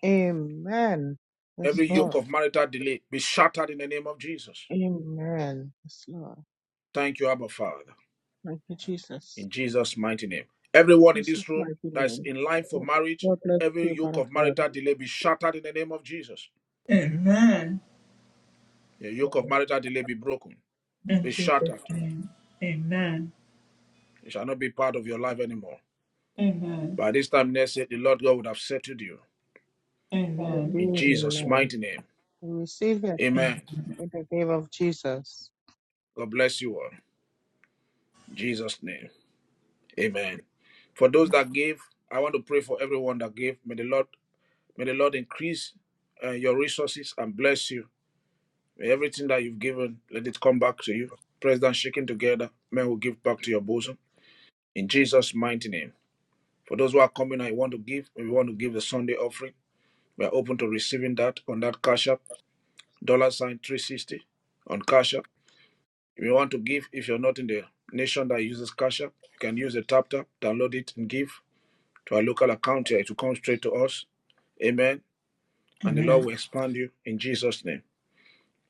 Speaker 20: Amen. Yes,
Speaker 3: Every yoke
Speaker 20: Lord.
Speaker 3: of marital delay be shattered in the name of Jesus.
Speaker 20: Amen. Yes, Lord.
Speaker 3: Thank you, Abba Father,
Speaker 20: Thank you, Jesus.
Speaker 3: in Jesus' mighty name. Everyone in
Speaker 20: Jesus'
Speaker 3: this room
Speaker 20: mighty
Speaker 3: that is
Speaker 20: name.
Speaker 3: in line for marriage,
Speaker 20: God bless
Speaker 3: every
Speaker 20: you,
Speaker 3: yoke
Speaker 20: Father
Speaker 3: of
Speaker 20: God.
Speaker 3: marital delay be shattered in the name of Jesus.
Speaker 1: Amen.
Speaker 3: The yoke of marital delay be broken,
Speaker 1: In
Speaker 3: be
Speaker 1: Jesus'
Speaker 3: shattered.
Speaker 1: name. Amen.
Speaker 3: It shall not be part of your life anymore.
Speaker 1: Amen.
Speaker 3: By this time next year, the Lord God would have settled you.
Speaker 1: Amen.
Speaker 3: In
Speaker 20: Hallelujah, my
Speaker 3: Jesus'
Speaker 20: Lord.
Speaker 3: mighty name.
Speaker 20: We receive it
Speaker 3: Amen.
Speaker 1: Amen.
Speaker 20: in the name of Jesus.
Speaker 3: God bless you all. In Jesus' name. Amen. For those that gave, I want to pray for everyone that gave. May the Lord May the Lord increase uh, your resources and bless you. May everything that you've given, let it come back to you. President shaking together, men will give back to your bosom. In Jesus' mighty name. For those who are coming and want to give, we want to give the Sunday offering. We are open to receiving that on that cash app, dollar sign 360 on cash app. If you want to give, if you're not in the nation that uses cash app, you can use the tap tap, download it and give to our local account here. It will come straight to us. Amen. And the Lord
Speaker 1: Amen.
Speaker 3: will expand you in Jesus' name.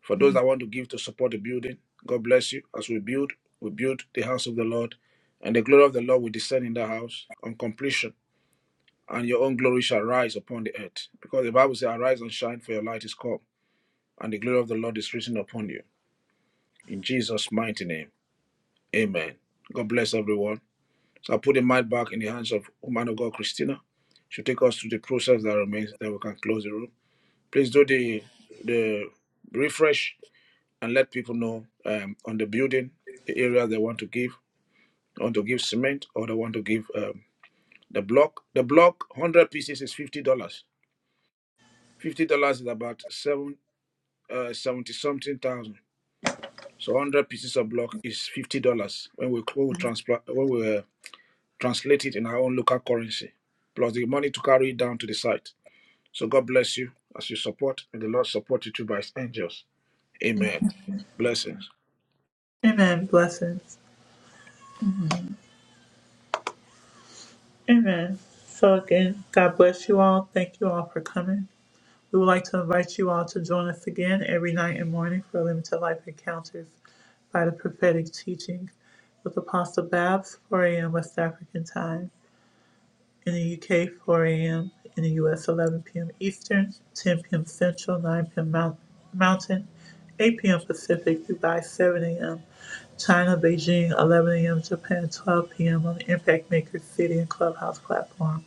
Speaker 3: For those that want to give to support the building, God bless you. As we build, we build the house of the Lord, and the glory of the Lord will descend in the house on completion, and your own glory shall rise upon the earth. Because the Bible says, Arise and shine, for your light is come, and the glory of the Lord is risen upon you. In Jesus' mighty name, amen. God bless everyone. So I put the mic back in the hands of woman of God, Christina. She'll take us through the process that remains, that we can close the room. Please do the the refresh and let people know um, on the building the area they want to give. They want to give cement or they want to give um, the block. The block, one hundred pieces is fifty dollars. Fifty dollars is about seven uh, seventy something thousand. So one hundred pieces of block is fifty dollars when we when we, transpla- when we uh, translate it in our own local currency, plus the money to carry it down to the site. So God bless you as you support, and the Lord support you too by His angels. Amen. Blessings.
Speaker 1: Amen. Blessings. Amen. So again, God bless you all. Thank you all for coming. We would like to invite you all to join us again every night and morning for Limited Life Encounters by the Prophetic Teaching with Apostle Babs, 4 a.m. West African time, in the UK, 4 a.m., in the US, 11 p.m. Eastern, 10 p.m. Central, 9 p.m. Mount- Mountain, 8 p.m. Pacific, Dubai, 7 a.m. China, Beijing, 11 a.m. Japan, 12 p.m. on the Impact Maker City and Clubhouse platform.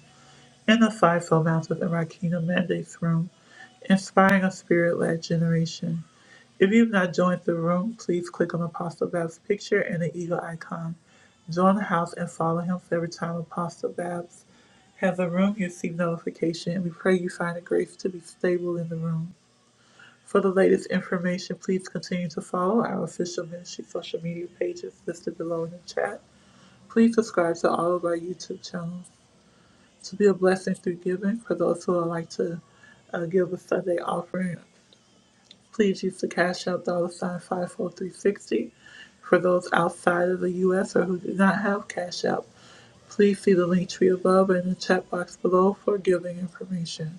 Speaker 1: In the fivefold mouth within our kingdom mandates room, inspiring a spirit led generation. If you've not joined the room, please click on Apostle Babs' picture and the eagle icon. Join the house and follow him for every time Apostle Babs has a room, you receive notification, and we pray you find the grace to be stable in the room. For the latest information, please continue to follow our official ministry social media pages listed below in the chat. Please subscribe to all of our YouTube channels to be a blessing through giving. For those who would like to uh, give a Sunday offering, please use the Cash App dollar sign 54360. For those outside of the U.S. or who do not have Cash App, please see the link tree above and the chat box below for giving information.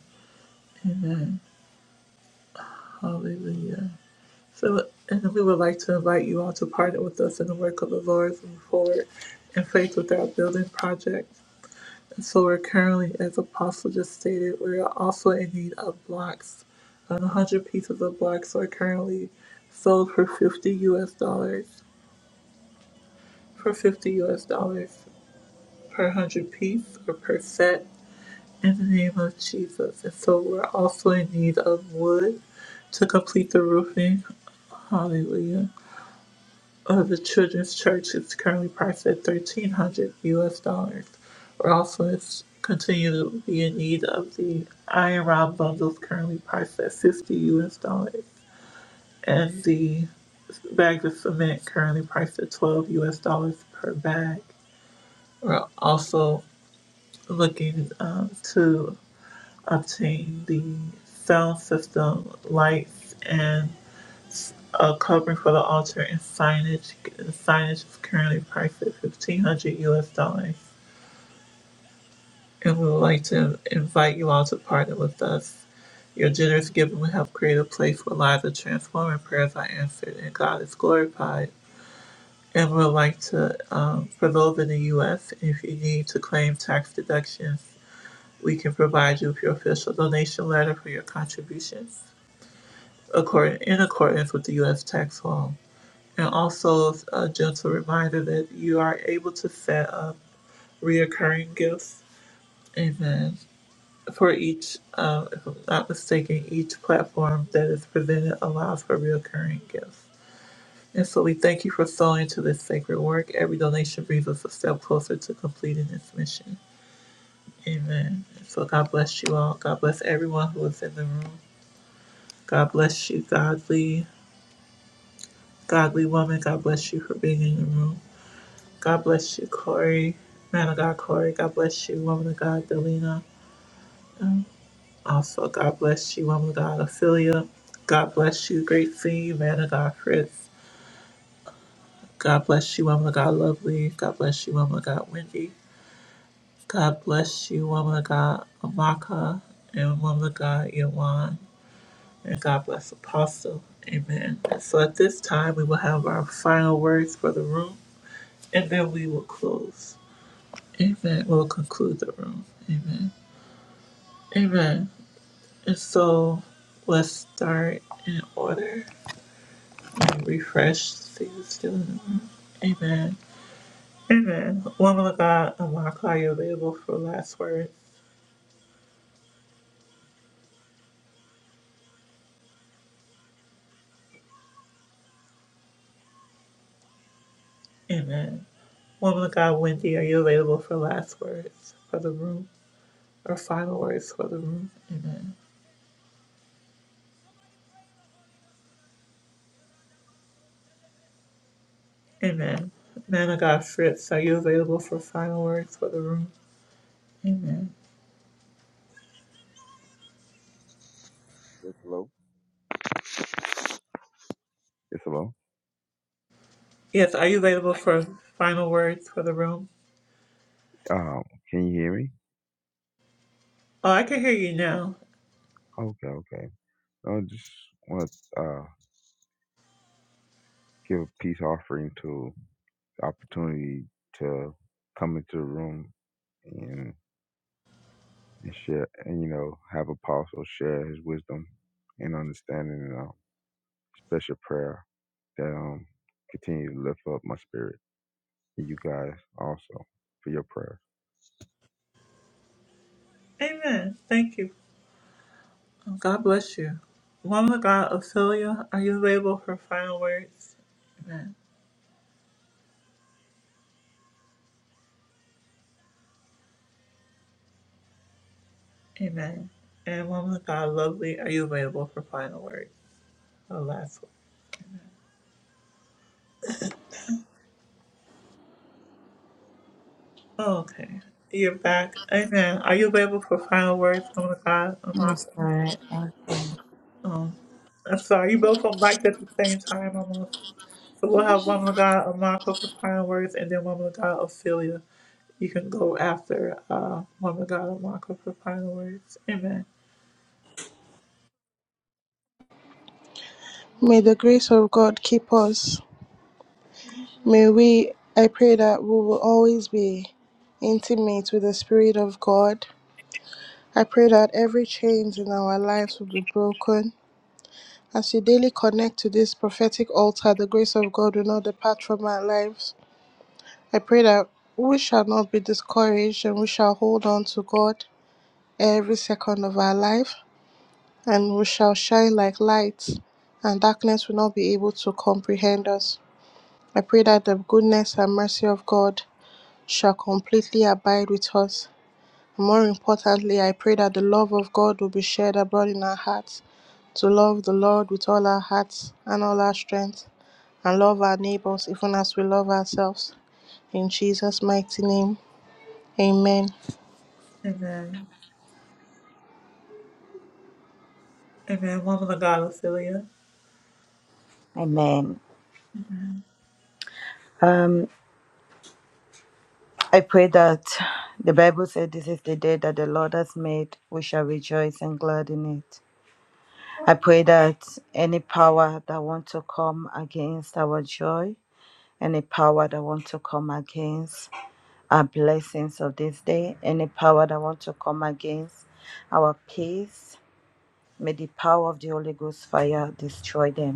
Speaker 1: Hallelujah. So, and we would like to invite you all to partner with us in the work of the Lord as we move forward in faith with our building project. So we're currently, as Apostle just stated, we're also in need of blocks. Um, 100 pieces of blocks are currently sold for 50 US dollars, for 50 US dollars per 100 piece or per set in the name of Jesus. And so we're also in need of wood to complete the roofing. Hallelujah. Uh, the Children's Church is currently priced at thirteen hundred US dollars. Orphans continue to be in need of the Iron Rod bundles currently priced at fifty US dollars and the bags of cement currently priced at twelve US dollars per bag. We're also looking um, to obtain the sound system lights and a covering for the altar and signage. The signage is currently priced at fifteen hundred US dollars, and we would like to invite you all to partner with us. Your generous giving will help create a place where lives are transformed and prayers are answered and God is glorified. And we would like to, um, for those in the U.S., if you need to claim tax deductions, we can provide you with your official donation letter for your contributions according, in accordance with the U.S. tax law. And also a gentle reminder that you are able to set up reoccurring gifts. Amen. For each, um, if I'm not mistaken, each platform that is presented allows for reoccurring gifts. And so we thank you for sowing to this sacred work. Every donation brings us a step closer to completing this mission. Amen. And so God bless you all. God bless everyone who is in the room. God bless you, godly, godly woman. God bless you for being in the room. God bless you, Corey. Man of God, Corey. God bless you, woman of God, Delina. Um, Also, God bless you, woman of God, Ophelia. God bless you, Great Thee, man of God, Fritz. God bless you, woman of God, Lovely. God bless you, woman of God, Wendy. God bless you, woman of God, Amaka, and woman of God, Yawan. And God bless Apostle. Amen. So at this time, we will have our final words for the room, and then we will close. Amen. We'll conclude the room. Amen. Amen. And so let's start in order and refresh. See who's still in the room. Amen. Amen. Woman of God, Amak, are you available for last words? Amen. Woman of God, Wendy, are you available for last words for the room or final words for the room? Amen. Amen. Man of God, Fritz, are you available for final words for the room? Amen.
Speaker 18: Yes, hello. Yes, hello.
Speaker 1: Yes, are you available for final words for the room?
Speaker 18: Um, can you hear me?
Speaker 1: Oh, I can hear you now.
Speaker 18: Okay, okay. I just want to uh, give a peace offering to the opportunity to come into the room and, and share, and you know, have Apostle share his wisdom and understanding. special prayer that um continue to lift up my spirit and you guys also for your prayers.
Speaker 1: Amen. Thank you. God bless you. Woman of God, Ophelia, are you available for final words? Amen. Amen. And woman of God, lovely, are you available for final words? Oh, last word. Oh, okay. You're back. Amen. Are you available for final words, woman of God?
Speaker 19: That's all
Speaker 1: Amaka?
Speaker 19: right. Uh,
Speaker 1: Um, I'm sorry, you both on mic at the same time almost. So we'll have woman of God, Amaka for final words, and then woman of God, Ophelia. You can go after uh, woman of God, Amaka for final words. Amen.
Speaker 2: May the grace of God keep us. May we I pray that we will always be intimate with the Spirit of God I pray that every chains in our lives will be broken. As you daily connect to this prophetic altar, the grace of God will not depart from our lives. I pray that we shall not be discouraged and we shall hold on to God every second of our life and we shall shine like lights and darkness will not be able to comprehend us. I pray that the goodness and mercy of God shall completely abide with us More importantly, I pray that the love of God will be shared abroad in our hearts to love the Lord with all our hearts and all our strength and love our neighbors even as we love ourselves. In Jesus' mighty name, amen.
Speaker 1: Amen. Amen. Woman of God, Ophelia.
Speaker 19: Amen. I pray that the Bible said this is the day that the Lord has made. We shall rejoice and glad in it. I pray that any power that want to come against our joy, any power that want to come against our blessings of this day, any power that want to come against our peace, may the power of the Holy Ghost fire destroy them.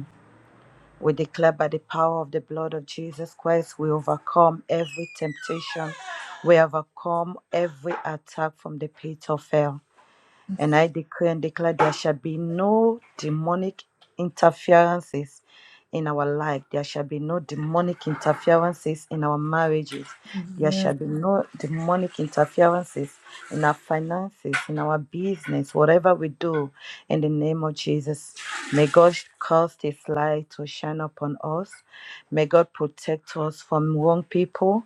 Speaker 19: We declare by the power of the blood of Jesus Christ, we overcome every temptation. We overcome every attack from the pit of hell. And I decree and declare there shall be no demonic interferences in our life. There shall be no demonic interferences in our marriages. There
Speaker 1: Amen.
Speaker 19: shall be no demonic interferences in our finances, in our business, whatever we do, in the name of Jesus. May God cause His light to shine upon us. May God protect us from wrong people.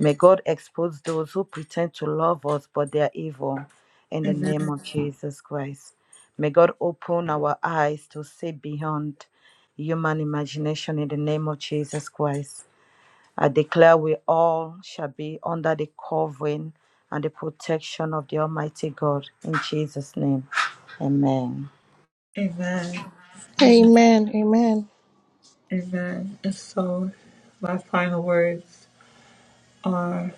Speaker 19: May God expose those who pretend to love us, but they are evil. In the name
Speaker 1: Amen.
Speaker 19: of Jesus Christ. May God open our eyes to see beyond human imagination in the name of Jesus Christ. I declare we all shall be under the covering and the protection of the Almighty God in Jesus' name. Amen.
Speaker 1: Amen.
Speaker 2: Amen. Amen.
Speaker 1: Amen. And so, my final words are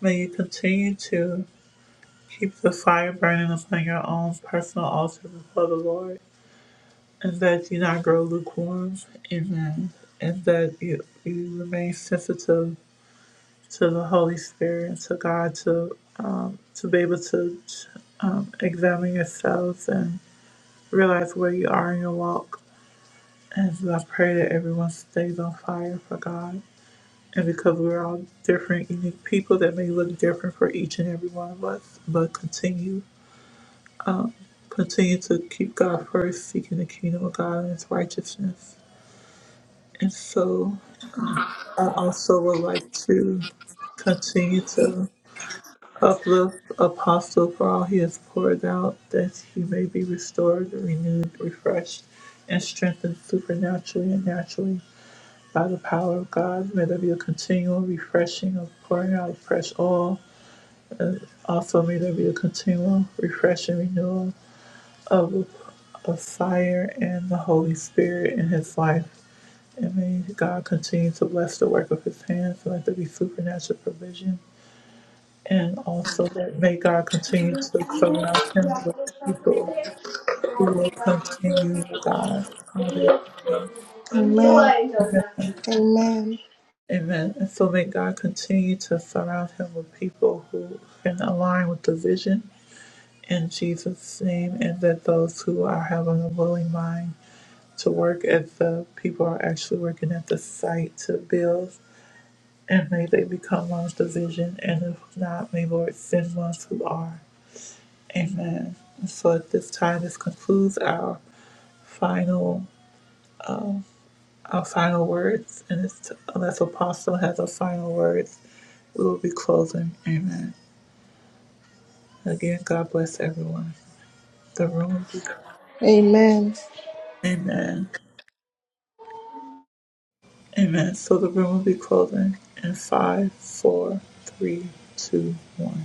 Speaker 1: may you continue to keep the fire burning upon your own personal altar before the Lord, and that you not grow lukewarm. Amen. And that you, you remain sensitive to the Holy Spirit and to God to, um, to be able to um, examine yourselves and realize where you are in your walk And so I pray that everyone stays on fire for God. And because we're all different, unique people that may look different for each and every one of us, but continue, continue to keep God first, seeking the kingdom of God and His righteousness. And so I also would like to continue to uplift Apostle for all he has poured out, that he may be restored, renewed, refreshed, and strengthened supernaturally and naturally By the power of God, may there be a continual refreshing of pouring out of fresh oil. Also, may there be a continual refreshing renewal of, of fire and the Holy Spirit in his life. And may God continue to bless the work of his hands. and Let there be supernatural provision. And also that may God continue to surround him with people who will continue, oh God. Hallelujah.
Speaker 2: Amen. Amen.
Speaker 1: Amen. And so may God continue to surround him with people who can align with the vision in Jesus' name, and that those who are having a willing mind to work as the people are actually working at the site to build, and may they become one with the vision, and if not, may Lord send ones who are. Amen. And so at this time, this concludes our final. uh, our final words, and it's, unless Apostle has our final words, we will be closing. Amen. Again, God bless everyone. The room will be.
Speaker 2: Amen.
Speaker 1: Amen. Amen. So the room will be closing in five, four, three, two, one.